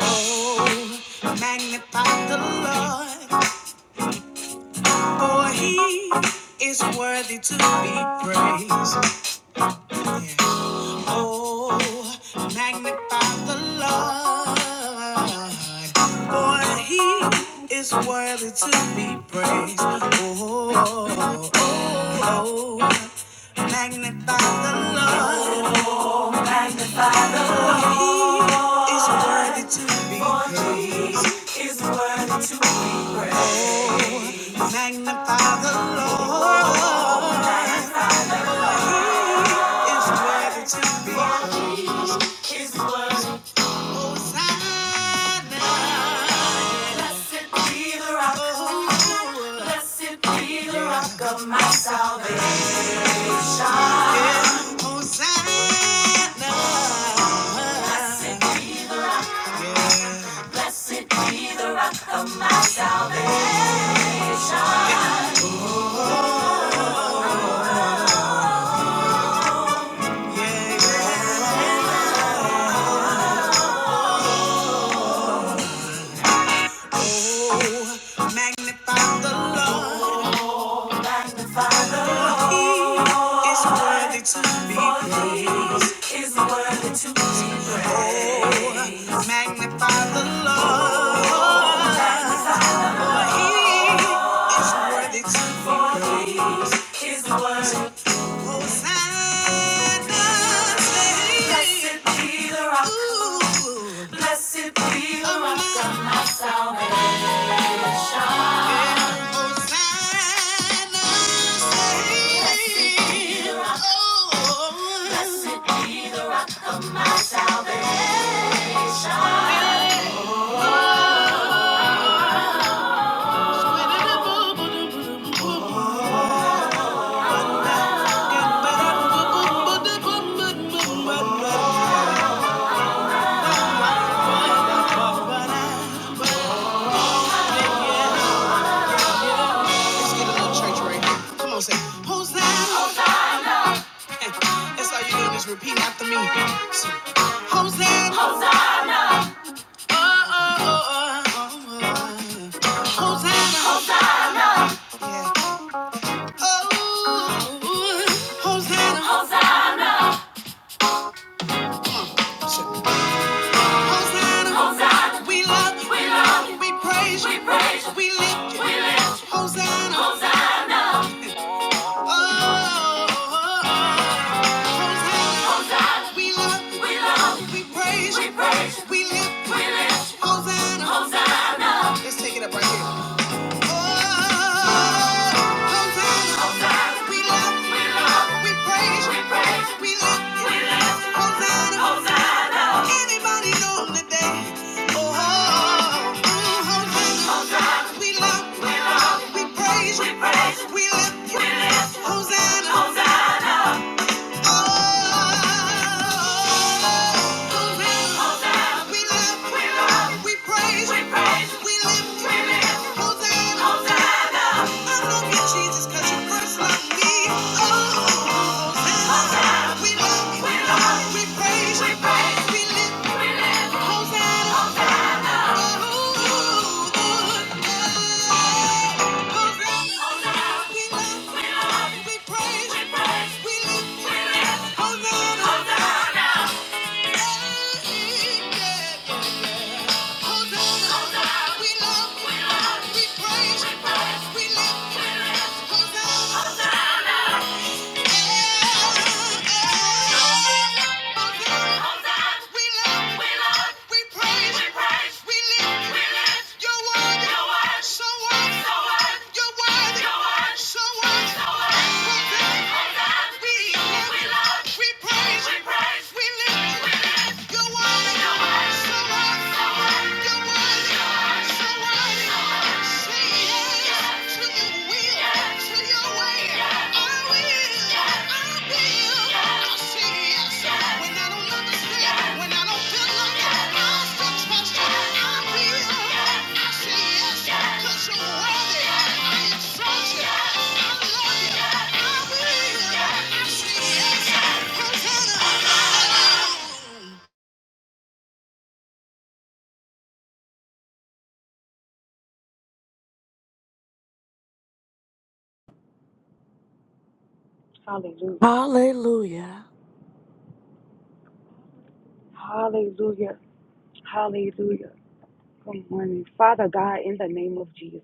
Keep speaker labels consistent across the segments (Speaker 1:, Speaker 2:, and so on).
Speaker 1: Oh, magnify the Lord, for he is worthy to be praised. Yeah. Oh, magnify the Lord, for he is worthy to be praised. Oh, oh, oh, oh magnify the Lord. Magnify the Lord. Is worthy to be praised. Is worthy to be praised. Magnify the Lord. Is worthy to be praised. Is worthy. Hosanna. Blessed be the rock. Blessed be the rock of my salvation. Yeah. Hosanna. Blessed Blessed be the rock of my salvation. Yeah. yeah. Oh, magnify the Lord. Oh, magnify the Lord. He is worthy to be praised. He is worthy to be praised. Oh, magnify the Lord. Oh, magnify Blessed Let's get a little church right here. Come on, say, Hosanna. Hosanna. That's all you doing is repeat after me. So, Hosanna. Hosanna. Oh, oh, oh, oh, oh. Hosanna. Hosanna. Yeah. Oh, Hosanna. Hosanna. Say, Hosanna. Hosanna. We love you. We love you. We praise you. We praise you. We lift you. We lift you. Hosanna. Hosanna. Oh, oh, oh, oh. Hosanna. Hosanna. We love you. We praise you. We lift Hosanna. Let's take it up right here. Oh, Hosanna. We love, we praise you. We lift, we lift Hosanna. Anybody know today? Oh, oh, mm, Hosanna. We love, we praise you. We lift, we lift Hosanna. Hosanna! Hosanna, We love, we praise, we lift, We Hosanna. You're Your word.
Speaker 2: Hallelujah.
Speaker 1: Hallelujah.
Speaker 2: Hallelujah. Hallelujah. Good morning. Father God, in the name of Jesus.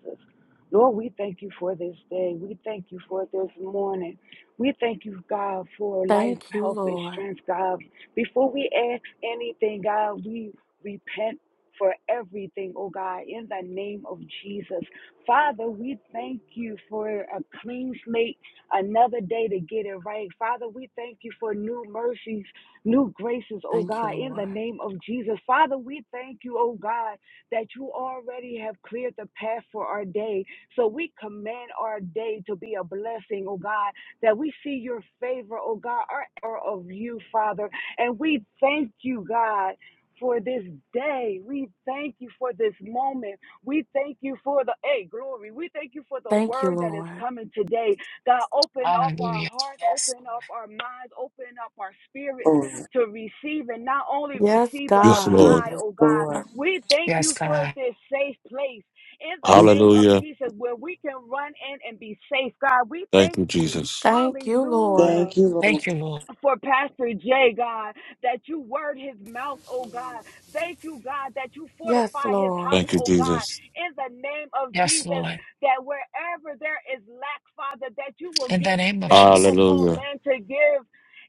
Speaker 2: Lord, we thank you for this day. We thank you for this morning. We thank you, God, for life,
Speaker 1: Thank you,
Speaker 2: health, and
Speaker 1: Lord.
Speaker 2: strength, God. Before we ask anything, God, we repent for everything, oh God, in the name of Jesus. Father, we thank you for a clean slate, another day to get it right. Father, we thank you for new mercies, new graces, oh
Speaker 1: Thank you,
Speaker 2: God, in the
Speaker 1: Lord.
Speaker 2: name of Jesus. Father, we thank you, oh God that you already have cleared the path for our day. So we command our day to be a blessing, oh God, that we see your favor, oh God, our hour of you, Father. And we thank you, God. For this day, we thank you for this moment. We thank you for the hey glory. We thank you for the
Speaker 1: Thank you,
Speaker 2: word that is
Speaker 1: Lord.
Speaker 2: coming today. God, open up our
Speaker 3: Hallelujah.
Speaker 2: hearts,
Speaker 3: Yes.
Speaker 2: open
Speaker 3: Lord.
Speaker 2: up our minds, open up our spirits
Speaker 4: Lord.
Speaker 2: to receive and not only
Speaker 1: Yes,
Speaker 2: receive but
Speaker 5: Yes,
Speaker 1: God.
Speaker 5: Lord.
Speaker 2: apply,
Speaker 4: Yes,
Speaker 2: oh God.
Speaker 4: Lord.
Speaker 2: We thank
Speaker 3: Yes,
Speaker 2: you for
Speaker 3: God.
Speaker 2: this safe place in the
Speaker 4: We
Speaker 2: name of
Speaker 5: Hallelujah.
Speaker 2: Jesus where we can run in and be safe, God. We
Speaker 5: Thank
Speaker 2: thank
Speaker 5: you,
Speaker 2: you.
Speaker 5: Jesus.
Speaker 1: Thank you, Lord.
Speaker 2: Hallelujah
Speaker 4: Thank you, Lord.
Speaker 3: Thank you, Lord.
Speaker 2: for Pastor J, God, that you word his mouth, oh God. Thank you, God, that you
Speaker 1: Yes,
Speaker 2: fortify his house,
Speaker 1: Lord.
Speaker 5: Thank you,
Speaker 2: oh God,
Speaker 5: Jesus.
Speaker 2: in the name of
Speaker 3: Yes,
Speaker 2: Jesus,
Speaker 3: Lord.
Speaker 2: that wherever there is lack, Father, that you will
Speaker 3: In the
Speaker 2: give,
Speaker 3: name of
Speaker 2: that you
Speaker 3: Jesus.
Speaker 2: will call
Speaker 5: Hallelujah.
Speaker 2: man to give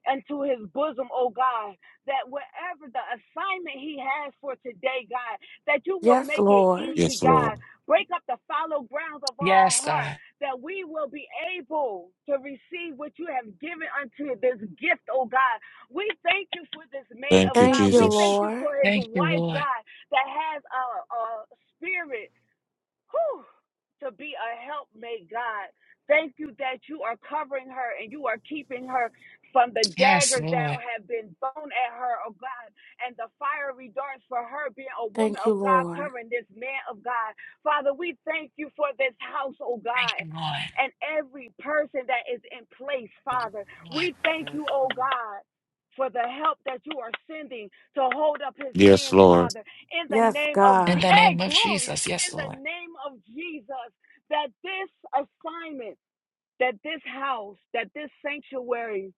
Speaker 2: into his bosom, oh God, that wherever the assignment he has for today, God, that you will
Speaker 1: Yes,
Speaker 2: make it
Speaker 1: Lord.
Speaker 2: easy,
Speaker 5: Yes, Lord.
Speaker 2: God. Break up the fallow grounds of our
Speaker 3: Yes,
Speaker 2: heart
Speaker 3: God.
Speaker 2: that we will be able to receive what you have given unto this gift, oh God. We thank you for this man
Speaker 5: Thank
Speaker 2: of
Speaker 5: you,
Speaker 1: Thank
Speaker 2: God.
Speaker 1: you,
Speaker 2: We thank
Speaker 5: Jesus.
Speaker 2: you
Speaker 1: Lord.
Speaker 2: for his
Speaker 3: Thank you,
Speaker 2: wife,
Speaker 3: Lord.
Speaker 2: God, that has a, a spirit whew, to be a helpmate, God. Thank you that you are covering her and you are keeping her from the
Speaker 3: Yes,
Speaker 2: daggers that
Speaker 3: Lord.
Speaker 2: have been thrown at her, oh God, and the fiery darts for her being a woman
Speaker 1: Thank you,
Speaker 2: of God,
Speaker 1: Lord.
Speaker 2: covering this man of God. Father, we thank you for this house, oh
Speaker 3: Thank
Speaker 2: God.
Speaker 3: you, Lord.
Speaker 2: And every person that is in place, Father,
Speaker 3: Lord.
Speaker 2: we thank you, oh God, for the help that you are sending to hold up his
Speaker 5: Yes,
Speaker 2: hands,
Speaker 5: Lord.
Speaker 2: Father, in the
Speaker 1: Yes,
Speaker 2: name of
Speaker 3: In
Speaker 2: Jesus.
Speaker 1: God.
Speaker 3: the
Speaker 2: Hey,
Speaker 3: name of
Speaker 2: glory
Speaker 3: Jesus.
Speaker 2: in
Speaker 3: Yes,
Speaker 2: the
Speaker 3: Lord.
Speaker 2: name of Jesus that this assignment that this house, that this sanctuary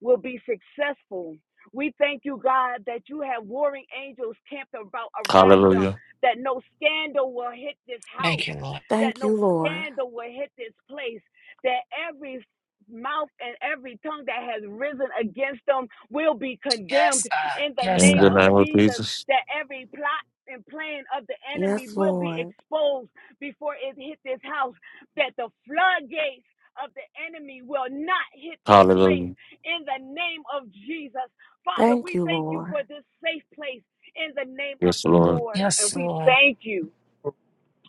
Speaker 2: will be successful. We thank you, God, that you have warring angels camped about around them,
Speaker 5: Hallelujah.
Speaker 2: that no scandal will hit this
Speaker 3: Thank you,
Speaker 2: house,
Speaker 3: Lord.
Speaker 2: that
Speaker 1: Thank you,
Speaker 2: no
Speaker 1: Lord.
Speaker 2: scandal will hit this place, that every mouth and every tongue that has risen against them will be
Speaker 3: Yes,
Speaker 2: condemned
Speaker 3: God.
Speaker 2: in the
Speaker 3: Yes,
Speaker 5: In
Speaker 2: name
Speaker 5: the
Speaker 3: God.
Speaker 2: of
Speaker 5: name of
Speaker 2: Jesus,
Speaker 5: Jesus.
Speaker 2: that every plot and plan of the enemy
Speaker 1: Yes,
Speaker 2: will be
Speaker 1: Lord.
Speaker 2: exposed before it hit this house, that the floodgates of the enemy will not hit this place
Speaker 5: Hallelujah.
Speaker 2: in the name of Jesus. Father,
Speaker 1: Thank
Speaker 2: we
Speaker 1: you,
Speaker 2: thank you
Speaker 1: Lord.
Speaker 2: for this safe place in the name of
Speaker 5: Yes,
Speaker 2: the
Speaker 5: Lord.
Speaker 2: Lord. And
Speaker 3: Yes,
Speaker 2: we
Speaker 3: Lord.
Speaker 2: thank you.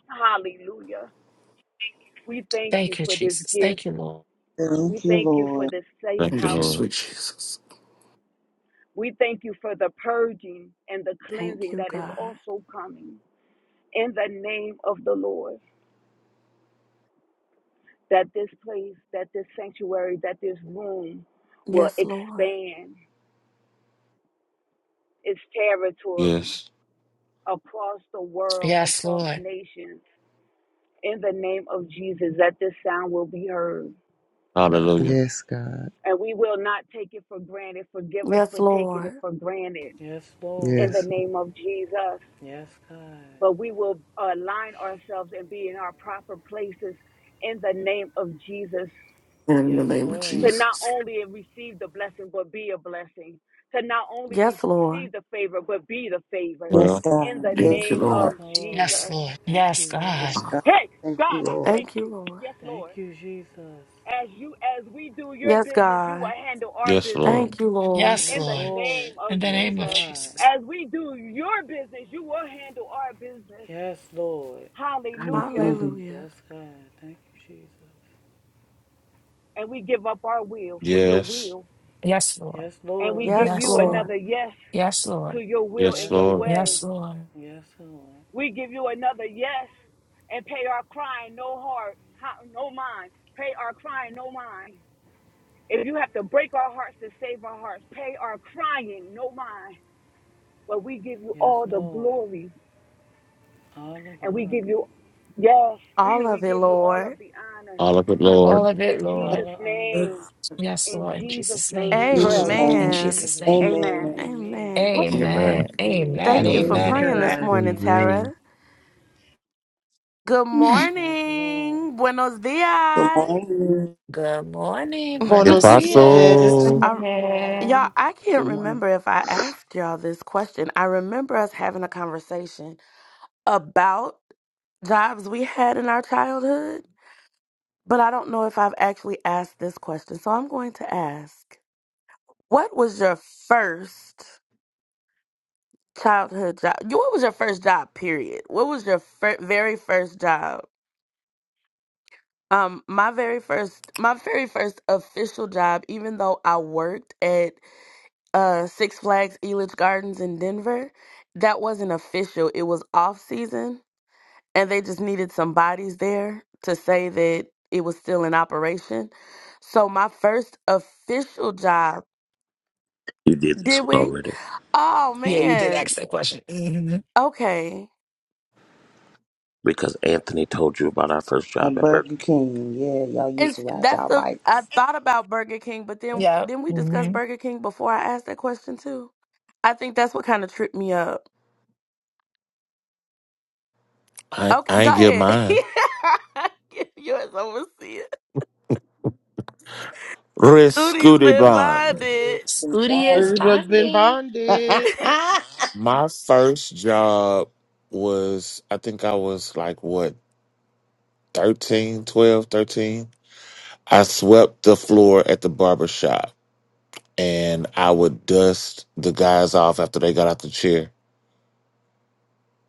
Speaker 2: Hallelujah. We thank you
Speaker 3: Thank you,
Speaker 2: for this
Speaker 3: Jesus.
Speaker 2: gift.
Speaker 3: Thank you, Lord.
Speaker 2: We
Speaker 4: Thank you,
Speaker 2: thank you for
Speaker 4: Lord.
Speaker 2: this safe
Speaker 5: Thank you,
Speaker 6: Thank you,
Speaker 2: house.
Speaker 5: Lord.
Speaker 6: sweet Jesus.
Speaker 2: We thank you for the purging and the
Speaker 1: Thank
Speaker 2: cleansing
Speaker 1: you,
Speaker 2: that is
Speaker 1: God.
Speaker 2: also coming in the name of the Lord. That this place, that this sanctuary, that this room will
Speaker 1: Yes, Lord.
Speaker 2: expand its territory
Speaker 5: Yes.
Speaker 2: across the world,
Speaker 3: Yes,
Speaker 2: across
Speaker 3: Lord.
Speaker 2: nations, in the name of Jesus, that this sound will be heard.
Speaker 5: Hallelujah.
Speaker 7: Yes, God.
Speaker 2: And we will not take it for granted. Forgive us for
Speaker 1: Yes,
Speaker 2: taking it
Speaker 1: Lord.
Speaker 2: for granted
Speaker 8: Yes,
Speaker 2: in the
Speaker 8: Lord.
Speaker 7: Yes.
Speaker 2: name of Jesus.
Speaker 8: Yes, God.
Speaker 2: But we will align ourselves and be in our proper places in the name of Jesus
Speaker 6: In the
Speaker 8: Yes,
Speaker 6: name of
Speaker 2: to
Speaker 8: Lord.
Speaker 2: not
Speaker 6: Jesus.
Speaker 2: only receive the blessing, but be a blessing, to not only
Speaker 1: Yes,
Speaker 2: receive
Speaker 1: Lord.
Speaker 2: the favor, but be the favor
Speaker 4: Yes,
Speaker 5: Well,
Speaker 2: in
Speaker 4: God.
Speaker 2: the
Speaker 4: Yes,
Speaker 6: Thank you,
Speaker 2: name
Speaker 8: Yes,
Speaker 4: God.
Speaker 6: Lord.
Speaker 2: of
Speaker 8: Lord.
Speaker 3: Yes,
Speaker 2: Jesus.
Speaker 3: Lord.
Speaker 8: Thank
Speaker 3: Yes,
Speaker 8: you,
Speaker 3: God.
Speaker 9: Yes,
Speaker 8: God.
Speaker 9: God.
Speaker 2: Hey,
Speaker 9: Thank you,
Speaker 2: God, I
Speaker 9: Lord.
Speaker 2: thank
Speaker 1: Thank you,
Speaker 2: you.
Speaker 1: Lord.
Speaker 2: Yes,
Speaker 8: Thank
Speaker 2: Lord.
Speaker 8: you, Jesus.
Speaker 2: as you as we do your
Speaker 1: Yes,
Speaker 2: business you will
Speaker 1: God.
Speaker 2: handle our
Speaker 5: yes,
Speaker 2: business
Speaker 5: Lord.
Speaker 1: Thank you, Lord.
Speaker 3: Yes,
Speaker 8: Yes,
Speaker 2: in the
Speaker 3: Lord.
Speaker 8: Lord.
Speaker 2: name
Speaker 3: In
Speaker 2: of
Speaker 3: the
Speaker 8: Yes,
Speaker 3: name of
Speaker 2: jesus
Speaker 8: God.
Speaker 3: Jesus.
Speaker 2: as we do your business you will handle our business
Speaker 8: Yes, Lord.
Speaker 2: hallelujah
Speaker 1: Hallelujah.
Speaker 8: Yes, God. Thank you, Jesus.
Speaker 2: and we give up our will for your
Speaker 5: Yes.
Speaker 2: will
Speaker 3: Yes, Lord.
Speaker 8: Yes,
Speaker 2: and we
Speaker 8: Lord.
Speaker 2: give
Speaker 1: Yes,
Speaker 3: Yes,
Speaker 2: you
Speaker 3: Lord.
Speaker 1: Lord.
Speaker 2: another yes
Speaker 3: Yes,
Speaker 2: to
Speaker 3: Lord.
Speaker 2: your will
Speaker 5: Yes,
Speaker 8: Yes,
Speaker 2: and your
Speaker 5: Lord.
Speaker 8: Lord.
Speaker 2: way
Speaker 3: Yes, Lord.
Speaker 8: Yes, Lord.
Speaker 2: we give you another yes and pay our crying no heart ha- no mind pay our crying no mind if you have to break our hearts to save our hearts pay our crying no mind But we give you
Speaker 8: Yes,
Speaker 2: all the
Speaker 8: Lord.
Speaker 2: glory
Speaker 8: All the
Speaker 2: and we give
Speaker 8: glory.
Speaker 2: you, yes,
Speaker 1: All
Speaker 2: we
Speaker 1: of it,
Speaker 2: give you all of
Speaker 1: Lord.
Speaker 2: the honor.
Speaker 5: All of it, Lord.
Speaker 3: All of it,
Speaker 2: In
Speaker 3: Lord.
Speaker 8: All
Speaker 2: Jesus'
Speaker 8: the
Speaker 2: name,
Speaker 8: honor.
Speaker 3: Yes,
Speaker 2: in
Speaker 3: Lord, in
Speaker 2: Jesus'
Speaker 3: Jesus'
Speaker 2: name
Speaker 3: name.
Speaker 2: we
Speaker 4: In
Speaker 5: Jesus.
Speaker 4: Jesus'
Speaker 2: pray.
Speaker 5: name.
Speaker 3: In
Speaker 4: name.
Speaker 8: Amen. In
Speaker 1: Amen.
Speaker 3: Jesus'
Speaker 8: Jesus'
Speaker 3: name.
Speaker 8: name.
Speaker 2: Amen.
Speaker 4: Amen.
Speaker 8: Amen.
Speaker 1: Amen.
Speaker 5: Amen.
Speaker 3: Amen.
Speaker 6: Amen.
Speaker 3: Amen.
Speaker 1: Thank you
Speaker 8: Amen.
Speaker 1: for
Speaker 3: Amen.
Speaker 10: Amen.
Speaker 7: Amen.
Speaker 1: praying
Speaker 3: Amen.
Speaker 1: this morning,
Speaker 8: Amen.
Speaker 7: Amen.
Speaker 1: Tara. Good
Speaker 8: Yes, Lord.
Speaker 1: morning. Buenos
Speaker 4: Good
Speaker 1: dias.
Speaker 4: morning.
Speaker 3: Good morning.
Speaker 8: Good
Speaker 5: If
Speaker 3: Buenos
Speaker 11: Buenos
Speaker 5: I
Speaker 8: morning.
Speaker 3: dias.
Speaker 11: dias.
Speaker 8: Buenos
Speaker 5: sold,
Speaker 1: I,
Speaker 8: dias.
Speaker 10: Amen.
Speaker 1: y'all, I
Speaker 12: Good
Speaker 1: can't
Speaker 12: morning.
Speaker 1: remember if I asked y'all this question. I remember us having a conversation about jobs we had in our childhood, but I don't know if I've actually asked this question. So I'm going to ask What was your first childhood job? You- What was your first job, period? What was your fir- very first job? Um, my very first, my very first official job, even though I worked at uh Six Flags Elitch Gardens in Denver, that wasn't official. It was off season, and they just needed some bodies there to say that it was still in operation. So my first official job,
Speaker 13: You did
Speaker 1: did
Speaker 13: this one
Speaker 1: we?
Speaker 13: already.
Speaker 1: Oh
Speaker 3: Yeah, you did ask
Speaker 1: man,
Speaker 3: that question. hmm
Speaker 1: okay.
Speaker 13: Because Anthony told you about our first job
Speaker 4: And
Speaker 13: at Burger
Speaker 4: Burger
Speaker 13: King.
Speaker 4: King. Yeah, y'all
Speaker 1: And
Speaker 4: used to
Speaker 1: s-
Speaker 4: ride
Speaker 1: that's
Speaker 4: y'all
Speaker 1: the I
Speaker 4: bikes.
Speaker 1: thought about Burger King, but then
Speaker 3: Yeah.
Speaker 1: then we discussed
Speaker 3: hmm
Speaker 1: Burger King before I asked that question too. I think that's what kind of tripped me up.
Speaker 5: I,
Speaker 1: Okay,
Speaker 5: I
Speaker 1: go
Speaker 5: ain't give
Speaker 1: ahead.
Speaker 5: mine.
Speaker 1: Yours overseas.
Speaker 5: Risk
Speaker 1: Cootie's
Speaker 5: Scooty
Speaker 1: been
Speaker 4: Used to-
Speaker 5: Bond.
Speaker 1: bonded.
Speaker 3: Studious
Speaker 11: Everybody's been
Speaker 3: bonding.
Speaker 11: bonded.
Speaker 5: My first job was, I think I was like, what, 13, 12, 13? I swept the floor at the barber shop and I would dust the guys off after they got out the chair.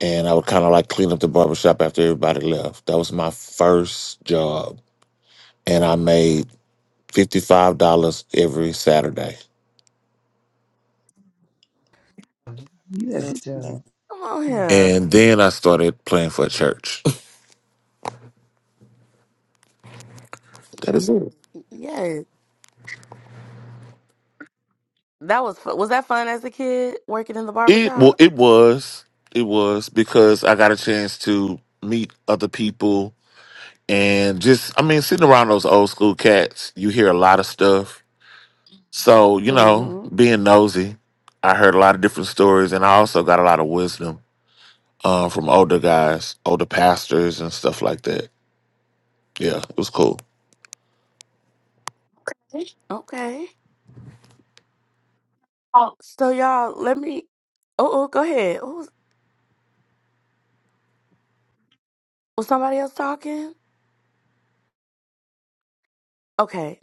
Speaker 5: And I would kind of like clean up the barber shop after everybody left. That was my first job. And I made $55 every Saturday.
Speaker 12: You did a good
Speaker 4: Listen.
Speaker 12: job.
Speaker 1: Come on
Speaker 12: Mm.
Speaker 5: And
Speaker 1: here.
Speaker 5: then I started playing for a church. That is it.
Speaker 1: Yes. That was fun. Was that fun as a kid working in the
Speaker 5: It well,
Speaker 1: barbershop?
Speaker 5: it was, it was because I got a chance to meet other people and just, I mean, sitting around those old school cats, you hear a lot of stuff. So you know,
Speaker 1: Mm-hmm.
Speaker 5: being nosy, I heard a lot of different stories, and I also got a lot of wisdom uh, from older guys, older pastors, and stuff like that. Yeah, it was cool.
Speaker 1: Okay.
Speaker 5: Oh.
Speaker 1: So y'all, let me. Oh, oh go ahead. Oh, was was somebody else talking? Okay,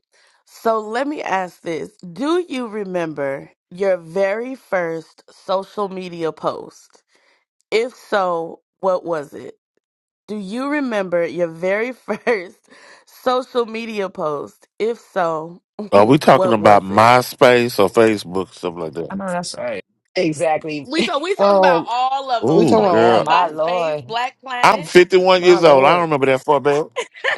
Speaker 1: so let me ask this. Do you remember your very first social media post? If so, what was it? Do you remember your very first social media post? If so,
Speaker 5: Are we talking
Speaker 1: what
Speaker 5: about
Speaker 1: was it?
Speaker 5: MySpace or Facebook, stuff like that?
Speaker 3: I know that's right. Exactly.
Speaker 1: We talk, we talk about
Speaker 11: Um,
Speaker 1: all of
Speaker 11: we
Speaker 1: them.
Speaker 5: Ooh,
Speaker 11: talking
Speaker 1: So
Speaker 11: about
Speaker 1: yeah,
Speaker 5: girl,
Speaker 11: all of
Speaker 3: My
Speaker 11: them.
Speaker 1: MySpace,
Speaker 3: Lord.
Speaker 1: Black
Speaker 5: I'm
Speaker 1: Planet.
Speaker 5: 51
Speaker 11: My
Speaker 5: years old. I don't
Speaker 11: lord.
Speaker 5: remember that far back.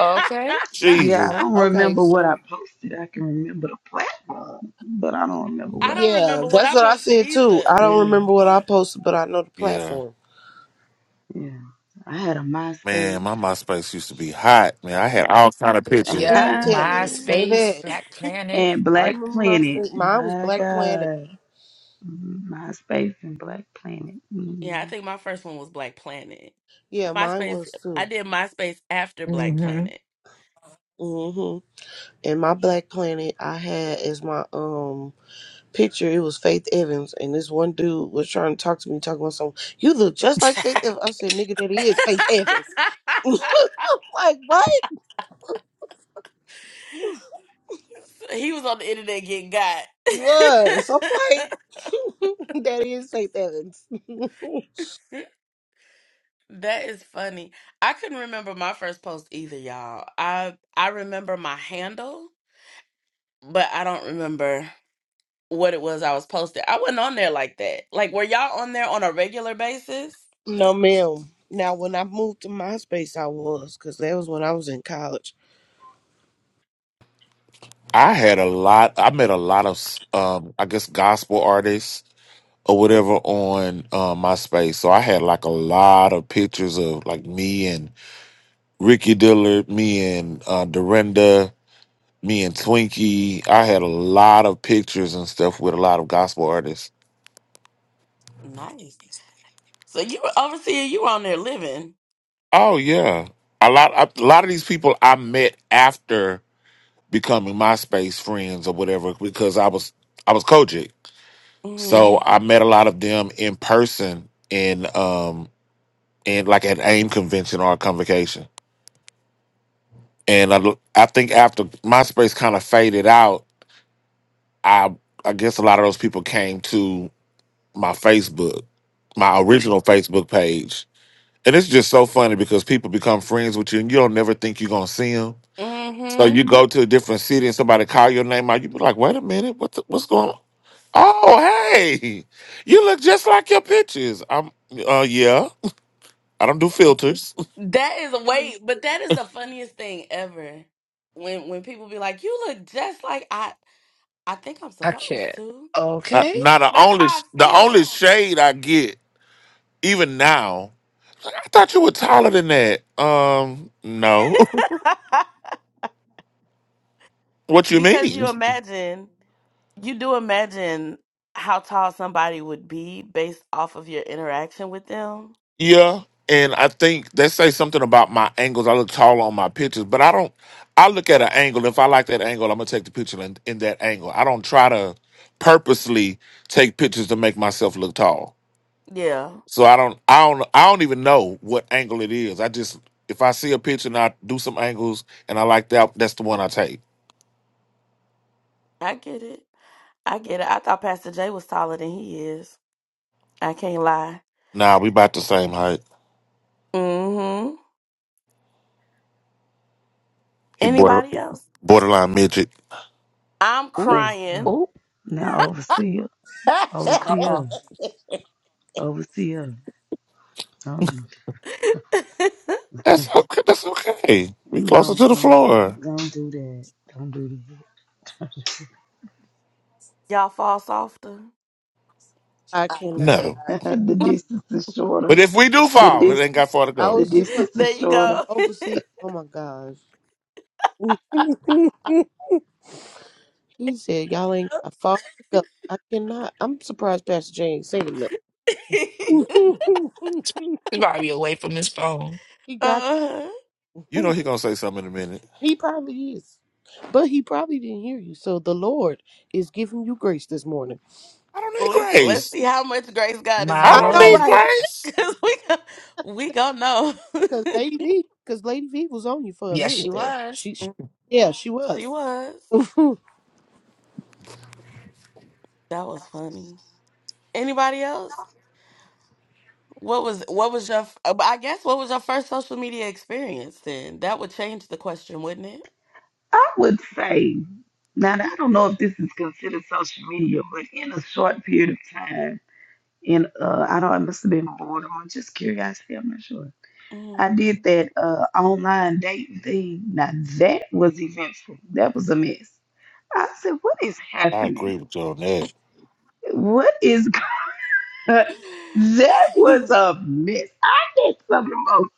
Speaker 12: Yeah, I
Speaker 5: Jesus.
Speaker 12: don't
Speaker 11: Okay,
Speaker 12: remember what I
Speaker 11: so
Speaker 12: posted. I can remember the platform, but I don't remember
Speaker 1: I
Speaker 12: what.
Speaker 1: don't
Speaker 11: yeah,
Speaker 1: remember what
Speaker 11: that's
Speaker 1: I
Speaker 11: what I
Speaker 1: posted
Speaker 11: said too.
Speaker 1: either.
Speaker 11: I don't
Speaker 12: Yeah,
Speaker 11: remember what I posted, but I know the
Speaker 5: Yeah.
Speaker 11: platform.
Speaker 12: yeah. I had a
Speaker 5: Man,
Speaker 12: MySpace
Speaker 5: my MySpace used to be hot. Man, I had all kind of pictures.
Speaker 11: Who you
Speaker 3: Yep.
Speaker 11: telling,
Speaker 3: MySpace,
Speaker 11: baby?
Speaker 3: Black Planet.
Speaker 12: and
Speaker 11: I
Speaker 12: Black
Speaker 11: remember my
Speaker 12: Planet.
Speaker 11: Mine was
Speaker 12: My
Speaker 11: Black Planet.
Speaker 12: God, Mhm, MySpace and Black Planet.
Speaker 1: Yeah, I
Speaker 12: Mhm.
Speaker 1: think my first one was Black Planet.
Speaker 11: Yeah, mine
Speaker 1: MySpace.
Speaker 11: was
Speaker 1: I
Speaker 11: too.
Speaker 1: did MySpace after Black
Speaker 3: hmm
Speaker 1: Planet.
Speaker 11: Mhm. And my Black Planet, I had as my um picture. It was Faith Evans, and this one dude was trying to talk to me, talking about something. You look just like Faith Evans. I said, "Nigga, that is Faith Evans." I'm like what?
Speaker 1: So he was on the internet getting got.
Speaker 11: Was I'm like that is say that.
Speaker 1: that is funny. I couldn't remember my first post either, y'all. I I remember my handle, but I don't remember what it was I was posting. I wasn't on there like that. Like, were y'all on there on a regular basis?
Speaker 11: no, ma'am. Now, when I moved to MySpace, I was because that was when I was in college.
Speaker 5: I had a lot. I met a lot of, um, I guess, gospel artists or whatever on uh, MySpace. So I had like a lot of pictures of like me and Ricky Dillard, me and uh, Dorinda, me and Twinkie. I had a lot of pictures and stuff with a lot of gospel artists.
Speaker 1: Nice. So you were overseer. You were on there living.
Speaker 5: Oh yeah, a lot. A lot of these people I met after becoming MySpace friends or whatever because I was I was Kojic.
Speaker 1: Mm-hmm.
Speaker 5: So I met a lot of them in person in um in like an AIM convention or a convocation. And I I think after MySpace kind of faded out, I I guess a lot of those people came to my Facebook, my original Facebook page. And it's just so funny because people become friends with you and you don't never think you're gonna see them.
Speaker 1: Mm-hmm.
Speaker 5: So you go to a different city and somebody call your name out, you be like, wait a minute, what the, what's going on? Oh, hey, you look just like your pictures. I'm uh yeah. I don't do filters.
Speaker 1: That is a wait, but that is the funniest thing ever. When when people be like, "You look just like I," I think I'm
Speaker 3: I
Speaker 1: supposed
Speaker 3: can't.
Speaker 1: to.
Speaker 5: Not,
Speaker 3: Okay.
Speaker 5: not the
Speaker 1: That's
Speaker 5: only
Speaker 1: how I
Speaker 5: the
Speaker 1: feel.
Speaker 5: only shade I get even now. I thought you were taller than that. Um, no. what you
Speaker 1: because
Speaker 5: mean?
Speaker 1: you imagine, you do imagine how tall somebody would be based off of your interaction with them.
Speaker 5: Yeah, and I think they say something about my angles. I look taller on my pictures, but I don't. I look at an angle. If I like that angle, I'm gonna take the picture in, in that angle. I don't try to purposely take pictures to make myself look tall.
Speaker 1: Yeah,
Speaker 5: So I don't, I don't, I don't even know what angle it is. I just, if I see a picture and I do some angles and I like that, that's the one I take.
Speaker 1: I get it. I get it. I thought Pastor Jay was taller than he is. I can't lie.
Speaker 5: Nah, we about the same height.
Speaker 1: Mm-hmm.
Speaker 5: He border
Speaker 1: Anybody else?
Speaker 5: borderline midget.
Speaker 1: I'm
Speaker 3: Ooh.
Speaker 12: Facebook.
Speaker 1: crying.
Speaker 3: Ooh.
Speaker 12: Now overseer,
Speaker 4: I
Speaker 3: Uh-uh.
Speaker 12: overseer, overseer. Don't do
Speaker 5: That's okay. That's okay.
Speaker 12: that.
Speaker 5: We closer
Speaker 12: No,
Speaker 5: to the
Speaker 12: no,
Speaker 5: floor.
Speaker 12: don't do that. Don't do
Speaker 1: Y'all fall softer.
Speaker 11: I cannot.
Speaker 5: No,
Speaker 4: cannot.
Speaker 12: that. the
Speaker 11: cannot.
Speaker 12: distance is shorter.
Speaker 5: but if we do
Speaker 12: The
Speaker 5: fall, it ain't
Speaker 12: distance,
Speaker 5: got far to
Speaker 11: I
Speaker 5: go.
Speaker 12: the
Speaker 11: was just
Speaker 12: distance
Speaker 1: There
Speaker 12: is
Speaker 1: you
Speaker 12: shorter.
Speaker 1: go.
Speaker 11: overseas. Oh my gosh. he said, "Y'all ain't got far to go." I cannot. I'm surprised Pastor Jane ain't saying nothing.
Speaker 3: He's probably away from his phone.
Speaker 11: he got.
Speaker 1: uh,
Speaker 5: You know he gonna say something in a minute.
Speaker 11: He probably is. But he probably didn't hear you. So the Lord is giving you grace this morning.
Speaker 5: I don't need
Speaker 1: let's let's
Speaker 5: grace.
Speaker 1: see how much grace God is
Speaker 3: My
Speaker 5: I
Speaker 11: I
Speaker 5: don't
Speaker 11: know,
Speaker 3: Lord.
Speaker 1: giving,
Speaker 5: need
Speaker 11: right?
Speaker 5: grace.
Speaker 1: cause we gon- we gonna know.
Speaker 11: Because Lady V, because Lady V was on you for a
Speaker 3: Yes, she
Speaker 11: minute there.
Speaker 3: was.
Speaker 11: She, she yeah, she
Speaker 1: she
Speaker 11: was.
Speaker 1: was.
Speaker 11: you,
Speaker 1: That was funny. Anybody else? What was what was your f- uh, I guess what was your first social media experience then? That would change the question, wouldn't it?
Speaker 12: I would say. Now I don't know if this is considered social media, but in a short period of time, in uh, I don't, it must have been boredom or just curiosity. I'm not sure. I did
Speaker 1: Mm-hmm.
Speaker 12: that uh online dating thing. Now that was eventful. That was a mess. I said, what is
Speaker 5: I agree
Speaker 12: happening?
Speaker 5: with you on that.
Speaker 12: What is that was a mess. I met some of the most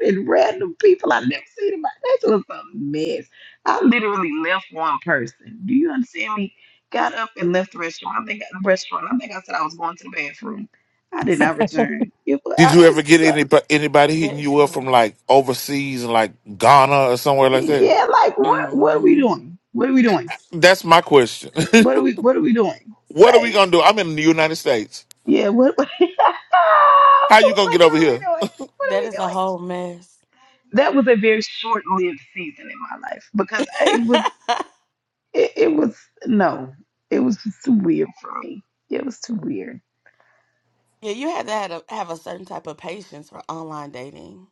Speaker 12: ignorant random people I've never seen in my That was a mess. I literally left one person. Do you understand me? Got up and left the restaurant. I think the restaurant. I think I said I was going to the bathroom. I did not return. It was,
Speaker 5: Did
Speaker 12: I
Speaker 5: you ever
Speaker 12: just
Speaker 5: get
Speaker 12: uh,
Speaker 5: any anybody hitting
Speaker 1: That is
Speaker 5: you up from
Speaker 1: hilarious.
Speaker 5: like overseas and like Ghana or somewhere like that?
Speaker 12: yeah, like what what are we
Speaker 1: hmm
Speaker 12: doing? What are we doing?
Speaker 5: That's my question.
Speaker 12: What are we what are we doing?
Speaker 5: What are we
Speaker 12: Like,
Speaker 5: gonna do? I'm in the United States.
Speaker 12: yeah, what, what
Speaker 5: How you gonna
Speaker 12: like
Speaker 5: get
Speaker 12: what
Speaker 5: over
Speaker 12: are we
Speaker 5: here?
Speaker 12: doing? What are
Speaker 1: That
Speaker 12: we
Speaker 1: is a
Speaker 12: doing?
Speaker 1: whole mess.
Speaker 12: that was a very short-lived season in my life because it was it, it was no it was just too weird for me it was too weird
Speaker 1: Yeah, you had to have a, have a certain type of patience for online dating.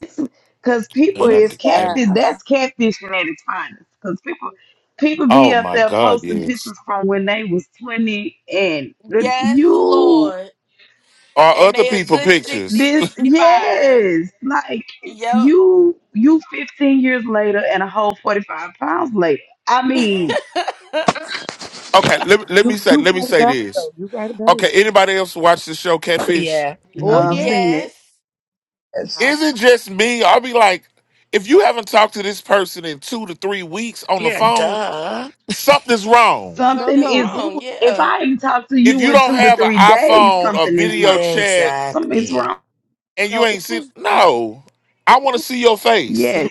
Speaker 12: because people
Speaker 5: And I
Speaker 4: Ooh,
Speaker 12: is
Speaker 5: g- and
Speaker 12: catfish
Speaker 4: child.
Speaker 12: that's catfishing at its finest because people people be
Speaker 5: oh
Speaker 12: up
Speaker 5: my
Speaker 12: there
Speaker 5: God,
Speaker 12: posting
Speaker 5: yes.
Speaker 12: pictures from when they was 20 and
Speaker 1: Yes,
Speaker 12: you
Speaker 1: Lord.
Speaker 5: Are
Speaker 1: and
Speaker 5: other
Speaker 1: they a
Speaker 5: people
Speaker 1: good 60
Speaker 5: pictures?
Speaker 12: this
Speaker 1: 65.
Speaker 12: yes like you you 15 years later and a whole 45 pounds later i
Speaker 1: Yep.
Speaker 12: mean
Speaker 5: Okay, let, let me say
Speaker 11: you
Speaker 5: let me
Speaker 11: right
Speaker 5: say
Speaker 11: about it
Speaker 5: this.
Speaker 11: though. You right about
Speaker 5: Okay,
Speaker 11: it.
Speaker 5: anybody else watch the show Catfish?
Speaker 3: Yeah.
Speaker 11: Oh
Speaker 12: uh, i've
Speaker 3: hmm
Speaker 11: yeah.
Speaker 12: seen that
Speaker 1: yes.
Speaker 9: Yes.
Speaker 11: I,
Speaker 5: Is it just me? I'll be like, if you haven't talked to this person in two to three weeks on the
Speaker 3: Yeah,
Speaker 5: phone,
Speaker 3: duh.
Speaker 5: something's wrong.
Speaker 11: no,
Speaker 12: Something
Speaker 1: Something's
Speaker 11: no,
Speaker 12: is,
Speaker 11: it
Speaker 1: wrong.
Speaker 11: was
Speaker 12: if
Speaker 1: Yeah,
Speaker 12: I ain't not talked to
Speaker 5: If
Speaker 12: you
Speaker 11: yeah,
Speaker 5: you
Speaker 12: in
Speaker 5: don't
Speaker 12: two to
Speaker 5: have an
Speaker 12: three days,
Speaker 5: iPhone or
Speaker 12: something is
Speaker 5: video
Speaker 12: wrong.
Speaker 5: chat
Speaker 12: Something is
Speaker 3: Exactly.
Speaker 12: wrong.
Speaker 5: and you
Speaker 11: no,
Speaker 5: ain't
Speaker 11: it
Speaker 5: seen,
Speaker 11: was yeah,
Speaker 5: no, I
Speaker 11: it
Speaker 5: want to
Speaker 11: was-
Speaker 5: see your face.
Speaker 12: Yes.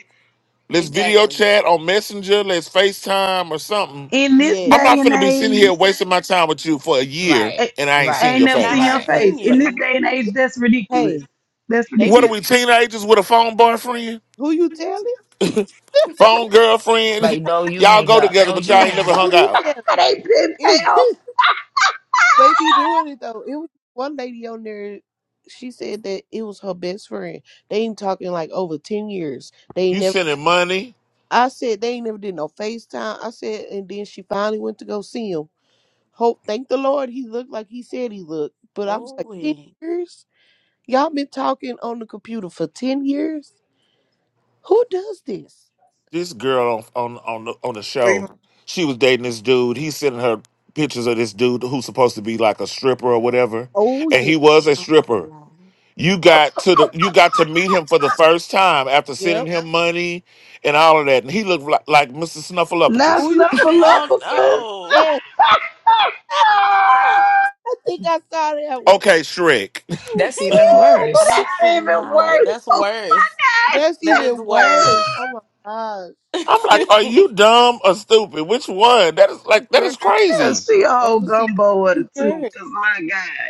Speaker 5: Let's video
Speaker 1: exactly.
Speaker 5: chat on Messenger. Let's FaceTime or something.
Speaker 12: In this
Speaker 5: I'm
Speaker 11: yes.
Speaker 12: day
Speaker 5: not
Speaker 12: and
Speaker 5: finna be sitting here
Speaker 12: age,
Speaker 5: wasting my time with you for a year
Speaker 3: Right,
Speaker 12: I,
Speaker 5: and I ain't seen
Speaker 12: I ain't
Speaker 3: right,
Speaker 5: your
Speaker 12: never
Speaker 1: And I
Speaker 12: seen
Speaker 5: face.
Speaker 12: your
Speaker 1: haven't
Speaker 3: right.
Speaker 9: That's
Speaker 11: It-
Speaker 1: seen
Speaker 12: face.
Speaker 9: right.
Speaker 12: In this
Speaker 1: you.
Speaker 12: day and age, that's ridiculous.
Speaker 11: hey,
Speaker 12: That's
Speaker 11: they
Speaker 5: What are
Speaker 11: be
Speaker 12: ridiculous.
Speaker 5: we, teenagers with a phone boyfriend?
Speaker 11: who you telling?
Speaker 5: Phone girlfriend?
Speaker 3: Like, no, you
Speaker 5: y'all
Speaker 3: hang
Speaker 5: go
Speaker 3: up.
Speaker 5: together,
Speaker 3: No,
Speaker 5: but
Speaker 3: you
Speaker 5: y'all ain't
Speaker 3: hang
Speaker 5: never hung
Speaker 11: Who
Speaker 3: up.
Speaker 11: you
Speaker 5: out.
Speaker 12: But they been
Speaker 11: telling?
Speaker 12: pals.
Speaker 11: They be doing it though. It was one lady on there. She said that it was her best friend. They ain't talking like over ten years. They ain't
Speaker 5: You
Speaker 11: never.
Speaker 5: sending money?
Speaker 11: I said they ain't never did no FaceTime. I said, and then she finally went to go see him. Hope, thank the Lord, he looked like he said he looked. But I was
Speaker 1: Oh,
Speaker 11: like, ten
Speaker 1: wait.
Speaker 11: years? Y'all been talking on the computer for ten years? Who does this?
Speaker 5: This girl on on on the, on the show, she was dating this dude. He's sending her pictures of this dude who's supposed to be like a stripper or whatever,
Speaker 11: Oh
Speaker 5: and
Speaker 11: yeah,
Speaker 5: he was a
Speaker 1: Oh,
Speaker 5: stripper
Speaker 1: no.
Speaker 5: You got to the you got to meet him for the first time after sending
Speaker 11: yep.
Speaker 5: him money and all of that, and he looked like, like Mr.
Speaker 12: Not
Speaker 5: Snuffleupagus.
Speaker 11: Who you think?
Speaker 1: Oh,
Speaker 12: snuffleupagus.
Speaker 1: no.
Speaker 11: Yes. I think I saw that one.
Speaker 5: Okay, Shrek.
Speaker 3: That's even
Speaker 12: Ooh,
Speaker 3: worse.
Speaker 1: I
Speaker 12: that's even
Speaker 1: cannot.
Speaker 12: worse.
Speaker 1: That's
Speaker 12: Oh
Speaker 1: worse.
Speaker 12: my
Speaker 11: That's
Speaker 1: That
Speaker 12: God.
Speaker 1: is
Speaker 11: even worse.
Speaker 1: worse.
Speaker 11: Oh my gosh.
Speaker 5: I'm like, are you dumb or stupid? Which one? That is like that
Speaker 11: Girl,
Speaker 5: is
Speaker 12: Yeah,
Speaker 5: crazy.
Speaker 12: she a whole
Speaker 11: overseas
Speaker 12: gumbo of the two.
Speaker 11: cured.
Speaker 12: Cause my God.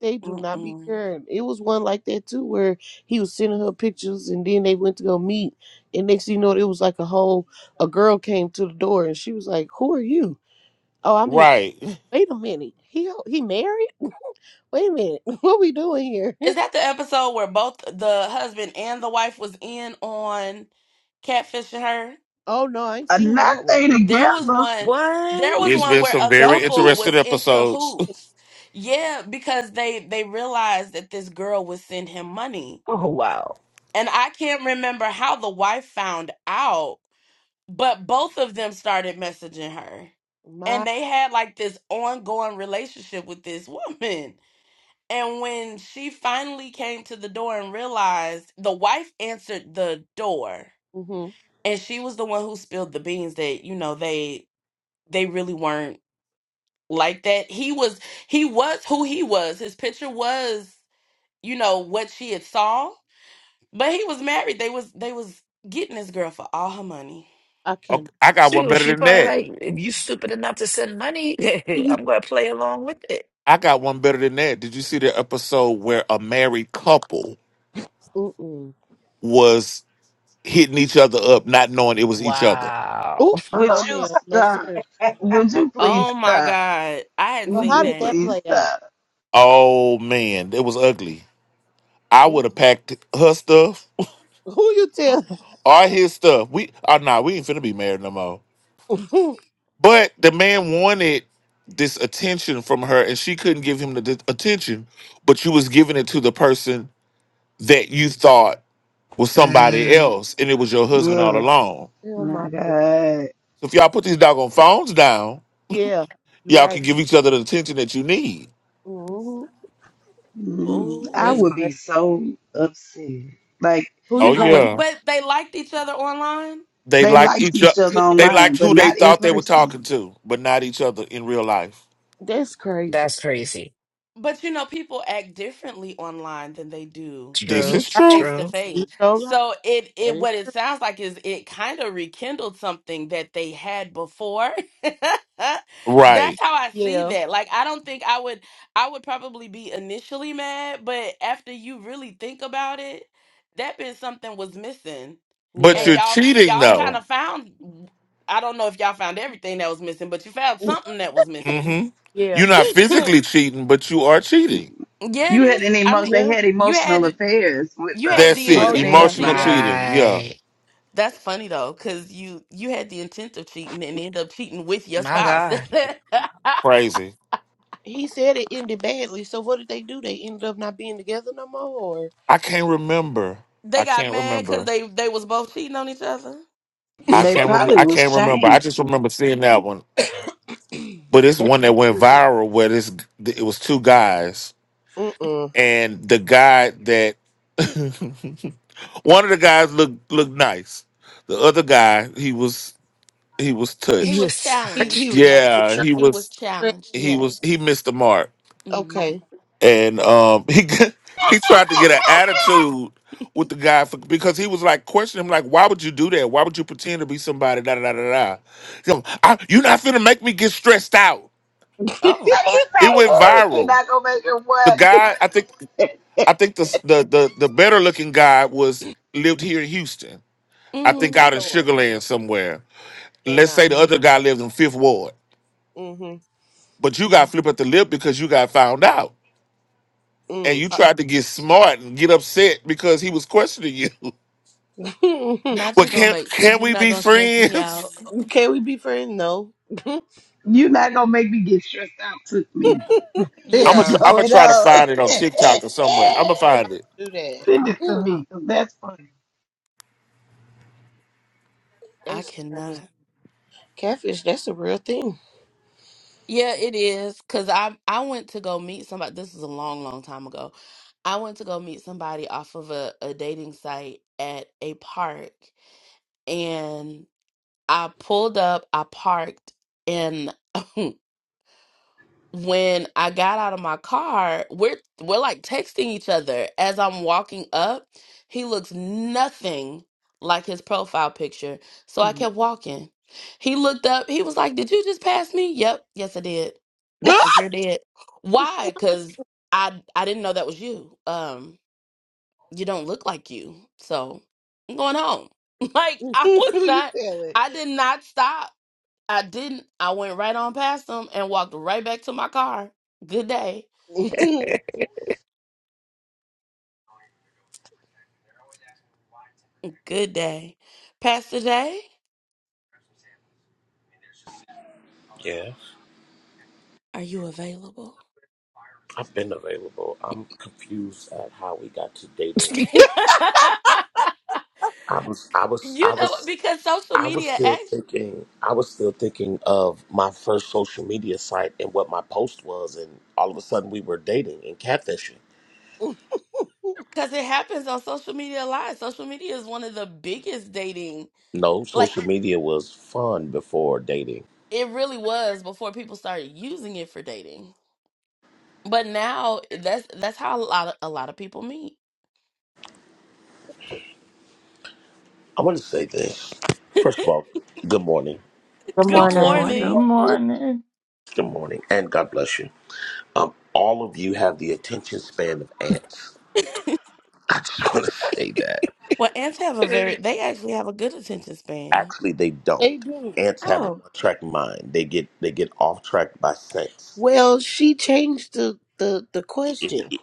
Speaker 11: They do not be
Speaker 1: Mm-mm.
Speaker 11: caring. It was one like that too, where he was sending her pictures, and then they went to go meet, and next thing you know, it was like a whole a girl came to the door, and she was like, "Who are you? Oh, I'm his.
Speaker 5: Right.
Speaker 11: Wait a minute, he he married? Wait a minute, what we doing here?
Speaker 1: Is that the episode where both the husband and the wife was in on catfishing her?
Speaker 11: oh no, I ain't seen that one.
Speaker 12: nothing
Speaker 1: There was
Speaker 12: together.
Speaker 1: one there
Speaker 3: What?
Speaker 1: was
Speaker 5: It's
Speaker 1: one
Speaker 5: been
Speaker 1: where
Speaker 5: some
Speaker 1: a
Speaker 11: Don't
Speaker 5: very
Speaker 11: you
Speaker 1: couple
Speaker 11: say
Speaker 5: interesting
Speaker 1: was in
Speaker 5: episodes.
Speaker 1: cahoots. Yeah, because they they realized that this girl would send him money.
Speaker 3: Oh, wow.
Speaker 1: And I can't remember how the wife found out, but both of them started messaging her.
Speaker 11: my?
Speaker 1: And they had like this ongoing relationship with this woman. And when she finally came to the door and realized the wife answered the door,
Speaker 11: hmm
Speaker 1: and she was the one who spilled the beans that, you know, they they really weren't like that he was he was who he was his picture was you know what she had saw but he was married they was they was getting this girl for all her money
Speaker 11: I
Speaker 5: Okay,
Speaker 11: can.
Speaker 5: I got one
Speaker 3: She,
Speaker 5: better
Speaker 3: she
Speaker 5: than
Speaker 3: probably
Speaker 5: that.
Speaker 3: like, if you stupid enough to send money,
Speaker 11: You.
Speaker 3: I'm going to play along with it.
Speaker 5: I got one better than that. Did you see the episode where a married couple
Speaker 11: Mm-mm.
Speaker 5: was hitting each other up, not knowing it was each other?
Speaker 3: Wow.
Speaker 11: Oh
Speaker 12: Would
Speaker 11: no,
Speaker 12: you
Speaker 11: ma'am, no
Speaker 12: stop?
Speaker 11: sir.
Speaker 12: Would
Speaker 11: I
Speaker 12: you
Speaker 11: sure did.
Speaker 12: please
Speaker 1: oh my
Speaker 12: stop?
Speaker 1: god i hadn't
Speaker 11: So
Speaker 12: Would
Speaker 1: seen
Speaker 11: how
Speaker 12: you
Speaker 11: did
Speaker 1: that
Speaker 11: that
Speaker 12: please
Speaker 11: play out?
Speaker 12: stop?
Speaker 5: Oh man, it was ugly. I
Speaker 11: Who,
Speaker 5: would have packed her stuff
Speaker 11: who you tell?
Speaker 5: or his stuff. We oh nah, we ain't finna be married no more.
Speaker 11: oh
Speaker 5: But the man wanted this attention from her, and she couldn't give him the d- attention. But you was giving it to the person that you thought was somebody
Speaker 3: Mm,
Speaker 5: else, and it was your husband all
Speaker 12: Yes.
Speaker 5: along.
Speaker 11: my
Speaker 12: My
Speaker 11: god.
Speaker 12: God.
Speaker 5: So if y'all put these doggone phones down,
Speaker 11: Yeah, you're
Speaker 5: y'all
Speaker 11: right.
Speaker 5: can give each other the attention that you need.
Speaker 11: hmm
Speaker 12: Mm,
Speaker 1: oh
Speaker 12: I
Speaker 11: That's
Speaker 1: wait
Speaker 12: would be
Speaker 11: crazy.
Speaker 12: so upset. Like,
Speaker 11: Who
Speaker 5: Oh
Speaker 1: you
Speaker 11: you?
Speaker 1: know what
Speaker 5: yeah,
Speaker 12: like
Speaker 1: but they liked each other online
Speaker 5: they
Speaker 12: they
Speaker 5: liked
Speaker 12: liked
Speaker 5: each other.
Speaker 12: each other
Speaker 5: They
Speaker 11: Yeah,
Speaker 12: online,
Speaker 5: liked
Speaker 12: but
Speaker 5: who they
Speaker 12: not in
Speaker 5: thought they were
Speaker 12: person.
Speaker 5: talking to, but not each other in real life.
Speaker 11: that's crazy.
Speaker 3: that's crazy.
Speaker 1: but you know people act differently online than they do
Speaker 5: This
Speaker 11: You
Speaker 3: True,
Speaker 5: is
Speaker 11: right.
Speaker 5: true,
Speaker 1: face to
Speaker 3: true.
Speaker 1: face.
Speaker 11: You so right.
Speaker 1: So it
Speaker 11: That
Speaker 1: it
Speaker 11: is
Speaker 1: what it
Speaker 11: true.
Speaker 1: sounds like is it kind of rekindled something that they had before.
Speaker 5: right?
Speaker 1: That's how I see
Speaker 11: Yeah,
Speaker 1: that. Like I don't think I would I would probably be initially mad, but after you really think about it, that been something was missing.
Speaker 5: But
Speaker 1: And
Speaker 11: yeah,
Speaker 5: you're
Speaker 1: y'all
Speaker 5: cheating
Speaker 1: y'all kind
Speaker 5: though.
Speaker 1: of found I don't know if y'all found everything that was missing, but you found something that was missing.
Speaker 5: hmm
Speaker 11: yeah,
Speaker 5: You're not
Speaker 1: yeah,
Speaker 5: physically cheating, but you are cheating.
Speaker 1: it
Speaker 12: You had
Speaker 1: is.
Speaker 12: an
Speaker 1: I
Speaker 12: emo-
Speaker 1: mean,
Speaker 12: they
Speaker 11: yeah.
Speaker 12: had
Speaker 1: you
Speaker 12: emotional
Speaker 1: had
Speaker 12: affairs with
Speaker 1: you had
Speaker 12: the
Speaker 5: That's
Speaker 1: the
Speaker 12: with a
Speaker 5: it.
Speaker 11: Oh
Speaker 1: intent of
Speaker 11: yeah,
Speaker 5: Emotional
Speaker 12: fantasy.
Speaker 1: cheating.
Speaker 11: yeah.
Speaker 5: cheating. Yeah.
Speaker 3: Right.
Speaker 1: That's funny though, because you you had the intent of cheating and ended up cheating with your
Speaker 3: My
Speaker 1: spouse. they
Speaker 3: God.
Speaker 5: Crazy.
Speaker 11: He said it ended badly. So what did they do? They ended up not being together no more, or
Speaker 5: I can't remember. I
Speaker 1: got
Speaker 5: can't
Speaker 1: mad because
Speaker 5: remember.
Speaker 1: they they was both cheating on each other.
Speaker 5: I
Speaker 12: They
Speaker 5: can't rem-
Speaker 12: probably
Speaker 5: I
Speaker 12: was
Speaker 5: can't remember. I
Speaker 12: shamed.
Speaker 5: just remember seeing that one. But it's
Speaker 11: that's
Speaker 5: one that went
Speaker 11: true.
Speaker 5: viral where this it was two guys
Speaker 11: Mm-mm.
Speaker 5: and the guy that one of the guys looked looked nice. The other guy, he was he was
Speaker 1: He
Speaker 3: He
Speaker 1: was
Speaker 5: touched.
Speaker 3: was
Speaker 11: He he
Speaker 1: challenged.
Speaker 11: was
Speaker 3: touched.
Speaker 1: Oh,
Speaker 11: he was
Speaker 5: Yeah,
Speaker 11: sure.
Speaker 5: he
Speaker 1: he was
Speaker 5: was
Speaker 1: challenged.
Speaker 5: he was
Speaker 1: Yes.
Speaker 5: he missed the mark.
Speaker 1: hmm
Speaker 11: Okay.
Speaker 5: and um, he g- he tried to get an attitude with the guy for, because he was like questioning him, like, "Why would you do that? Why would you pretend to be somebody?" Da da da da da. He goes, "I- You're not finna make me get stressed out.
Speaker 12: But
Speaker 1: Oh.
Speaker 12: it's
Speaker 5: It
Speaker 12: like,
Speaker 5: went
Speaker 12: Eric, you're
Speaker 5: viral.
Speaker 12: not gonna make her
Speaker 5: The
Speaker 12: what?
Speaker 5: guy, I think, I think the the the, the better looking guy was lived here in Houston. I
Speaker 11: oh
Speaker 5: think
Speaker 1: hmm
Speaker 5: out in
Speaker 11: Lord,
Speaker 5: Sugar Land somewhere. Let's
Speaker 11: cannot.
Speaker 5: say the other guy lives in Fifth Ward, but you got flip at the lip because you got found out. And
Speaker 11: Mm.
Speaker 5: you
Speaker 1: Uh,
Speaker 5: tried to get smart and get upset because he was questioning you.
Speaker 1: not
Speaker 5: Well,
Speaker 1: you gonna
Speaker 5: can
Speaker 1: make
Speaker 5: can
Speaker 1: you
Speaker 5: we
Speaker 1: not
Speaker 5: be
Speaker 1: gonna stress me
Speaker 5: friends?
Speaker 1: out.
Speaker 11: Can we be friends? No. For
Speaker 12: You're not gonna make me get stressed out with me.
Speaker 5: I'm
Speaker 12: It's
Speaker 5: gonna
Speaker 11: real,
Speaker 1: Yeah,
Speaker 5: I'm gonna
Speaker 12: going
Speaker 5: try to
Speaker 12: on.
Speaker 5: find it on TikTok or somewhere. I'm gonna
Speaker 11: I'm
Speaker 5: find
Speaker 11: not gonna
Speaker 5: it.
Speaker 11: do that.
Speaker 12: Send it to
Speaker 11: Mm,
Speaker 12: me, 'cause that's funny.
Speaker 1: I
Speaker 11: That's crazy.
Speaker 1: cannot.
Speaker 11: Catfish, that's a real thing.
Speaker 1: Yeah, it is because I I went to go meet somebody. This is a long, long time ago. I went to go meet somebody off of a, a dating site at a park and I pulled up, I parked, and when I got out of my car, we're we're like texting each other as I'm walking up. He looks nothing like his profile picture. So I
Speaker 11: Mm.
Speaker 1: kept walking. He looked up. He was like, "Did you just pass me?" "Yep, yes I did. I sure did." "Why?" "Cuz I I didn't know that was you. Um you don't look like you." So, I'm going home. Like I was
Speaker 11: you
Speaker 1: not
Speaker 11: tell it.
Speaker 1: I did not stop I didn't. I went right on past them and walked right back to my car. Good day. Good day. Pastor Day,
Speaker 13: Yeah.
Speaker 1: are you available?
Speaker 13: I've been available. I'm confused at how we got to dating.
Speaker 1: you
Speaker 13: I was I was I
Speaker 1: know what?
Speaker 13: was
Speaker 1: Because social
Speaker 13: I was
Speaker 1: media
Speaker 13: still
Speaker 1: acts,
Speaker 13: thinking I was still thinking of my first social media site and what my post was and all of a sudden we were dating and catfishing.
Speaker 1: because it happens on social media a lot. Social media is one of the biggest dating,
Speaker 13: No,
Speaker 1: like
Speaker 13: social media was fun before dating.
Speaker 1: it really was before people started using it for dating. But now eh, that's that's how a lot of, a lot of people meet.
Speaker 13: I want to say this. First of all, good morning.
Speaker 14: Good
Speaker 1: Good
Speaker 3: Good
Speaker 14: morning.
Speaker 15: Good
Speaker 3: morning.
Speaker 1: morning.
Speaker 15: morning.
Speaker 13: Good morning and God bless you. Um, all of you have the attention span of ants. I just want to say that.
Speaker 1: Well, ants have a very they actually have a good attention span.
Speaker 13: Actually, they don't.
Speaker 11: they do.
Speaker 13: Ants have a
Speaker 1: Oh,
Speaker 13: one-track mind. They get they get off track by sense.
Speaker 11: Well, she changed the, the, the
Speaker 13: If
Speaker 11: question.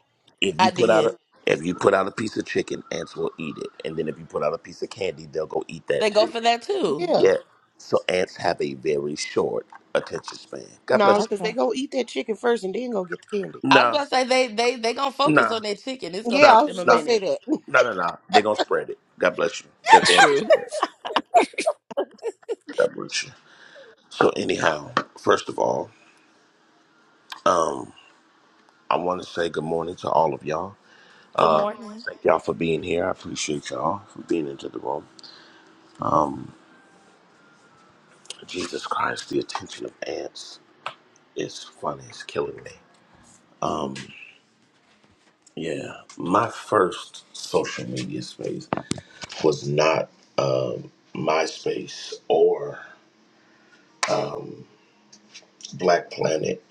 Speaker 13: if you
Speaker 1: I
Speaker 13: put out
Speaker 1: did.
Speaker 13: a if you put out a piece of chicken, ants will eat it, and then if you put out a piece of candy, they'll go eat that
Speaker 1: They go
Speaker 13: too.
Speaker 1: for that too.
Speaker 11: Yeah.
Speaker 13: Yeah. So ants have a very short attention span. God
Speaker 11: No,
Speaker 13: bless
Speaker 11: because they
Speaker 1: okay.
Speaker 11: gonna eat that chicken first and then gonna get the candy.
Speaker 13: you.
Speaker 1: I was
Speaker 13: Nah,
Speaker 1: about to say they they they gonna focus
Speaker 13: nah,
Speaker 1: on their chicken. It's gonna
Speaker 11: Yeah,
Speaker 13: nah,
Speaker 11: I
Speaker 1: take
Speaker 11: was
Speaker 1: them a
Speaker 11: just gonna
Speaker 13: nah,
Speaker 11: say
Speaker 1: minute.
Speaker 11: that.
Speaker 13: nah, nah, nah. They're gonna spread it. God bless you. They're going to
Speaker 3: True.
Speaker 13: spread. it. God bless you. So anyhow, first of all, um, I want to say good morning to all of y'all.
Speaker 1: Good morning.
Speaker 13: Thank y'all for being here. I appreciate y'all for being into the room. Jesus Christ, the attention of ants is funny. It's killing me. Yeah, my first social media space was not um, MySpace or Black Planet.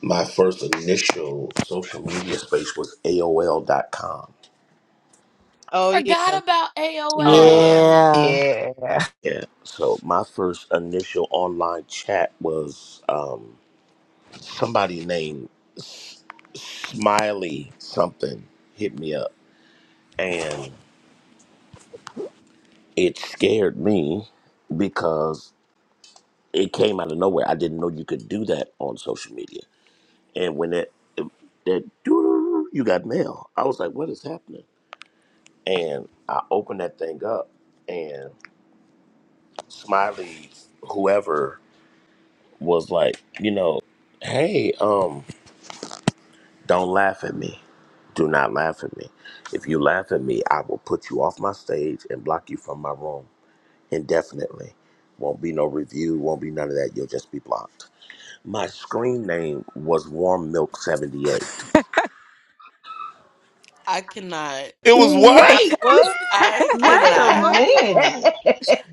Speaker 13: My first initial social media space was AOL.com.
Speaker 11: Oh yeah.
Speaker 1: Forgot about
Speaker 3: Oh
Speaker 11: Mhm.
Speaker 3: yeah.
Speaker 1: AOL.
Speaker 14: Yeah.
Speaker 3: Yeah.
Speaker 13: Yeah. So my first initial online chat was. Um, somebody named S- Smiley something hit me up, and it scared me because it came out of nowhere. I didn't know you could do that on social media. And when that um, that doo you got mail, I was like, "What is happening?" And I opened that thing up, and Smiley, whoever was like, you know, "Hey, um." Don't laugh at me. Do not laugh at me. If you laugh at me, I will put you off my stage and block you from my room indefinitely. Won't be no review, won't be none of that. You'll just be blocked. My screen name was Warm Milk 78.
Speaker 1: I cannot.
Speaker 5: It was
Speaker 11: I,
Speaker 5: what?
Speaker 12: Wait!
Speaker 11: what
Speaker 1: I
Speaker 11: you
Speaker 15: Wait
Speaker 11: said?
Speaker 15: a
Speaker 1: cannot.
Speaker 11: What
Speaker 16: oh
Speaker 11: now?
Speaker 15: minute.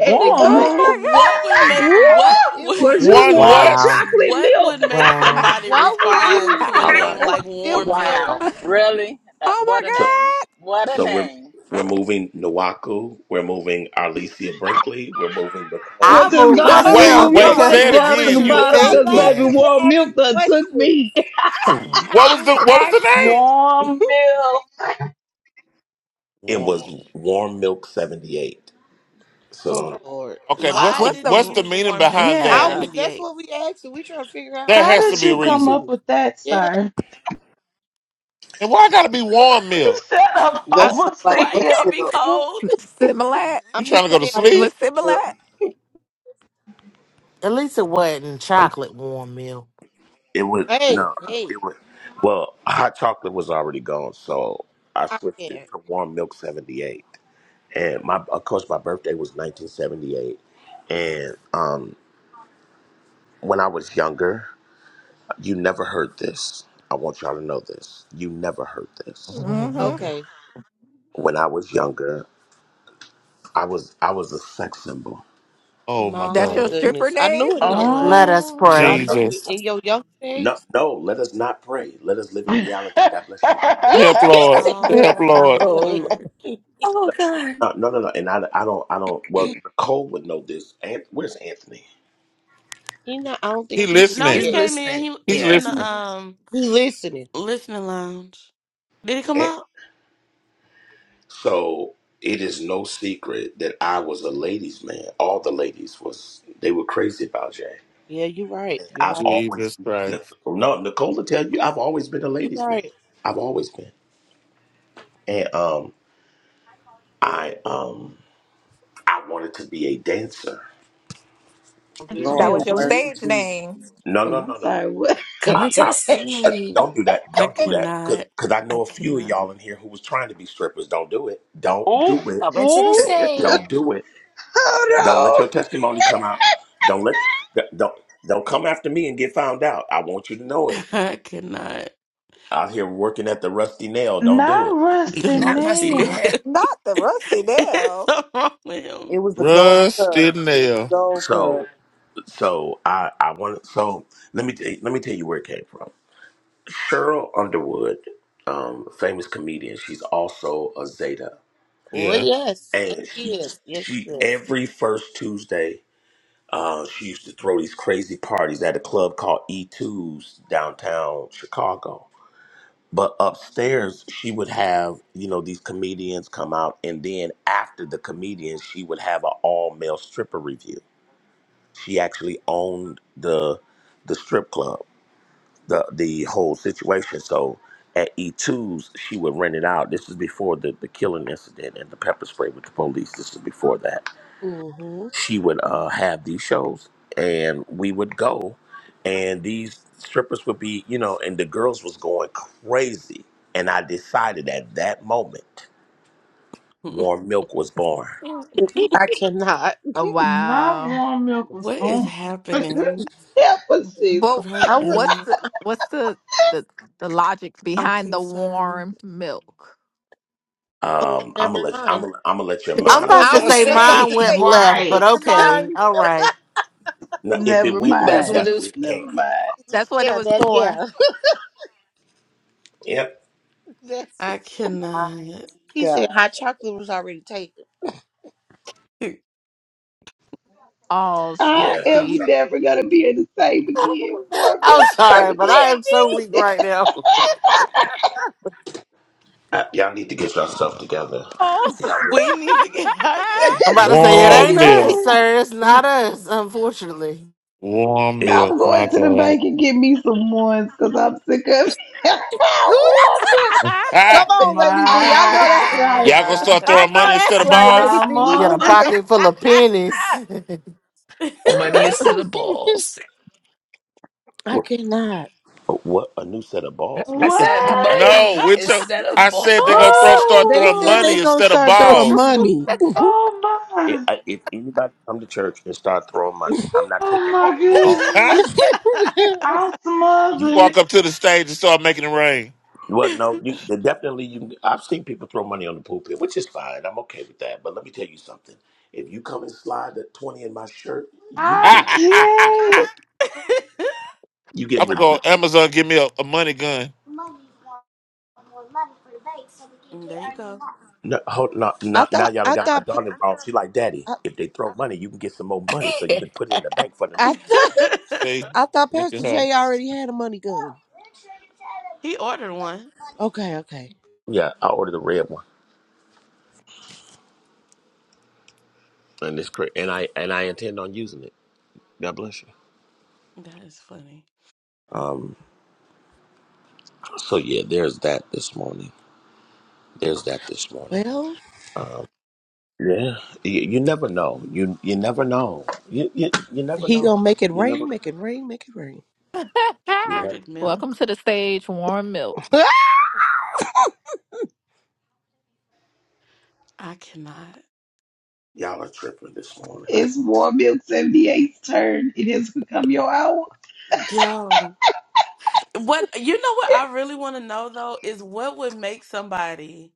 Speaker 11: What did you
Speaker 15: Warm,
Speaker 11: just
Speaker 16: my
Speaker 3: Oh
Speaker 11: say?
Speaker 1: What would
Speaker 16: god!
Speaker 1: make
Speaker 12: Woo!
Speaker 1: what
Speaker 11: It
Speaker 1: would-
Speaker 11: was
Speaker 12: Was you
Speaker 11: what?
Speaker 5: One
Speaker 12: warm
Speaker 5: what?
Speaker 14: Wow.
Speaker 12: chocolate
Speaker 1: what
Speaker 12: milk?
Speaker 1: would make
Speaker 14: Wow.
Speaker 1: somebody
Speaker 11: Why would
Speaker 1: respond
Speaker 11: you
Speaker 1: to a
Speaker 11: say
Speaker 13: All
Speaker 1: name
Speaker 13: right.
Speaker 11: poured
Speaker 1: like
Speaker 11: milk,
Speaker 1: warm milk?
Speaker 11: sir?
Speaker 17: Wow. Really?
Speaker 16: oh
Speaker 17: Uh, what a
Speaker 13: So
Speaker 17: name. What a
Speaker 13: so we're
Speaker 17: name.
Speaker 13: we're moving Nawaku, we're moving Arlesia Brinkley, we're moving
Speaker 12: Well,
Speaker 13: Nicole,
Speaker 14: I
Speaker 12: just
Speaker 14: moved
Speaker 12: go
Speaker 16: my
Speaker 12: on
Speaker 16: god!
Speaker 12: and
Speaker 5: Wait,
Speaker 12: move
Speaker 14: myself
Speaker 12: your
Speaker 5: wait.
Speaker 11: No,
Speaker 13: Eric,
Speaker 12: wife
Speaker 14: because
Speaker 5: Say it
Speaker 14: what
Speaker 12: down to
Speaker 14: was
Speaker 12: the
Speaker 5: again.
Speaker 14: you
Speaker 5: You
Speaker 11: we
Speaker 13: and
Speaker 12: bottom
Speaker 11: not
Speaker 13: we're
Speaker 12: because
Speaker 13: moving
Speaker 12: baby
Speaker 11: laughing.
Speaker 14: thinking?
Speaker 11: We're
Speaker 12: warm
Speaker 11: asking
Speaker 12: milk done took
Speaker 11: questions.
Speaker 12: me.
Speaker 5: what
Speaker 11: I'm
Speaker 5: was the
Speaker 11: just
Speaker 5: what was the
Speaker 11: asking.
Speaker 5: name?
Speaker 15: warm milk.
Speaker 13: it
Speaker 5: One-
Speaker 13: was Warm Milk 78. So
Speaker 11: Oh
Speaker 13: don't
Speaker 11: Lord.
Speaker 5: Okay, what's
Speaker 1: Why
Speaker 5: the
Speaker 3: wow.
Speaker 16: What's
Speaker 1: did you
Speaker 5: what's
Speaker 16: the
Speaker 5: the
Speaker 1: use
Speaker 5: meaning
Speaker 1: warm milk
Speaker 5: behind
Speaker 11: I
Speaker 5: that?
Speaker 16: yeah?
Speaker 11: was
Speaker 1: seventy
Speaker 11: that's
Speaker 1: eight?
Speaker 11: what we asking. We trying to figure
Speaker 5: There
Speaker 11: out
Speaker 15: How
Speaker 11: what
Speaker 5: has to
Speaker 15: did
Speaker 11: was
Speaker 5: be a
Speaker 11: the
Speaker 15: you come
Speaker 5: reason.
Speaker 15: up
Speaker 11: meaning.
Speaker 15: with that,
Speaker 11: Yeah.
Speaker 15: sir?
Speaker 5: And why I gotta be warm milk?
Speaker 15: Shut up,
Speaker 9: That
Speaker 11: I
Speaker 9: sounds like
Speaker 1: Why it
Speaker 15: overseer.
Speaker 1: can't be
Speaker 9: Brookfield.
Speaker 1: cold?
Speaker 16: Similat?
Speaker 11: I
Speaker 5: You
Speaker 11: mean
Speaker 9: That
Speaker 5: trying to go
Speaker 9: sounds
Speaker 5: to
Speaker 11: yeah.
Speaker 9: like
Speaker 16: It
Speaker 5: sleep?
Speaker 16: was
Speaker 9: Brookfield.
Speaker 16: Similat.
Speaker 14: At least it wasn't chocolate warm milk.
Speaker 13: It would
Speaker 11: Hey,
Speaker 13: no.
Speaker 11: hey.
Speaker 13: It would. Well, hot chocolate was already gone, so I
Speaker 11: I
Speaker 13: switched it
Speaker 11: can't.
Speaker 13: to warm milk seventy eight. And my, of course, my birthday was nineteen seventy eight. And um, when I was younger, you never heard this. I want y'all to know this. You never heard this.
Speaker 16: hmm
Speaker 11: Okay.
Speaker 13: When I was younger, I was I was a sex symbol.
Speaker 5: oh my
Speaker 16: That's
Speaker 11: My
Speaker 16: your
Speaker 5: God,
Speaker 16: stripper
Speaker 11: goodness. I
Speaker 16: name.
Speaker 11: knew it
Speaker 1: You know
Speaker 11: in
Speaker 14: Let
Speaker 11: some,
Speaker 1: what?
Speaker 14: us
Speaker 15: Oh.
Speaker 13: No,
Speaker 14: pray.
Speaker 11: I
Speaker 13: no,
Speaker 11: knew
Speaker 5: Jesus,
Speaker 11: it in your young
Speaker 13: no,
Speaker 11: days.
Speaker 13: no. Let us not pray. Let us live in reality. God bless you.
Speaker 11: Yeah,
Speaker 5: help
Speaker 11: he
Speaker 5: Lord,
Speaker 11: said let us
Speaker 5: help
Speaker 1: Oh my
Speaker 11: not
Speaker 5: Lord.
Speaker 11: play.
Speaker 3: Oh Lord.
Speaker 1: lord.
Speaker 3: oh God.
Speaker 13: No, no, no, no. And I, I don't, I don't. Well,
Speaker 11: he
Speaker 13: Nicole would know this. An- Where's Anthony?
Speaker 11: not I don't think
Speaker 5: He
Speaker 11: he
Speaker 1: And, no,
Speaker 11: here
Speaker 5: listening.
Speaker 3: He's
Speaker 1: he
Speaker 11: yet.
Speaker 1: came in.
Speaker 3: listening.
Speaker 1: He
Speaker 5: He's
Speaker 1: he's
Speaker 3: Yeah.
Speaker 1: in the
Speaker 5: listening.
Speaker 1: um
Speaker 11: He listening.
Speaker 1: listening lounge. Did he come
Speaker 13: An-
Speaker 1: out?
Speaker 13: So it is no secret that I was a ladies' man. All the ladies was they were crazy about Jay.
Speaker 11: Yeah, you're right. You're
Speaker 13: I've
Speaker 11: right.
Speaker 13: always
Speaker 5: Jesus
Speaker 13: no
Speaker 5: Christ,
Speaker 13: no Nicole will tell you I've always been a
Speaker 11: You're
Speaker 13: ladies' man.
Speaker 11: right.
Speaker 13: I've always been, and um, I um, I wanted to be a dancer.
Speaker 12: To be
Speaker 16: That
Speaker 4: Lord
Speaker 12: a
Speaker 16: was
Speaker 4: have
Speaker 16: your
Speaker 12: what?
Speaker 4: mercy,
Speaker 16: stage
Speaker 4: Jesus.
Speaker 16: name,
Speaker 13: No,
Speaker 12: Oh,
Speaker 13: no,
Speaker 12: I'm
Speaker 13: no, no, no.
Speaker 12: sorry. What?
Speaker 13: I,
Speaker 3: Coming to the
Speaker 13: I uh,
Speaker 3: stage.
Speaker 13: don't do that.
Speaker 1: I
Speaker 13: Don't do that. Cause,
Speaker 1: cannot.
Speaker 13: 'cause I
Speaker 1: I
Speaker 13: know a few of
Speaker 1: cannot.
Speaker 13: y'all in here who was trying to be strippers. Don't do it. Don't
Speaker 15: ooh,
Speaker 13: do it.
Speaker 3: Coming to the
Speaker 15: ooh.
Speaker 3: stage.
Speaker 13: Don't do it. Don't let
Speaker 12: Oh
Speaker 13: your testimony come out. Don't let don't don't come after me and get found out. I want you to know it.
Speaker 1: I cannot
Speaker 13: Out here working at the rusty nail. Don't do
Speaker 15: Not
Speaker 13: it.
Speaker 15: rusty
Speaker 1: do a
Speaker 3: Not rusty
Speaker 15: nail.
Speaker 3: there.
Speaker 1: that.
Speaker 16: not the Rusty
Speaker 1: It's
Speaker 16: Nail.
Speaker 1: so wrong
Speaker 4: It
Speaker 1: with
Speaker 4: was the gold cup.
Speaker 5: rusted
Speaker 4: It was the
Speaker 5: nail.
Speaker 4: gold
Speaker 13: So
Speaker 4: cup.
Speaker 13: so I I want so let me tell let me tell you where it came from. Cheryl Underwood, um, famous comedian. She's also a Zeta,
Speaker 11: Oh
Speaker 5: Yeah.
Speaker 11: yes, yes
Speaker 13: and
Speaker 11: she
Speaker 13: she
Speaker 11: is. Yes she
Speaker 13: she
Speaker 11: is.
Speaker 13: every first Tuesday. Uh, she used to throw these crazy parties at a club called e Two's downtown Chicago But upstairs, she would have, you know, these comedians come out. And then after the comedians, she would have an all male stripper review. She actually owned the the strip club, the the whole situation. So at E2's, she would rent it out. This is before the, the killing incident and the pepper spray with the police. This is before that
Speaker 11: hmm
Speaker 13: she would uh, have these shows and we would go and these strippers would be you know and the girls was going crazy and i decided at that moment
Speaker 1: him.
Speaker 13: warm milk was born
Speaker 3: I
Speaker 11: I cannot.
Speaker 16: Oh
Speaker 15: My
Speaker 16: wow!
Speaker 15: warm milk was
Speaker 1: What is
Speaker 15: born.
Speaker 1: happening
Speaker 12: no! Help us, Jesus.
Speaker 16: But
Speaker 1: right
Speaker 11: I would.
Speaker 16: what's
Speaker 1: now?
Speaker 16: the what's the the the logic
Speaker 1: I'm
Speaker 16: behind the
Speaker 1: concerned.
Speaker 16: warm milk?
Speaker 13: um i'm
Speaker 11: Never
Speaker 13: gonna let i'm
Speaker 11: mind.
Speaker 13: gonna, I'm gonna let your
Speaker 14: I'm
Speaker 13: mind
Speaker 3: was
Speaker 14: about
Speaker 11: I
Speaker 14: to
Speaker 13: drop
Speaker 3: gonna
Speaker 11: was
Speaker 14: say
Speaker 11: just about
Speaker 3: say
Speaker 14: mine
Speaker 11: to
Speaker 14: went
Speaker 11: say that. Like,
Speaker 14: left, but
Speaker 15: right.
Speaker 11: let your
Speaker 14: okay.
Speaker 11: mind.
Speaker 14: All right.
Speaker 13: now, if it
Speaker 12: Never
Speaker 13: went
Speaker 3: that's
Speaker 13: left
Speaker 3: what it
Speaker 12: mind.
Speaker 13: that's
Speaker 3: was.
Speaker 13: where
Speaker 3: For.
Speaker 13: it
Speaker 12: Never
Speaker 13: came from
Speaker 12: mind.
Speaker 11: y-
Speaker 16: That's what it
Speaker 11: Yeah,
Speaker 16: was
Speaker 11: that.
Speaker 16: for.
Speaker 11: Yeah.
Speaker 13: yep
Speaker 11: That's.
Speaker 1: I
Speaker 4: My
Speaker 1: cannot.
Speaker 11: He said
Speaker 4: God.
Speaker 11: hot chocolate was already taken.
Speaker 16: Oh, skeet
Speaker 12: I
Speaker 13: yeah Hops-
Speaker 12: am
Speaker 16: skeet.
Speaker 12: never gonna be in the same again.
Speaker 3: Oh,
Speaker 12: Warm
Speaker 14: I'm
Speaker 12: milk
Speaker 14: sorry, but I
Speaker 12: 78.
Speaker 14: am so weak right now.
Speaker 11: Lady
Speaker 13: uh, y'all need to get your stuff together
Speaker 16: Oh.
Speaker 1: We need to get
Speaker 11: B.
Speaker 1: ourselves
Speaker 14: I'm about to
Speaker 1: together.
Speaker 14: say it
Speaker 3: oh
Speaker 14: ain't
Speaker 5: Warm
Speaker 11: Lady
Speaker 5: milk.
Speaker 14: us,
Speaker 3: God.
Speaker 14: sir. It's not
Speaker 11: B.
Speaker 14: us, unfortunately.
Speaker 5: Warm
Speaker 13: it
Speaker 5: milk.
Speaker 12: I'm
Speaker 5: My
Speaker 12: going to the
Speaker 5: God.
Speaker 12: bank and get me some ones because I'm sick of warm milk.
Speaker 16: Oh.
Speaker 5: Ah,
Speaker 11: Come on, Lady B. I know
Speaker 15: My,
Speaker 11: that's
Speaker 15: my,
Speaker 11: right.
Speaker 5: y'all gonna
Speaker 15: my.
Speaker 5: start
Speaker 11: I know
Speaker 5: throwing money instead
Speaker 11: that's
Speaker 5: of
Speaker 11: right, Lady
Speaker 5: balls?
Speaker 14: You
Speaker 11: B.
Speaker 14: Get a
Speaker 15: Mama.
Speaker 14: pocket full of pennies.
Speaker 3: Money instead of balls.
Speaker 11: I
Speaker 13: what
Speaker 11: cannot.
Speaker 13: what a new set of balls
Speaker 3: I
Speaker 13: what is
Speaker 3: said
Speaker 13: happening
Speaker 15: What?
Speaker 5: No,
Speaker 3: money
Speaker 5: we took.
Speaker 3: instead of
Speaker 5: I said they're gonna throw,
Speaker 3: balls.
Speaker 5: start
Speaker 11: They
Speaker 5: throwing
Speaker 11: said they
Speaker 5: money
Speaker 15: Oh,
Speaker 11: gonna
Speaker 5: instead of
Speaker 11: start throwing
Speaker 5: balls.
Speaker 11: money.
Speaker 15: oh
Speaker 13: if,
Speaker 15: my,
Speaker 13: if anybody come to church and start throwing money i'm not
Speaker 15: oh
Speaker 13: taking
Speaker 15: my
Speaker 13: anything off
Speaker 15: goodness. I smothered.
Speaker 5: Walk up to the stage and start making it rain.
Speaker 13: Well, no, you definitely. You, I've seen people throw money on the pulpit, which is fine. I'm okay with that. But let me tell you something. If you come and slide that twenty in my shirt, you
Speaker 15: I
Speaker 5: I'm
Speaker 13: get
Speaker 15: can't.
Speaker 13: you get
Speaker 5: gonna go
Speaker 13: rebuked.
Speaker 5: Amazon. Give me a, a money gun.
Speaker 1: And there you go.
Speaker 13: No, hold no,
Speaker 11: I
Speaker 13: no, now
Speaker 11: thought
Speaker 13: y'all done
Speaker 11: I
Speaker 13: got my
Speaker 11: thought
Speaker 13: daughter involved. She like, Daddy,
Speaker 11: I,
Speaker 13: if they throw money, you can get some more money, so you can put it in the bank for the
Speaker 11: I
Speaker 13: new.
Speaker 11: thought
Speaker 5: See,
Speaker 11: I thought
Speaker 5: look
Speaker 11: Pastor
Speaker 5: at her.
Speaker 11: J already had a money gun.
Speaker 1: he ordered one.
Speaker 11: Okay, okay.
Speaker 13: Yeah, I ordered a red one, and it's great, and I and I intend on using it. God bless you.
Speaker 1: That is funny.
Speaker 13: Um. So yeah, there's that this morning. There's that this morning.
Speaker 11: Well,
Speaker 13: Yeah, you, you never know. You you never know. You you, you never
Speaker 11: he
Speaker 13: know.
Speaker 11: gonna make it
Speaker 13: You
Speaker 11: rain,
Speaker 13: never
Speaker 11: make it rain, make it rain.
Speaker 13: you never.
Speaker 1: Curded
Speaker 16: Welcome
Speaker 1: milk.
Speaker 16: to the stage, warm milk.
Speaker 1: I cannot.
Speaker 13: Y'all are tripping this morning. I-
Speaker 12: It's warm milk 78's turn. It has become your hour.
Speaker 1: Yo. What you know what I really want to know though is what would make somebody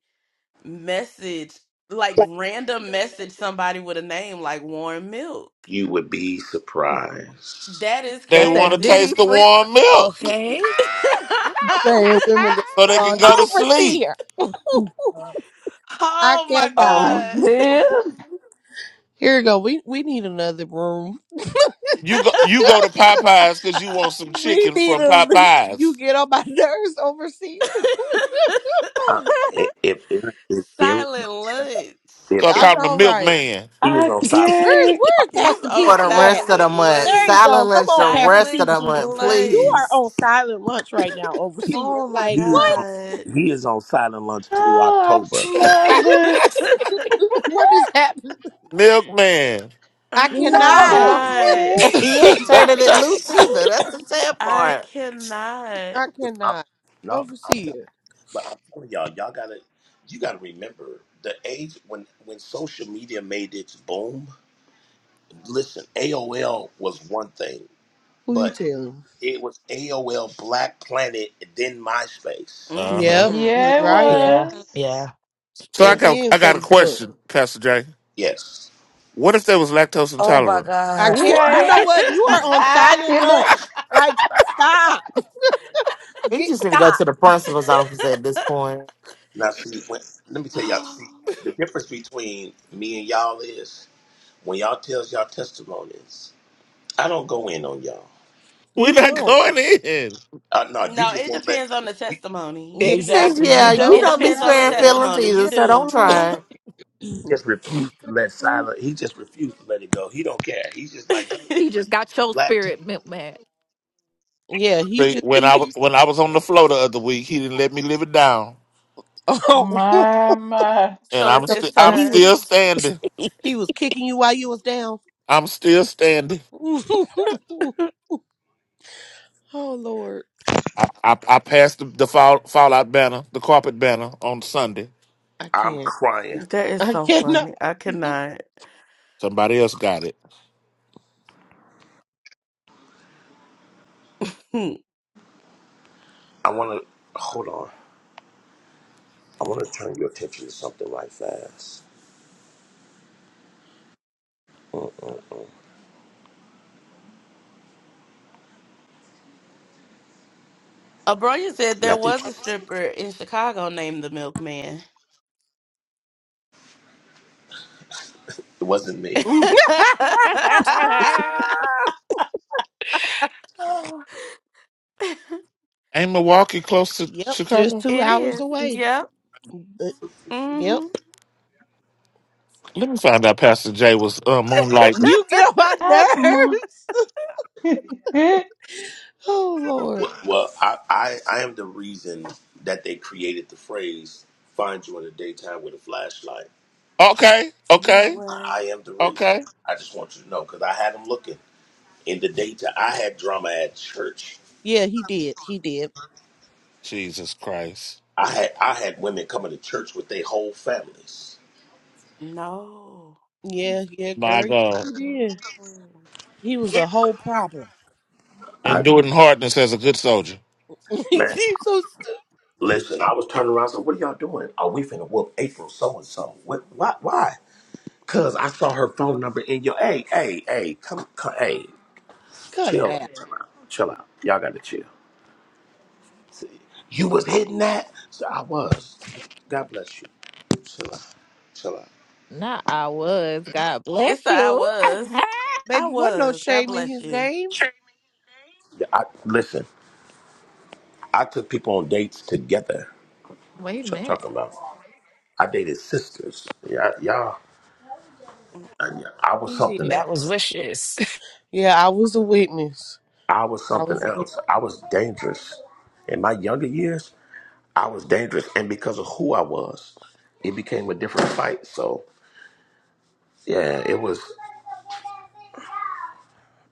Speaker 1: message like random message somebody with a name like warm milk.
Speaker 13: You would be surprised.
Speaker 1: That is
Speaker 5: They
Speaker 16: That's
Speaker 5: want to
Speaker 16: that Diddy
Speaker 5: taste the
Speaker 1: crazy.
Speaker 16: free.
Speaker 5: warm milk
Speaker 3: okay.
Speaker 9: Same women that
Speaker 5: so
Speaker 9: keep
Speaker 5: they can
Speaker 9: on it.
Speaker 5: go to sleep.
Speaker 11: Overseer. I
Speaker 1: oh my
Speaker 11: cannot.
Speaker 15: Oh,
Speaker 1: god.
Speaker 15: this.
Speaker 11: Here we go. We we need another room.
Speaker 5: You go, you go to Popeyes because you want some
Speaker 11: we
Speaker 5: chicken
Speaker 11: need
Speaker 5: from
Speaker 11: a
Speaker 5: Popeyes.
Speaker 11: you get on my nerves, overseer.
Speaker 13: I, if if Eric, if Eric don't
Speaker 1: silent
Speaker 13: shut up,
Speaker 1: lunch.
Speaker 5: So I
Speaker 13: if,
Speaker 11: I
Speaker 13: Eric
Speaker 5: called him a
Speaker 11: know, right?
Speaker 5: milkman.
Speaker 13: he is
Speaker 15: I
Speaker 13: on silent lunch
Speaker 11: Where's
Speaker 15: can't.
Speaker 13: through
Speaker 11: where's
Speaker 13: October,
Speaker 1: He's
Speaker 11: Pastor
Speaker 14: for
Speaker 1: on
Speaker 14: the
Speaker 11: PC at?
Speaker 14: rest of the
Speaker 1: silent
Speaker 14: month.
Speaker 11: There you
Speaker 1: lunch.
Speaker 14: Silent
Speaker 11: go. Come
Speaker 14: lunch
Speaker 11: on,
Speaker 14: the
Speaker 11: Pastor
Speaker 14: rest of
Speaker 1: Silent
Speaker 14: the
Speaker 11: PC,
Speaker 14: month,
Speaker 11: because you
Speaker 1: lunch.
Speaker 11: are
Speaker 14: please.
Speaker 11: on silent lunch right now,
Speaker 13: he,
Speaker 11: overseer.
Speaker 1: Oh my
Speaker 11: Like
Speaker 13: he is
Speaker 11: what?
Speaker 13: on
Speaker 1: god.
Speaker 13: he is on silent lunch through
Speaker 15: Oh, I'm
Speaker 13: October.
Speaker 15: smothered.
Speaker 11: what is happening?
Speaker 5: Milkman.
Speaker 11: I
Speaker 1: I
Speaker 15: My
Speaker 11: cannot.
Speaker 16: No.
Speaker 1: cannot.
Speaker 14: And
Speaker 15: milkman.
Speaker 14: he ain't turning it loose either. That's the sad
Speaker 1: I
Speaker 14: part.
Speaker 1: cannot.
Speaker 11: I
Speaker 13: I'm,
Speaker 11: cannot.
Speaker 13: no, I'm tell,
Speaker 11: Overseer,
Speaker 13: but I'm telling y'all, y'all gotta you gotta remember the age when when social media made its boom listen, AOL was one thing,
Speaker 11: who you
Speaker 13: but
Speaker 11: telling?
Speaker 13: it was AOL Black Planet and then MySpace.
Speaker 5: Uh huh.
Speaker 11: Yep,
Speaker 1: hmm
Speaker 11: you're
Speaker 15: Yeah, it
Speaker 1: hmm
Speaker 11: right.
Speaker 3: Yeah,
Speaker 15: was.
Speaker 3: yeah.
Speaker 5: So I
Speaker 11: And
Speaker 13: And
Speaker 5: got
Speaker 11: then
Speaker 5: I got a
Speaker 11: Facebook.
Speaker 5: question, Pastor Jay.
Speaker 13: yes,
Speaker 5: What if they was lactose
Speaker 3: Oh my
Speaker 5: intolerant?
Speaker 11: I
Speaker 3: gosh.
Speaker 11: can't. You
Speaker 15: Okay.
Speaker 11: know what?
Speaker 16: what?
Speaker 11: You are on
Speaker 15: I
Speaker 11: silent lunch.
Speaker 15: cannot.
Speaker 11: Like stop.
Speaker 14: He
Speaker 11: Get
Speaker 14: just need to go
Speaker 11: stop.
Speaker 14: to the principal's office at this point.
Speaker 13: now see, when, let me tell y'all, see, the difference between me and y'all is when y'all tells y'all testimonies, I don't go in on y'all.
Speaker 5: We're
Speaker 11: You
Speaker 5: not
Speaker 11: don't.
Speaker 5: going in.
Speaker 13: Uh, no, you
Speaker 1: no,
Speaker 13: just
Speaker 1: it
Speaker 13: won't let,
Speaker 1: depends on the
Speaker 13: you,
Speaker 1: testimony.
Speaker 11: Yeah,
Speaker 13: he
Speaker 1: You
Speaker 13: won't let,
Speaker 14: Cause
Speaker 1: do.
Speaker 3: Exactly. You
Speaker 14: yeah,
Speaker 11: it
Speaker 14: you
Speaker 1: It
Speaker 3: don't?
Speaker 11: does.
Speaker 14: don't
Speaker 11: You're
Speaker 14: be
Speaker 1: depends on
Speaker 11: right.
Speaker 1: the
Speaker 14: sparing
Speaker 9: Yes.
Speaker 14: feelings
Speaker 1: testimony. You
Speaker 14: either, so don't
Speaker 1: do.
Speaker 9: Beautiful.
Speaker 14: try it.
Speaker 13: he just refused to let silent, he just refused to let it go. He don't care. He's just like,
Speaker 16: He just got your
Speaker 13: black tape.
Speaker 16: spirit, milk man.
Speaker 11: Yeah, he
Speaker 5: See,
Speaker 11: just
Speaker 5: when
Speaker 11: he.
Speaker 5: I was when I was on the floor the other week, he didn't let me live it down,
Speaker 11: Oh,
Speaker 15: My, my.
Speaker 5: and
Speaker 1: So
Speaker 5: I'm
Speaker 1: it's
Speaker 11: So,
Speaker 5: still
Speaker 1: his
Speaker 11: so
Speaker 5: I'm
Speaker 11: he
Speaker 1: turn.
Speaker 11: was
Speaker 5: still standing.
Speaker 11: he was kicking you while you was down.
Speaker 5: I'm still standing.
Speaker 11: oh Lord,
Speaker 5: I I, I passed the, the fall, fallout banner, the carpet banner on Sunday.
Speaker 11: I
Speaker 13: I'm
Speaker 11: can't.
Speaker 13: crying.
Speaker 1: That is
Speaker 11: I
Speaker 1: so
Speaker 11: cannot.
Speaker 1: funny. I cannot.
Speaker 5: Somebody else got it.
Speaker 1: Hmm.
Speaker 13: I want to, hold on. I want to turn your attention to something right fast. Mm-mm-mm.
Speaker 1: Abronia said there
Speaker 13: Matthew,
Speaker 1: was a
Speaker 13: 20.
Speaker 1: stripper in Chicago named the Milkman.
Speaker 13: it wasn't me.
Speaker 1: it
Speaker 3: Oh,
Speaker 5: Ain't Milwaukee close to
Speaker 11: yep, just
Speaker 5: Chicago?
Speaker 11: two hours
Speaker 1: is.
Speaker 11: away.
Speaker 1: Yep.
Speaker 11: Uh, Yep,
Speaker 1: hmm
Speaker 5: Let me find out. Pastor Jay was uh, moonlighting.
Speaker 11: you get on my
Speaker 15: I'm on-
Speaker 11: nerves. oh Lord,
Speaker 13: Well, well I, I, I am the reason that they created the phrase "find you in the daytime with a flashlight."
Speaker 5: Okay,
Speaker 1: You
Speaker 5: okay.
Speaker 1: know
Speaker 13: I, I
Speaker 1: what?
Speaker 13: am the reason.
Speaker 5: Okay.
Speaker 13: I just want you to know because I had them looking in the daytime. I had drama at church.
Speaker 11: yeah, he did. He did.
Speaker 5: Jesus Christ.
Speaker 13: I had I had women coming to church with their whole families.
Speaker 1: No.
Speaker 11: Yeah, yeah,
Speaker 5: My
Speaker 11: girl, Yes,
Speaker 5: God.
Speaker 11: he did.
Speaker 1: No.
Speaker 11: He was a whole problem.
Speaker 13: I
Speaker 5: Endured in hardness as a good soldier.
Speaker 13: man,
Speaker 11: He's so stu-
Speaker 13: listen. I was turning around. So what are y'all doing? Are we finna whoop April so and so? What? Why? Why? Cause I saw her phone number in your. Hey, hey, hey, come, come, hey,
Speaker 11: cut it
Speaker 13: chill,
Speaker 11: out,
Speaker 13: chill out, chill out. Y'all gotta chill. See, you was hitting that, so I was. God bless you. Chill out, chill out.
Speaker 16: nah, I was. God
Speaker 1: It's
Speaker 16: bless
Speaker 1: the I
Speaker 16: you.
Speaker 1: was. I
Speaker 11: baby. Wasn't no
Speaker 1: was. God
Speaker 11: shame in
Speaker 1: bless
Speaker 11: his
Speaker 1: you.
Speaker 11: game.
Speaker 13: Yeah, I, listen, I took people on dates together.
Speaker 16: Wait a
Speaker 13: What y'all
Speaker 16: minute.
Speaker 13: talking about? I dated sisters. Yeah, y'all. y'all-
Speaker 1: Mm-mm.
Speaker 13: I was
Speaker 11: He
Speaker 13: something
Speaker 11: did.
Speaker 3: that was
Speaker 13: else.
Speaker 3: wishes.
Speaker 11: Yeah, I was a witness.
Speaker 13: I was
Speaker 11: I
Speaker 13: something
Speaker 11: was.
Speaker 13: else. I was dangerous. In my younger years, I was dangerous, and because of who I was, it became a different fight. So. Yeah, it was.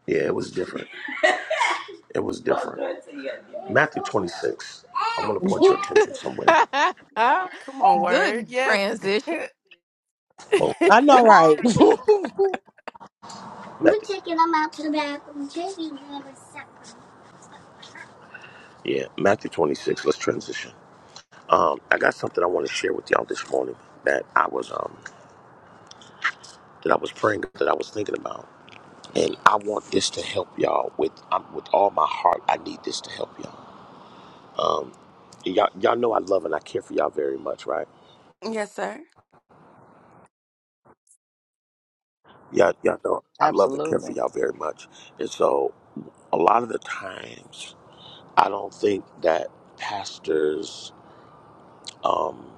Speaker 13: Yeah, it was different. It was different. Matthew 26. I'm gonna point your attention somewhere.
Speaker 1: Come on, word.
Speaker 16: Good
Speaker 1: Yes.
Speaker 16: transition.
Speaker 13: Well,
Speaker 11: I know, right? I,
Speaker 13: We're Matthew- taking them out to the back. We're taking them to supper. Yeah, Matthew 26. Let's transition. Um, I got something I want to share with y'all this morning that I was um that I was praying that I was thinking about, and I want this to help y'all with um, with all my heart. I need this to help y'all. Um, y'all y'all know I love and I care for y'all very much, right?
Speaker 1: yes, sir.
Speaker 13: Y'all, y'all know I love and care for
Speaker 17: Absolutely.
Speaker 13: y'all very much. And so a lot of the times I don't think that pastors um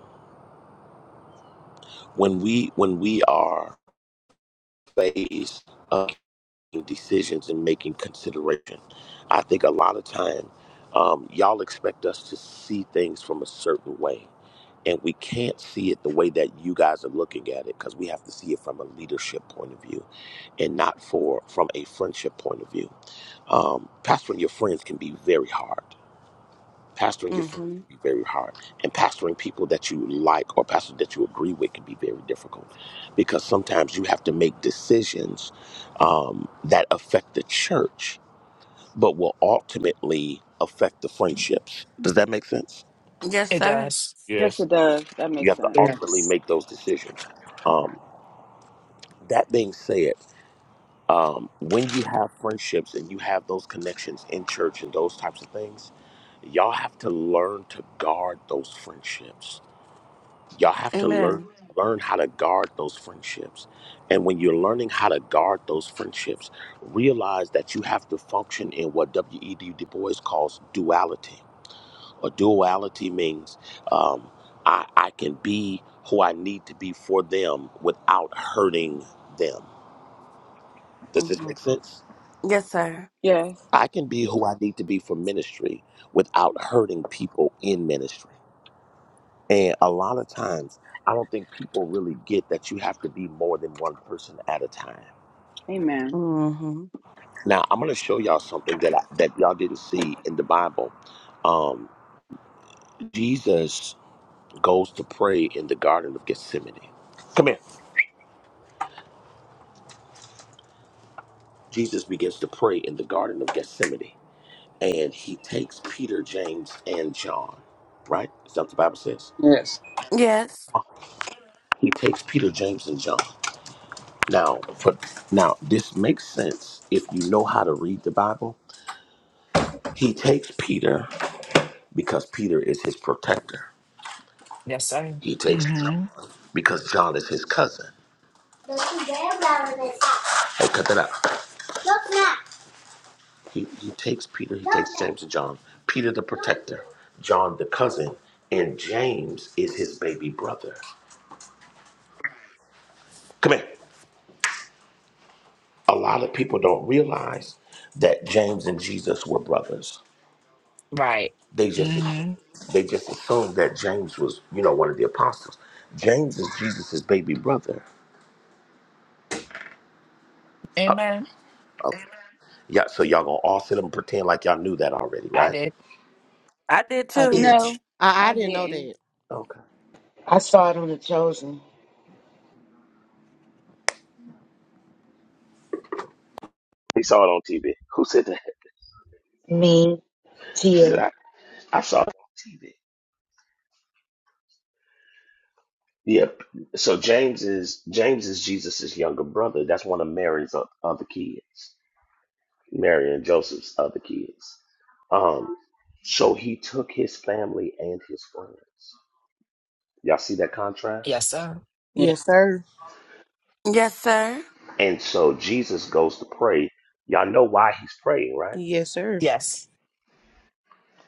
Speaker 13: when we when we are faced of making decisions and making consideration, I think a lot of time um, y'all expect us to see things from a certain way. And we can't see it the way that you guys are looking at it because we have to see it from a leadership point of view and not for from a friendship point of view. Um, pastoring your friends can be very hard. Pastoring your friends
Speaker 1: Mm-hmm.
Speaker 13: can be very hard. And pastoring people that you like or pastors that you agree with can be very difficult because sometimes you have to make decisions um, that affect the church but will ultimately affect the friendships. Does that make sense?
Speaker 1: Yes,
Speaker 3: It
Speaker 1: sir.
Speaker 3: does.
Speaker 2: Yes,
Speaker 5: Yes.
Speaker 2: it does. That
Speaker 13: You
Speaker 2: makes
Speaker 13: have to
Speaker 2: sense.
Speaker 13: ultimately
Speaker 18: Yes.
Speaker 13: make those decisions. Um, that being said, um, when you have friendships and you have those connections in church and those types of things, y'all have to learn to guard those friendships. Y'all have to learn
Speaker 1: Amen.
Speaker 13: learn how to guard those friendships. And when you're learning how to guard those friendships, realize that you have to function in what W.E.D. Du Bois calls duality. A duality means um, I, I can be who I need to be for them without hurting them. Does this
Speaker 1: Mm-hmm.
Speaker 13: make sense?
Speaker 1: Yes, sir.
Speaker 2: Yes.
Speaker 13: I can be who I need to be for ministry without hurting people in ministry. And a lot of times, I don't think people really get that you have to be more than one person at a time.
Speaker 2: Amen.
Speaker 1: Mm-hmm.
Speaker 13: Now, I'm going to show y'all something that I, that y'all didn't see in the Bible. Um, Jesus goes to pray in the Garden of Gethsemane. Come here. Jesus begins to pray in the Garden of Gethsemane, and he takes Peter, James, and John. Right? Is that what the Bible says?
Speaker 9: Yes.
Speaker 1: Yes.
Speaker 13: He takes Peter, James, and John. Now, for, now this makes sense if you know how to read the Bible He takes Peter because Peter is his protector.
Speaker 3: Yes, sir.
Speaker 13: He takes
Speaker 3: hmm
Speaker 13: John because John is his cousin. Hey, cut that out. He, he takes Peter, he takes James and John. Peter the protector, John the cousin, and James is his baby brother. Come here. A lot of people don't realize that James and Jesus were brothers.
Speaker 3: Right.
Speaker 13: They just assume,
Speaker 3: hmm
Speaker 13: they just assumed that James was, you know, one of the apostles. James is Jesus' baby brother.
Speaker 3: Amen.
Speaker 13: Yeah, so y'all gonna all sit up and pretend like y'all knew that already,
Speaker 3: I
Speaker 13: right?
Speaker 3: did.
Speaker 1: I did
Speaker 4: I
Speaker 1: too.
Speaker 4: did.
Speaker 2: No,
Speaker 14: Teach.
Speaker 11: I
Speaker 2: I
Speaker 11: didn't know
Speaker 2: didn't.
Speaker 11: that.
Speaker 13: Okay. He saw it on TV. Who said that? She said, I, I saw it on TV. Yeah. So James is James is Jesus's younger brother. That's one of Mary's o- other kids. Mary and Joseph's other kids. Um, so he took his family and his friends. Y'all see that contrast?
Speaker 3: Yes, sir.
Speaker 9: Yes,
Speaker 11: Yes, sir.
Speaker 1: Yes, sir.
Speaker 13: And so Jesus goes to pray. Y'all know why he's praying, right?
Speaker 11: Yes, sir.
Speaker 3: Yes.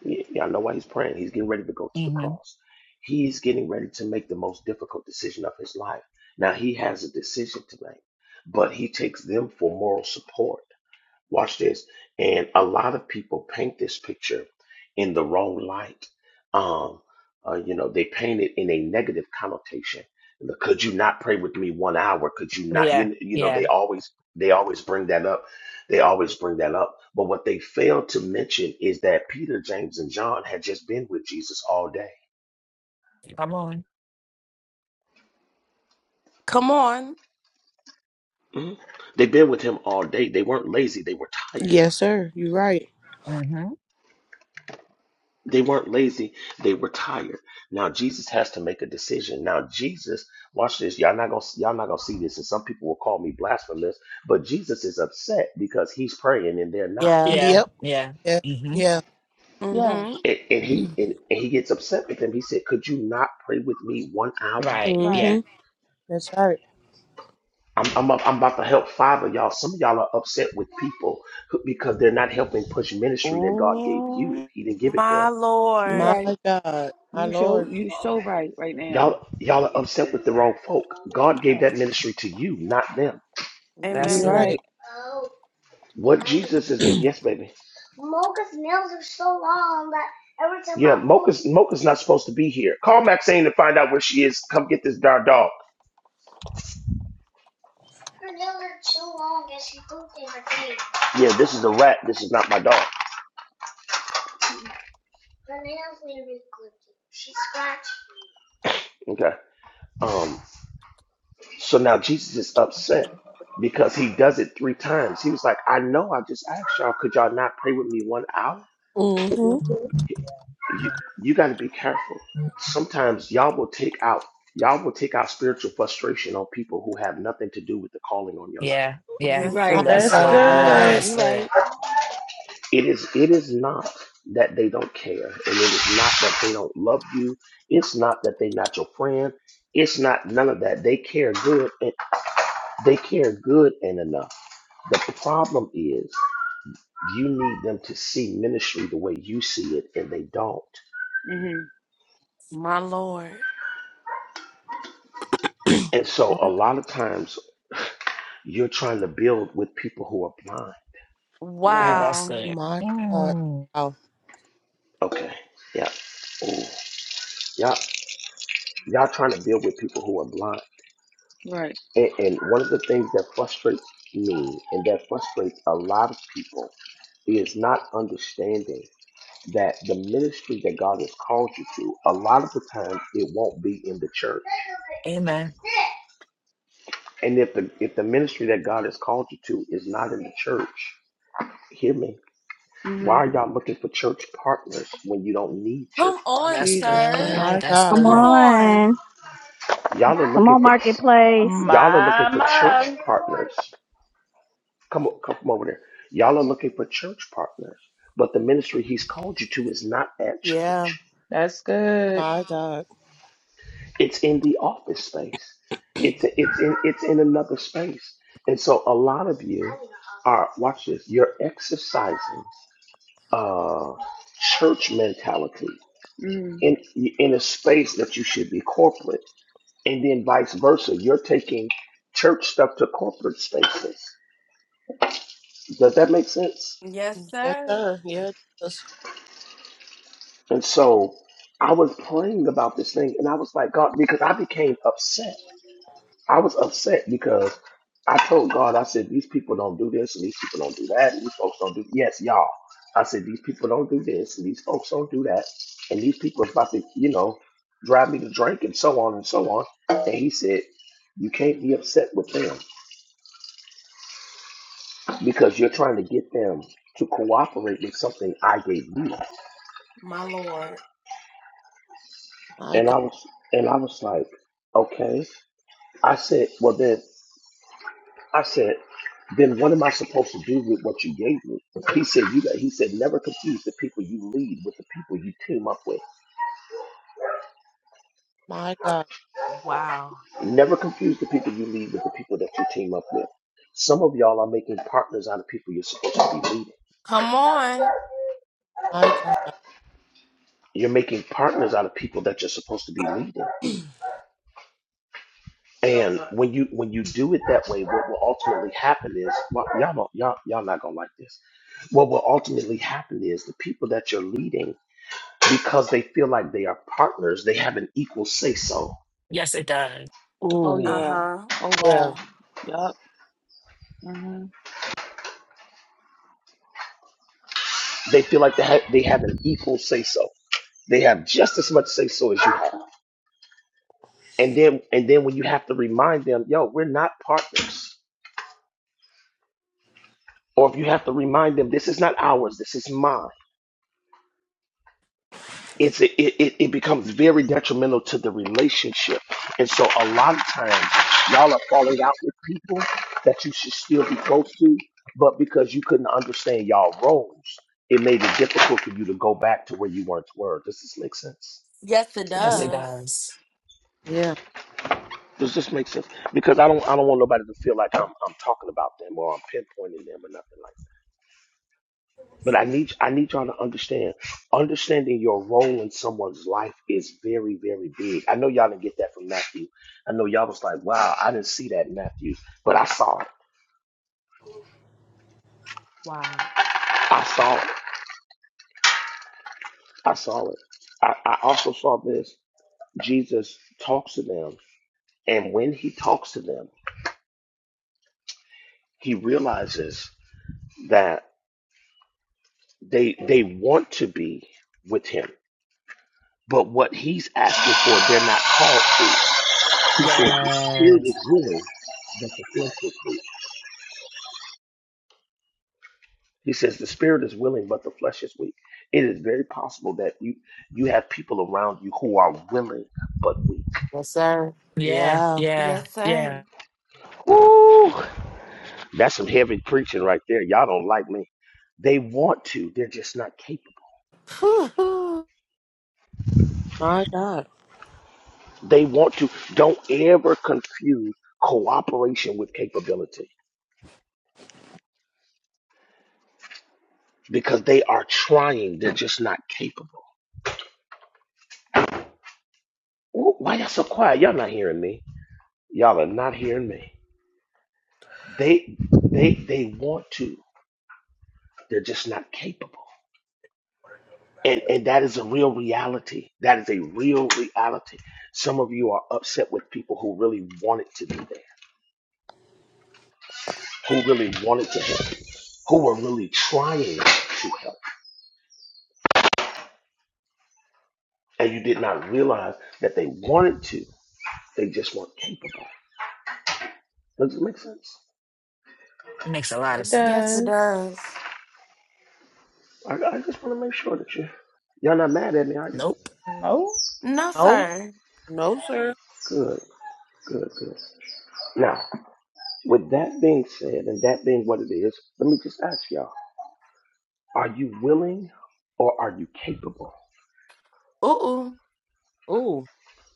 Speaker 13: Y- Y'all know why he's praying. He's getting ready to go to the
Speaker 3: hmm
Speaker 13: cross. He's getting ready to make the most difficult decision of his life. Now he has a decision to make, but he takes them for moral support. Watch this. And a lot of people paint this picture in the wrong light. Um, uh, you know, they paint it in a negative connotation. The, Could you not pray with me one hour? Could you not?
Speaker 3: Yeah.
Speaker 13: You, you know,
Speaker 3: Yeah.
Speaker 13: they always they always bring that up. They always bring that up. But what they fail to mention is that Peter, James, and John had just been with Jesus all day.
Speaker 3: Come on.
Speaker 1: Come on.
Speaker 13: Mhm. They've been with him all day. They weren't lazy. They were tired.
Speaker 11: Yes, sir. You're right.
Speaker 3: hmm
Speaker 13: They weren't lazy, they were tired. Now Jesus has to make a decision. Now Jesus, watch this. Y'all not gonna y'all not gonna see this, and some people will call me blasphemous, but Jesus is upset because he's praying and they're not.
Speaker 14: Yeah.
Speaker 3: Yeah.
Speaker 11: Yep.
Speaker 3: Yeah.
Speaker 11: Yeah.
Speaker 3: hmm
Speaker 11: Yeah.
Speaker 2: Yes.
Speaker 1: Mm-hmm.
Speaker 13: And, and he and, and he gets upset with them. He said, Could you not pray with me one hour?
Speaker 3: Right. Yeah.
Speaker 2: Right.
Speaker 11: Mhm. That's right.
Speaker 13: I'm, I'm, up- I'm about to help five of y'all. Some of y'all are upset with people who- because they're not helping push ministry that God gave you.
Speaker 3: Ooh,
Speaker 13: He didn't give it them.
Speaker 1: My
Speaker 2: You
Speaker 11: My
Speaker 1: Lord.
Speaker 2: right.
Speaker 11: God. My
Speaker 2: You show
Speaker 11: Lord.
Speaker 2: you so right right now.
Speaker 13: Y'all, y'all are upset with the wrong folk. God gave
Speaker 2: Uh,
Speaker 13: that ministry to you, not them.
Speaker 3: that's
Speaker 11: You're
Speaker 2: you
Speaker 1: Amen.
Speaker 11: right.
Speaker 2: right.
Speaker 3: good.
Speaker 13: What Jesus is getting? Yes, baby. Mocha's nails are so long that every time. Yeah, I- Mocha's Mocha's not supposed to be here. Call Maxine to find out where she is. Come get this darn dog. Yeah, this is a rat. This is not my dog. Okay. Um. So now Jesus is upset because he does it three times. He was like, "I know. I just asked y'all. Could y'all not pray with me one hour?
Speaker 11: mhm.
Speaker 13: You you got to be careful. Sometimes y'all will take out y'all will take out spiritual frustration on people who have nothing to do with the calling on your life.
Speaker 3: Yeah. Yeah.
Speaker 2: You
Speaker 1: Yes,
Speaker 11: My
Speaker 3: Ooh,
Speaker 2: right.
Speaker 1: sir.
Speaker 3: that's
Speaker 15: That's
Speaker 11: God.
Speaker 3: good.
Speaker 11: You're right.
Speaker 14: Wow.
Speaker 15: good.
Speaker 3: That's
Speaker 2: You
Speaker 3: good.
Speaker 2: right.
Speaker 13: It is it is not that they don't care, and it is not that they don't love you. It's not that they're not your friend. It's not none of that. They care good and they care good and enough. The problem is you need them to see ministry the way you see it, and they don't.
Speaker 2: Mhm.
Speaker 1: My Lord.
Speaker 13: And so
Speaker 11: My,
Speaker 13: a lot of times you're trying to build with people who are blind.
Speaker 3: Ooh,
Speaker 2: Wow.
Speaker 3: that's
Speaker 1: Wow.
Speaker 3: good.
Speaker 11: my God.
Speaker 3: Mm.
Speaker 11: Wow.
Speaker 13: Okay. Yeah. Ooh. Y'all, y'all trying to build with people who are blind.
Speaker 2: Right.
Speaker 13: And, and one of the things that frustrates me and that frustrates a lot of people is not understanding that the ministry that God has called you to, a lot of the time it won't be in the church.
Speaker 3: Amen.
Speaker 13: And if the if the ministry that God has called you to is not in the church, hear me. Why
Speaker 2: Mhm.
Speaker 13: are y'all looking for church partners when you don't need church
Speaker 1: Come on,
Speaker 3: That's
Speaker 13: partners?
Speaker 2: Jesus
Speaker 1: sir.
Speaker 2: Christ.
Speaker 3: good.
Speaker 11: My
Speaker 3: That's
Speaker 11: God.
Speaker 19: Come
Speaker 1: Come
Speaker 3: good.
Speaker 1: on.
Speaker 19: on.
Speaker 13: Y'all are
Speaker 19: Come
Speaker 13: looking
Speaker 19: on,
Speaker 13: for
Speaker 19: Marketplace.
Speaker 13: y'all are looking
Speaker 15: My,
Speaker 13: for church
Speaker 15: my.
Speaker 13: partners Come, o- come over there. Y'all are looking for church partners, but the ministry he's called you to is not at
Speaker 14: Yeah.
Speaker 13: church.
Speaker 15: That's good.
Speaker 11: My God.
Speaker 13: It's in the office space. It's it's in it's in another space. And so a lot of you are watch this. You're exercising uh, church mentality
Speaker 2: Mhm.
Speaker 13: in in a space that you should be corporate, and then vice versa. You're taking church stuff to corporate spaces. Does that make sense?
Speaker 1: Yes,
Speaker 11: Yes,
Speaker 1: sir.
Speaker 11: sir. Yeah. Jesus.
Speaker 13: And so I was praying about this thing and I was like, God, because I became upset. I was upset because I told God, I said, these people don't do this and these people don't do that and these folks don't do, yes, y'all. I said, these people don't do this and these folks don't do that and these people are about to, you know, drive me to drink and so on and so on. And he said, you can't be upset with them because you're trying to get them to cooperate with something I gave you.
Speaker 1: My Lord.
Speaker 11: My
Speaker 13: And
Speaker 11: God.
Speaker 13: I was, and I was like, okay. I said, well then, I said, then what am I supposed to do with what you gave me? He said, you got, he said, never confuse the people you lead with the people you team up with.
Speaker 11: My God.
Speaker 13: Never confuse the people you lead with the people that you team up with. Some of y'all are making partners out of people you're supposed to be leading.
Speaker 1: Come on.
Speaker 11: My God.
Speaker 13: You're making partners out of people that you're supposed to be leading. And when you when you do it that way, what will ultimately happen is well, y'all don't y'all y'all not gonna like this. What will ultimately happen is the people that you're leading because they feel like they are partners. They have an equal say so.
Speaker 3: Yes, it does.
Speaker 2: Oh
Speaker 3: Ooh,
Speaker 1: Uh
Speaker 2: yeah.
Speaker 1: huh.
Speaker 2: Oh
Speaker 11: Yeah.
Speaker 2: wow. Yup. Mhm.
Speaker 13: They feel like they have, they have an equal say so. They have just as much say so as you have. And then and then when you have to remind them, yo, we're not partners. Or if you have to remind them, this is not ours, this is mine it's it, it, it becomes very detrimental to the relationship. And so a lot of times y'all are falling out with people that you should still be close to, but because you couldn't understand y'all roles, it made it difficult for you to go back to where you once were. Does this make sense?
Speaker 1: Yes, it
Speaker 11: Yeah.
Speaker 3: yes, it
Speaker 1: does.
Speaker 3: does.
Speaker 11: Yeah.
Speaker 13: Does this make sense? Because I don't I don't want nobody to feel like I'm I'm talking about them or I'm pinpointing them or nothing like that. But I need I need y'all to understand. Understanding your role in someone's life is very, very big. I know y'all didn't get that from Matthew. I know y'all was like, wow, I didn't see that in Matthew. But I saw it.
Speaker 1: Wow.
Speaker 13: I saw it. I saw it. I, I also saw this. Jesus talks to them, and when he talks to them, he realizes that they they want to be with him. But what he's asking for, they're not called to. He said, the spirit
Speaker 3: Yes.
Speaker 13: is willing, but the flesh is weak. He says the spirit is willing, but the flesh is weak. It is very possible that you you have people around you who are willing but weak.
Speaker 14: Yes, sir.
Speaker 3: Yeah,
Speaker 14: Yeah.
Speaker 3: yeah,
Speaker 1: Yes, sir.
Speaker 3: yeah.
Speaker 13: Ooh, that's some heavy preaching right there. Y'all don't like me. They want to, they're just not capable.
Speaker 11: My God.
Speaker 13: They want to. Don't ever confuse cooperation with capability because they are trying, they're just not capable. Ooh, why y'all so quiet? Y'all not hearing me. Y'all are not hearing me. They they they want to, they're just not capable. And and that is a real reality. That is a real reality. Some of you are upset with people who really wanted to be there, who really wanted to help, you, who were really trying to help, and you did not realize that they wanted to. They just weren't capable. Does it make sense?
Speaker 3: It makes a lot of
Speaker 15: It
Speaker 1: Yes, it
Speaker 3: sense.
Speaker 15: does.
Speaker 1: does.
Speaker 13: I, I just want to make sure that you y'all not mad at me, are you?
Speaker 3: Nope.
Speaker 15: No.
Speaker 1: No,
Speaker 11: No.
Speaker 1: sir.
Speaker 11: No, sir.
Speaker 13: Good, good, good. Now, with that being said, and that being what it is, let me just ask y'all: Are you willing, or are you capable?
Speaker 1: Ooh.
Speaker 11: Oh,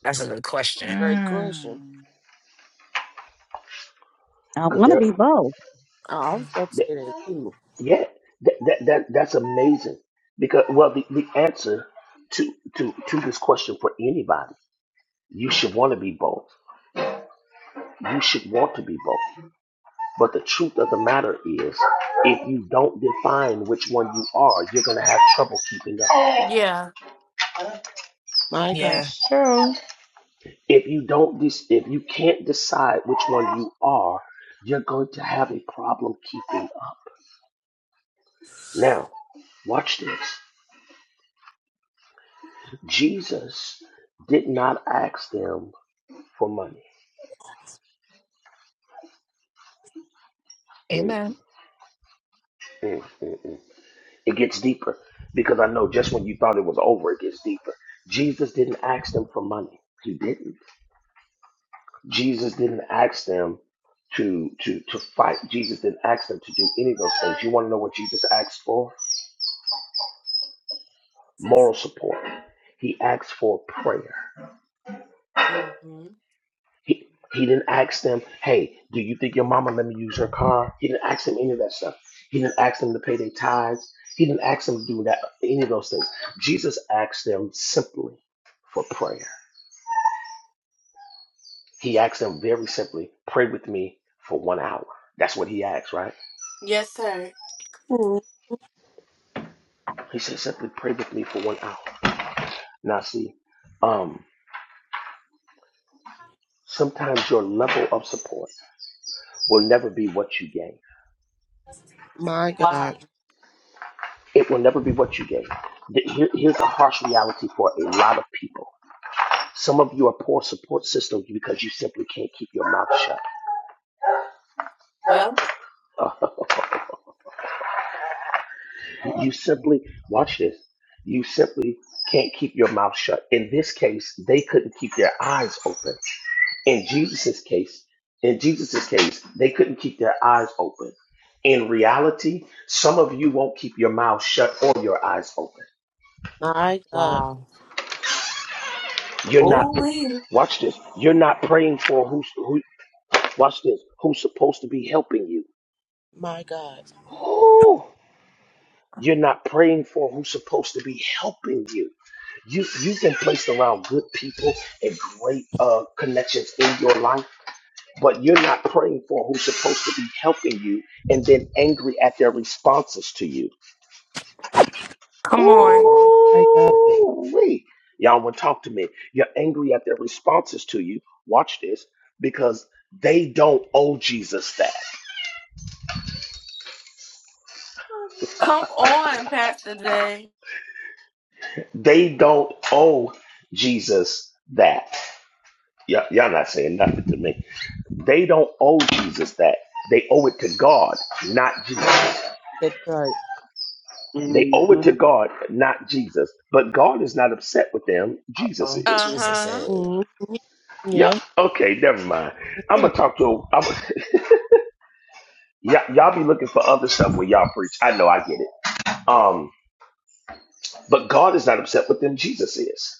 Speaker 3: That's a good question.
Speaker 11: great question.
Speaker 15: Mm,
Speaker 19: I want to
Speaker 13: Because
Speaker 19: be both.
Speaker 11: I was about to
Speaker 13: there.
Speaker 11: too.
Speaker 13: Yeah, that, that that that's amazing because well, the, the answer to to to this question for anybody, you should want to be both. You should want to be both. But the truth of the matter is, if you don't define which one you are, you're gonna have trouble keeping up.
Speaker 1: Yeah.
Speaker 11: My God.
Speaker 3: Yeah.
Speaker 15: that's true.
Speaker 13: If you don't, dis- if you can't decide which one you are, you're going to have a problem keeping up. Now, watch this. Jesus did not ask them for money. Mm,
Speaker 3: Amen.
Speaker 13: mm, mm, mm. It gets deeper because I know just when you thought it was over, it gets deeper. Jesus didn't ask them for money. He didn't. Jesus didn't ask them to to to fight. Jesus didn't ask them to do any of those things. You want to know what Jesus asked for? Moral support. He asked for prayer.
Speaker 1: hmm
Speaker 13: He he didn't ask them, hey, do you think your mama let me use her car? He didn't ask them any of that stuff. He didn't ask them to pay their tithes. He didn't ask them to do that any of those things. Jesus asked them simply for prayer. He asked them very simply, pray with me for one hour. That's what he asked, right?
Speaker 1: Yes, sir.
Speaker 11: Ooh,
Speaker 13: He said, simply pray with me for one hour. Now, see, um, sometimes your level of support will never be what you gain.
Speaker 11: my God.
Speaker 1: Wow.
Speaker 13: It will never be what you gain. Th- here- here's a harsh reality for a lot of people. Some of you are poor support systems because you simply can't keep your mouth
Speaker 1: Well,
Speaker 13: shut. You simply, watch this, you simply can't keep your mouth shut. In this case, they couldn't keep their eyes open. In Jesus's case, in Jesus's case, they couldn't keep their eyes open. In reality, some of you won't keep your mouth shut or your eyes open.
Speaker 11: My God.
Speaker 14: wow.
Speaker 13: You're not
Speaker 1: ooh,
Speaker 13: watch this. You're not praying for who's who watch this, who's supposed to be helping you.
Speaker 11: My God.
Speaker 13: Ooh. You're not praying for who's supposed to be helping you. You you've been placed around good people and great uh, connections in your life, but you're not praying for who's supposed to be helping you, and then angry at their responses to you. Ooh,
Speaker 1: Come on.
Speaker 11: My God.
Speaker 13: y'all wanna talk to me. You're angry at their responses to you. Watch this, because they don't owe Jesus that.
Speaker 1: Come on, Pastor J.
Speaker 13: They don't owe Jesus that. Y'all, y'all not saying nothing to me. They don't owe Jesus that. They owe it to God, not Jesus.
Speaker 11: That's right.
Speaker 13: They owe it to
Speaker 18: Mm-hmm.
Speaker 13: God, not Jesus. But God is not upset with them. Jesus
Speaker 3: Oh,
Speaker 13: is.
Speaker 1: Uh
Speaker 3: Jesus
Speaker 1: huh.
Speaker 3: is.
Speaker 11: hmm
Speaker 13: Yeah.
Speaker 11: Yeah.
Speaker 13: Okay. Never mind. I'm
Speaker 11: yeah.
Speaker 13: gonna talk to. I'm, y'all, y'all be looking for other stuff when y'all preach. I know. I get it. Um. But God is not upset with them. Jesus is.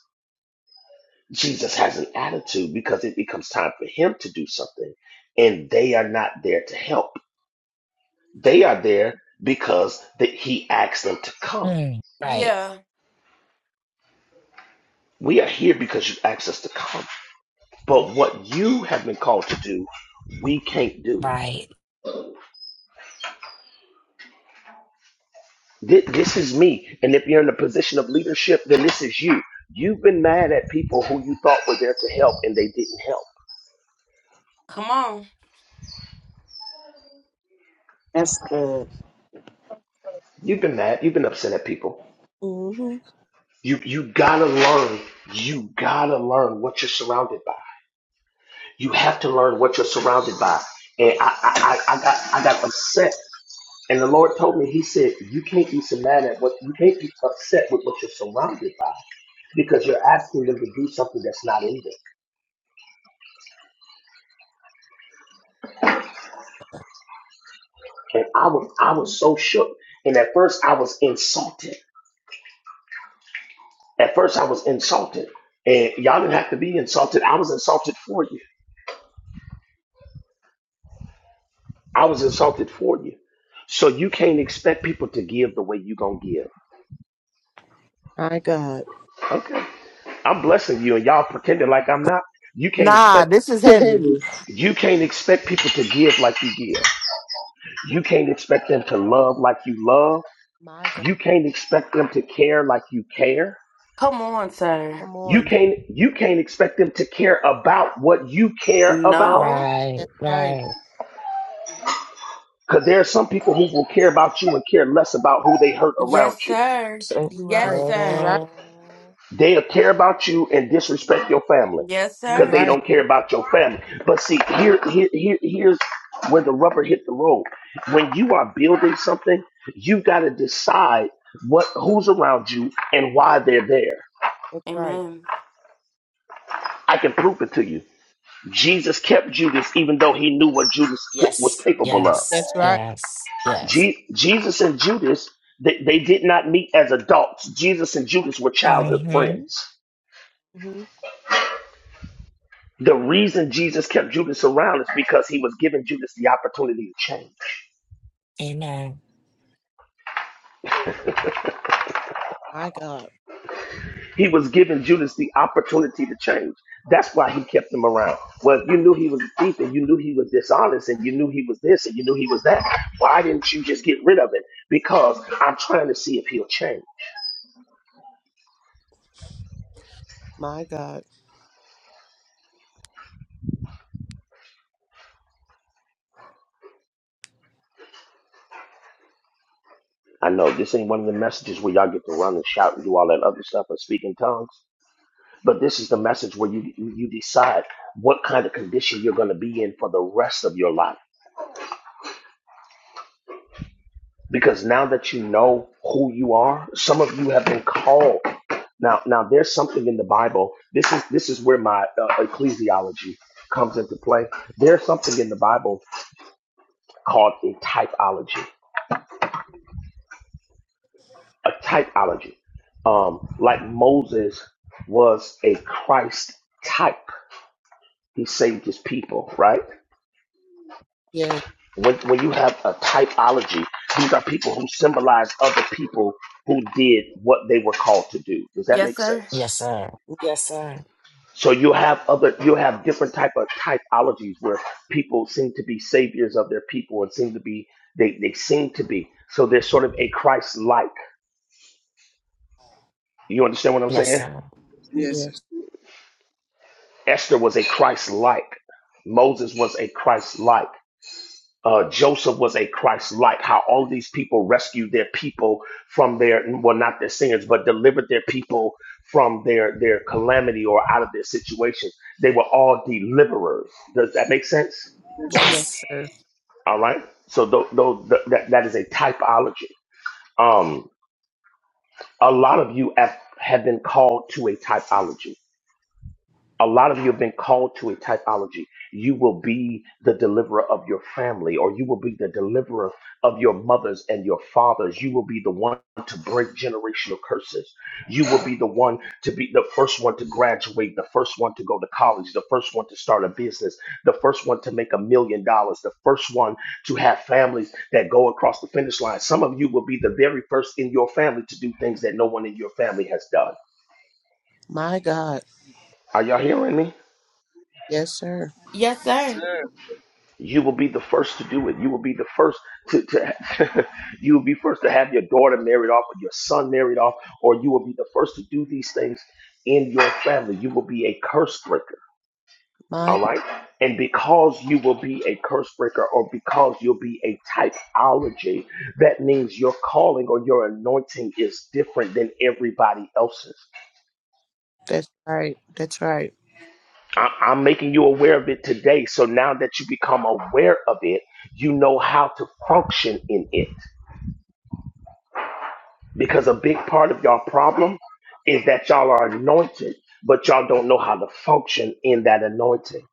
Speaker 13: Jesus has an attitude because it becomes time for him to do something, and they are not there to help. They are there because that he asked them to come.
Speaker 3: Mm, right,
Speaker 1: Yeah.
Speaker 13: We are here because you asked us to come. But what you have been called to do, we can't do.
Speaker 3: right,
Speaker 13: Thi- This is me. And if you're in a position of leadership, then this is you. You've been mad at people who you thought were there to help and they didn't help.
Speaker 1: Come on.
Speaker 18: That's good.
Speaker 13: You've been mad. You've been upset at people.
Speaker 11: hmm
Speaker 13: You you gotta learn. You gotta learn what you're surrounded by. You have to learn what you're surrounded by. And I I, I, I got I got upset. And the Lord told me, He said, You can't be so mad at what you can't be upset with what you're surrounded by. because you're asking them to do something that's not in them. And I was I was so shook. And at first I was insulted. At first I was insulted. And y'all didn't have to be insulted. I was insulted for you. I was insulted for you. So you can't expect people to give the way you gonna give.
Speaker 11: My God.
Speaker 13: Okay. I'm blessing you and y'all pretending like I'm not. You can't
Speaker 14: Nah,
Speaker 13: expect
Speaker 14: this is heavy.
Speaker 11: Heavy.
Speaker 13: you can't expect people to give like you give. You can't expect them to love like you love.
Speaker 11: my God.
Speaker 13: You can't expect them to care like you care.
Speaker 1: Come on, sir.
Speaker 11: Come
Speaker 13: You
Speaker 11: on.
Speaker 13: can't you can't expect them to care about what you care about.
Speaker 1: No.
Speaker 3: right,
Speaker 11: That's right.
Speaker 3: right.
Speaker 13: Because there are some people who will care about you and care less about who they hurt around
Speaker 1: Yes,
Speaker 13: you.
Speaker 1: sir.
Speaker 3: So,
Speaker 11: You're
Speaker 1: Yes,
Speaker 11: right. You're right.
Speaker 1: sir.
Speaker 14: Man.
Speaker 13: They'll care about you and disrespect your family
Speaker 1: Yes,
Speaker 11: You're
Speaker 13: because
Speaker 1: sir.
Speaker 13: they
Speaker 11: right.
Speaker 13: don't care about your family. But see, here, here, here, here's where the rubber hit the road. When you are building something, you got to decide what who's around you and why they're there.
Speaker 11: That's right.
Speaker 1: Amen.
Speaker 13: I can prove it to you. Jesus kept Judas even though he knew what Judas was
Speaker 3: yes,
Speaker 13: capable of.
Speaker 3: yes,
Speaker 11: That's right.
Speaker 3: yes, yes.
Speaker 13: Je- Jesus and Judas, they, they did not meet as adults. Jesus and Judas were childhood
Speaker 3: Mm-hmm.
Speaker 13: friends.
Speaker 11: hmm
Speaker 13: The reason Jesus kept Judas around is because he was giving Judas the opportunity to change.
Speaker 3: Amen.
Speaker 11: My God.
Speaker 13: He was giving Judas the opportunity to change. That's why he kept him around. Well, if you knew he was a thief and you knew he was dishonest and you knew he was this and you knew he was that, why didn't you just get rid of him? Because I'm trying to see if he'll change.
Speaker 11: My God.
Speaker 13: I know this ain't one of the messages where y'all get to run and shout and do all that other stuff and speak in tongues. But this is the message where you you decide what kind of condition you're going to be in for the rest of your life. Because now that you know who you are, some of you have been called. Now, now there's something in the Bible. This is this is where my uh, ecclesiology comes into play. There's something in the Bible called a typology. A typology, um, like Moses was a Christ type. He saved his people, right?
Speaker 11: Yes.
Speaker 13: when, when you have a typology, these are people who symbolize other people who did what they were called to do. Does that
Speaker 1: Yes,
Speaker 13: make
Speaker 1: sir.
Speaker 13: sense?
Speaker 3: Yes, sir. Yes, sir.
Speaker 13: So you have other, you have different type of typologies where people seem to be saviors of their people and seem to be, they, they seem to be. So they're sort of a Christ-like. You understand what I'm
Speaker 3: Yes,
Speaker 13: saying?
Speaker 3: sir.
Speaker 9: yes, Yes,
Speaker 11: Yes.
Speaker 13: Esther was a Christ-like. Moses was a Christ-like. uh, Joseph was a Christ-like. How all these people rescued their people from their well, not their sins, but delivered their people from their their calamity or out of their situation. They were all deliverers. Does that make sense?
Speaker 9: yes,
Speaker 11: Yes,
Speaker 3: Yes.
Speaker 11: sir.
Speaker 13: All right. So th- th- th- that that is a typology. Um, a lot of you have, have been called to a typology. A lot of you have been called to a typology. You will be the deliverer of your family, or you will be the deliverer of your mothers and your fathers. You will be the one to break generational curses. You will be the one to be the first one to graduate, the first one to go to college, the first one to start a business, the first one to make a million dollars, the first one to have families that go across the finish line. Some of you will be the very first in your family to do things that no one in your family has done.
Speaker 11: My God.
Speaker 13: Are y'all hearing me?
Speaker 11: Yes, sir.
Speaker 1: Yes,
Speaker 9: Yes,
Speaker 1: sir.
Speaker 9: yes,
Speaker 13: You will be the first to do it. You will be the first to, to you will be first to have your daughter married off or your son married off, or you will be the first to do these things in your family. You will be a curse breaker.
Speaker 11: My
Speaker 13: All right. And because you will be a curse breaker or because you'll be a typology, that means your calling or your anointing is different than everybody else's.
Speaker 11: That's right. That's right.
Speaker 13: I- I'm making you aware of it today. So now that you become aware of it, you know how to function in it. Because a big part of y'all problem is that y'all are anointed, but y'all don't know how to function in that anointing.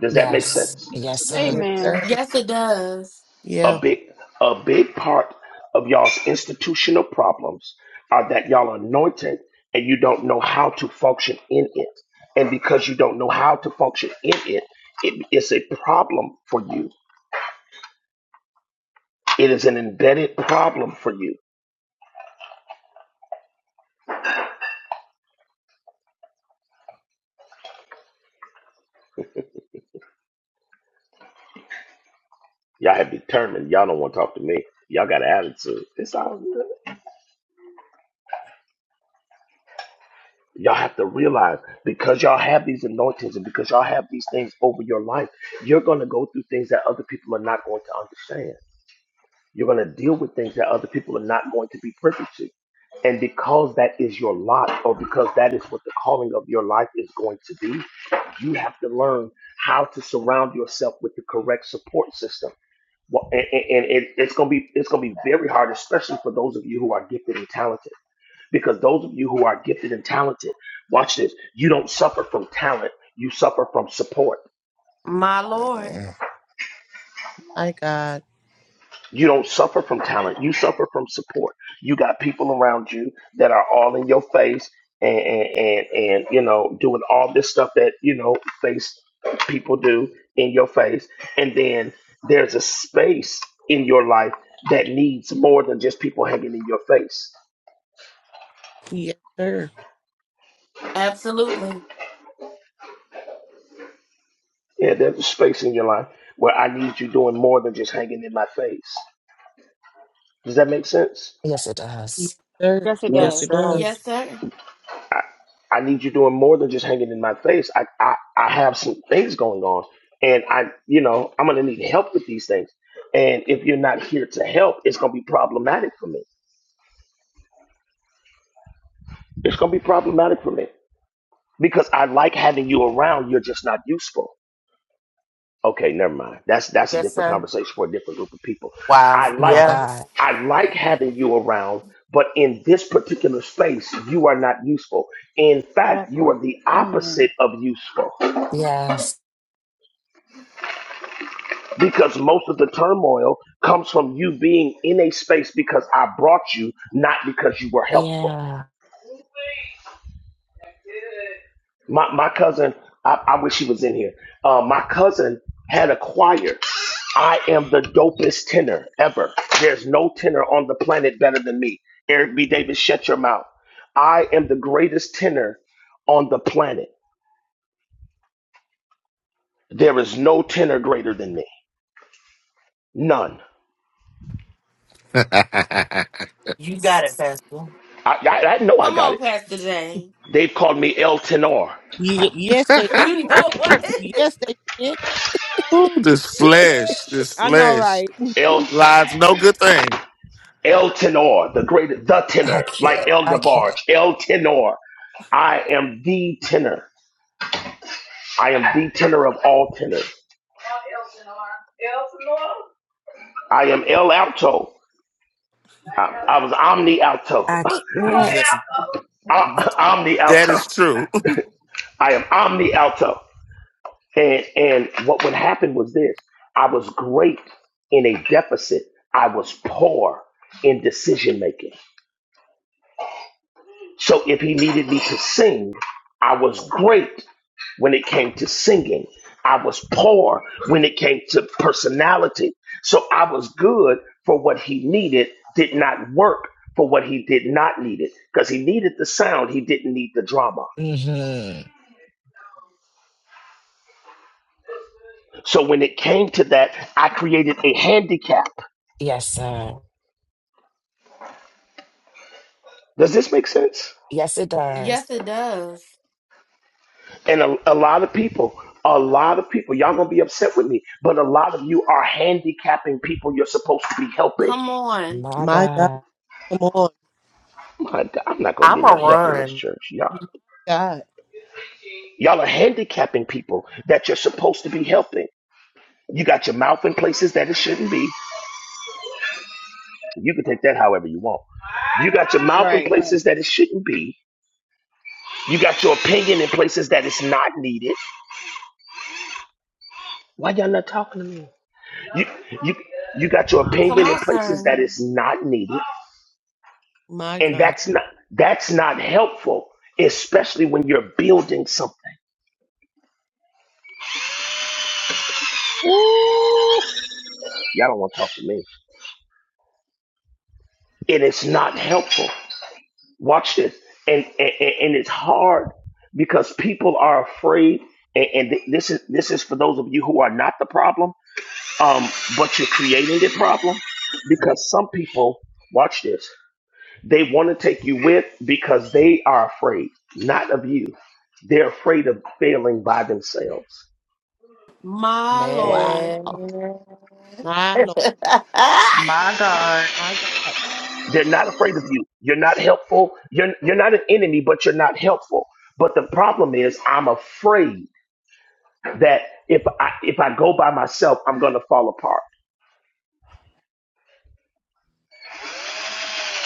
Speaker 13: Does that make
Speaker 3: Yes.
Speaker 13: sense?
Speaker 3: Yes,
Speaker 11: Yes,
Speaker 3: sir.
Speaker 9: Yes.
Speaker 2: Amen.
Speaker 11: sir.
Speaker 1: Yes, it does.
Speaker 11: Yeah.
Speaker 13: A big a big part of y'all's institutional problems are that y'all are anointed and you don't know how to function in it. And because you don't know how to function in it, it is a problem for you. It is an embedded problem for you. Y'all have determined y'all don't want to talk to me. Y'all got an attitude. It's all good. Y'all have to realize because y'all have these anointings and because y'all have these things over your life, you're going to go through things that other people are not going to understand. You're going to deal with things that other people are not going to be privy to. And because that is your lot, or because that is what the calling of your life is going to be, you have to learn how to surround yourself with the correct support system. Well, and, and and it, it's gonna be it's gonna be very hard, especially for those of you who are gifted and talented because those of you who are gifted and talented, watch this. You don't suffer from talent, you suffer from support.
Speaker 1: My Lord.
Speaker 11: My God.
Speaker 13: You don't suffer from talent, you suffer from support. You got people around you that are all in your face and and and, and you know, doing all this stuff that, you know, face people do in your face. And then there's a space in your life that needs more than just people hanging in your face.
Speaker 11: Yes, sir.
Speaker 1: Absolutely.
Speaker 13: Yeah, there's a space in your life where I need you doing more than just hanging in my face. Does that make sense?
Speaker 3: Yes, it
Speaker 11: Yes,
Speaker 3: does.
Speaker 11: sir.
Speaker 2: Yes, it
Speaker 11: Yes,
Speaker 18: Yes,
Speaker 2: does.
Speaker 11: it
Speaker 18: sir.
Speaker 11: does.
Speaker 1: Yes, sir.
Speaker 13: I, I need you doing more than just hanging in my face. I, I, I have some things going on, and I, you know, I'm gonna need help with these things. And if you're not here to help, it's gonna be problematic for me. It's gonna be problematic for me because I like having you around. You're just not useful. Okay, never mind. That's that's a
Speaker 14: Yes,
Speaker 13: different
Speaker 14: sir.
Speaker 13: conversation for a different group of people.
Speaker 14: Wow.
Speaker 13: I like
Speaker 3: My
Speaker 14: Yeah.
Speaker 3: God.
Speaker 13: I like having you around, but in this particular space, you are not useful. In fact,
Speaker 2: That
Speaker 13: you
Speaker 2: part.
Speaker 13: are the
Speaker 2: Amen.
Speaker 13: opposite of useful.
Speaker 3: Yes.
Speaker 13: because most of the turmoil comes from you being in a space because I brought you, not because you were helpful.
Speaker 3: Yeah.
Speaker 13: My my cousin, I, I wish he was in here. Uh, my cousin had a choir. I am the dopest tenor ever. There's no tenor on the planet better than me. Eric B. Davis, shut your mouth. I am the greatest tenor on the planet. There is no tenor greater than me. None.
Speaker 14: You got it, Pastor.
Speaker 13: I, I, I know I
Speaker 1: Come
Speaker 13: got
Speaker 1: on,
Speaker 13: it.
Speaker 1: Pastor Jane.
Speaker 13: They've called me El Tenor.
Speaker 11: Ye- yes, they.
Speaker 1: You know what?
Speaker 11: Yes, they did.
Speaker 5: Ooh, this flesh, this
Speaker 11: I know,
Speaker 5: flesh
Speaker 11: right?
Speaker 13: El.
Speaker 5: lies no good thing.
Speaker 13: El Tenor, the great, the
Speaker 3: I
Speaker 13: tenor, like
Speaker 3: can't.
Speaker 13: El
Speaker 3: I can't.
Speaker 13: DeBarge, El Tenor. I am the tenor. I am the tenor of all tenors. I am El Alto. I, I was Omni Alto.
Speaker 3: I
Speaker 5: That
Speaker 3: can't.
Speaker 13: O- Omni
Speaker 5: that
Speaker 13: Alto.
Speaker 5: is true.
Speaker 13: I am Omni Alto. And and what would happen was this: I was great in a deficit. I was poor in decision making. So if he needed me to sing, I was great when it came to singing. I was poor when it came to personality. So I was good for what he needed, did not work for what he did not need it because he needed the sound, he didn't need the drama.
Speaker 3: Mm-hmm.
Speaker 13: So when it came to that, I created a handicap.
Speaker 3: Yes, sir.
Speaker 13: Does this make sense?
Speaker 3: Yes, it does.
Speaker 1: yes, it does.
Speaker 13: And a, a lot of people, a lot of people, y'all gonna be upset with me, but a lot of you are handicapping people you're supposed to be helping.
Speaker 1: Come on.
Speaker 3: My
Speaker 11: My God.
Speaker 3: God.
Speaker 11: Come on.
Speaker 13: My God, I'm not gonna get
Speaker 14: I'ma
Speaker 13: no help in this
Speaker 14: run.
Speaker 13: church, y'all.
Speaker 11: My God.
Speaker 13: Y'all are handicapping people that you're supposed to be helping. You got your mouth in places that it shouldn't be. You can take that however you want. You got your mouth in
Speaker 2: Right.
Speaker 13: places that it shouldn't be. You got your opinion in places that it's not needed. Why y'all not talking to me? You you you got your
Speaker 1: Come
Speaker 13: opinion in
Speaker 1: on,
Speaker 13: places
Speaker 1: sir.
Speaker 13: that it's not needed,
Speaker 11: My
Speaker 13: and
Speaker 11: God.
Speaker 13: that's not that's not helpful, especially when you're building something. Y'all don't want to talk to me. It is not helpful. Watch this. And, and, and it's hard because people are afraid. And, and th- this is this is for those of you who are not the problem, um, but you're creating the problem because some people watch this. They want to take you with because they are afraid, not of you. They're afraid of failing by themselves.
Speaker 1: My
Speaker 3: Wow.
Speaker 1: Lord.
Speaker 14: Man.
Speaker 11: My Lord.
Speaker 15: My God.
Speaker 11: My God.
Speaker 13: They're not afraid of you. You're not helpful. You're you're not an enemy, but you're not helpful. But the problem is, I'm afraid. that if I if I go by myself, I'm gonna fall apart.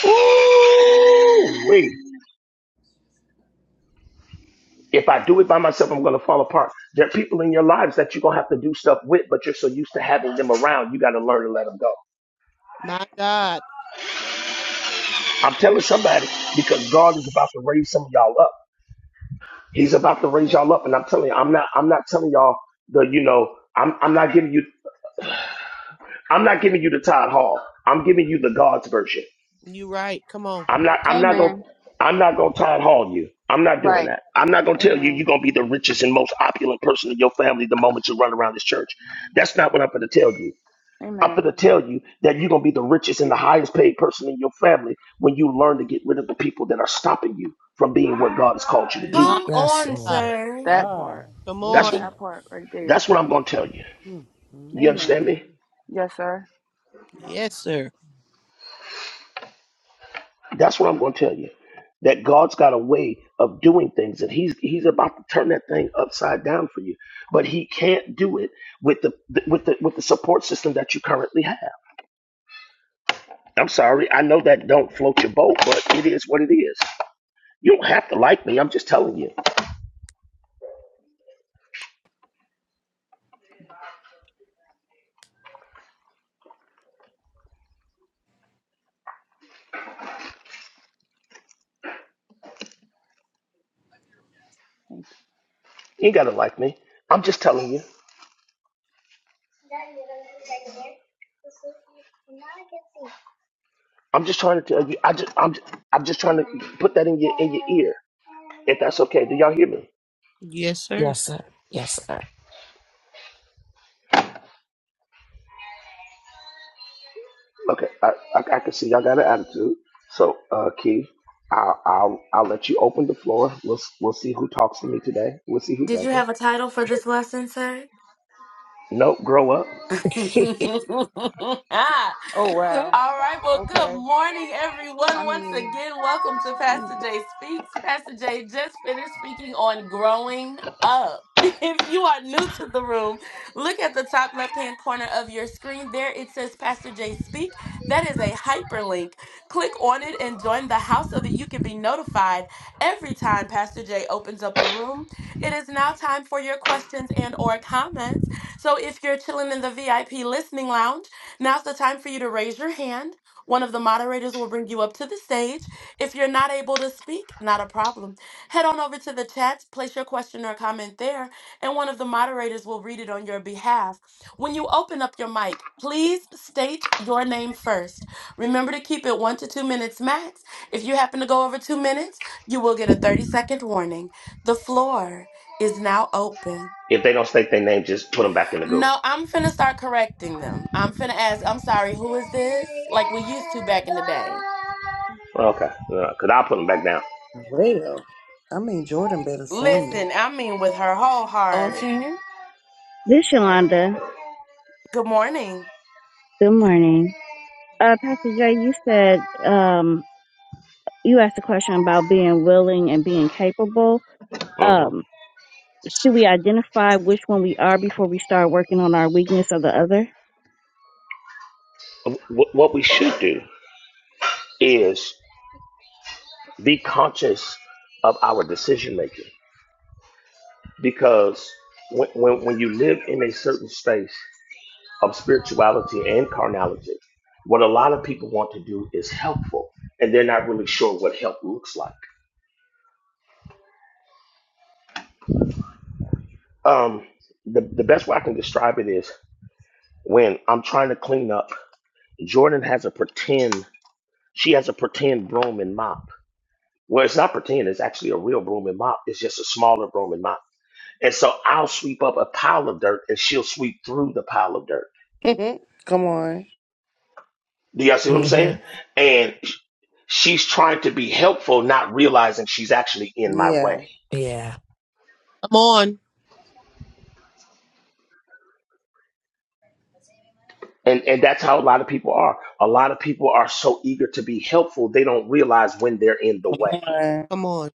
Speaker 13: Ooh, wait. If I do it by myself, I'm gonna fall apart. There are people in your lives that you're gonna have to do stuff with, but you're so used to having them around, you gotta learn to let them go.
Speaker 11: My God.
Speaker 13: I'm telling somebody because God is about to raise some of y'all up. He's about to raise y'all up, and I'm telling you, I'm not I'm not telling y'all the you know I'm I'm not giving you I'm not giving you the Todd Hall. I'm giving you the God's version.
Speaker 11: You right. Come on.
Speaker 13: I'm not. I'm not gonna.
Speaker 2: Amen.
Speaker 13: I'm not gonna Todd Hall you. I'm not doing
Speaker 2: Right.
Speaker 13: that. I'm not gonna tell you
Speaker 2: Amen.
Speaker 13: you're gonna be the richest and most opulent person in your family the moment you run around this church. That's not what I'm gonna tell you. I'm
Speaker 2: Amen.
Speaker 13: gonna tell you that you're gonna be the richest and the highest paid person in your family when you learn to get rid of the people that are stopping you from being what God has called you to be.
Speaker 11: My
Speaker 1: Come
Speaker 3: Yes,
Speaker 1: on,
Speaker 11: God.
Speaker 3: Lord.
Speaker 1: sir.
Speaker 2: That
Speaker 8: God,
Speaker 2: part.
Speaker 11: Come
Speaker 13: That's what.
Speaker 11: on.
Speaker 2: That part
Speaker 8: Jesus.
Speaker 2: right there.
Speaker 13: That's what I'm gonna tell you.
Speaker 8: Mm, mm,
Speaker 13: You
Speaker 8: mm.
Speaker 13: understand
Speaker 2: Amen.
Speaker 13: me?
Speaker 2: Yes, sir.
Speaker 11: Yes, sir.
Speaker 13: That's what I'm going to tell you. That God's got a way of doing things, and He's He's about to turn that thing upside down for you. But He can't do it with the with the with the support system that you currently have. I'm sorry. I know that don't float your boat, but it is what it is. You don't have to like me. I'm just telling you.
Speaker 2: Thank
Speaker 13: You ain't gotta like me. I'm just telling you. I'm just trying to tell you. I just I'm just, I'm just trying to put that in your in your ear. If that's okay, do y'all hear me?
Speaker 11: Yes, sir.
Speaker 3: Yes, sir. Yes, sir.
Speaker 13: Okay, I, I, I can see y'all got an attitude. So, uh, Keith, I'll, I'll I'll let you open the floor. We'll s- we'll see who talks to me today. We'll see who
Speaker 1: Did you
Speaker 13: doesn't.
Speaker 1: have a title for this lesson, sir?
Speaker 13: Nope, grow up.
Speaker 1: All
Speaker 2: you. Oh wow.
Speaker 1: right, well, good
Speaker 2: Okay.
Speaker 1: morning,
Speaker 2: I
Speaker 1: everyone. Once
Speaker 2: mean,
Speaker 1: again, welcome to Pastor
Speaker 2: Jesus.
Speaker 1: Jay Speaks. Pastor Jay just finished speaking on growing up. If you are new to the room, look at the top left hand corner of your screen. There it says Pastor Jay Speak. That is a hyperlink. Click on it and join the house so that you can be notified every time Pastor Jay opens up a room. It is now time for your questions and or comments. So if you're chilling in the VIP listening lounge, now's the time for you to raise your hand. One of the moderators will bring you up to the stage. If you're not able to speak, not a problem. Head on over to the chat, place your question or comment there, and one of the moderators will read it on your behalf. When you open up your mic, please state your name first. Remember to keep it one to two minutes max. If you happen to go over two minutes, you will get a 30 second warning. The floor is now open.
Speaker 13: If they don't state their name, just put them back in the goo.
Speaker 1: No, I'm finna start correcting them. I'm finna
Speaker 13: Well,
Speaker 1: ask, I'm sorry, who is this? Like we used to back in the day.
Speaker 13: Okay, because I'll put them back down.
Speaker 4: Well, I mean, Jordan better sing.
Speaker 1: Listen, I mean with her whole heart.
Speaker 3: okay.
Speaker 19: This is Yolanda.
Speaker 1: Good morning.
Speaker 19: Good morning. Uh, Pastor Jay, you said, um, you asked a question about being willing and being capable.
Speaker 13: Mhm.
Speaker 19: Um, should we identify which one we are before we start working on our weakness of the other?
Speaker 13: Wh- What we should do is be conscious of our decision making because when, when, when you live in a certain space of spirituality and carnality, what a lot of people want to do is helpful, and they're not really sure what help looks like. Um, the, the best way I can describe it is when I'm trying to clean up, Jordan has a pretend, she has a pretend broom and mop. Well, it's not pretend, it's actually a real broom and mop. It's just a smaller broom and mop. And so I'll sweep up a pile of dirt and she'll sweep through the pile of dirt.
Speaker 4: Come on.
Speaker 13: Do y'all see what I'm
Speaker 3: Mm-hmm.
Speaker 13: saying? And she's trying to be helpful, not realizing she's actually in my
Speaker 4: Yeah.
Speaker 13: way.
Speaker 3: Yeah.
Speaker 11: Come on.
Speaker 13: And and that's how a lot of people are. A lot of people are so eager to be helpful, they don't realize when they're in the
Speaker 4: Come
Speaker 13: way.
Speaker 4: on.
Speaker 11: Come on.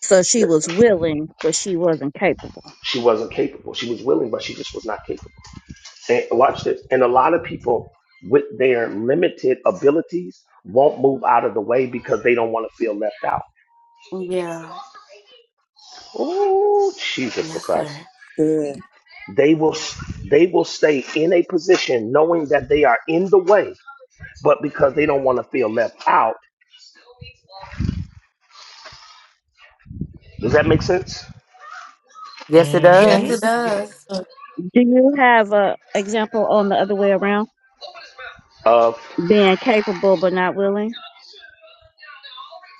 Speaker 19: So she was willing, but she wasn't capable.
Speaker 13: She wasn't capable. She was willing, but she just was not capable. And watch this. And a lot of people with their limited abilities won't move out of the way because they don't want to feel left out.
Speaker 1: Yeah.
Speaker 13: Oh, Jesus the
Speaker 1: Yes,
Speaker 13: Christ.
Speaker 1: sir.
Speaker 4: Good.
Speaker 13: They will they will stay in a position knowing that they are in the way, but because they don't want to feel left out. Does that make sense?
Speaker 14: yes, it
Speaker 11: Yes.
Speaker 3: Mm-hmm.
Speaker 1: Yes, it
Speaker 14: does.
Speaker 11: Sir. Yes.
Speaker 1: does.
Speaker 11: sir.
Speaker 19: Do you have a example on the other way around?
Speaker 13: Of.
Speaker 19: Being capable, but not willing?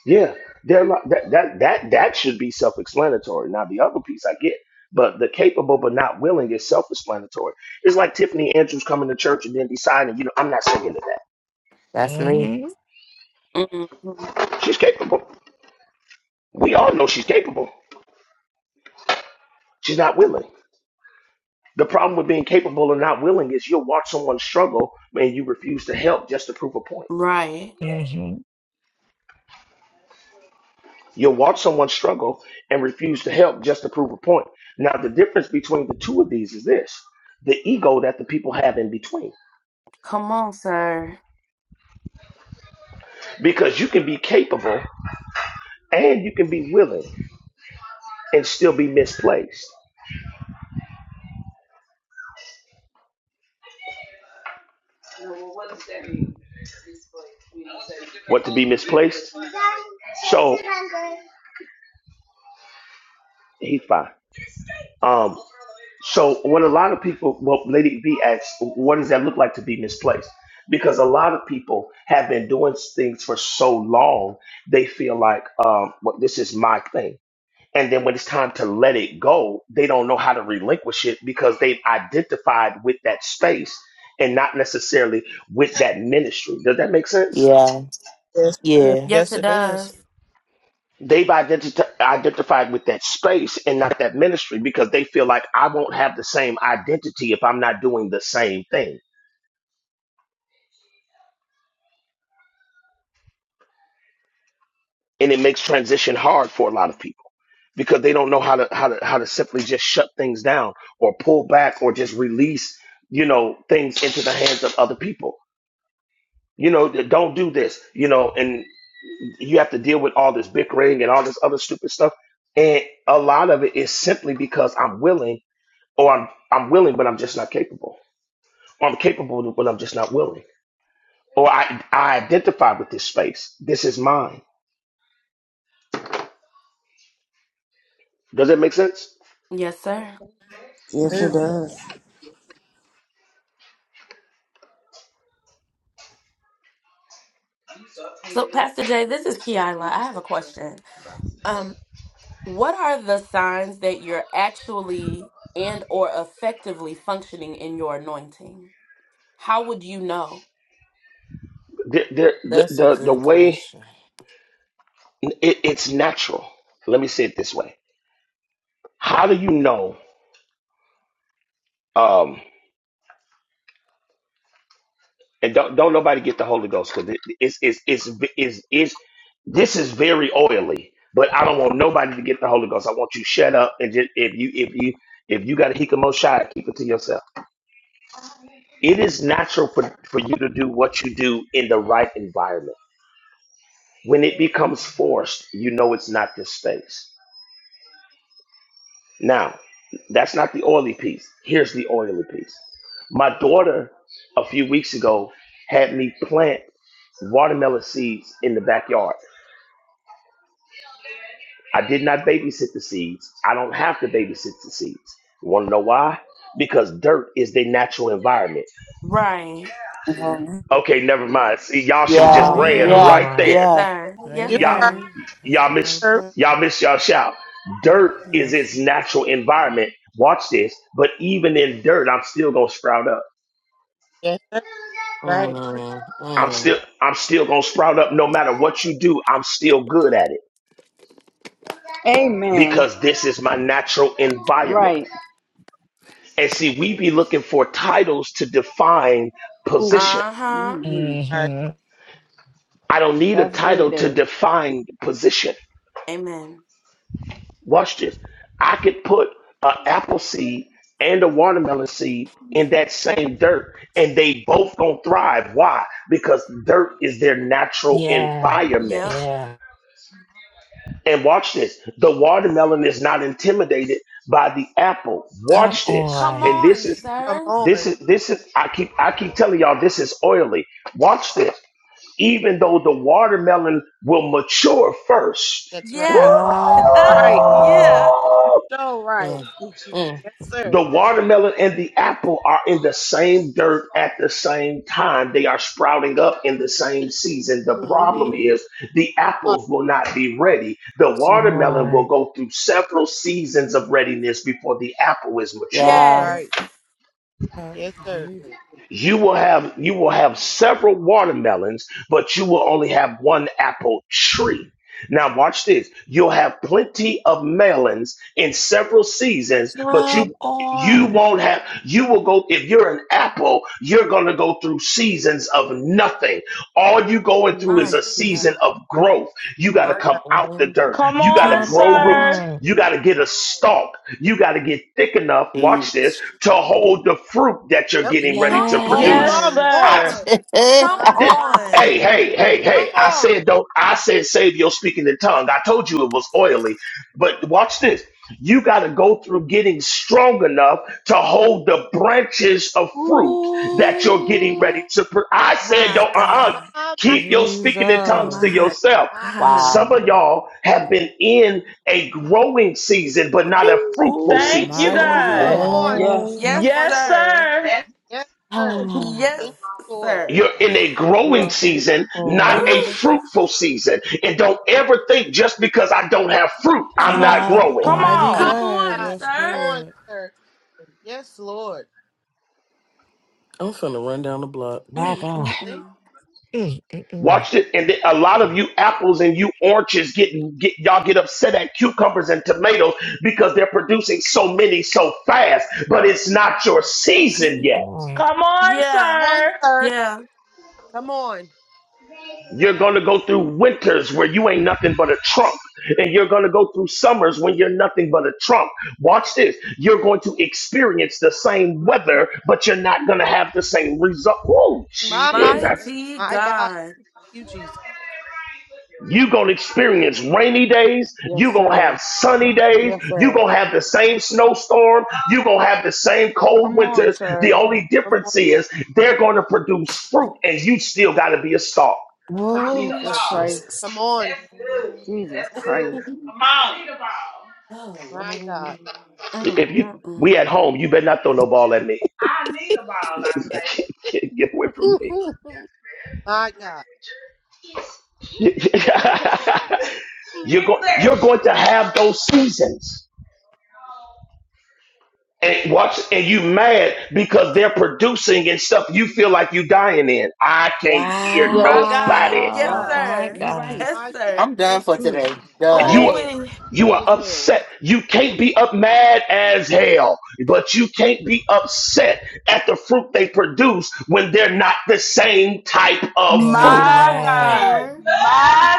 Speaker 13: Yeah, they're like, that that that that should be self-explanatory. Now the other piece I get, but the capable but not willing is self-explanatory. It's like Tiffany Andrews coming to church and then deciding, you know, I'm not singing to that.
Speaker 14: That's me.
Speaker 3: Mm-hmm.
Speaker 1: hmm
Speaker 13: She's capable. We all know she's capable. She's not willing. The problem with being capable and not willing is you'll watch someone struggle and you refuse to help just to prove a point.
Speaker 1: Right.
Speaker 3: Mm-hmm.
Speaker 13: You'll watch someone struggle and refuse to help just to prove a point. Now the difference between the two of these is this: the ego that the people have in between.
Speaker 1: Come on, sir.
Speaker 13: because you can be capable and you can be willing and still be misplaced. What does that mean? What, to be misplaced? So he's fine. Um, so what a lot of people, well, Lady B asks, what does that look like to be misplaced? Because a lot of people have been doing things for so long, they feel like, um, well, this is my thing. And then when it's time to let it go, they don't know how to relinquish it because they've identified with that space and not necessarily with that ministry. Does that make sense?
Speaker 14: Yeah.
Speaker 11: Yes, sir.
Speaker 14: Yeah.
Speaker 1: Yes,
Speaker 11: Yes,
Speaker 1: it
Speaker 11: it does.
Speaker 1: does.
Speaker 13: They've identi- identified with that space and not that ministry because they feel like I won't have the same identity if I'm not doing the same thing. And it makes transition hard for a lot of people because they don't know how to how to how to simply just shut things down or pull back or just release, you know, things into the hands of other people you know, th- don't do this, you know, and you have to deal with all this bickering and all this other stupid stuff. And a lot of it is simply because I'm willing or I'm I'm willing but I'm just not capable. Or I'm capable but I'm just not willing. Or I I identify with this space. This is mine. Does that make sense?
Speaker 1: Yes, sir.
Speaker 4: Yes,
Speaker 11: Sir.
Speaker 4: it does.
Speaker 1: So, Pastor Jay, this is Keila. I have a question. Um, what are the signs that you're actually and or effectively functioning in your anointing? How would you know?
Speaker 13: The the the
Speaker 20: That's a
Speaker 13: the, the
Speaker 20: good
Speaker 13: way
Speaker 20: question.
Speaker 13: it, it's natural. Let me say it this way. How do you know? Um, and don't don't nobody get the Holy Ghost because it's it's it's it's it's this is very oily. But I don't want nobody to get the Holy Ghost. I want you to shut up and just if you if you if you got a hikamo shot, keep it to yourself. It is natural for for you to do what you do in the right environment. When it becomes forced, you know it's not this space. Now, that's not the oily piece. Here's the oily piece. My daughter a few weeks ago had me plant watermelon seeds in the backyard I did not babysit the seeds. I don't have to babysit the seeds. Want to know why? Because dirt is their natural environment.
Speaker 1: Right,
Speaker 4: Mhm.
Speaker 13: Okay, never mind. See, y'all should have just
Speaker 14: Yeah.
Speaker 3: Come
Speaker 13: ran
Speaker 8: Amen.
Speaker 14: Yeah.
Speaker 13: right
Speaker 3: on.
Speaker 13: there.
Speaker 14: Yeah.
Speaker 1: sir.
Speaker 11: You
Speaker 1: Yes,
Speaker 13: Y'all,
Speaker 11: right,
Speaker 1: sir.
Speaker 8: Amen. That's
Speaker 13: y'all
Speaker 8: the right
Speaker 13: miss,
Speaker 11: sir.
Speaker 8: place.
Speaker 13: y'all miss y'all shout. Dirt is
Speaker 8: Yes,
Speaker 13: its natural environment. Watch this. But even in dirt, I'm still gonna sprout up.
Speaker 11: Yes, sir. Right.
Speaker 20: Mm,
Speaker 13: I'm
Speaker 20: mm,
Speaker 13: still, I'm still gonna sprout up. No matter what you do, I'm still good at it
Speaker 2: Amen.
Speaker 13: because this is my natural environment.
Speaker 2: Right.
Speaker 13: And see, we be looking for titles to define
Speaker 2: Who?
Speaker 13: position.
Speaker 1: Uh
Speaker 2: We,
Speaker 1: huh.
Speaker 2: mm-hmm.
Speaker 11: Right.
Speaker 3: Mm-hmm.
Speaker 13: I don't need a
Speaker 2: That's good,
Speaker 13: title to
Speaker 2: Dad.
Speaker 13: define position.
Speaker 1: Amen.
Speaker 13: Watch this. I could put an apple seed and a watermelon seed in that same dirt, and they both gonna thrive. Why? Because dirt is their natural
Speaker 3: Yeah.
Speaker 13: environment.
Speaker 1: Yep.
Speaker 3: Yeah.
Speaker 13: And watch this. The watermelon is not intimidated by the apple.
Speaker 3: Come
Speaker 13: Watch this.
Speaker 1: Come
Speaker 3: on.
Speaker 13: And this
Speaker 1: on,
Speaker 13: is
Speaker 11: Come
Speaker 1: sir.
Speaker 13: this
Speaker 11: on.
Speaker 13: is this is I keep I keep telling y'all this is oily. Watch this. even though the watermelon will mature first.
Speaker 11: That's
Speaker 13: Woo!
Speaker 11: right.
Speaker 1: Yeah.
Speaker 3: Come
Speaker 11: Right.
Speaker 1: yeah.
Speaker 3: on.
Speaker 11: So right.
Speaker 20: mm, mm,
Speaker 11: Yes,
Speaker 13: The
Speaker 11: sir.
Speaker 13: watermelon and the apple are in the same dirt at the same time. They are sprouting up in the same season. The problem
Speaker 11: Mm-hmm.
Speaker 13: is the
Speaker 11: Yep,
Speaker 13: apples will not be ready. The
Speaker 3: Come
Speaker 13: watermelon will
Speaker 3: on.
Speaker 13: go through several seasons of readiness before the apple is mature.
Speaker 11: That's
Speaker 14: Yeah.
Speaker 1: Yes.
Speaker 11: right.
Speaker 8: Lord.
Speaker 11: Yes, sir.
Speaker 8: Je-
Speaker 13: you will have you will have several watermelons but you will only have one apple tree now watch this you'll have plenty of melons in several seasons but you
Speaker 3: Come
Speaker 13: you
Speaker 3: on.
Speaker 13: won't have you will go if you're an apple you're going to go through seasons of nothing all you going through is a
Speaker 1: Mighty God.
Speaker 13: season of growth you got to
Speaker 11: My
Speaker 13: come
Speaker 11: God.
Speaker 13: out the
Speaker 20: mm,
Speaker 13: dirt
Speaker 15: Come
Speaker 13: you got to
Speaker 15: on,
Speaker 3: Come
Speaker 13: grow
Speaker 15: sir.
Speaker 13: roots
Speaker 3: on.
Speaker 13: you got to get a stalk you got to get thick enough watch this
Speaker 14: Teach.
Speaker 13: to hold the fruit that you're
Speaker 11: Yep.
Speaker 13: getting ready to
Speaker 1: Come
Speaker 14: Teach.
Speaker 3: Yeah.
Speaker 13: produce.
Speaker 15: Yes,
Speaker 11: Come
Speaker 1: on.
Speaker 13: I
Speaker 15: sir.
Speaker 11: on.
Speaker 1: Come
Speaker 11: My
Speaker 13: did.
Speaker 11: God.
Speaker 13: Hey,
Speaker 1: on.
Speaker 13: hey, hey,
Speaker 11: Come
Speaker 13: hey! I
Speaker 11: on.
Speaker 13: said don't. I said save your speaking in tongue. I told you it was oily, but watch this. You got to go through getting strong enough to hold the branches of fruit that you're getting ready
Speaker 3: Ooh.
Speaker 13: to. Pr- I said
Speaker 1: My
Speaker 13: don't. Uh-uh.
Speaker 11: My,
Speaker 1: God.
Speaker 11: my,
Speaker 13: Keep your speaking in tongues
Speaker 8: Jesus.
Speaker 13: to
Speaker 1: My
Speaker 13: yourself.
Speaker 11: my.
Speaker 1: God.
Speaker 13: Some
Speaker 14: wow.
Speaker 13: of y'all have been in a growing season, but not a fruitful
Speaker 3: Ooh.
Speaker 15: Thank
Speaker 13: season.
Speaker 15: you,
Speaker 8: Mighty
Speaker 15: God.
Speaker 11: Come
Speaker 1: Oh,
Speaker 8: God.
Speaker 11: on.
Speaker 2: Yes.
Speaker 1: yes,
Speaker 11: Come
Speaker 20: mm.
Speaker 11: on,
Speaker 15: Yes,
Speaker 11: sir.
Speaker 1: sir.
Speaker 15: sir.
Speaker 11: Yes, sir.
Speaker 1: yes,
Speaker 11: Thank you, Lord.
Speaker 1: sir.
Speaker 13: You're in a
Speaker 2: You're
Speaker 13: growing
Speaker 2: welcome.
Speaker 13: season,
Speaker 14: Mm.
Speaker 13: not
Speaker 2: What
Speaker 13: a
Speaker 1: Ooh.
Speaker 2: number?
Speaker 13: fruitful season. And don't ever think just because I don't have fruit,
Speaker 15: Have
Speaker 13: I'm
Speaker 15: no.
Speaker 13: not
Speaker 3: Come
Speaker 13: growing.
Speaker 15: Come
Speaker 3: on.
Speaker 8: Mighty
Speaker 11: My
Speaker 1: Come
Speaker 15: on.
Speaker 8: God.
Speaker 1: on,
Speaker 11: God.
Speaker 8: Yes,
Speaker 1: sir.
Speaker 11: Come on,
Speaker 8: Lord.
Speaker 11: sir. Yes, Lord.
Speaker 20: I'm finna run down the block.
Speaker 3: My God.
Speaker 11: Thank you.
Speaker 1: Mm-mm-mm.
Speaker 3: Mm, mm,
Speaker 11: My
Speaker 3: mm.
Speaker 13: Watch it, and a lot of you apples and you oranges get, get y'all get upset at cucumbers and tomatoes because they're producing so many so fast, but it's not your season
Speaker 3: Come
Speaker 13: yet.
Speaker 3: on.
Speaker 15: Come on,
Speaker 1: Yeah.
Speaker 11: Come on,
Speaker 15: sir.
Speaker 11: sir.
Speaker 1: Yeah.
Speaker 11: Come on.
Speaker 13: You're going to go through winters where you ain't nothing but a trunk. And you're going to go through summers when you're nothing but a trunk. Watch this. You're going to experience the same weather, but you're not going to have the same result. Oh,
Speaker 11: My, my,
Speaker 13: Jesus.
Speaker 1: Mighty
Speaker 11: my God.
Speaker 1: God.
Speaker 11: You, Jesus.
Speaker 13: You're going to experience rainy days. You're
Speaker 2: Yes,
Speaker 13: going to have
Speaker 2: sir.
Speaker 13: sunny days.
Speaker 2: Yes,
Speaker 13: You're
Speaker 2: sir.
Speaker 13: going to have the same snowstorm. You're going to have the same cold
Speaker 2: Come on,
Speaker 13: winters. The
Speaker 2: sir.
Speaker 13: only
Speaker 11: Come on.
Speaker 13: difference is they're going to produce fruit and you still got to be a star.
Speaker 11: Come on.
Speaker 3: Oh,
Speaker 11: sir.
Speaker 2: Jesus Christ.
Speaker 3: Jesus.
Speaker 11: Come on.
Speaker 2: Jesus Christ.
Speaker 20: Oh,
Speaker 11: My God.
Speaker 20: Lord.
Speaker 1: Mm,
Speaker 13: If you
Speaker 1: mm, mm.
Speaker 13: we at home, you better not throw no ball at me. I I need a ball. I say, Get away from me.
Speaker 11: My God.
Speaker 13: you're going you're going to have those seasons. And watch and you mad because they're producing and stuff you feel like you dying in. I can't hear
Speaker 1: My
Speaker 11: My
Speaker 2: Yes.
Speaker 1: God.
Speaker 13: nobody.
Speaker 1: Yes,
Speaker 3: Wow.
Speaker 2: Yup.
Speaker 11: God.
Speaker 3: My
Speaker 1: sir.
Speaker 2: You
Speaker 3: God.
Speaker 2: right.
Speaker 1: Yes,
Speaker 11: My God.
Speaker 1: sir.
Speaker 14: I'm
Speaker 11: Yes,
Speaker 14: done
Speaker 2: That's
Speaker 14: for
Speaker 11: sir.
Speaker 2: truth.
Speaker 14: today.
Speaker 13: And you
Speaker 1: Ooh,
Speaker 14: Done.
Speaker 13: are
Speaker 2: Mad.
Speaker 1: we
Speaker 13: you
Speaker 2: Mad
Speaker 13: are
Speaker 2: as hell.
Speaker 13: upset. You can't be up mad as hell, but you can't be upset at the fruit they produce when they're not the same type of fruit.
Speaker 1: come
Speaker 15: My
Speaker 1: on,
Speaker 3: Amen.
Speaker 15: God.
Speaker 1: sir.
Speaker 15: My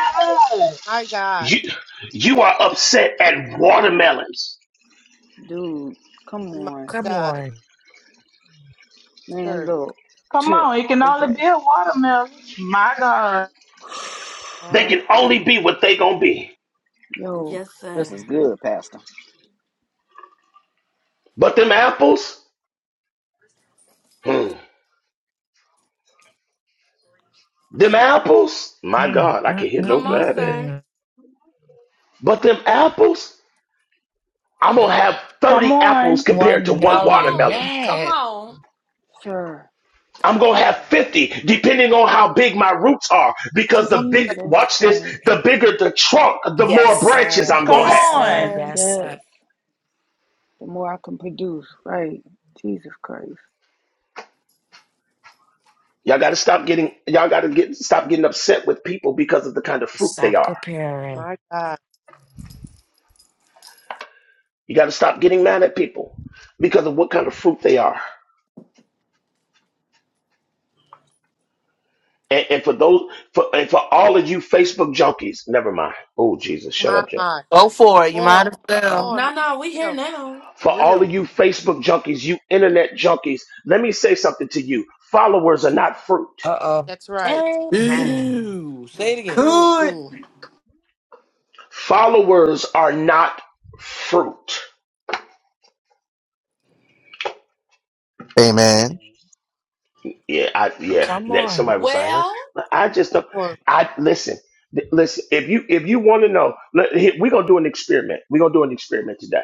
Speaker 15: God.
Speaker 11: My God.
Speaker 13: You you are upset at watermelons.
Speaker 2: Dude, come
Speaker 11: My
Speaker 2: on.
Speaker 3: Come
Speaker 11: God.
Speaker 3: on.
Speaker 2: Man,
Speaker 11: Sir.
Speaker 2: look. Tch,
Speaker 15: Come on. It can only
Speaker 2: Okay.
Speaker 15: be a watermelon. My God.
Speaker 13: They
Speaker 11: My
Speaker 13: can
Speaker 11: God.
Speaker 13: only be what they gonna be.
Speaker 2: Yo,
Speaker 1: Yes,
Speaker 17: This
Speaker 1: sir.
Speaker 17: is good, Pastor.
Speaker 13: But them apples, hmm. Them apples, my
Speaker 3: Mm,
Speaker 13: God, I
Speaker 3: mm,
Speaker 13: can hear
Speaker 3: mm,
Speaker 1: Come on,
Speaker 3: mm,
Speaker 13: nobody.
Speaker 1: sir.
Speaker 3: mm.
Speaker 13: But them apples, I'm gonna have
Speaker 15: Come
Speaker 13: 30 apples
Speaker 15: on.
Speaker 13: compared to
Speaker 3: One
Speaker 13: one
Speaker 1: Come
Speaker 3: melon.
Speaker 1: on.
Speaker 13: watermelon.
Speaker 1: Come
Speaker 3: Yes.
Speaker 1: on.
Speaker 2: sir.
Speaker 13: I'm gonna have 50 depending on how big my roots are.
Speaker 11: Come
Speaker 13: Because
Speaker 11: on.
Speaker 13: the big
Speaker 2: Jesus
Speaker 13: watch this,
Speaker 2: Christ.
Speaker 13: the bigger the trunk, the
Speaker 3: Yes,
Speaker 13: more branches
Speaker 3: sir.
Speaker 13: I'm
Speaker 2: That's
Speaker 15: Come
Speaker 13: gonna
Speaker 3: Yes,
Speaker 13: have.
Speaker 2: just-
Speaker 1: Yes,
Speaker 3: sir.
Speaker 15: on.
Speaker 1: sir.
Speaker 3: Yes,
Speaker 2: yes.
Speaker 3: sir.
Speaker 2: The more I can produce, right? Jesus Christ.
Speaker 13: Y'all gotta stop getting y'all gotta get stop getting upset with people because of the kind of fruit they
Speaker 3: Stop
Speaker 13: are.
Speaker 3: comparing.
Speaker 11: My God.
Speaker 13: You got to stop getting mad at people because of what kind of fruit they are. And, and for those, for, and for all of you Facebook junkies, never mind. Oh, Jesus, shut
Speaker 11: My
Speaker 13: up, Jay.
Speaker 11: God.
Speaker 14: Go for it. You
Speaker 11: Come on.
Speaker 14: might as
Speaker 11: Come
Speaker 14: well.
Speaker 11: on.
Speaker 1: No, no, we here
Speaker 11: Myself.
Speaker 1: now.
Speaker 11: For
Speaker 13: For all
Speaker 11: real.
Speaker 13: of you Facebook junkies, you internet junkies, let me say something to you. Followers are not fruit.
Speaker 3: Uh-oh.
Speaker 11: That's right.
Speaker 3: Amen.
Speaker 20: Ew, say
Speaker 11: Mm,
Speaker 20: it again.
Speaker 11: mm,
Speaker 14: Could.
Speaker 11: mm.
Speaker 13: Followers are not fruit.
Speaker 21: Hey man,
Speaker 13: Yeah, I, yeah,
Speaker 3: Come
Speaker 13: that
Speaker 3: on.
Speaker 13: somebody was like, huh?
Speaker 1: Well,
Speaker 13: I just don't,
Speaker 11: Come on.
Speaker 13: I, listen, th- listen, if you, if you want to know, let- here, we're going to do an experiment. We're going to do an experiment today.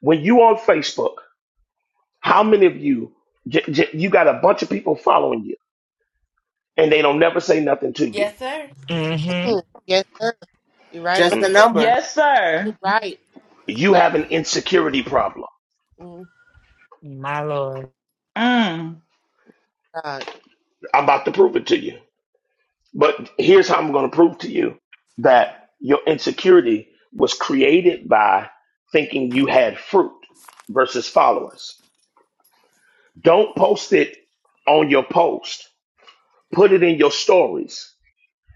Speaker 13: When you on Facebook, How many of you, j- j- you got a bunch of people following you and they don't never say nothing to you?
Speaker 1: yes, sir.
Speaker 3: Mm-hmm.
Speaker 11: Mm. Yes, sir. You're right
Speaker 14: Just
Speaker 11: about
Speaker 14: the
Speaker 13: Mm.
Speaker 11: it.
Speaker 14: number.
Speaker 15: Yes,
Speaker 11: You're
Speaker 15: sir.
Speaker 11: right.
Speaker 13: You have an insecurity problem.
Speaker 11: Mm,
Speaker 3: My Lord.
Speaker 15: Mm.
Speaker 11: God.
Speaker 13: I'm about to prove it to you. But here's how I'm going to prove to you that your insecurity was created by thinking you had fruit versus followers. Don't post it on your post, put it in your stories.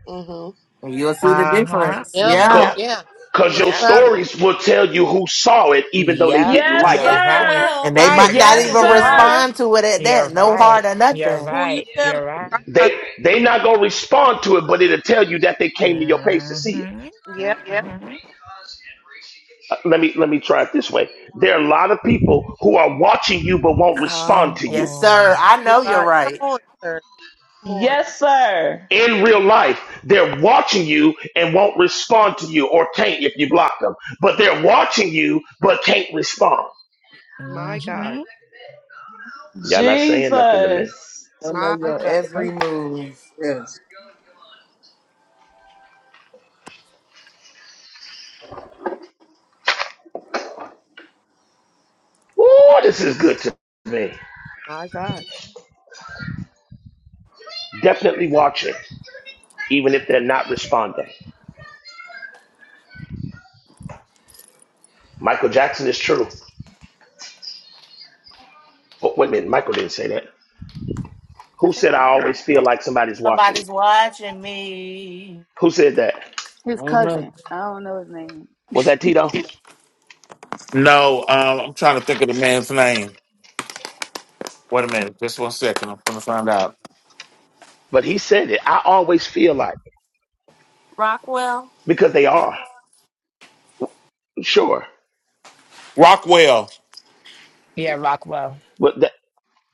Speaker 11: Mm-hmm.
Speaker 14: And you'll see the
Speaker 3: Uh-huh.
Speaker 14: difference.
Speaker 11: Yeah.
Speaker 14: Yeah.
Speaker 3: Yep.
Speaker 11: Yeah. You're
Speaker 13: Because
Speaker 11: right
Speaker 13: your
Speaker 3: Yep.
Speaker 11: about it.
Speaker 13: stories will tell you who saw it, even though they
Speaker 3: Yep.
Speaker 13: didn't
Speaker 15: Yes,
Speaker 13: like
Speaker 3: You're
Speaker 13: it.
Speaker 1: Yes, it
Speaker 11: You're
Speaker 3: right.
Speaker 15: sir.
Speaker 14: And
Speaker 1: will.
Speaker 14: they
Speaker 11: right.
Speaker 3: You're
Speaker 14: might
Speaker 1: Yes,
Speaker 14: not
Speaker 15: Yes,
Speaker 1: it
Speaker 3: right.
Speaker 14: even
Speaker 11: You're
Speaker 1: will.
Speaker 11: right.
Speaker 15: sir.
Speaker 14: respond to it at
Speaker 3: You're
Speaker 14: that. No heart
Speaker 3: right.
Speaker 14: or
Speaker 3: You're
Speaker 14: nothing.
Speaker 11: Who you
Speaker 3: right.
Speaker 11: telling?
Speaker 3: You're right.
Speaker 13: They they not gonna respond to it, but it'll tell you that they came to your page to see it.
Speaker 3: Mm-hmm.
Speaker 11: Yep,
Speaker 13: Uh, let me let me try it this way. There are a lot of people who are watching you but won't respond
Speaker 3: Come
Speaker 13: to you.
Speaker 14: Yes, sir.
Speaker 3: on.
Speaker 14: I
Speaker 11: you
Speaker 14: know you're
Speaker 11: right. Come
Speaker 14: right.
Speaker 11: on, sir. Come on.
Speaker 15: Yes, sir.
Speaker 13: In real life, they're watching you and won't respond to you, or can't if you block them. But they're watching you but can't respond.
Speaker 11: My God.
Speaker 3: Mm-hmm.
Speaker 13: Y'all not saying nothing to me.
Speaker 15: Jesus.
Speaker 20: I know
Speaker 11: My
Speaker 20: your
Speaker 11: God.
Speaker 20: every
Speaker 9: Yes.
Speaker 20: move.
Speaker 9: Yes.
Speaker 13: Ooh, this is good to me.
Speaker 11: My God.
Speaker 13: Definitely watching, even if they're not responding. Michael Jackson is true. Oh, wait a minute, Michael didn't say that.
Speaker 14: I
Speaker 13: Who
Speaker 14: think
Speaker 13: said
Speaker 14: you
Speaker 13: I
Speaker 14: do.
Speaker 13: always feel like somebody's watching me?
Speaker 14: Somebody's watching me
Speaker 13: Who said that?
Speaker 2: His
Speaker 20: I know.
Speaker 2: cousin. I don't know his name.
Speaker 13: Was that Tito?
Speaker 5: no, um, I'm trying to think of the man's name. Wait a minute. Just one second. I'm going to find out.
Speaker 13: But he said it. I always feel like it.
Speaker 1: Rockwell.
Speaker 13: because they are sure.
Speaker 5: Rockwell.
Speaker 3: Yeah, Rockwell.
Speaker 13: But that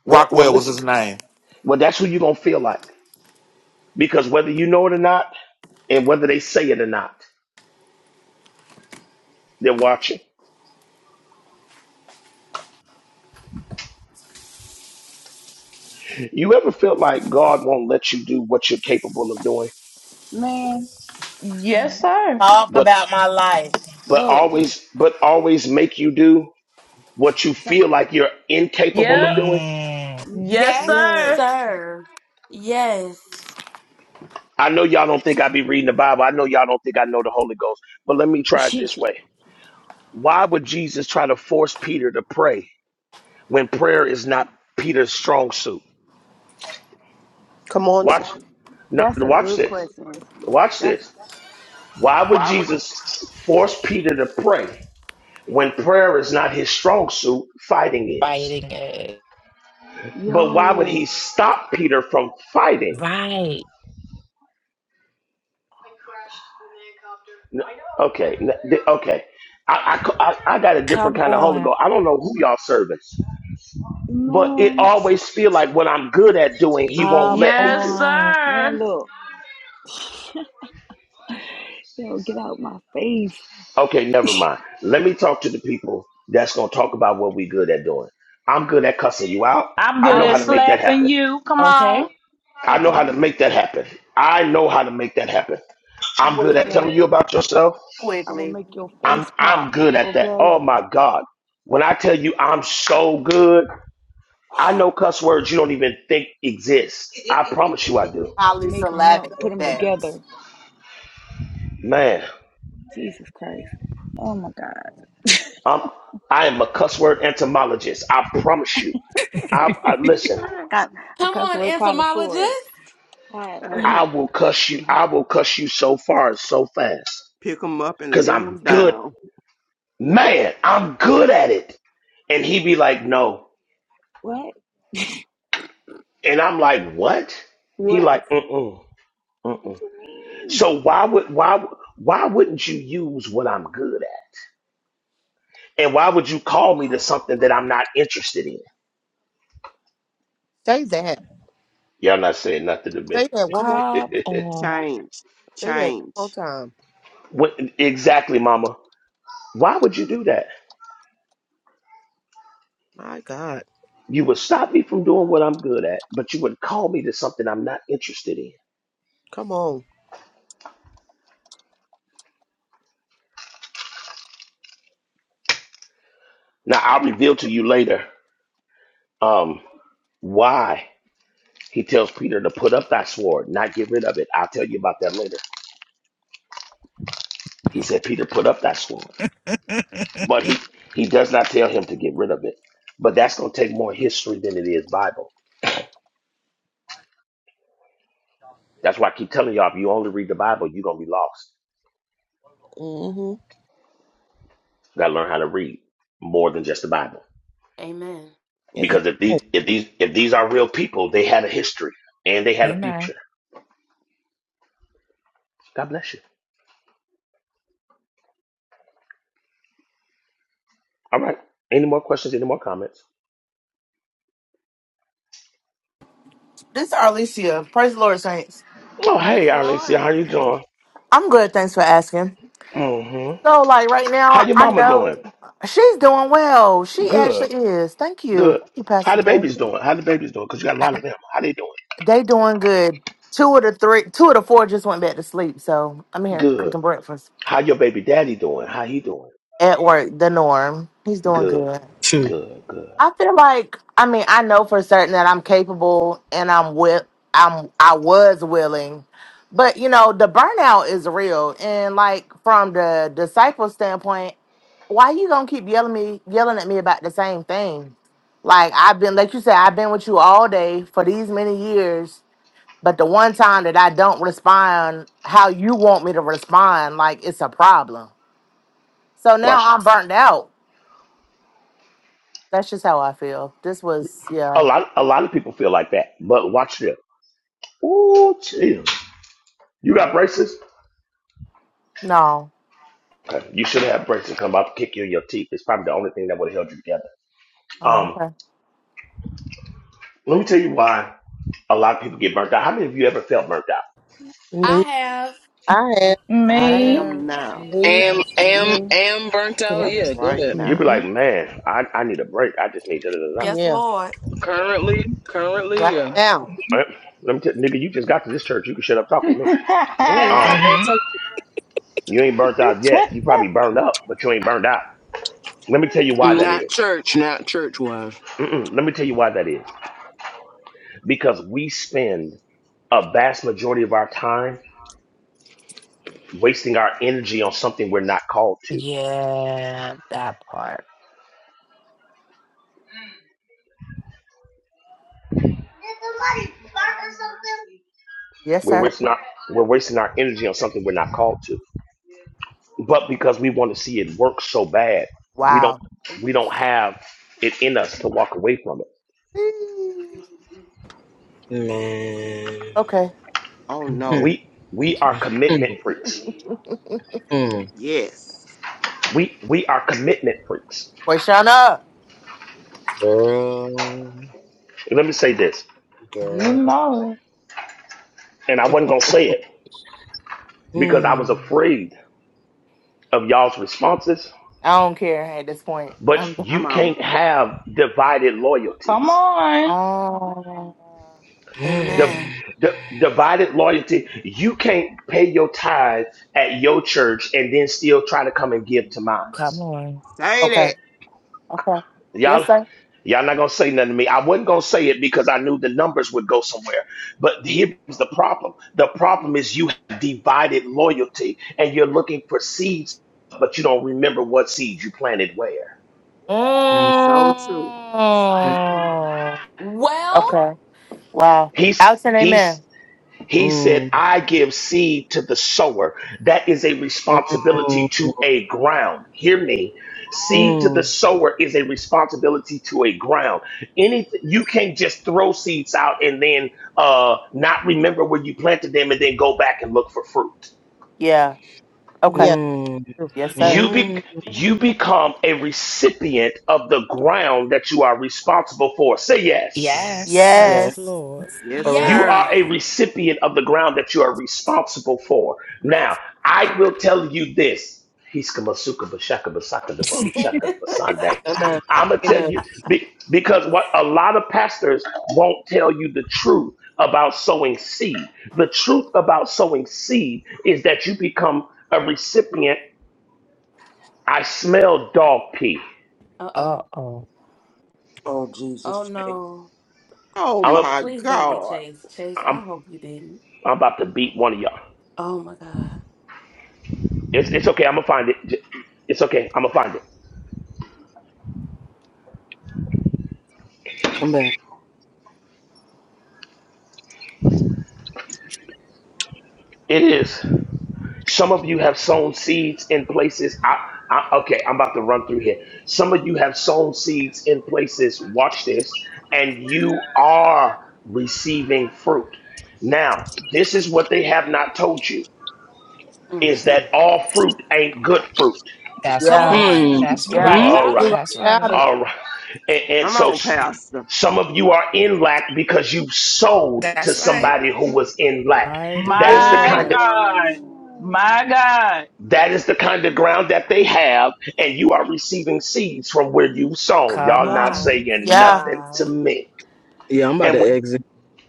Speaker 13: well, well,
Speaker 5: Rockwell was
Speaker 13: listen.
Speaker 5: his name.
Speaker 13: Well, that's who you're gonna feel like because whether you know it or not, and whether they say it or not, they're watching. You ever felt like God won't let you do what you're capable of doing,
Speaker 2: Man,
Speaker 15: Yes, sir.
Speaker 14: talk
Speaker 13: but
Speaker 14: about my life
Speaker 13: but
Speaker 2: look.
Speaker 13: always but always make you do what you
Speaker 2: Some,
Speaker 13: feel like you're incapable
Speaker 15: Yep.
Speaker 13: of doing?
Speaker 3: Mm.
Speaker 2: mm,
Speaker 15: Yes,
Speaker 1: Yes,
Speaker 2: yes.
Speaker 15: sir.
Speaker 1: sir. Yes.
Speaker 13: I know y'all don't think I be reading the Bible. I know y'all don't think I know the Holy Ghost. But let me try it this way. Why would Jesus try to force Peter to pray when prayer is not Peter's strong suit?
Speaker 11: Come on, sir.
Speaker 13: Watch now,
Speaker 2: That's a
Speaker 13: watch
Speaker 2: good
Speaker 13: this.
Speaker 2: question.
Speaker 13: Watch
Speaker 2: That's
Speaker 13: this. Why would Jesus force Peter to pray when prayer is not his strong suit, fighting is?
Speaker 3: Fighting it.
Speaker 13: But why would he
Speaker 2: yo,
Speaker 13: stop Peter from fighting?
Speaker 3: Right.
Speaker 13: N- Okay, n- th- okay. I, I, c- I- I got a different
Speaker 3: Come
Speaker 13: kind of
Speaker 3: on.
Speaker 13: Holy Ghost. I don't know who y'all serving. but it
Speaker 2: man,
Speaker 13: always feel like what I'm good at doing, he won't
Speaker 3: Come
Speaker 13: let me
Speaker 15: Yes,
Speaker 13: do.
Speaker 3: on.
Speaker 2: man,
Speaker 15: sir.
Speaker 2: look, yo, get out my face.
Speaker 13: Okay, never mind. Let me talk to the people that's gonna talk about what we good at doing. I'm good at cussing you out.
Speaker 15: I'm
Speaker 13: I
Speaker 2: I
Speaker 15: good
Speaker 13: know how
Speaker 15: at
Speaker 13: to make
Speaker 2: will,
Speaker 13: that
Speaker 15: slapping
Speaker 13: happen.
Speaker 15: you. Come
Speaker 3: Okay.
Speaker 15: on.
Speaker 13: I know how
Speaker 2: okay.
Speaker 13: to make that happen. I know how to make that happen.
Speaker 2: I
Speaker 13: I'm
Speaker 2: know,
Speaker 13: good at
Speaker 14: quickly.
Speaker 2: yes,
Speaker 13: telling you about yourself.
Speaker 2: I will
Speaker 14: Quickly.
Speaker 2: make your
Speaker 13: I'm
Speaker 2: face
Speaker 13: I'm
Speaker 2: pop,
Speaker 13: good at that.
Speaker 2: okay.
Speaker 13: Oh my God. When I tell you I'm so good, I know cuss words you don't even think exist. I promise you I do.
Speaker 14: Holly
Speaker 2: Make them
Speaker 14: syllabic
Speaker 2: up, put
Speaker 14: with
Speaker 2: them
Speaker 14: that.
Speaker 2: together.
Speaker 13: Man.
Speaker 2: Jesus Christ. Oh my God.
Speaker 13: I'm, I am a cuss word entomologist. I promise you. I, I listen.
Speaker 22: Hey,
Speaker 2: Got a
Speaker 1: Come
Speaker 2: cuss
Speaker 1: on,
Speaker 2: word connoisseur.
Speaker 1: entomologist.
Speaker 2: Hi.
Speaker 13: I will cuss you. I will cuss you so far, and so fast,
Speaker 22: pick them up and
Speaker 13: cause
Speaker 22: lay them
Speaker 13: I'm good,
Speaker 22: down.
Speaker 13: man. I'm good at it. And he be like, no.
Speaker 2: what?
Speaker 13: And I'm like, what? He
Speaker 2: What?
Speaker 13: like, mm mm mm
Speaker 2: What
Speaker 13: mm.
Speaker 2: you
Speaker 13: So why would why why wouldn't you use what I'm good at? And why would you call me to something that I'm not interested in?
Speaker 11: Say that.
Speaker 13: Y'all not saying nothing to
Speaker 11: Say
Speaker 13: me.
Speaker 11: that one more
Speaker 3: Come on.
Speaker 22: Change,
Speaker 11: Say that one more
Speaker 22: change.
Speaker 11: time.
Speaker 13: What, exactly, Mama. Why would you do that?
Speaker 11: My God.
Speaker 13: You would stop me from doing what I'm good at, but you would call me to something I'm not interested in.
Speaker 11: Come on.
Speaker 13: Now I'll reveal to you later um, why he tells Peter to put up thy sword, not get rid of it. I'll tell you about that later. He said, Peter, put up thy sword. But he, he does not tell him to get rid of it. But that's going to take more history than it is Bible. That's why I keep telling y'all, if you only read the Bible, you're going to be lost.
Speaker 11: Mm-hmm.
Speaker 13: You got to learn how to read more than just the Bible.
Speaker 1: Amen.
Speaker 13: Because if these, if these, if these are real people, they had a history and they had a
Speaker 3: Amen.
Speaker 13: future. God bless you. All right. Any more questions? Any more comments?
Speaker 14: This is Arlesia. Praise the Lord, Saints.
Speaker 13: Oh,
Speaker 1: Praise
Speaker 13: hey,
Speaker 1: the
Speaker 13: Alicia,
Speaker 1: Lord.
Speaker 13: how you doing?
Speaker 14: I'm good. Thanks for asking.
Speaker 13: hmm
Speaker 14: So, like right
Speaker 13: How
Speaker 14: now,
Speaker 13: your
Speaker 14: I
Speaker 13: mama
Speaker 14: know
Speaker 13: doing?
Speaker 14: she's doing well. She
Speaker 13: Good.
Speaker 14: actually is. Thank you.
Speaker 13: Good.
Speaker 14: Thank you,
Speaker 13: How
Speaker 14: Pastor
Speaker 13: the
Speaker 14: Jay.
Speaker 13: babies doing? How the babies doing? Because you got a lot of them. How they doing?
Speaker 14: They doing good. Two of the three, two of the four just went back to sleep. So I'm here
Speaker 13: Good.
Speaker 14: cooking breakfast
Speaker 13: How your baby daddy doing? How he doing?
Speaker 14: at work. The norm. He's doing
Speaker 13: Good.
Speaker 14: good.
Speaker 20: Hmm.
Speaker 13: Good. Good.
Speaker 14: I feel like I mean I know for certain that I'm capable and I'm will I'm I was willing, but you know the burnout is real and like from the disciple standpoint, why you gonna keep yelling me yelling at me about the same thing? Like I've been like you said I've been with you all day for these many years, but the one time that I don't respond how you want me to respond, like it's a problem. So now
Speaker 13: Watch.
Speaker 14: I'm burnt out. That's just how I feel. This was
Speaker 13: A
Speaker 14: yeah
Speaker 13: lot. A lot of people feel like that. But watch this. Ooh, chill. You got braces?
Speaker 14: no.
Speaker 13: Okay. You should have braces. Come about to kick you in your teeth. It's probably the only thing that would have held you together.
Speaker 14: Oh,
Speaker 13: Um.
Speaker 14: okay.
Speaker 13: Let me tell you why. a lot of people get burnt out. How many of you ever felt burnt out?
Speaker 1: I
Speaker 11: Me,
Speaker 1: have.
Speaker 11: I am.
Speaker 22: I
Speaker 8: I
Speaker 15: Me.
Speaker 22: am
Speaker 8: have
Speaker 22: now,
Speaker 8: Jesus.
Speaker 11: Me,
Speaker 20: Am
Speaker 8: Yes,
Speaker 20: am
Speaker 8: Lord.
Speaker 2: mean?
Speaker 20: am burnt out.
Speaker 23: Yep.
Speaker 20: Yeah,
Speaker 8: Yes,
Speaker 20: go
Speaker 22: right
Speaker 20: ahead.
Speaker 8: Lord.
Speaker 13: You'd be
Speaker 22: now.
Speaker 13: like,
Speaker 23: hmm
Speaker 13: man, I, I need a break. I just need da da da da.
Speaker 1: Yes,
Speaker 11: yeah.
Speaker 1: Lord.
Speaker 20: Currently,
Speaker 11: Right
Speaker 20: currently, yeah.
Speaker 11: now.
Speaker 13: Uh, Let me tell nigga, you just got to this church. You can shut up talking to
Speaker 15: you
Speaker 13: me.
Speaker 14: Ooh.
Speaker 13: Um,
Speaker 20: And
Speaker 3: Mm-hmm.
Speaker 20: so-
Speaker 13: you ain't burnt out yet. You probably burned up, but you ain't burned out. Let me tell you why that
Speaker 20: not
Speaker 13: is.
Speaker 20: church, not church wise.
Speaker 13: Mm-mm, let me tell you why that is. Because we spend a vast majority of our time wasting our energy on something we're not called to.
Speaker 3: Yeah, that part.
Speaker 14: yes,
Speaker 13: We're
Speaker 14: sir.
Speaker 13: wasting our, we're wasting our energy on something we're not called to but because we want to see it work so bad, we don't
Speaker 14: Wow.
Speaker 13: we don't have it in us to walk away from it.
Speaker 14: Eee.
Speaker 20: Man.
Speaker 14: Okay.
Speaker 22: Oh
Speaker 20: Hmm.
Speaker 22: no,
Speaker 13: We we are commitment freaks.
Speaker 20: Mm,
Speaker 22: yes.
Speaker 13: We we are commitment freaks.
Speaker 14: Quashana.
Speaker 20: girl,
Speaker 13: And let me say this,
Speaker 20: girl.
Speaker 15: know it.
Speaker 13: and I wasn't gonna say it because I was
Speaker 20: Mm,
Speaker 13: afraid of y'all's responses.
Speaker 14: I don't care at this point.
Speaker 13: But
Speaker 14: I'm done.
Speaker 13: you
Speaker 22: Come on,
Speaker 13: can't have divided
Speaker 15: Come
Speaker 13: loyalties.
Speaker 15: on.
Speaker 14: Ah.
Speaker 20: mm,
Speaker 13: Div-
Speaker 1: Amen.
Speaker 13: di- divided loyalty. You can't pay your tithe at your church and then still try to come and give to mine.
Speaker 3: Come on.
Speaker 22: say
Speaker 14: okay.
Speaker 22: that.
Speaker 14: Okay. Yes,
Speaker 13: Y'all,
Speaker 14: sir.
Speaker 13: y'all not gonna say nothing to me. I wasn't gonna say it because I knew the numbers would go somewhere. But here's the problem: the problem is you have divided loyalty, and you're looking for seeds, but you don't remember what seeds you planted where.
Speaker 20: mm,
Speaker 22: So true.
Speaker 14: Mm.
Speaker 1: Well,
Speaker 14: Okay. Wow.
Speaker 13: He's
Speaker 14: Out and
Speaker 13: he's
Speaker 14: amen.
Speaker 13: He said,
Speaker 20: mm,
Speaker 13: I give seed to the sower. That is a responsibility to a ground. Hear me. Seed to the
Speaker 20: mm,
Speaker 13: sower is a responsibility to a ground. Anything you can't just throw seeds out and then uh not remember where you planted them and then go back and look for fruit.
Speaker 14: Yeah. Okay.
Speaker 11: Yeah.
Speaker 20: mm,
Speaker 14: Yes, sir.
Speaker 13: You be
Speaker 20: mm.
Speaker 13: you become a recipient of the ground that you are responsible for. Say
Speaker 8: Yes,
Speaker 3: Yes.
Speaker 13: yes.
Speaker 20: Yeah,
Speaker 8: yes
Speaker 14: Yes.
Speaker 8: Lord.
Speaker 22: Yes,
Speaker 20: correct.
Speaker 13: You
Speaker 1: yes.
Speaker 22: sir.
Speaker 13: are a recipient of the ground that you are responsible for. Now, I will tell you this. Hiskamasuka bashaka basaka da bahushaka basande.
Speaker 20: Enough,
Speaker 13: I'm gonna tell
Speaker 20: enough.
Speaker 13: you be- because what a lot of pastors won't tell you the truth about sowing seed. The truth about sowing seed is that you become a recipient. I smell dog pee.
Speaker 1: Uh oh.
Speaker 3: Uh-oh.
Speaker 4: Oh,
Speaker 1: Oh
Speaker 4: Jesus.
Speaker 1: no.
Speaker 22: Oh
Speaker 13: I'm a,
Speaker 22: my
Speaker 1: Please don't be
Speaker 22: God.
Speaker 1: Chase. Chase, I
Speaker 13: I'm
Speaker 1: hope you didn't.
Speaker 13: I'm about to beat one of y'all.
Speaker 1: Oh my God.
Speaker 13: It's it's okay. I'm gonna find it. J- It's okay. I'm gonna find it.
Speaker 20: Come back.
Speaker 13: It is. Some of you have sown seeds in places. I, I, okay, I'm about to run through here. Some of you have sown seeds in places. Watch this, and you are receiving fruit. Now, this is what they have not told you:
Speaker 1: Mm.
Speaker 13: is that all fruit ain't good fruit.
Speaker 3: That's
Speaker 1: Come
Speaker 14: Yeah.
Speaker 3: right.
Speaker 1: on.
Speaker 20: Hmm.
Speaker 3: That's
Speaker 1: You
Speaker 14: Yeah.
Speaker 1: right
Speaker 3: right.
Speaker 20: hmm
Speaker 13: All
Speaker 1: about
Speaker 11: You're
Speaker 13: right,
Speaker 11: right
Speaker 1: it.
Speaker 3: That's
Speaker 11: about
Speaker 3: right.
Speaker 11: it.
Speaker 13: all right, and, and
Speaker 22: Come
Speaker 13: so
Speaker 22: on,
Speaker 13: s-
Speaker 22: Pastor.
Speaker 13: some of you are in lack because you sold to
Speaker 3: That's right.
Speaker 13: somebody who was in lack.
Speaker 8: Mighty
Speaker 13: That is the
Speaker 15: My
Speaker 1: Mm-mm.
Speaker 13: kind of
Speaker 8: God.
Speaker 15: God. My
Speaker 14: Woo.
Speaker 15: God.
Speaker 13: That is the kind of ground that they have, and you are receiving seeds from where you've sown.
Speaker 3: Come
Speaker 13: Y'all not
Speaker 3: on.
Speaker 13: saying
Speaker 1: Mighty
Speaker 14: Yeah.
Speaker 13: nothing to
Speaker 1: God.
Speaker 13: me.
Speaker 20: Yeah, I'm about
Speaker 13: And
Speaker 20: to
Speaker 13: w-
Speaker 20: exit.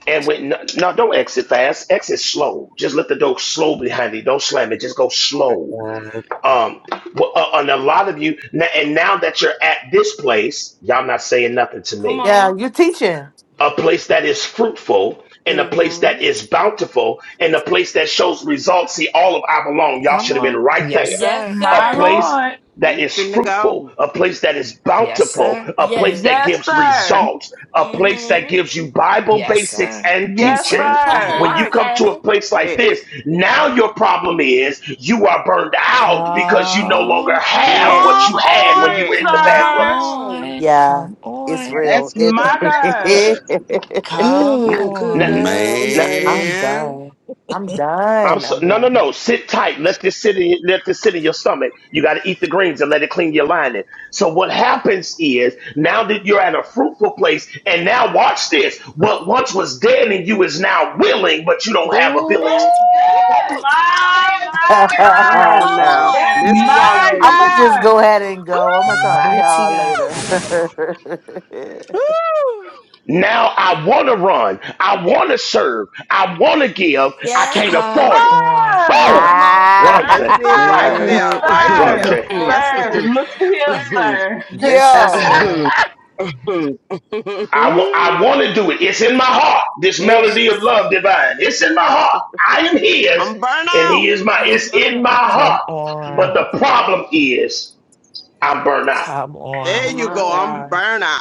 Speaker 13: and when no, no, don't exit fast. Exit slow. Just let the door slow behind you. Don't slam it. Just go slow.
Speaker 20: God.
Speaker 13: Um, wh- uh, and a lot of you, n- and now that you're at this place, y'all not saying nothing to
Speaker 1: Come
Speaker 13: me.
Speaker 14: Yeah.
Speaker 1: on.
Speaker 14: You teaching.
Speaker 13: A place that is fruitful, and a place that
Speaker 1: Mm-hmm.
Speaker 13: is bountiful, and a place that shows results. See, all of I belong. Y'all
Speaker 3: Come
Speaker 13: should have been
Speaker 3: on.
Speaker 13: right there
Speaker 3: Yes,
Speaker 1: Yes,
Speaker 3: sir.
Speaker 15: My
Speaker 13: a
Speaker 1: sir.
Speaker 13: place
Speaker 15: Lord.
Speaker 13: that
Speaker 22: We
Speaker 13: is
Speaker 22: finna
Speaker 13: fruitful,
Speaker 22: go.
Speaker 13: a place that is
Speaker 3: Yes,
Speaker 13: bountiful,
Speaker 3: sir.
Speaker 13: a place that
Speaker 1: Yes.
Speaker 15: Yes,
Speaker 13: gives
Speaker 15: sir.
Speaker 13: results, a place that
Speaker 1: Mm-hmm.
Speaker 13: gives you Bible
Speaker 3: Yes,
Speaker 13: basics
Speaker 3: sir.
Speaker 13: and
Speaker 3: Yes,
Speaker 15: Yes,
Speaker 3: sir.
Speaker 13: teaching.
Speaker 22: That's
Speaker 1: Come
Speaker 15: sir.
Speaker 13: When
Speaker 1: on,
Speaker 13: you
Speaker 22: right.
Speaker 13: come to a
Speaker 1: sir.
Speaker 13: place like
Speaker 22: Yes,
Speaker 13: this, now your problem is you are burned out because you no longer
Speaker 3: Come
Speaker 15: Come
Speaker 13: have
Speaker 22: yes,
Speaker 13: what
Speaker 3: on.
Speaker 13: you had when
Speaker 15: on,
Speaker 13: you were
Speaker 22: yes.
Speaker 13: in the
Speaker 3: Come
Speaker 13: bad
Speaker 1: Come
Speaker 15: sir.
Speaker 13: place.
Speaker 1: on.
Speaker 3: on.
Speaker 14: Yeah,
Speaker 3: Come
Speaker 14: it's
Speaker 3: on.
Speaker 14: real.
Speaker 18: That's good.
Speaker 14: It.
Speaker 15: My God.
Speaker 18: Good.
Speaker 3: Come
Speaker 20: Oh, good
Speaker 3: on.
Speaker 20: God
Speaker 13: Now,
Speaker 20: Almighty.
Speaker 14: I'm
Speaker 24: Man,
Speaker 14: done. I'm
Speaker 13: I'm
Speaker 14: done.
Speaker 13: so,
Speaker 14: I'm
Speaker 13: no, no,
Speaker 14: done.
Speaker 13: no. Sit tight. Let this sit in. Let this sit in your stomach. You got to eat the greens and let it clean your lining. So what happens is now that you're at a fruitful place, and now watch this. What once was dead in you is now willing, but you don't have
Speaker 15: That's
Speaker 13: ability.
Speaker 3: Ooh,
Speaker 15: good. My, my,
Speaker 22: Come
Speaker 15: my.
Speaker 22: on
Speaker 1: Come
Speaker 22: now.
Speaker 1: on.
Speaker 15: That's good.
Speaker 22: Let's
Speaker 15: My
Speaker 22: run
Speaker 14: I'm
Speaker 22: with it.
Speaker 14: gonna just go ahead and go. I'm gonna talk to
Speaker 3: mighty
Speaker 14: y'all
Speaker 3: God.
Speaker 14: later.
Speaker 20: Woo!
Speaker 13: Now I want to run. I want to serve. I want to give. I
Speaker 1: Yes.
Speaker 13: can't
Speaker 3: Come
Speaker 13: afford it.
Speaker 3: on.
Speaker 15: God,
Speaker 1: Come on,
Speaker 13: Woo! Run,
Speaker 1: sir.
Speaker 22: That's
Speaker 13: Jay.
Speaker 22: it
Speaker 14: ah,
Speaker 22: right
Speaker 15: sir,
Speaker 22: there,
Speaker 20: Man.
Speaker 11: God.
Speaker 22: right
Speaker 13: Run,
Speaker 11: My
Speaker 15: sir, sir,
Speaker 22: there.
Speaker 13: Jay.
Speaker 11: God.
Speaker 22: That's
Speaker 15: sir,
Speaker 22: it.
Speaker 15: look at here, sir.
Speaker 3: This is
Speaker 14: yo,
Speaker 3: good.
Speaker 13: I want to do it. It's in my heart. This melody of
Speaker 14: it's
Speaker 13: love divine. It's in my heart. I am his
Speaker 22: I'm
Speaker 13: and
Speaker 22: burnout.
Speaker 13: he is my,
Speaker 1: Yes,
Speaker 13: it's in my heart.
Speaker 3: Come
Speaker 13: But
Speaker 3: on.
Speaker 13: the
Speaker 1: ma'am.
Speaker 13: problem is I'm burnt out.
Speaker 3: Come
Speaker 22: There
Speaker 11: My
Speaker 3: on.
Speaker 22: you
Speaker 1: My
Speaker 22: go.
Speaker 11: Lord.
Speaker 22: I'm
Speaker 1: God.
Speaker 22: burnout.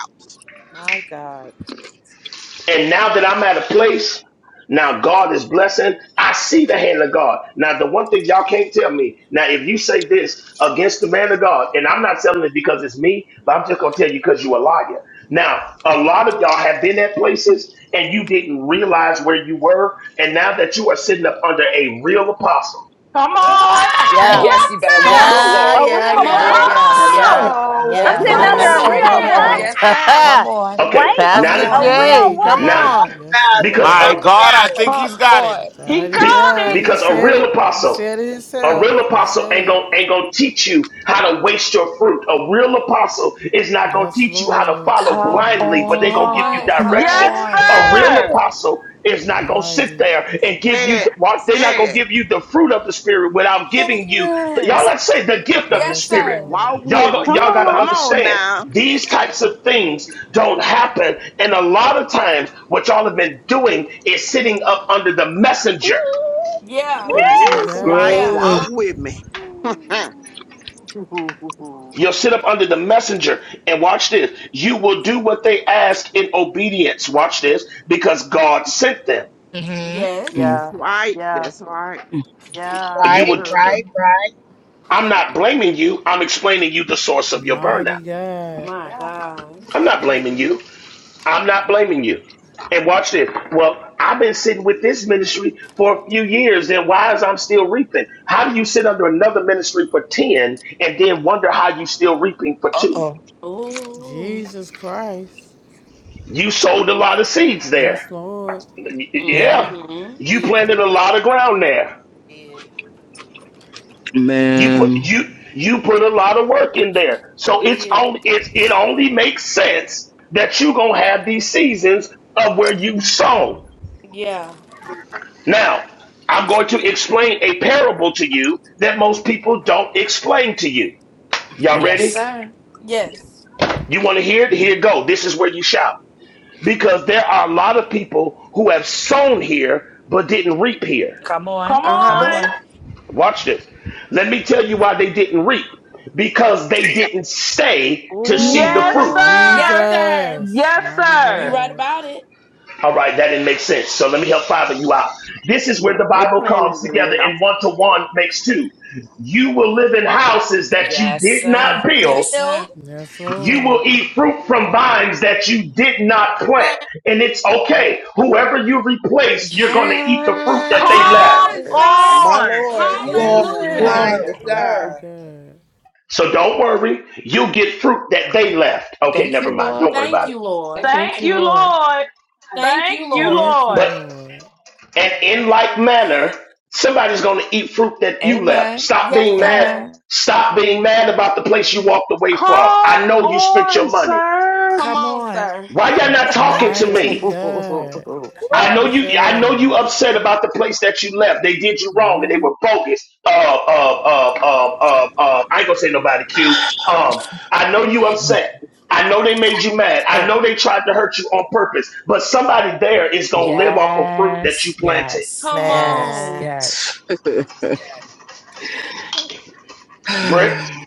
Speaker 11: My God.
Speaker 13: And now that I'm at a place, now God is blessing. I see the hand of God. Now, the one thing y'all can't tell me, now, if you say this against the man of God, and I'm not telling it because it's me, but I'm just going to tell you because you're a liar. Now, a lot of y'all have been at places and you didn't realize where you were. And now that you are sitting up under a real apostle,
Speaker 15: Come on,
Speaker 3: Ah,
Speaker 15: right.
Speaker 1: Come
Speaker 14: yeah,
Speaker 3: Yes,
Speaker 15: yes,
Speaker 1: on.
Speaker 3: you better
Speaker 1: Come
Speaker 3: walk,
Speaker 15: sir.
Speaker 1: on.
Speaker 14: yeah,
Speaker 19: A
Speaker 3: sir.
Speaker 19: real
Speaker 22: Yoo-hoo.
Speaker 14: yeah,
Speaker 1: Come
Speaker 15: Come
Speaker 14: yeah,
Speaker 19: what?
Speaker 1: on.
Speaker 3: Walk,
Speaker 15: on.
Speaker 14: yeah, yeah,
Speaker 3: sir.
Speaker 22: Hello.
Speaker 19: I'm
Speaker 3: Walk
Speaker 1: Yes,
Speaker 14: yeah.
Speaker 15: come
Speaker 19: sitting
Speaker 3: in it,
Speaker 19: under
Speaker 1: sir.
Speaker 19: a
Speaker 8: Mighty
Speaker 3: sir.
Speaker 22: Yoo-hoo.
Speaker 19: real
Speaker 3: Come
Speaker 15: on here.
Speaker 19: what?
Speaker 8: God.
Speaker 3: on.
Speaker 1: Yes, sir.
Speaker 3: Come on.
Speaker 13: okay,
Speaker 19: Wait.
Speaker 3: Come
Speaker 13: now
Speaker 14: Pastor
Speaker 13: that,
Speaker 19: A
Speaker 3: on.
Speaker 19: real
Speaker 8: Mighty
Speaker 14: J,
Speaker 19: what?
Speaker 14: come
Speaker 8: God.
Speaker 13: now,
Speaker 18: Talk
Speaker 8: Yes,
Speaker 18: about it.
Speaker 13: because
Speaker 8: Lord.
Speaker 5: My
Speaker 18: Talk
Speaker 13: a.
Speaker 5: God, I
Speaker 18: about it.
Speaker 5: think
Speaker 3: Come
Speaker 5: he's got it.
Speaker 3: on.
Speaker 15: He
Speaker 8: Mighty
Speaker 13: Be-
Speaker 15: called
Speaker 8: God.
Speaker 15: it,
Speaker 8: He
Speaker 13: because a
Speaker 8: said
Speaker 13: real
Speaker 8: it. He
Speaker 13: apostle,
Speaker 8: said it
Speaker 13: a
Speaker 8: himself.
Speaker 13: real
Speaker 8: He
Speaker 13: apostle
Speaker 8: said
Speaker 13: ain't
Speaker 8: it.
Speaker 13: gonna ain't gonna teach you how to waste your fruit. A real apostle is not gonna
Speaker 8: Yes,
Speaker 13: teach you how to
Speaker 8: Lord.
Speaker 13: follow
Speaker 3: Come
Speaker 13: blindly, but they're
Speaker 8: Mighty,
Speaker 13: gonna
Speaker 1: Come
Speaker 13: give you
Speaker 3: on.
Speaker 1: on,
Speaker 3: Come
Speaker 13: direction.
Speaker 1: sir.
Speaker 15: yes,
Speaker 3: on.
Speaker 13: A real
Speaker 15: sir.
Speaker 13: apostle is not gonna sit
Speaker 8: mighty.
Speaker 13: there and give you
Speaker 22: Say
Speaker 13: the
Speaker 22: it.
Speaker 13: well, they're not
Speaker 22: Say
Speaker 13: gonna
Speaker 22: it.
Speaker 13: give you the fruit of the spirit without giving you y'all
Speaker 3: Yes.
Speaker 13: let's say the gift of the
Speaker 1: Yes,
Speaker 8: Yes,
Speaker 13: spirit.
Speaker 1: sir.
Speaker 8: Lord.
Speaker 22: Walk
Speaker 13: Y'all
Speaker 22: with me.
Speaker 13: go-
Speaker 19: Come
Speaker 13: y'all gotta
Speaker 22: Come
Speaker 19: on.
Speaker 22: on
Speaker 13: understand
Speaker 22: now.
Speaker 13: these types of things don't happen. And a lot of times what y'all have been doing is sitting up under the messenger.
Speaker 3: Ooh.
Speaker 19: Oh my
Speaker 15: Woo.
Speaker 1: Yeah.
Speaker 8: Mighty
Speaker 19: God.
Speaker 22: That's right.
Speaker 8: God.
Speaker 1: Yeah.
Speaker 20: Bro.
Speaker 22: Walk with me. That's
Speaker 13: You'll
Speaker 14: on.
Speaker 13: sit up under the messenger and watch this. You will do what they ask in obedience. Watch this because God sent them.
Speaker 3: Mm-hmm.
Speaker 1: Yes.
Speaker 20: Mm.
Speaker 14: Yeah,
Speaker 22: right.
Speaker 14: yeah,
Speaker 22: That's right.
Speaker 14: yeah,
Speaker 13: You
Speaker 18: Right,
Speaker 13: would,
Speaker 18: right, right.
Speaker 13: I'm not blaming you. I'm explaining you the source of your burnout.
Speaker 8: Mighty God.
Speaker 1: My
Speaker 14: yeah. You
Speaker 1: God.
Speaker 13: I'm not
Speaker 14: talking
Speaker 13: blaming
Speaker 14: real?
Speaker 13: you. I'm not blaming you. And watch this. Well, I've been sitting with this ministry for a few years. Then why is I'm still reaping? How do you sit under another ministry for 10 and then wonder how you still reaping for two?
Speaker 3: Uh-oh.
Speaker 1: Ooh.
Speaker 8: Jesus Christ.
Speaker 13: You sold a lot of seeds there.
Speaker 8: Yes, Lord.
Speaker 3: Yeah.
Speaker 13: Yeah,
Speaker 1: Mm-hmm.
Speaker 13: you
Speaker 14: Did,
Speaker 13: planted a lot of ground there.
Speaker 14: did,
Speaker 13: You put
Speaker 20: Man.
Speaker 13: you you put a lot of work in there. So it's
Speaker 14: did.
Speaker 13: only it's it only makes sense that you gonna have these seasons of where you sown.
Speaker 1: Yeah.
Speaker 13: Now, I'm going to explain a parable to you that most people don't explain to you. Y'all
Speaker 3: Yes,
Speaker 13: ready?
Speaker 3: sir.
Speaker 1: Yes.
Speaker 13: You want to hear it?
Speaker 8: Yeah.
Speaker 13: Here it go. This is where you shout. Because there are a lot of people who have sown here but didn't reap here.
Speaker 3: Come on.
Speaker 15: Come
Speaker 3: Come
Speaker 1: Uh-huh.
Speaker 15: on,
Speaker 4: Well,
Speaker 3: on.
Speaker 13: Watch this. Let me tell you why they didn't reap. Because they didn't stay to see the
Speaker 15: yes,
Speaker 13: fruit.
Speaker 3: Oh,
Speaker 1: Yes,
Speaker 15: sir,
Speaker 1: sir.
Speaker 8: Jesus.
Speaker 15: yes,
Speaker 8: Mighty
Speaker 1: You
Speaker 15: sir.
Speaker 1: right
Speaker 8: God.
Speaker 1: about it.
Speaker 13: All right, that didn't make sense. So let me help five of you out. This is where
Speaker 22: No,
Speaker 13: the
Speaker 22: they
Speaker 13: Bible comes
Speaker 22: planted the
Speaker 13: together
Speaker 22: left.
Speaker 13: and one to one makes two. You will live in houses that you
Speaker 3: Yes,
Speaker 13: did
Speaker 3: sir.
Speaker 13: not build.
Speaker 3: Yes,
Speaker 1: Build.
Speaker 3: sir.
Speaker 8: Yes,
Speaker 13: You will
Speaker 8: Lord.
Speaker 13: eat fruit from vines that you did not plant.
Speaker 1: Plan.
Speaker 13: And it's okay. Whoever you replace, you're going to eat the fruit that
Speaker 1: Come
Speaker 13: they left.
Speaker 15: Come
Speaker 1: on, sir.
Speaker 3: yes.
Speaker 4: my
Speaker 15: on.
Speaker 4: Lord,
Speaker 8: Yes,
Speaker 18: Glory,
Speaker 1: Hallelujah.
Speaker 4: my
Speaker 3: Yes.
Speaker 8: Lord.
Speaker 18: glory.
Speaker 22: Yes,
Speaker 8: Thank
Speaker 22: sir.
Speaker 8: you,
Speaker 4: God,
Speaker 8: God.
Speaker 13: So don't worry. You'll get fruit that they left. Okay,
Speaker 3: Thank you,
Speaker 13: never mind.
Speaker 3: Lord.
Speaker 13: Don't worry
Speaker 1: Thank
Speaker 13: about it.
Speaker 1: you, Lord.
Speaker 3: Thank
Speaker 15: Thank
Speaker 3: you,
Speaker 15: you,
Speaker 3: Lord.
Speaker 15: Lord.
Speaker 1: Thank
Speaker 15: Thank
Speaker 1: you,
Speaker 15: you,
Speaker 1: Lord.
Speaker 8: Thank you,
Speaker 15: Lord.
Speaker 13: But
Speaker 8: Lord.
Speaker 13: And in like manner, somebody's going to eat fruit that you left.
Speaker 3: Amen.
Speaker 13: Stop
Speaker 1: Yes,
Speaker 13: being mad.
Speaker 1: sir.
Speaker 3: Amen.
Speaker 13: Stop being mad about the place you walked away from. I
Speaker 15: Come
Speaker 13: know you spent
Speaker 15: on,
Speaker 13: your money.
Speaker 15: sir.
Speaker 1: Come
Speaker 3: Come
Speaker 1: on,
Speaker 3: on.
Speaker 1: sir.
Speaker 13: Why y'all not talking to
Speaker 8: Mighty
Speaker 13: me?
Speaker 8: God.
Speaker 1: Woo!
Speaker 13: I know you. I know
Speaker 8: Jesus.
Speaker 13: you upset about the place that you left. They did you wrong, and they
Speaker 8: Mighty
Speaker 13: were bogus. Uh, uh, uh, uh, uh, uh, I ain't gonna say nobody. Q. Um, I know you upset. I know they made you mad. I know they tried to hurt you on purpose. But somebody there is gonna live off of fruit that you
Speaker 3: Yes,
Speaker 13: planted.
Speaker 3: yes,
Speaker 1: Come
Speaker 3: yes,
Speaker 1: on.
Speaker 14: Man,
Speaker 3: yes.
Speaker 13: Brick.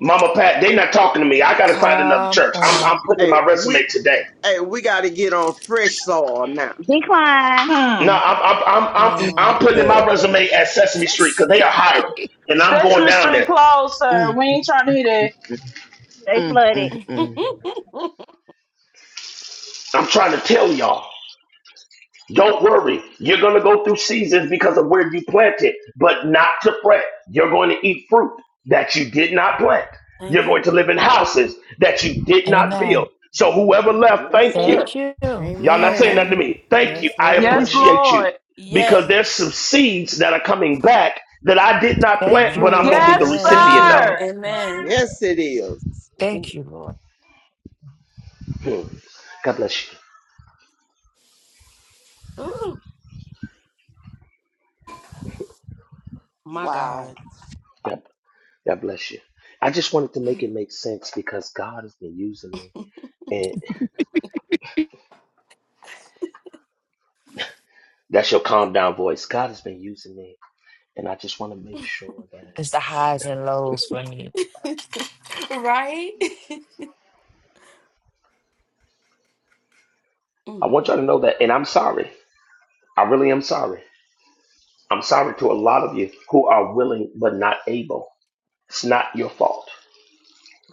Speaker 13: Mama Pat, they not talking to me. I gotta find another
Speaker 3: Come
Speaker 13: church. I'm
Speaker 3: on.
Speaker 13: I'm putting in
Speaker 22: Hey,
Speaker 13: my
Speaker 22: we
Speaker 13: resume today.
Speaker 22: hey, we gotta get on fresh soil now.
Speaker 19: Decline.
Speaker 13: No,
Speaker 15: Hmm.
Speaker 13: I'm I'm I'm I'm, I'm
Speaker 8: God.
Speaker 13: putting in
Speaker 20: Uh,
Speaker 13: my resume at Sesame Street because they are hiring, and I'm going
Speaker 15: Sesame
Speaker 13: down
Speaker 15: Street
Speaker 13: there.
Speaker 15: closed, sir.
Speaker 20: mm,
Speaker 15: We ain't trying to hear that.
Speaker 19: They
Speaker 20: mm,
Speaker 19: flooded.
Speaker 20: mm, mm.
Speaker 13: I'm trying to tell y'all, don't worry. You're gonna go through seasons because of where you planted, but not to fret. You're going to eat fruit that you did not plant. You're
Speaker 1: Thank
Speaker 13: going
Speaker 1: you.
Speaker 13: to live in houses that you did not build.
Speaker 3: Amen.
Speaker 13: So
Speaker 1: Mm,
Speaker 13: whoever
Speaker 1: mm,
Speaker 13: left,
Speaker 1: mm.
Speaker 22: Yes,
Speaker 13: thank you.
Speaker 22: sir.
Speaker 3: Thank you.
Speaker 13: Y'all not saying
Speaker 1: Okay.
Speaker 13: nothing to
Speaker 8: Amen.
Speaker 13: me. Thank you.
Speaker 8: Yes,
Speaker 13: I
Speaker 15: Yes,
Speaker 8: Lord.
Speaker 13: appreciate you
Speaker 15: Lord.
Speaker 13: because
Speaker 1: Yes.
Speaker 13: there's some seeds that are coming back that I did not
Speaker 3: Thank
Speaker 13: plant,
Speaker 3: you,
Speaker 13: but I'm going to
Speaker 8: Mighty
Speaker 13: be
Speaker 3: Lord.
Speaker 13: the
Speaker 15: Yes,
Speaker 3: Thank
Speaker 13: recipient
Speaker 3: you,
Speaker 8: God.
Speaker 13: of.
Speaker 3: Lord.
Speaker 15: sir.
Speaker 8: Yes.
Speaker 1: Amen.
Speaker 22: Yes, it is. Mm,
Speaker 3: Thank you, Lord.
Speaker 13: Hmm. God bless you.
Speaker 1: Ooh, my
Speaker 4: Wow.
Speaker 1: God.
Speaker 13: God, God bless you. I just wanted to make it make sense because God has been using me. And that's your calm down voice. God has been using me. And I just want to make sure that
Speaker 3: It's the highs and lows for me.
Speaker 1: Right? Mm,
Speaker 13: I want y'all
Speaker 1: mm,
Speaker 13: to know
Speaker 1: mm.
Speaker 13: that. And I'm sorry. I really am sorry. I'm sorry to a lot of you who are willing but not able. It's not your fault.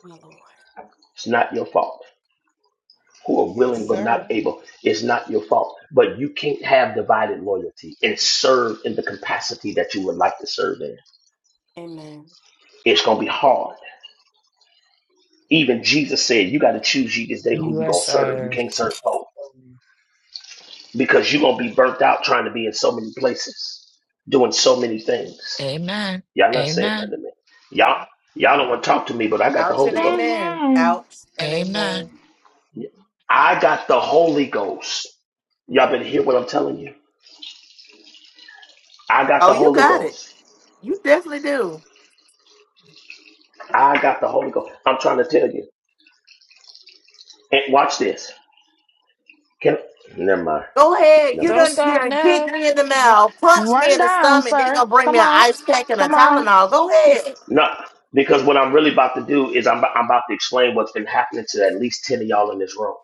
Speaker 1: my Lord.
Speaker 13: It's not your fault. Who are
Speaker 22: Yes,
Speaker 13: willing but
Speaker 22: sir.
Speaker 13: not able. It's not your fault. But you can't have divided loyalty and serve in the capacity that you would like to serve in.
Speaker 1: Amen.
Speaker 13: It's gonna be hard. Even Jesus said you gotta choose ye this day who
Speaker 3: You
Speaker 13: you
Speaker 3: are
Speaker 13: gonna serve. You
Speaker 3: served.
Speaker 13: can't serve both because you're gonna be burnt out trying to be in so many places, doing so many things.
Speaker 3: Amen.
Speaker 13: Y'all not saying
Speaker 3: Amen.
Speaker 13: nothing to me. Y'all y'all don't wanna talk to me, but I got the
Speaker 14: ouch and
Speaker 13: Holy Ghost.
Speaker 14: amen.
Speaker 15: Mm-hmm.
Speaker 14: Ouch and
Speaker 3: Amen.
Speaker 14: amen.
Speaker 13: I got the Holy Ghost. Y'all
Speaker 1: Mm.
Speaker 13: better hear what I'm telling you. I got
Speaker 14: Oh,
Speaker 13: the
Speaker 14: you
Speaker 13: Holy
Speaker 14: got it.
Speaker 13: Ghost.
Speaker 14: You definitely do.
Speaker 13: I got the Holy Ghost. I'm trying to tell you. And watch this. Can never mind.
Speaker 14: Go ahead.
Speaker 13: Never
Speaker 14: You
Speaker 3: Don't
Speaker 13: mind.
Speaker 14: done, you
Speaker 3: stop
Speaker 14: done kick
Speaker 3: now.
Speaker 14: me in the mouth, punch me
Speaker 15: Run
Speaker 14: in the
Speaker 15: down,
Speaker 14: stomach. Then you
Speaker 15: sir.
Speaker 14: gonna bring me
Speaker 15: Come
Speaker 14: an
Speaker 15: on.
Speaker 14: ice pack and a
Speaker 15: Come on.
Speaker 14: Tylenol. Go ahead.
Speaker 13: No, because what I'm really about to do is I'm, I'm about to explain what's been happening to at least ten of y'all in this room.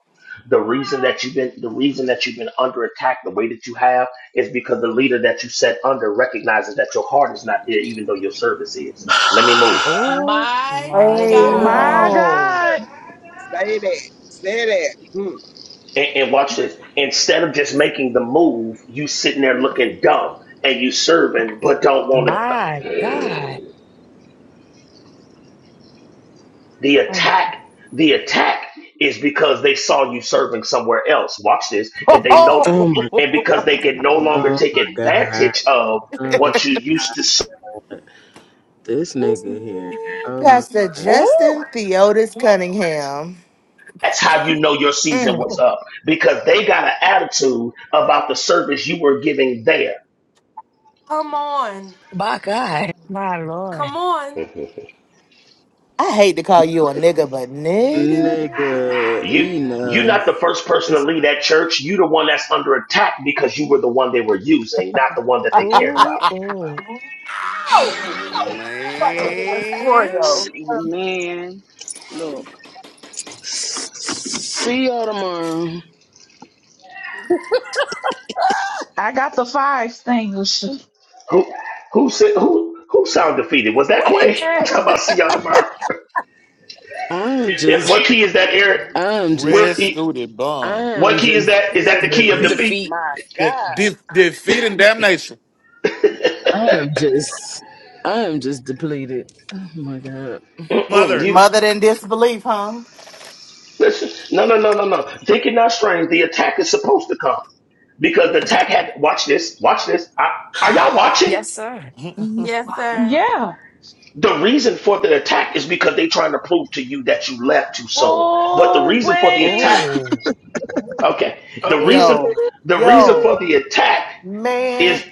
Speaker 13: The reason that you've been the reason that you've been under attack the way that you have is because the leader that you set under recognizes that your heart is not there, even though your service is. Let me move.
Speaker 3: Oh
Speaker 1: Mighty
Speaker 8: Mighty
Speaker 14: Hey
Speaker 22: Yes, sir,
Speaker 1: God.
Speaker 15: My
Speaker 8: God.
Speaker 14: yo.
Speaker 15: God.
Speaker 22: sir. Say that. Say that. Hmm.
Speaker 13: And, and watch this. Instead of just making the move, you sitting there looking dumb and you serving, but don't want to
Speaker 3: my God.
Speaker 13: The attack, the attack is because they saw you serving somewhere else. Watch this, and they know,
Speaker 20: Oh my
Speaker 13: and because they can no longer
Speaker 20: oh
Speaker 13: take
Speaker 20: my god.
Speaker 13: advantage of
Speaker 20: Oh,
Speaker 13: what you used to. s-
Speaker 20: this nigga here. Oh my
Speaker 14: Pastor
Speaker 20: god.
Speaker 15: Ooh,
Speaker 14: Justin Theotis Cunningham.
Speaker 13: That's how you know your season
Speaker 14: Mm.
Speaker 13: was up because they got an attitude about the service you were giving there.
Speaker 1: Come on.
Speaker 3: My God. My Lord.
Speaker 1: Come on.
Speaker 14: I hate to call you a nigga, but nigga.
Speaker 20: Nigga
Speaker 13: You. You're
Speaker 20: enough.
Speaker 13: not the first person to
Speaker 20: It's
Speaker 13: leave
Speaker 20: a-
Speaker 13: that church. You're the one that's under attack because you were the one they were using, not the one that they cared about.
Speaker 3: Oh, oh.
Speaker 14: Oh,
Speaker 24: man.
Speaker 14: Oreo.
Speaker 2: Man, man, look.
Speaker 20: See y'all tomorrow.
Speaker 15: I got the fire extinguisher.
Speaker 13: Who who said who who sound defeated? Was that
Speaker 3: Wait.
Speaker 13: Quay? Talking
Speaker 15: Yes.
Speaker 13: about Sienna Meyer?
Speaker 20: I'm
Speaker 13: It-
Speaker 20: just
Speaker 13: what key is that, Eric?
Speaker 20: I'm just
Speaker 13: Where's
Speaker 5: Red
Speaker 13: the
Speaker 5: Scooted Bun.
Speaker 13: what
Speaker 20: I'm
Speaker 13: key is
Speaker 20: just
Speaker 13: that? Is
Speaker 4: heal
Speaker 13: that the key of
Speaker 20: depleted.
Speaker 4: defeat,
Speaker 13: defeat?
Speaker 3: Defeat.
Speaker 4: my
Speaker 5: De-
Speaker 4: God.
Speaker 5: de- defeating damnation.
Speaker 20: I'm just I'm just depleted. Oh my god.
Speaker 13: Mm-mm,
Speaker 5: Mother.
Speaker 13: you
Speaker 14: Mother than disbelief, huh?
Speaker 13: listen. No, no, no, no, no. Think it not strange. The attack is supposed to come because the attack had. Watch this. Watch this. I, are y'all watching?
Speaker 3: Yes, sir.
Speaker 1: Yes, sir.
Speaker 15: Yeah.
Speaker 13: The reason for the attack is because they are trying to prove to you that you left too soon. But the
Speaker 15: Oh,
Speaker 13: reason for the
Speaker 15: wait.
Speaker 13: attack,
Speaker 3: Oh.
Speaker 13: okay, the
Speaker 20: Oh
Speaker 13: reason,
Speaker 14: Yo,
Speaker 20: my
Speaker 13: the reason
Speaker 14: yo,
Speaker 13: for the attack
Speaker 14: man.
Speaker 13: is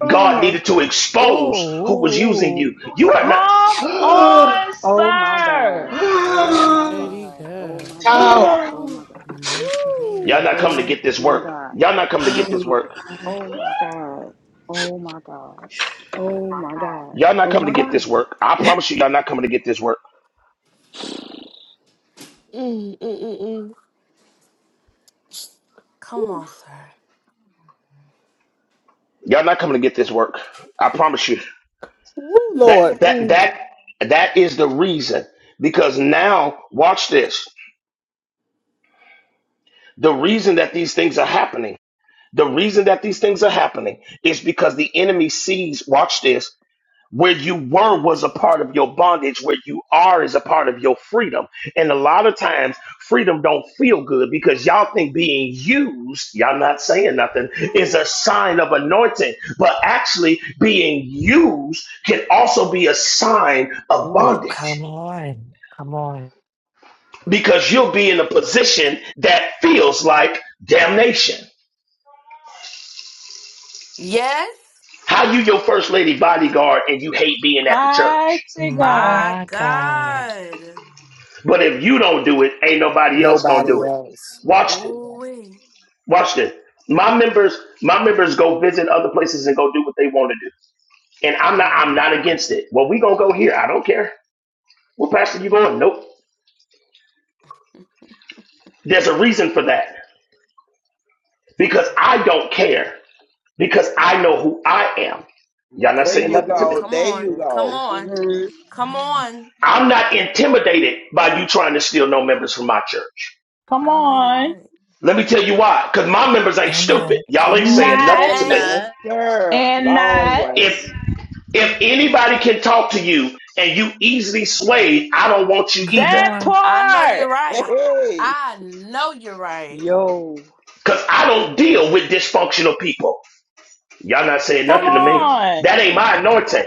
Speaker 20: god.
Speaker 13: God needed to expose who was using
Speaker 3: Oh.
Speaker 13: you. You are
Speaker 15: Come
Speaker 13: not.
Speaker 15: on,
Speaker 2: Oh my God.
Speaker 15: sir.
Speaker 2: Oh my
Speaker 8: Mighty
Speaker 2: God. Oh my
Speaker 8: God.
Speaker 2: God.
Speaker 18: Talk.
Speaker 2: Oh my God.
Speaker 8: Mighty
Speaker 13: Y'all
Speaker 8: God.
Speaker 14: Woo,
Speaker 13: not coming to
Speaker 2: Oh
Speaker 13: get this
Speaker 2: my
Speaker 13: work.
Speaker 2: God.
Speaker 13: Y'all not coming to get
Speaker 20: Oh
Speaker 13: this work.
Speaker 20: my god.
Speaker 2: Oh my God. Oh my God. Oh my
Speaker 14: Wow.
Speaker 2: God.
Speaker 13: Y'all not
Speaker 2: Oh
Speaker 13: coming to
Speaker 2: my
Speaker 13: get this
Speaker 2: God.
Speaker 13: work. I promise you, y'all not coming to get this work.
Speaker 14: mm, mm, mm, mm.
Speaker 1: Come on, sir.
Speaker 13: Y'all not coming to get this work. I promise you.
Speaker 14: Woo Lord.
Speaker 13: That that
Speaker 14: Mm.
Speaker 13: that that is the reason. Because now, watch this. The reason that these things are happening. The reason that these things are happening is because the enemy sees. Watch this. Where you were was a part of your bondage. Where you are is a part of your freedom. And a lot of times, freedom don't feel good because y'all think being used, y'all not saying nothing, is a sign of anointing. But actually, being used can also be a sign of
Speaker 3: Oh. Come
Speaker 13: bondage
Speaker 3: on. Come on.
Speaker 13: because you'll be in a position that feels like damnation.
Speaker 1: Yes.
Speaker 13: How you your first lady bodyguard and you hate being at the church?
Speaker 15: Mighty God.
Speaker 1: My
Speaker 3: My God.
Speaker 1: God.
Speaker 13: But if you don't do it, ain't nobody else gonna
Speaker 14: Nobody
Speaker 13: do it.
Speaker 14: else.
Speaker 13: Watch.
Speaker 1: Oh, wait.
Speaker 13: Watch this. My members, my members go visit other places and go do what they want to do. And I'm not I'm not against it. Well, we gonna go here. I don't care. Well, Pastor, you going? Nope. There's a reason for that. Because I don't care. Because I know who I am. Y'all not
Speaker 1: Come
Speaker 22: There
Speaker 13: saying
Speaker 22: you
Speaker 1: on.
Speaker 13: nothing to
Speaker 22: go.
Speaker 13: me.
Speaker 1: Come
Speaker 22: There
Speaker 1: on.
Speaker 22: you
Speaker 1: Come
Speaker 22: go.
Speaker 1: on.
Speaker 4: hmm
Speaker 1: Come on.
Speaker 13: I'm not intimidated by you trying to steal no members from my church.
Speaker 15: Come
Speaker 1: I know you're
Speaker 15: on.
Speaker 1: right.
Speaker 13: Let me tell you why. Because my members ain't stupid.
Speaker 3: Amen.
Speaker 13: Y'all
Speaker 3: Come
Speaker 13: ain't saying
Speaker 3: on.
Speaker 13: nothing
Speaker 15: Not
Speaker 13: to
Speaker 4: And
Speaker 13: me.
Speaker 1: Ain't
Speaker 22: Yes,
Speaker 4: now,
Speaker 22: sir.
Speaker 15: and
Speaker 22: Long
Speaker 15: not
Speaker 22: way.
Speaker 13: If if anybody can talk to you and you easily swayed, I don't want you
Speaker 3: Come
Speaker 13: either.
Speaker 15: that
Speaker 3: on.
Speaker 1: I know
Speaker 15: part.
Speaker 1: you're right.
Speaker 22: Hey,
Speaker 1: I know you're right.
Speaker 2: Yo.
Speaker 13: Because I don't deal with dysfunctional people. Y'all not saying
Speaker 15: Come
Speaker 13: nothing to me.
Speaker 1: Amen.
Speaker 15: on.
Speaker 13: That ain't my anointing.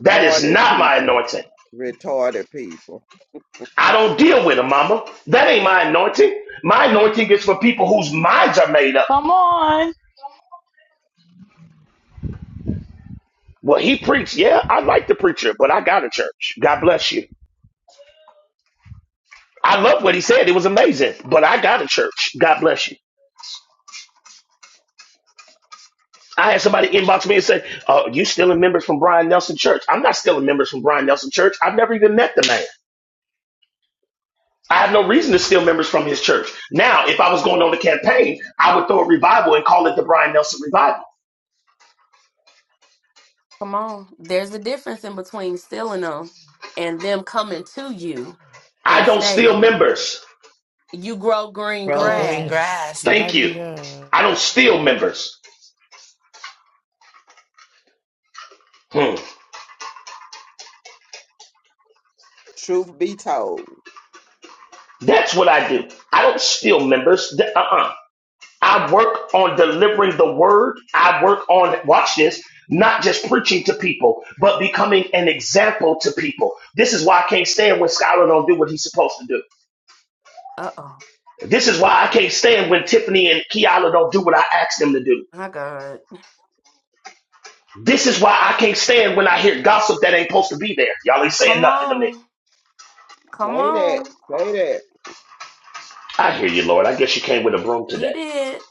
Speaker 13: That is not
Speaker 22: people.
Speaker 13: my anointing.
Speaker 22: Retarded people.
Speaker 13: I don't deal with them, mama. That ain't my anointing. My anointing is for people whose minds are made up.
Speaker 15: Come on.
Speaker 13: Well, he preached. Yeah, I like the preacher, but I got a church. God bless you. I love what he said. It was amazing, but I got a church. God bless you. I had somebody inbox me and say, uh, you stealing members from Brian Nelson Church. I'm not stealing members from Brian Nelson Church. I've never even met the man. I have no reason to steal members from his church. Now, if I was going on a campaign, I would throw a revival and call it the Brian Nelson Revival.
Speaker 1: Come on. There's a difference in between stealing them and them coming to you
Speaker 13: I
Speaker 1: and
Speaker 13: don't steal
Speaker 1: staying.
Speaker 13: members.
Speaker 1: You grow green
Speaker 3: Grow green
Speaker 1: grass.
Speaker 8: Yes.
Speaker 3: grass.
Speaker 13: Thank
Speaker 8: Mighty
Speaker 13: you.
Speaker 8: God.
Speaker 13: I don't steal members. Hmm.
Speaker 22: Truth be told.
Speaker 13: That's what I do. I don't steal members. Uh-uh. I work on delivering the word. I work on, watch this, not just preaching to people, but becoming an example to people. This is why I can't stand when Skylar don't do what he's supposed to do.
Speaker 1: Uh oh.
Speaker 13: This is why I can't stand when Tiffany and Kiala don't do what I ask them to do.
Speaker 1: My God.
Speaker 13: This is why I can't stand when I hear gossip that ain't supposed to be there. Y'all ain't saying
Speaker 1: Come
Speaker 13: nothing to me.
Speaker 1: on. Come
Speaker 22: Say that.
Speaker 1: on.
Speaker 22: Say that.
Speaker 13: I hear you, Lord. I guess you came with a broom today.
Speaker 1: He did.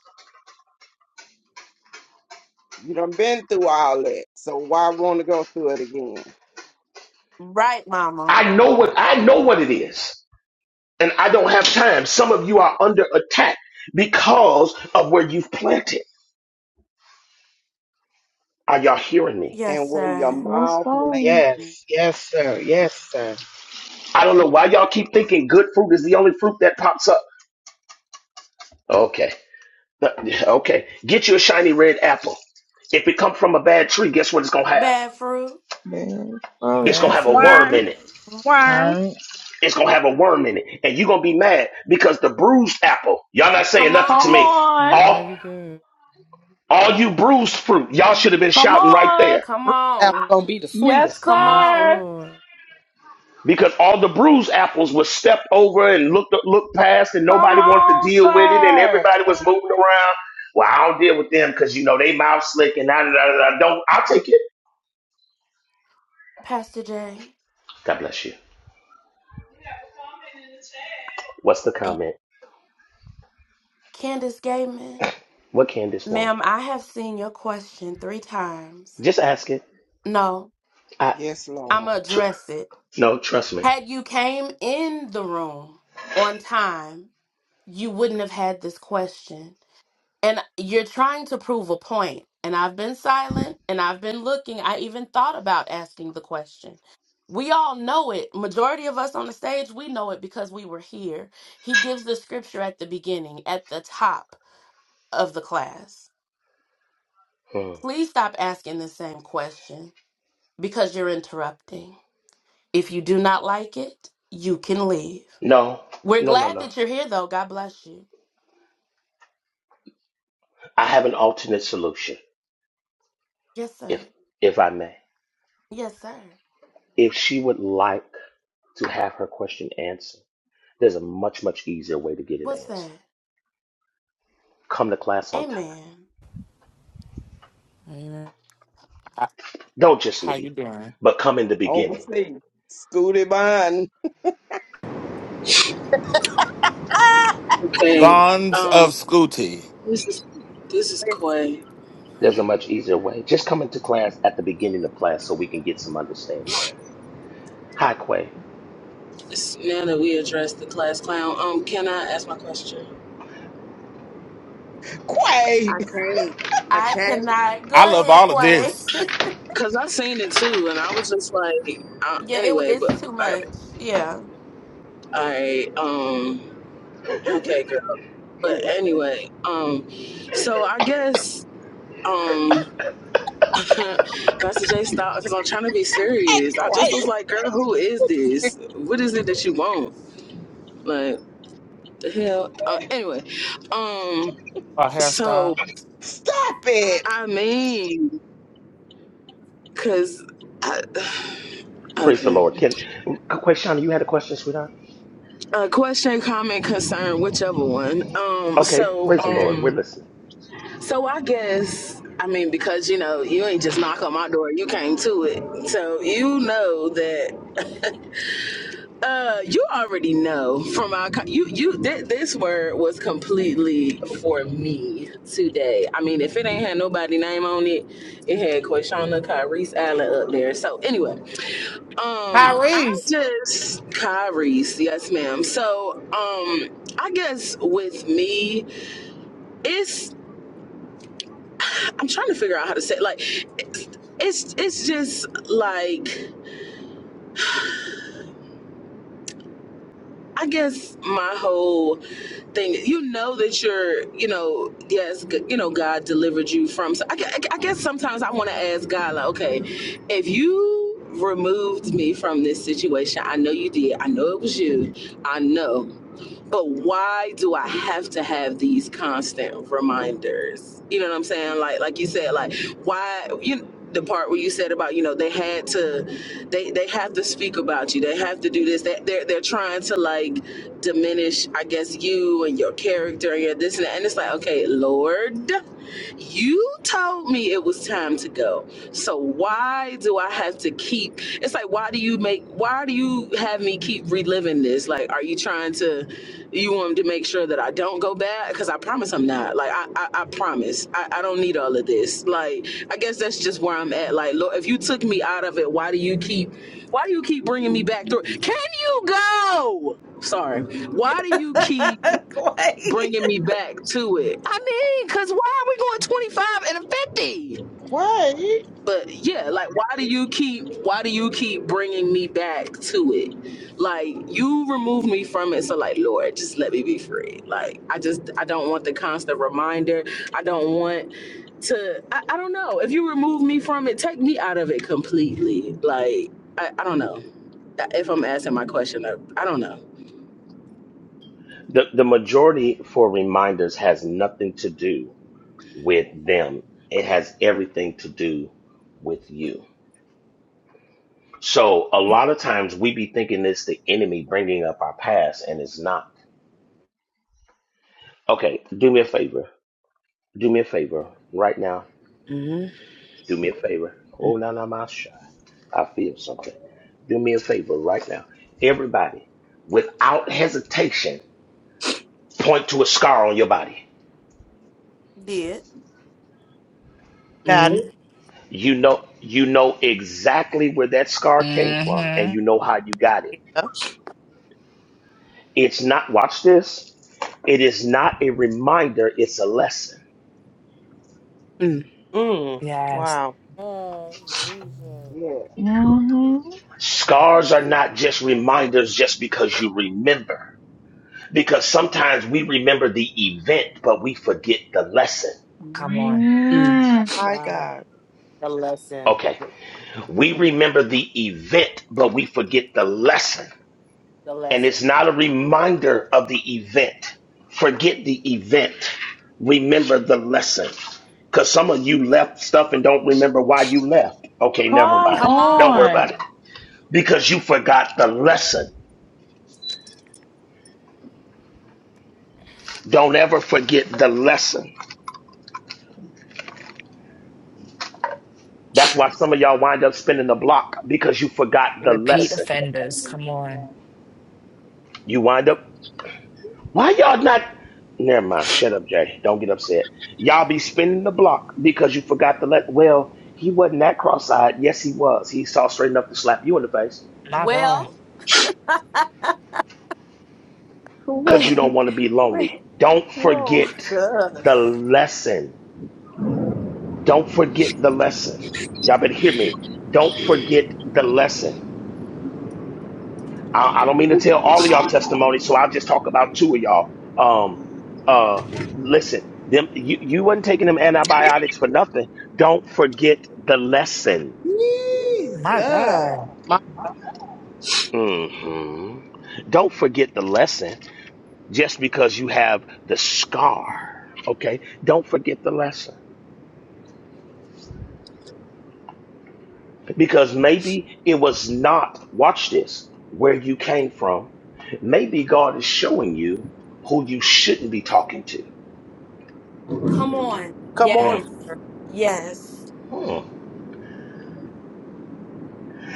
Speaker 22: You done been through all that. So why want to go through it again?
Speaker 1: Right, Mama.
Speaker 13: I know what I know what it is. And I don't have time. Some of you are under attack because of where you've planted. Are y'all hearing me?
Speaker 1: Yes,
Speaker 22: And where your
Speaker 1: sir.
Speaker 15: Let's
Speaker 22: mouth
Speaker 15: go.
Speaker 22: lands.
Speaker 18: Yes, yes, sir. Yes, sir.
Speaker 13: I don't know why y'all keep thinking good fruit is the only fruit that pops up. Okay. Uh, Okay. Get you a shiny red apple. If it come from a bad tree, guess what it's gonna have?
Speaker 1: Bad fruit.
Speaker 15: Let's go.
Speaker 13: It's gonna
Speaker 8: Bad
Speaker 13: have a
Speaker 8: fruit.
Speaker 13: worm
Speaker 19: Worms.
Speaker 13: in it.
Speaker 19: Worms.
Speaker 13: It's gonna have a worm in it, and you're gonna be mad because the bruised apple. Y'all not saying
Speaker 1: Come
Speaker 13: nothing to
Speaker 15: Come
Speaker 13: me.
Speaker 1: on.
Speaker 15: on.
Speaker 13: All
Speaker 8: Mighty God.
Speaker 13: all you bruised fruit, y'all should have been
Speaker 15: Come
Speaker 13: shouting right
Speaker 15: on.
Speaker 13: there
Speaker 1: Come
Speaker 11: Fruit apple
Speaker 1: on.
Speaker 11: gonna be the sweetest.
Speaker 15: Yes,
Speaker 1: Come
Speaker 8: Yes,
Speaker 15: sir.
Speaker 1: on,
Speaker 8: Lord.
Speaker 13: because all the bruised apples was stepped over and looked looked past, and
Speaker 15: Come
Speaker 13: nobody wanted to
Speaker 15: on,
Speaker 13: deal with it, and
Speaker 15: sir.
Speaker 13: everybody
Speaker 11: Come
Speaker 13: was
Speaker 11: on.
Speaker 13: moving around. Well, I don't deal with them because you know they mouth slick and I, I, I don't. I'll take it.
Speaker 1: Pastor Jay.
Speaker 13: God bless you. What's the comment?
Speaker 1: Candace Gaiman.
Speaker 13: What Candace want?
Speaker 1: Ma'am, I have seen your question three times.
Speaker 13: Just ask it.
Speaker 1: No,
Speaker 13: I
Speaker 22: Yes, Lord.
Speaker 1: I'ma
Speaker 13: tr-
Speaker 1: address it.
Speaker 13: no, trust me.
Speaker 1: Had you came in the room on time, you wouldn't have had this question. And you're trying to prove a point. And I've been silent and I've been looking. I even thought about asking the question. We all know it. Majority of us on the stage, we know it because we were here. He gives the scripture at the beginning, at the top. of the class.
Speaker 13: Hmm.
Speaker 1: Please stop asking the same question because you're interrupting. If you do not like it, you can leave.
Speaker 13: No,
Speaker 1: We're
Speaker 13: no, no,
Speaker 1: glad
Speaker 13: no.
Speaker 1: that you're here, though. God bless you.
Speaker 13: I have an alternate solution,
Speaker 1: Yes, sir.
Speaker 13: if if I may.
Speaker 1: Yes, sir.
Speaker 13: If she would like to have her question answered, there's a much much easier way to get it
Speaker 1: What's that?
Speaker 13: answered. Come to class on time.
Speaker 1: Amen.
Speaker 8: Amen.
Speaker 5: how,
Speaker 13: Don't just
Speaker 5: how you
Speaker 13: leave,
Speaker 5: doing?
Speaker 13: but come in the beginning.
Speaker 22: Oversee. Scooty Bun.
Speaker 20: Okay.
Speaker 5: Lawns of
Speaker 20: Um,
Speaker 5: Scooty.
Speaker 20: this is this is
Speaker 4: listen,
Speaker 20: Quay.
Speaker 13: There's a much easier way. Just come into class at the beginning of class so we can get some understanding. Hi, Quay.
Speaker 20: It's now that we addressed the class clown. Um, can I ask my question?
Speaker 22: Quay.
Speaker 4: I can't. I
Speaker 1: I
Speaker 4: can't.
Speaker 1: cannot.
Speaker 5: I
Speaker 1: Go
Speaker 5: love
Speaker 1: ahead,
Speaker 5: all of
Speaker 1: Quay.
Speaker 5: this.
Speaker 20: Cause I seen it too, and I was just like, uh,
Speaker 1: Yeah, it,
Speaker 20: anyway. But
Speaker 1: it's too
Speaker 20: all right,
Speaker 1: much. Yeah,
Speaker 20: all right. Um, okay, girl. But anyway, um, so I guess um. Pastor J stopped because I'm trying to be
Speaker 22: Hey,
Speaker 20: serious. I just
Speaker 22: Quay.
Speaker 20: was like, girl, who is this? What is it that you want? Like the hell? Uh, anyway, um,
Speaker 5: A
Speaker 20: so
Speaker 5: hairstyle?
Speaker 22: Stop it.
Speaker 20: I mean, cause I,
Speaker 13: Praise the
Speaker 20: okay,
Speaker 13: Lord. Can Quay Shauna, you had a question, sweetheart?
Speaker 20: uh, question, comment, concern, whichever one. Um,
Speaker 13: Okay,
Speaker 20: so,
Speaker 13: praise the Lord. We're
Speaker 20: um,
Speaker 13: listening.
Speaker 20: so I guess I mean because you know you ain't just knock on my door, you came to it, so you know that. Uh, you already know from our co- you you th- this word was completely for me today. I mean, if it ain't had nobody name on it, it had Quashana Kyrese Allen up there. So anyway, Um, I
Speaker 14: Tyrese.
Speaker 20: just Kyrie's, yes, ma'am. So, um, I guess with me, it's I'm trying to figure out how to say it. like it's it's it's just like I guess my whole thing. You know that you're, you know, yes, g- you know, God delivered you from. So I, gue- I guess sometimes I want to ask God, like, okay, if you removed me from this situation, I know you did. I know it was you. I know. but why do I have to have these constant reminders? You know what I'm saying? Like like you said, like why you the part where you said about you know they had to they they have to speak about you they have to do this they, they're they're trying to like diminish i guess you and your character and your this and that and it's like okay lord you told me it was time to go. So why do I have to keep it's like why do you make why do you have me keep reliving this? Like are you trying to you want to make sure that I don't go back? Because I promise I'm not. Like I I, I promise. I, I don't need all of this. Like I guess that's just where I'm at. Like Lord, if you took me out of it, why do you keep why do you keep bringing me back through? Can you go? Sorry. Why do you keep bringing me back to it. I mean, cause why are we going 25 and a 50?
Speaker 22: Quay.
Speaker 20: But yeah, like why do you keep why do you keep bringing me back to it? Like you remove me from it, so like Lord, just let me be free. Like I just I don't want the constant reminder. I don't want to I, I don't know. If you remove me from it, take me out of it completely. Like I, I don't know. If I'm asking my question, I, I don't know.
Speaker 13: The the majority for reminders has nothing to do with them. It has everything to do with you. So a lot of times we be thinking it's the enemy bringing up our past and it's not. Okay, do me a favor. Do me a favor right now.
Speaker 20: Mm-hmm.
Speaker 13: Do me a favor. Oh, no, no, my shy. I feel something. Do me a favor right now. Everybody, without hesitation, point to a scar on your body.
Speaker 1: did.
Speaker 11: Got it.
Speaker 13: You know, you know exactly where that scar came from and
Speaker 3: Mm-hmm.
Speaker 13: you know how you got it
Speaker 11: Yeah.
Speaker 13: It's not, watch this, it is not a reminder, it's a lesson.
Speaker 20: Mm-hmm.
Speaker 11: Mm.
Speaker 3: Yes.
Speaker 11: Wow.
Speaker 8: God, Jesus.
Speaker 22: Yes.
Speaker 15: hmm
Speaker 13: Scars are not just reminders just because you remember, because sometimes we remember the event, but we forget the lesson.
Speaker 3: Come on.
Speaker 11: My
Speaker 14: Wow.
Speaker 11: God.
Speaker 14: The lesson.
Speaker 13: Okay,
Speaker 14: the
Speaker 13: we remember the event, but we forget the lesson. And it's
Speaker 14: lesson. Man.
Speaker 13: not a reminder of the event. Forget the event, remember the lesson. Because some of you left stuff and don't remember why you left. Okay, never
Speaker 15: Come
Speaker 13: mind.
Speaker 1: Come
Speaker 13: Don't worry
Speaker 1: on.
Speaker 15: on.
Speaker 13: about it. because you forgot the lesson. Don't ever forget the lesson. That's why some of y'all wind up spinning the block because you forgot the
Speaker 3: Repeat
Speaker 13: lesson.
Speaker 3: offenders. Come on.
Speaker 13: You wind up, why y'all not? Never mind. Shut up, Jay. Don't get upset. Y'all be spinning the block because you forgot the let. Well, he wasn't that cross eyed. Yes, he was. He saw straight enough to slap you in the face
Speaker 3: My God.
Speaker 1: Well,
Speaker 13: because you don't
Speaker 2: Wait.
Speaker 13: want to be lonely.
Speaker 2: Wait.
Speaker 13: Don't
Speaker 2: Whoa.
Speaker 13: forget
Speaker 4: Jesus.
Speaker 13: the lesson. Don't forget the lesson. Y'all better hear me. Don't forget the lesson. I, I don't mean to tell all of y'all testimony, so I'll just talk about two of y'all. Um, uh, listen, them you you wasn't taking them antibiotics for nothing. Don't forget the lesson.
Speaker 3: My
Speaker 4: Jesus.
Speaker 3: God.
Speaker 11: My,
Speaker 13: hmm Don't forget the lesson just because you have the scar. Okay, don't forget the lesson because maybe it was not. Watch this. Where you came from, maybe God is showing you who you shouldn't be talking to.
Speaker 1: come on.
Speaker 11: come
Speaker 13: Hmm.
Speaker 11: on,
Speaker 1: Yes.
Speaker 11: sir. Come on.
Speaker 1: Yes.
Speaker 13: Hmm.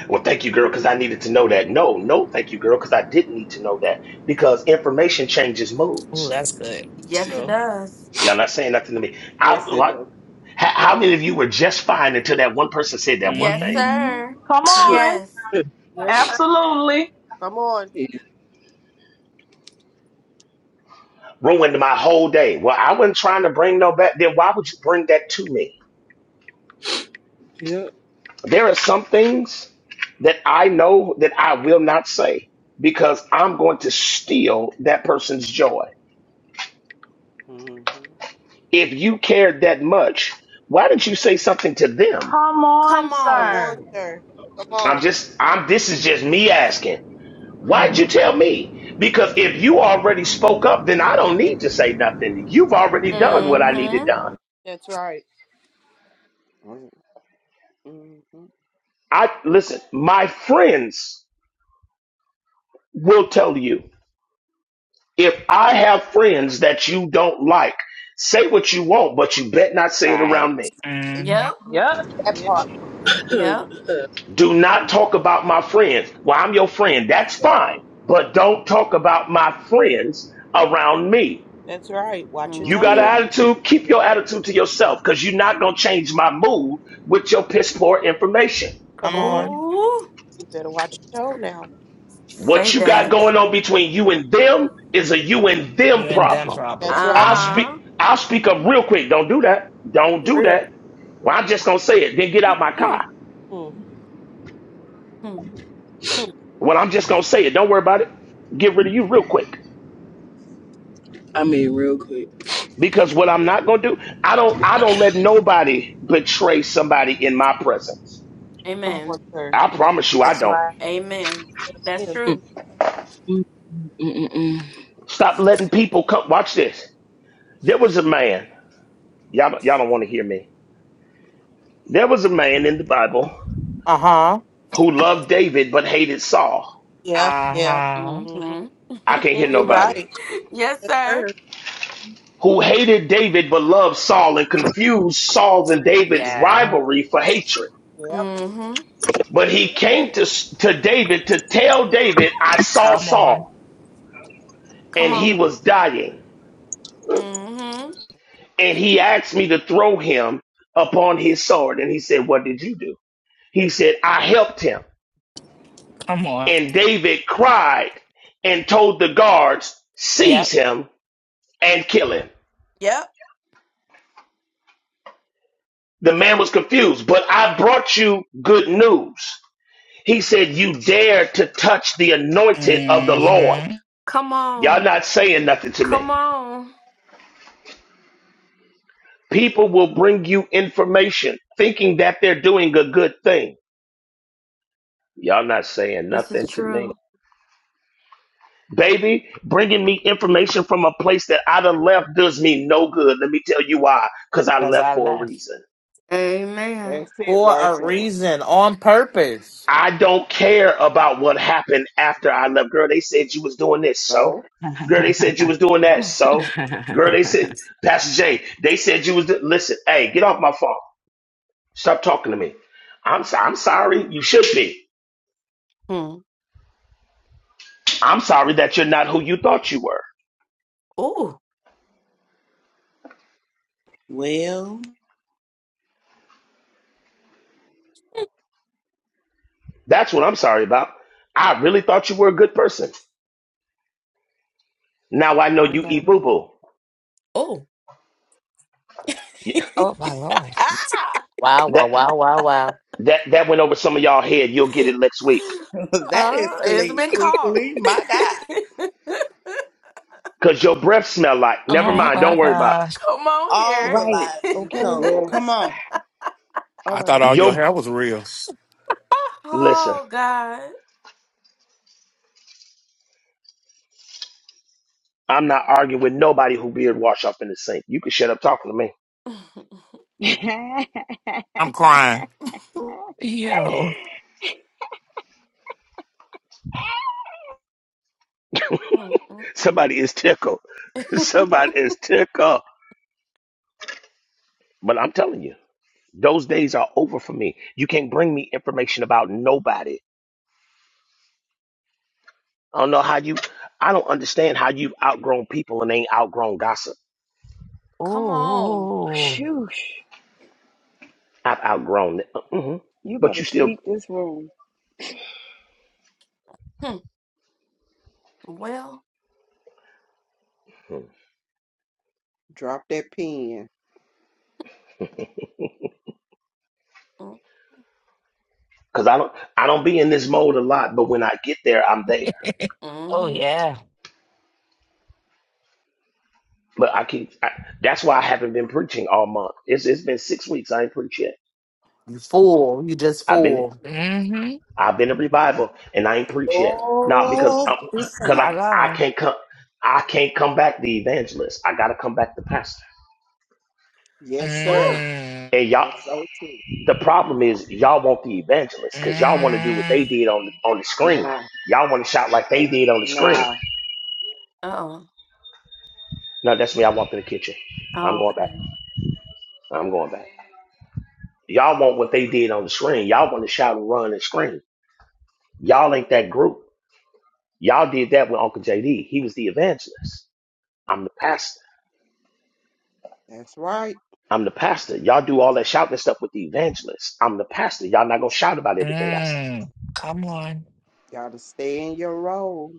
Speaker 13: Well, thank you, girl, because I needed to know that. No, no, thank you, girl, because I didn't need to know that because information changes
Speaker 3: Ooh,
Speaker 13: moods.
Speaker 3: that's good.
Speaker 1: Yes, it
Speaker 3: So,
Speaker 1: does.
Speaker 13: Y'all not saying nothing to me. I
Speaker 22: Yes, it
Speaker 13: like.
Speaker 22: does.
Speaker 13: How how many of you were just fine until that one person said that one
Speaker 1: Yes,
Speaker 13: thing
Speaker 3: hmm
Speaker 1: sir.
Speaker 15: Come
Speaker 20: Mm-hmm.
Speaker 15: on.
Speaker 1: Yes.
Speaker 11: Yes,
Speaker 22: Mhm.
Speaker 11: sir.
Speaker 15: Absolutely.
Speaker 11: Come on.
Speaker 20: Yeah.
Speaker 13: ruined my whole day? Well, I wasn't trying to bring no back. Then why would you bring that to me?
Speaker 20: Yeah.
Speaker 13: There are some things that I know that I will not say because I'm going to steal that person's joy.
Speaker 22: Mm.
Speaker 13: If you cared that much, why did you say something to them
Speaker 15: Come on,
Speaker 1: Come
Speaker 11: Come
Speaker 1: on.
Speaker 11: on,
Speaker 15: sir.
Speaker 11: sir. Come
Speaker 13: I'm
Speaker 11: on.
Speaker 13: just I'm this is just me asking. Why'd you tell me? Because if you already spoke up, then I don't need to say nothing. You've already done what I needed
Speaker 1: Mm-hmm.
Speaker 13: done.
Speaker 11: That's right.
Speaker 22: Mhm.
Speaker 13: I listen, my friends will tell you. If I have friends that you don't like, say what you want, but you bet not say it around
Speaker 3: right.
Speaker 13: me.
Speaker 4: That
Speaker 3: hmm
Speaker 1: Yep.
Speaker 4: part.
Speaker 15: Yep.
Speaker 4: That
Speaker 11: Yep.
Speaker 4: part.
Speaker 1: Yep.
Speaker 13: Do not talk about my friends. Well, I'm your friend. That's fine. But don't talk about my friends around me
Speaker 11: That's right. Watch your
Speaker 13: You got
Speaker 1: Mm-hmm.
Speaker 11: tone.
Speaker 13: an
Speaker 20: Yeah,
Speaker 13: attitude, keep your attitude to yourself because you're not going to change my mood with your piss poor information.
Speaker 11: Come
Speaker 14: Come
Speaker 11: on.
Speaker 14: on.
Speaker 1: Ooh.
Speaker 11: You better watch your tone now.
Speaker 1: Say
Speaker 13: What you got
Speaker 1: that.
Speaker 13: going on between you and them is a you and them
Speaker 3: You and them
Speaker 13: problem.
Speaker 3: problem.
Speaker 11: That's right.
Speaker 13: I'll
Speaker 3: hmm
Speaker 13: speak,
Speaker 1: Uh-huh.
Speaker 13: I'll speak up real quick. Don't do that. Don't
Speaker 11: For
Speaker 13: do
Speaker 11: real.
Speaker 13: that. Well, I'm just going to say it. Then get out my
Speaker 11: Mm,
Speaker 13: car.
Speaker 11: mm,
Speaker 1: Hmm.
Speaker 11: mm.
Speaker 13: Well, I'm just going to say it. Don't worry about it. Get rid of you real quick.
Speaker 20: I mean, real quick.
Speaker 13: Because what I'm not going to do, I don't, I don't let nobody betray somebody in my presence.
Speaker 11: Come on,
Speaker 1: Amen.
Speaker 11: sir.
Speaker 13: I promise you I
Speaker 4: That's
Speaker 13: don't.
Speaker 4: right.
Speaker 1: Amen. That's
Speaker 11: Amen.
Speaker 20: Mm,
Speaker 1: true.
Speaker 20: mm,
Speaker 13: Stop letting people come. Watch this. There was a man, y'all, don't- y'all don't want to hear me. There was a man in the Bible
Speaker 14: Uh huh.
Speaker 13: who loved David but hated Saul.
Speaker 11: Yeah. Yeah.
Speaker 3: Uh-huh.
Speaker 11: hmm
Speaker 1: Mm-hmm.
Speaker 13: I can't hear
Speaker 11: You're
Speaker 13: nobody.
Speaker 11: right.
Speaker 1: yes,
Speaker 11: Yes,
Speaker 1: sir.
Speaker 11: sir.
Speaker 13: Who hated David but loved Saul and confused Saul and David's
Speaker 3: Yeah.
Speaker 13: rivalry for hatred.
Speaker 11: Yep.
Speaker 1: Mm-hmm.
Speaker 13: But he came to, to David to tell David, I saw
Speaker 3: Come
Speaker 13: Saul
Speaker 3: on.
Speaker 13: and
Speaker 1: Come
Speaker 13: he
Speaker 1: on.
Speaker 13: was dying.
Speaker 1: Mm-hmm.
Speaker 13: And he asked me to throw him upon his sword. And he said, What did you do? He said, I helped him.
Speaker 3: Come on.
Speaker 13: And David cried and told the guards, seize
Speaker 3: Yep.
Speaker 13: him and kill him.
Speaker 1: Yep.
Speaker 13: The man was confused, but I brought you good news. He said, You dare to touch the anointed of the Lord.
Speaker 3: Mm-hmm.
Speaker 1: Come
Speaker 13: Y'all
Speaker 1: on.
Speaker 13: not saying nothing to me.
Speaker 1: Come on.
Speaker 13: People will bring you information thinking that they're doing a good thing. Y'all not saying
Speaker 1: This is
Speaker 13: nothing to me.
Speaker 1: true.
Speaker 13: Baby, bringing me information from a place that I done left does me no good. Let me tell you why. Because I
Speaker 3: Because
Speaker 13: left
Speaker 3: I
Speaker 13: for a
Speaker 3: left.
Speaker 13: reason.
Speaker 1: Amen.
Speaker 22: That's it
Speaker 14: For
Speaker 22: right
Speaker 14: a
Speaker 22: there.
Speaker 14: reason, on purpose.
Speaker 13: I don't care about what happened after I left. Girl, they said you was doing this, so.
Speaker 22: No.
Speaker 13: Girl, they said you
Speaker 20: mm,
Speaker 13: was doing that, so. Girl, they
Speaker 20: mm.
Speaker 13: said, Pastor J, they said you was, do- listen, hey, get off my phone. Stop talking to me. I'm, so- I'm sorry. You should be.
Speaker 1: Hmm.
Speaker 13: I'm sorry that you're not who you thought you were.
Speaker 1: Ooh.
Speaker 4: Well.
Speaker 13: That's what I'm sorry about. I really thought you were a good person. Now I know
Speaker 1: My
Speaker 13: you
Speaker 1: God.
Speaker 13: eat boo-boo.
Speaker 1: Oh.
Speaker 13: Yeah,
Speaker 1: uh,
Speaker 3: Oh, my Lord.
Speaker 14: Wow, wow,
Speaker 13: that,
Speaker 14: wow, wow, wow.
Speaker 13: that, that went over some of y'all head. You'll get it next week.
Speaker 4: that
Speaker 1: it's
Speaker 4: escalated
Speaker 1: been called.
Speaker 4: quickly. My God.
Speaker 13: Cause your breath smell like, never
Speaker 3: Oh,
Speaker 13: mind.
Speaker 3: my
Speaker 13: Don't worry about
Speaker 3: gosh.
Speaker 1: Come on
Speaker 4: All
Speaker 1: here.
Speaker 4: the
Speaker 2: Right.
Speaker 4: lies you
Speaker 2: Okay.
Speaker 4: told. Come
Speaker 22: Yes.
Speaker 4: on.
Speaker 2: All
Speaker 5: I thought
Speaker 13: it.
Speaker 2: right.
Speaker 5: all your
Speaker 13: Your
Speaker 5: hair was real.
Speaker 13: Listen,
Speaker 1: Oh, God.
Speaker 13: I'm not arguing with nobody who beard wash up in the sink. You can shut up talking to me.
Speaker 5: I'm crying.
Speaker 1: Mm,
Speaker 3: Yo.
Speaker 1: mm, mm.
Speaker 13: Somebody is tickled. Somebody is tickled. But I'm telling you, those days are over for me. You can't bring me information about nobody. I don't know how you. I don't understand how you've outgrown people and ain't outgrown gossip.
Speaker 1: Come on.
Speaker 3: Ooh.
Speaker 2: Shoosh.
Speaker 13: I've outgrown it, hmm
Speaker 2: You
Speaker 13: but
Speaker 2: better
Speaker 13: you still.
Speaker 2: sweep this room.
Speaker 1: Hmm. Well,
Speaker 13: hmm.
Speaker 22: Drop that pen.
Speaker 1: mm,
Speaker 13: Cause I don't, I don't be in this mode a lot, but when I get there, I'm there.
Speaker 3: Oh,
Speaker 1: mm-hmm.
Speaker 3: yeah.
Speaker 13: But I keep, I, that's why I haven't been preaching all month. It's, it's been six weeks. I ain't preached yet.
Speaker 14: You fool. You just
Speaker 13: I've been
Speaker 14: fool.
Speaker 3: Mm-hmm.
Speaker 13: I've been in revival and I ain't preach yet. Not because
Speaker 4: Oh,
Speaker 13: I'm,
Speaker 4: this
Speaker 13: cause
Speaker 3: My
Speaker 13: I
Speaker 4: Sunday.
Speaker 13: I
Speaker 3: God.
Speaker 13: can't come I can't come back the evangelist. I gotta come back the pastor.
Speaker 22: Yes, sir.
Speaker 3: Mm.
Speaker 13: And y'all
Speaker 22: That's so true.
Speaker 13: the problem is y'all want the evangelist because y'all want to do what they
Speaker 3: Mm,
Speaker 13: did on on the screen.
Speaker 22: Nah.
Speaker 13: Y'all want to shout like they did on the screen.
Speaker 22: Nah.
Speaker 1: Oh,
Speaker 13: No, that's me. I walked in the kitchen. I'm going back.
Speaker 1: okay.
Speaker 13: I'm going back. Y'all want what they did on the screen. Y'all want to shout and run and scream. Y'all ain't that group. Y'all did that with Uncle JD. He was the evangelist. I'm the pastor.
Speaker 22: That's right.
Speaker 13: I'm the pastor. Y'all do all that shouting stuff with the evangelist. I'm the pastor. Y'all not gonna shout about everything I say.
Speaker 3: mm, come on.
Speaker 22: Gotta stay in your role.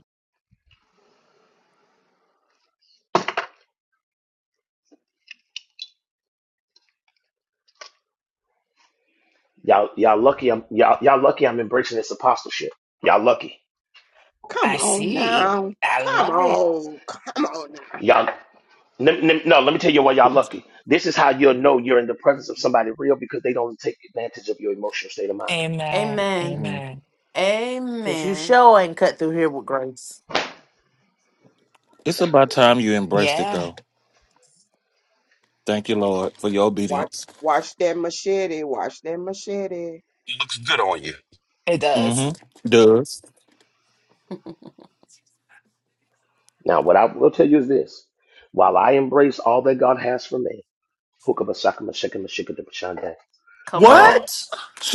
Speaker 13: Y'all y'all lucky I'm y'all y'all lucky I'm embracing this apostleship. Y'all lucky.
Speaker 22: Come
Speaker 3: I
Speaker 22: on
Speaker 3: see.
Speaker 22: now.
Speaker 3: I
Speaker 22: Come
Speaker 3: love it.
Speaker 22: on. Come on now.
Speaker 13: Y'all n- n- no, let me tell you why y'all lucky. This is how you'll know you're in the presence of somebody real because they don't take advantage of your emotional state of mind.
Speaker 3: Amen.
Speaker 1: Amen.
Speaker 5: hmm
Speaker 3: Amen.
Speaker 14: Cause you
Speaker 1: Amen.
Speaker 14: sure ain't cut through here with grace.
Speaker 5: It's about time you embraced it,
Speaker 3: Yeah,
Speaker 5: though. Thank you, Lord, for your
Speaker 22: Watch
Speaker 5: obedience.
Speaker 22: watch that machete. Watch that machete.
Speaker 24: It looks good on you.
Speaker 3: it does.
Speaker 5: Mm-hmm. Does.
Speaker 13: Now, what I will tell you is this. While I embrace all that God has for me, hookabasakamashikamashikadabashande.
Speaker 1: Come
Speaker 13: Um,
Speaker 1: on.
Speaker 5: What?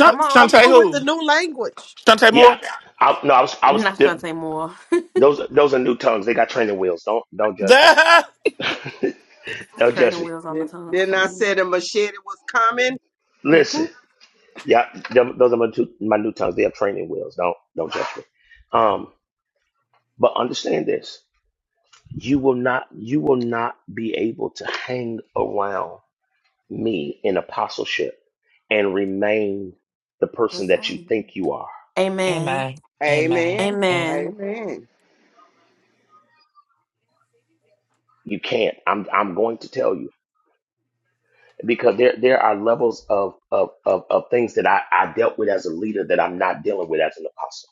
Speaker 1: Come
Speaker 11: Come
Speaker 1: on.
Speaker 5: Shantae
Speaker 11: on with
Speaker 5: who?
Speaker 11: the new language.
Speaker 5: Shantae
Speaker 13: yeah.
Speaker 5: Moore?
Speaker 13: I, no, I was, I was,
Speaker 1: Not Shantae Moore.
Speaker 13: those, those are new tongues. They got training wheels. Don't, don't judge
Speaker 5: The-
Speaker 13: me.
Speaker 1: it's
Speaker 13: No,
Speaker 1: trading
Speaker 13: Jesse.
Speaker 1: wheels on the
Speaker 22: Didn't,
Speaker 1: tongues
Speaker 22: didn't
Speaker 1: for
Speaker 22: I
Speaker 1: me.
Speaker 22: say the machete was coming?
Speaker 1: Mhm.
Speaker 13: Listen, yeah, them- those are my two my new tongues. They are training wheels. Don't don't judge me. Um, but understand this: you will not you will not be able to hang around me in apostleship and remain the
Speaker 1: the
Speaker 13: person that you
Speaker 1: same.
Speaker 13: think you are.
Speaker 1: Amen.
Speaker 3: Amen. Amen.
Speaker 22: Amen.
Speaker 3: a-
Speaker 1: Amen.
Speaker 22: Amen.
Speaker 13: You can't. I'm I'm going to tell you because there there are levels of of of, of things that I, I dealt with as a leader that I'm not dealing with as an apostle.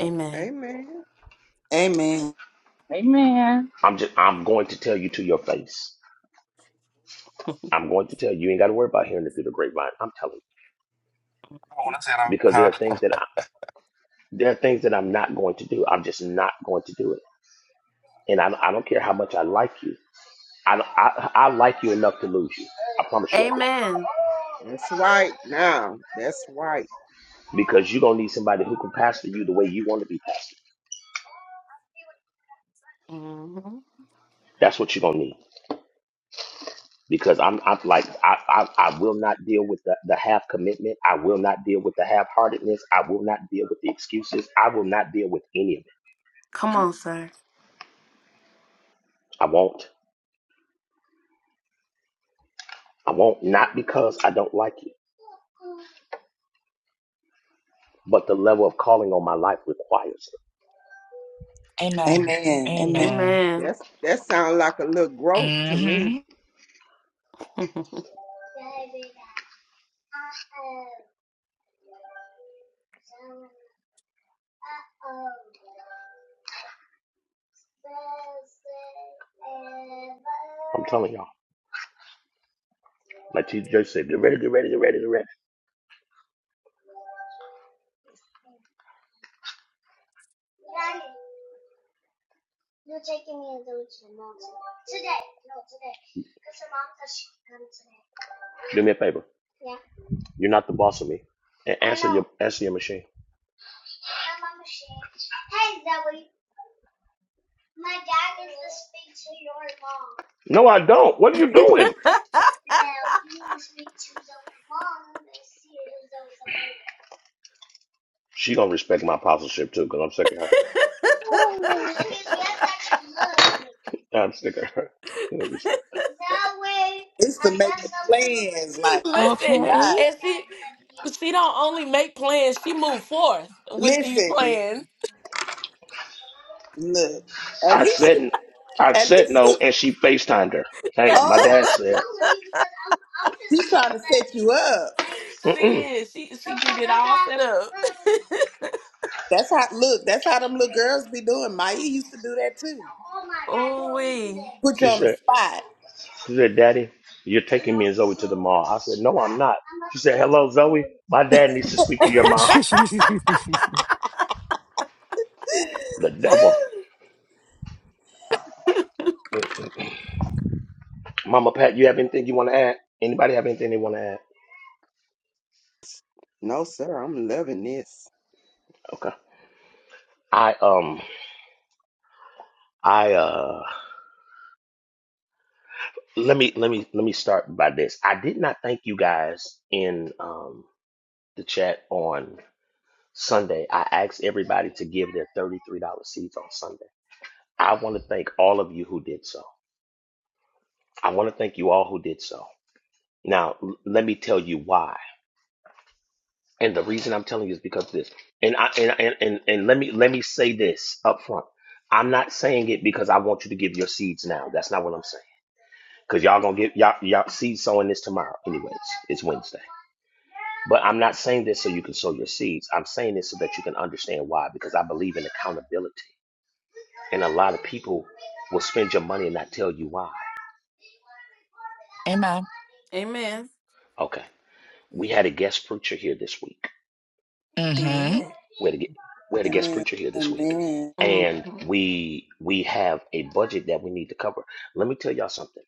Speaker 1: Amen.
Speaker 22: Amen.
Speaker 4: Amen.
Speaker 15: Amen.
Speaker 13: I'm just I'm going to tell you to your face. I'm going to tell you, you ain't got to worry about hearing it through the grapevine. I'm telling
Speaker 24: Oh, when I said
Speaker 13: you
Speaker 24: I'm,
Speaker 13: because there are
Speaker 24: I-
Speaker 13: things that I, there are things that I'm not going to do. I'm just not going to do it. And I, I don't care how much I like you. I, I, I like you enough to lose you. I promise you I do.
Speaker 1: Amen.
Speaker 22: That's right now. That's right.
Speaker 13: Because you're going to need somebody who can pastor you the way you want to be pastored.
Speaker 1: hmm
Speaker 13: That's what you're going to need. Because I'm, I'm like, I, I, I will not deal with the, the half commitment. I will not deal with the half heartedness. I will not deal with the excuses. I will not deal with any of it.
Speaker 1: Come on, sir.
Speaker 13: I won't. I won't. Not because I don't like you but the level of calling on my life requires it.
Speaker 3: Amen.
Speaker 4: Amen. Amen.
Speaker 3: Amen.
Speaker 1: Amen.
Speaker 22: That's that sounds like a little growth to me.
Speaker 3: Mm-hmm.
Speaker 1: Listen,
Speaker 13: I'm telling y'all. Like T J said, get ready, get ready, get ready, get ready. Do me a favor. You're not the boss of me. And answer your answer your machine. No, I don't. What are you doing? She gonna respect my apostleship too, because I'm sick of her. I'm sick of her. She gonna respect.
Speaker 4: It's the making plans. Like, I
Speaker 3: Okay.
Speaker 4: cannot.
Speaker 1: and she she don't only make plans, she move forth with these
Speaker 4: Listen,
Speaker 1: plans.
Speaker 4: look. At
Speaker 13: I
Speaker 4: least you,
Speaker 13: said I
Speaker 4: at
Speaker 13: said
Speaker 4: least
Speaker 13: no
Speaker 4: you,
Speaker 13: and she FaceTimed her. Hey, my
Speaker 4: oh,
Speaker 13: dad said
Speaker 4: she's trying to set you up.
Speaker 1: She
Speaker 13: Mm-mm.
Speaker 1: is. She she get it all set up.
Speaker 4: That's how, look, that's how them little girls be doing. Maya used to do that too.
Speaker 1: oh we.
Speaker 4: Put you
Speaker 13: She
Speaker 4: on the
Speaker 13: said,
Speaker 4: spot.
Speaker 13: She said, Daddy, you're taking me and Zoe to the mall. I said, No, I'm not. She said, Hello, Zoe. My dad needs to speak to your mom. The devil. Mama Pat, you have anything you want to add? Anybody have anything they want to add?
Speaker 22: No, sir. I'm loving this.
Speaker 13: Okay. I um I uh let me let me let me start by this. I did not thank you guys in um the chat on Sunday. I asked everybody to give their $33 seeds on Sunday. I want to thank all of you who did so. I want to thank you all who did so. Now, l- let me tell you why. And the reason I'm telling you is because of this. And I and and and, and let me let me say this up front. I'm not saying it because I want you to give your seeds now. That's not what I'm saying. Because y'all gonna get y'all y'all seed sowing this tomorrow. Anyways, it's Wednesday. But I'm not saying this so you can sow your seeds. I'm saying this so that you can understand why. Because I believe in accountability. And a lot of people will spend your money and not tell you why.
Speaker 3: Amen.
Speaker 1: Amen.
Speaker 13: Okay. We had a guest preacher here this week
Speaker 3: Mm-hmm. Of
Speaker 1: Did.
Speaker 13: we had a, gu- we had a guest
Speaker 4: Amen.
Speaker 13: preacher here this week,
Speaker 4: Amen.
Speaker 1: hmm
Speaker 13: and we we have a budget that we need to cover. Let me tell y'all something.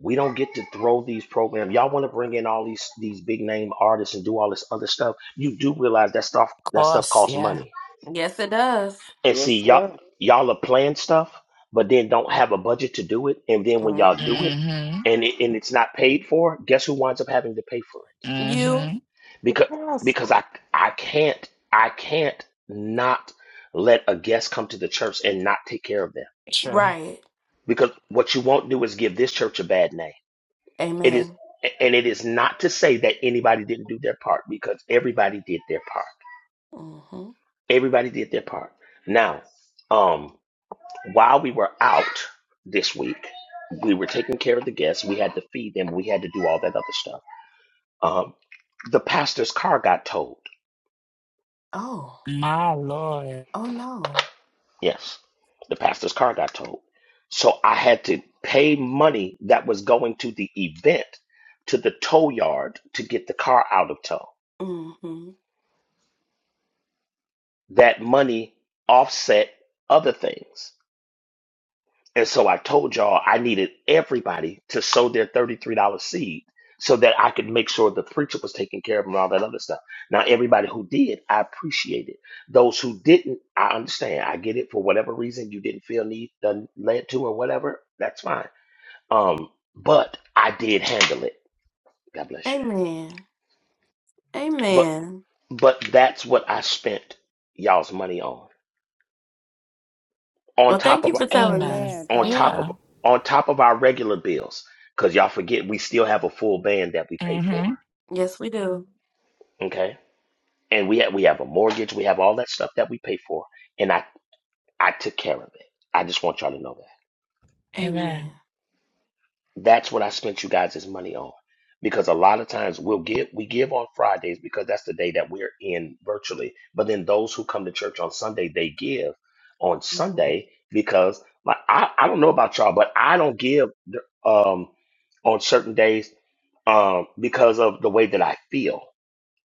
Speaker 13: We don't get to throw these programs. Y'all want to bring in all these these big name artists and do all this other stuff. You do realize that stuff that stuff
Speaker 3: course.
Speaker 13: costs
Speaker 3: Yeah.
Speaker 13: money.
Speaker 1: Yes, it does.
Speaker 13: And
Speaker 22: Yes,
Speaker 13: see, y'all
Speaker 22: sir.
Speaker 13: y'all are playing stuff, but then don't have a budget to do it. And then when
Speaker 1: hmm
Speaker 13: y'all do it,
Speaker 3: Mm-hmm.
Speaker 13: and it, and it's not paid for, guess who winds up having to pay for it?
Speaker 1: You
Speaker 3: Mm-hmm.
Speaker 13: because because
Speaker 22: Pastor,
Speaker 13: I I can't I can't not let a guest come to the church and not take care of them
Speaker 3: True.
Speaker 1: right.
Speaker 13: because what you won't do is give this church a bad name. It is
Speaker 1: Amen.
Speaker 13: and it is not to say that anybody didn't do their part because everybody did their part.
Speaker 1: hmm
Speaker 13: Everybody did their part. Now, um, while we were out this week, we were taking care of the guests. We had to feed them. We had to do all that other stuff. Um, the pastor's car got towed
Speaker 1: Oh.
Speaker 3: My Lord.
Speaker 1: Oh no.
Speaker 13: Yes, the pastor's car got towed. So I had to pay money that was going to the event to the tow yard to get the car out of tow.
Speaker 1: hmm
Speaker 13: That money offset other things. And so I told y'all I needed everybody to sow their $33 seed so that I could make sure the preacher was taken care of and all that other stuff. Now, everybody who did, I appreciate it. Those who didn't, I understand. I get it for whatever reason you didn't feel need, done, led to, or whatever. That's fine Um, but I did handle it. God bless you.
Speaker 1: Amen.
Speaker 13: But
Speaker 1: Amen.
Speaker 13: but that's what I spent y'all's money on. On
Speaker 1: Well,
Speaker 13: top
Speaker 1: thank you
Speaker 13: of
Speaker 1: for telling
Speaker 3: Amen.
Speaker 1: us.
Speaker 8: Amen.
Speaker 13: on
Speaker 8: Thank
Speaker 13: top
Speaker 8: you.
Speaker 13: of
Speaker 3: Yeah.
Speaker 13: on top of our regular bills, because y'all forget we still have a full band that we pay for.
Speaker 3: Mm-hmm.
Speaker 1: Yes, we do.
Speaker 13: Okay, and we have we have a mortgage, we have all that stuff that we pay for, and I I took care of it. I just want y'all to know that.
Speaker 3: Amen.
Speaker 1: Amen.
Speaker 13: That's what I spent you guys' money on. Because a lot of times we'll give we give on Fridays because that's the day that we're in virtually. But then those who come to church on Sunday, they give on
Speaker 1: Mhm.
Speaker 13: Sunday because like I, I don't know about y'all, but I don't give um on certain days um because of the way that I feel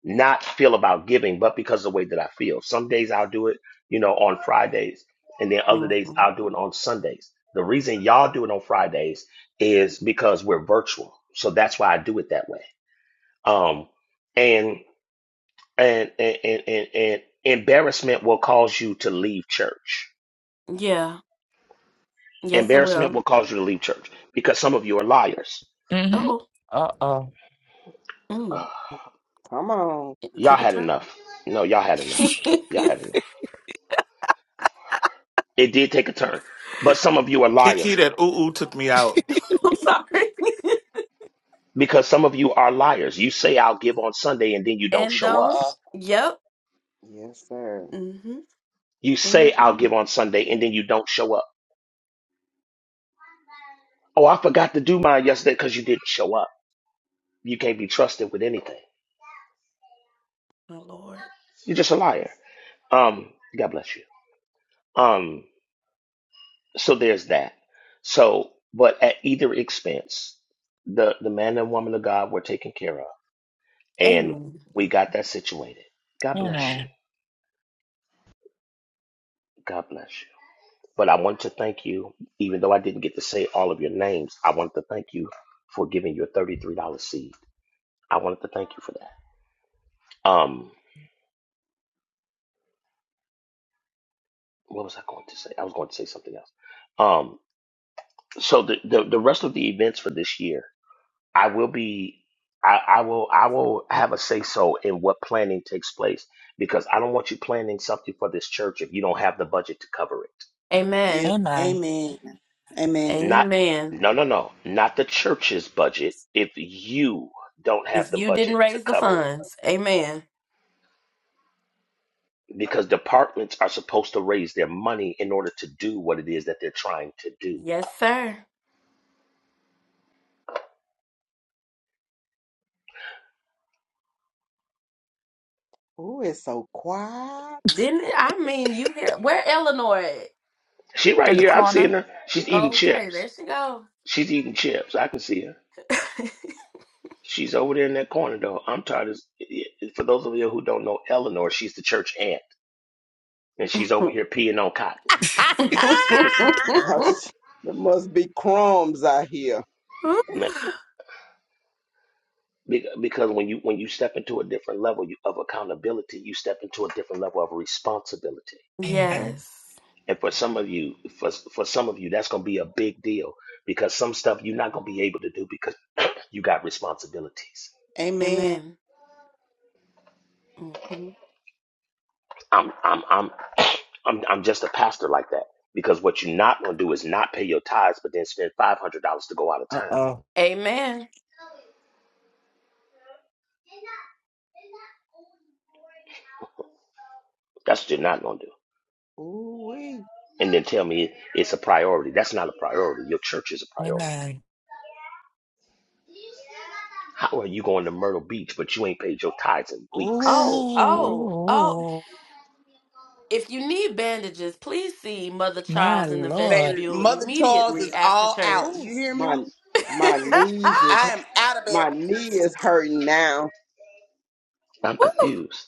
Speaker 13: not feel about giving, but because of the way that I feel. Some days I'll do it, you know, on Fridays, and then other days
Speaker 1: Mhm.
Speaker 13: I'll do it on Sundays. The reason y'all do it on Fridays is because we're virtual, so that's why I do it that way. Um, and and and and, and, and embarrassment will cause you to leave church.
Speaker 1: Yeah. Yes, it
Speaker 13: Embarrassment
Speaker 1: will.
Speaker 13: will cause you to leave church because some of you are liars.
Speaker 3: Mm-hmm.
Speaker 1: Oh,
Speaker 3: Uh-oh.
Speaker 1: mm.
Speaker 13: Ugh,
Speaker 22: come on.
Speaker 1: it
Speaker 13: y'all
Speaker 1: took a
Speaker 13: had
Speaker 1: turn.
Speaker 13: enough. No, y'all had enough. Y'all had
Speaker 1: I'm
Speaker 13: enough. It did take a turn, but some of you are liars
Speaker 5: Kiki, that ooh-ooh took me out.
Speaker 1: sorry.
Speaker 13: because some of you are liars. You say I'll give on Sunday and then you don't
Speaker 1: and
Speaker 13: show up.
Speaker 1: don't.
Speaker 3: Uh-oh.
Speaker 1: Yep.
Speaker 22: Yes, sir.
Speaker 1: Mm-hmm.
Speaker 13: You say I'll
Speaker 1: Mm-hmm.
Speaker 13: give on Sunday and then you don't show up. Oh, I forgot to do mine yesterday because you didn't show up. You can't be trusted with anything.
Speaker 1: My Lord.
Speaker 13: You're just a liar. Um, God bless you. Um, so there's that. So, but at either expense, the the man and woman of God were taken care of, and
Speaker 1: Amen.
Speaker 13: we got that situated. God bless you.
Speaker 3: Amen.
Speaker 13: God bless you. But I want to thank you, even though I didn't get to say all of your names, I wanted to thank you for giving your $33 seed. I wanted to thank you for that. Um, what was I going to say? I was going to say something else. Um, so the, the, the rest of the events for this year, I will be, I, I will, I will have a say so in what planning takes place because I don't want you planning something for this church if you don't have the budget to cover it.
Speaker 4: you.
Speaker 1: Amen.
Speaker 3: Amen.
Speaker 4: Amen. Amen.
Speaker 13: Not,
Speaker 1: Amen.
Speaker 13: no, no, no, not the church's budget. If you don't have
Speaker 1: If
Speaker 13: the
Speaker 1: you
Speaker 13: budget
Speaker 1: didn't
Speaker 13: to
Speaker 1: raise the
Speaker 13: cover it
Speaker 1: funds, amen.
Speaker 13: because departments are supposed to raise their money in order to do what it is that they're trying to do.
Speaker 1: Yes, sir.
Speaker 22: Ooh, it's so quiet.
Speaker 1: Didn't it? I mean you hear where Eleanor at?
Speaker 13: She right
Speaker 3: In the
Speaker 13: here, I'm seeing
Speaker 3: corner.
Speaker 13: her. She's eating
Speaker 1: Okay,
Speaker 13: chips.
Speaker 1: there she go.
Speaker 13: She's eating chips. I can see her. She's over there in that corner though. I'm tired of for those of you who don't know Eleanor, she's the church aunt and she's over here peeing on cotton.
Speaker 22: No, sh- there must be crumbs out here.
Speaker 13: Man, be- Because when you when you step into a different level you- of accountability, you step into a different level of responsibility.
Speaker 3: Amen.
Speaker 1: yes.
Speaker 13: And for some of you, for for some of you, that's going to be a big deal because some stuff you're not going to be able to do because You got responsibilities.
Speaker 4: Amen.
Speaker 1: Amen. Mm-hmm.
Speaker 13: I'm I'm I'm I'm I'm just a pastor like that. Because what you're not gonna do is not pay your tithes, but then spend five hundred dollars to go out of town.
Speaker 3: Uh-oh.
Speaker 1: Amen.
Speaker 13: That's what you're not gonna do.
Speaker 22: Ooh, wee.
Speaker 13: And then tell me it's a priority. That's not a priority. Your church is a priority.
Speaker 3: Amen.
Speaker 13: How are you going to Myrtle Beach, but you ain't paid your tithes in weeks?
Speaker 1: Oh, oh, oh.
Speaker 3: Ooh,
Speaker 1: If you need bandages, please see Mother
Speaker 3: my
Speaker 1: Charles in the
Speaker 4: Baby,
Speaker 3: Lord.
Speaker 1: vestibule
Speaker 4: Mother Charles
Speaker 1: immediately
Speaker 4: is
Speaker 1: after
Speaker 4: all out.
Speaker 1: church.
Speaker 22: Ooh,
Speaker 4: You hear
Speaker 22: my
Speaker 4: me?
Speaker 22: my knees is
Speaker 4: I am out of bed.
Speaker 22: my knee is hurting now.
Speaker 13: I'm confused.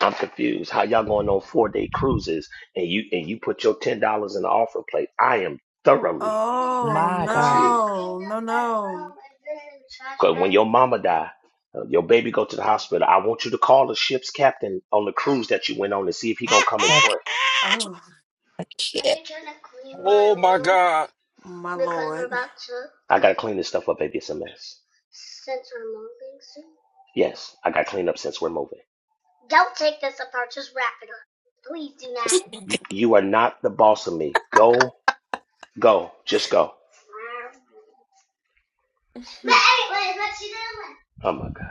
Speaker 13: I'm confused. How y'all going on four day cruises and you and you put your ten dollars in the offering plate? I am thoroughly
Speaker 1: oh,
Speaker 3: My God.
Speaker 13: confused.
Speaker 1: no, no, no.
Speaker 13: Because when your mama die, uh, your baby go to the hospital. I want you to call the ship's captain on the cruise that you went on and see if he gonna come and
Speaker 3: I
Speaker 13: pray.
Speaker 3: can't.
Speaker 1: Oh,
Speaker 24: oh my God.
Speaker 1: my Lord.
Speaker 13: I gotta clean this stuff up, baby. It's a mess. Yes, I gotta clean up since we're moving.
Speaker 3: I can't.
Speaker 13: Y- You are not the boss of me. Go, go, just go. Oh my God.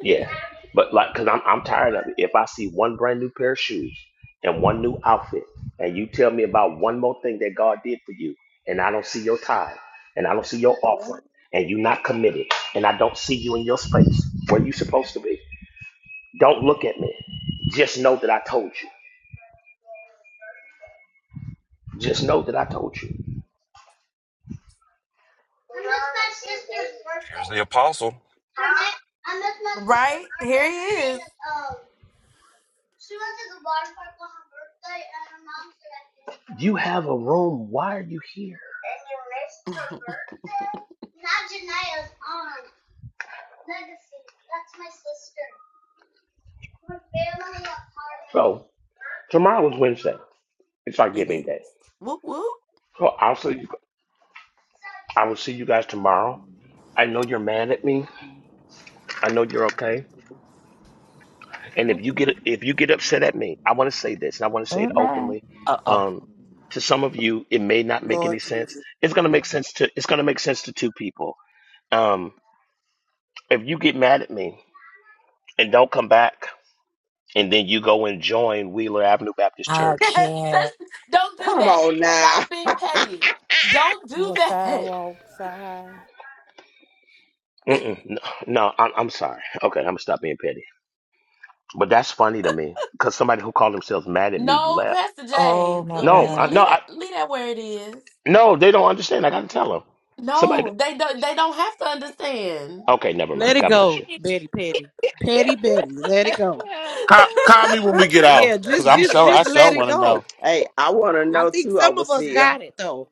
Speaker 13: Yeah, but like, cause I'm I'm tired of it. If I see one brand new pair of shoes and one new outfit, and you tell me about one more thing that God did for you, and I don't see your tithe, and I don't see your offering, and you're not committed, and I don't see you in your space where you supposed to be, don't look at me. Just know that I told you. Just know that I told you.
Speaker 24: Here's the apostle.
Speaker 1: Right? Here he is.
Speaker 13: You have a room. Why are you here? So tomorrow is Wednesday. It's our
Speaker 1: it
Speaker 13: giving
Speaker 1: is.
Speaker 13: day.
Speaker 1: Whoop whoop.
Speaker 13: So I'll see. I will see you guys tomorrow. I know you're mad at me. I know you're okay. And if you get if you get upset at me, I want to say this, and I want to say it
Speaker 3: Amen.
Speaker 13: openly.
Speaker 3: Uh-oh.
Speaker 13: Um, to some of you, it may not make
Speaker 4: Lord
Speaker 13: any sense.
Speaker 4: Jesus.
Speaker 13: It's gonna make sense to it's gonna make sense to two people. Um, if you get mad at me and don't come back, and then you go and join Wheeler Avenue Baptist
Speaker 3: I
Speaker 13: Church.
Speaker 1: Yes, sis,
Speaker 3: can't.
Speaker 1: Don't do
Speaker 22: Come
Speaker 1: that.
Speaker 22: on now.
Speaker 1: Stop being petty. Don't do
Speaker 8: Or
Speaker 1: that.
Speaker 8: sidewalk, side.
Speaker 13: Mm-mm, no, no I'm, I'm sorry. Okay, I'm gonna stop being petty. But that's funny to me because somebody who called themselves mad at me
Speaker 1: No,
Speaker 13: left.
Speaker 1: Pastor
Speaker 3: Oh,
Speaker 1: J,
Speaker 3: my
Speaker 1: uh,
Speaker 13: No,
Speaker 1: leave,
Speaker 13: I,
Speaker 3: God.
Speaker 13: no,
Speaker 1: leave that
Speaker 13: I,
Speaker 1: leave that where it is.
Speaker 13: No, they don't understand. I gotta tell them. Somebody.
Speaker 1: No, they don't. They don't have to understand.
Speaker 13: Okay, never
Speaker 11: Let
Speaker 13: mind.
Speaker 11: it
Speaker 13: God bless you.
Speaker 11: go, Betty Petty. Petty Betty. Let it go.
Speaker 5: Call, call me when we get off,
Speaker 11: Yeah,
Speaker 5: because
Speaker 11: just
Speaker 5: I'm
Speaker 11: just
Speaker 5: sure, I
Speaker 11: just
Speaker 5: sure
Speaker 11: let it
Speaker 5: want to know.
Speaker 11: go.
Speaker 22: Hey, I want to
Speaker 11: I
Speaker 22: know
Speaker 11: think
Speaker 22: too,
Speaker 11: some of us
Speaker 22: overseer.
Speaker 11: got it though.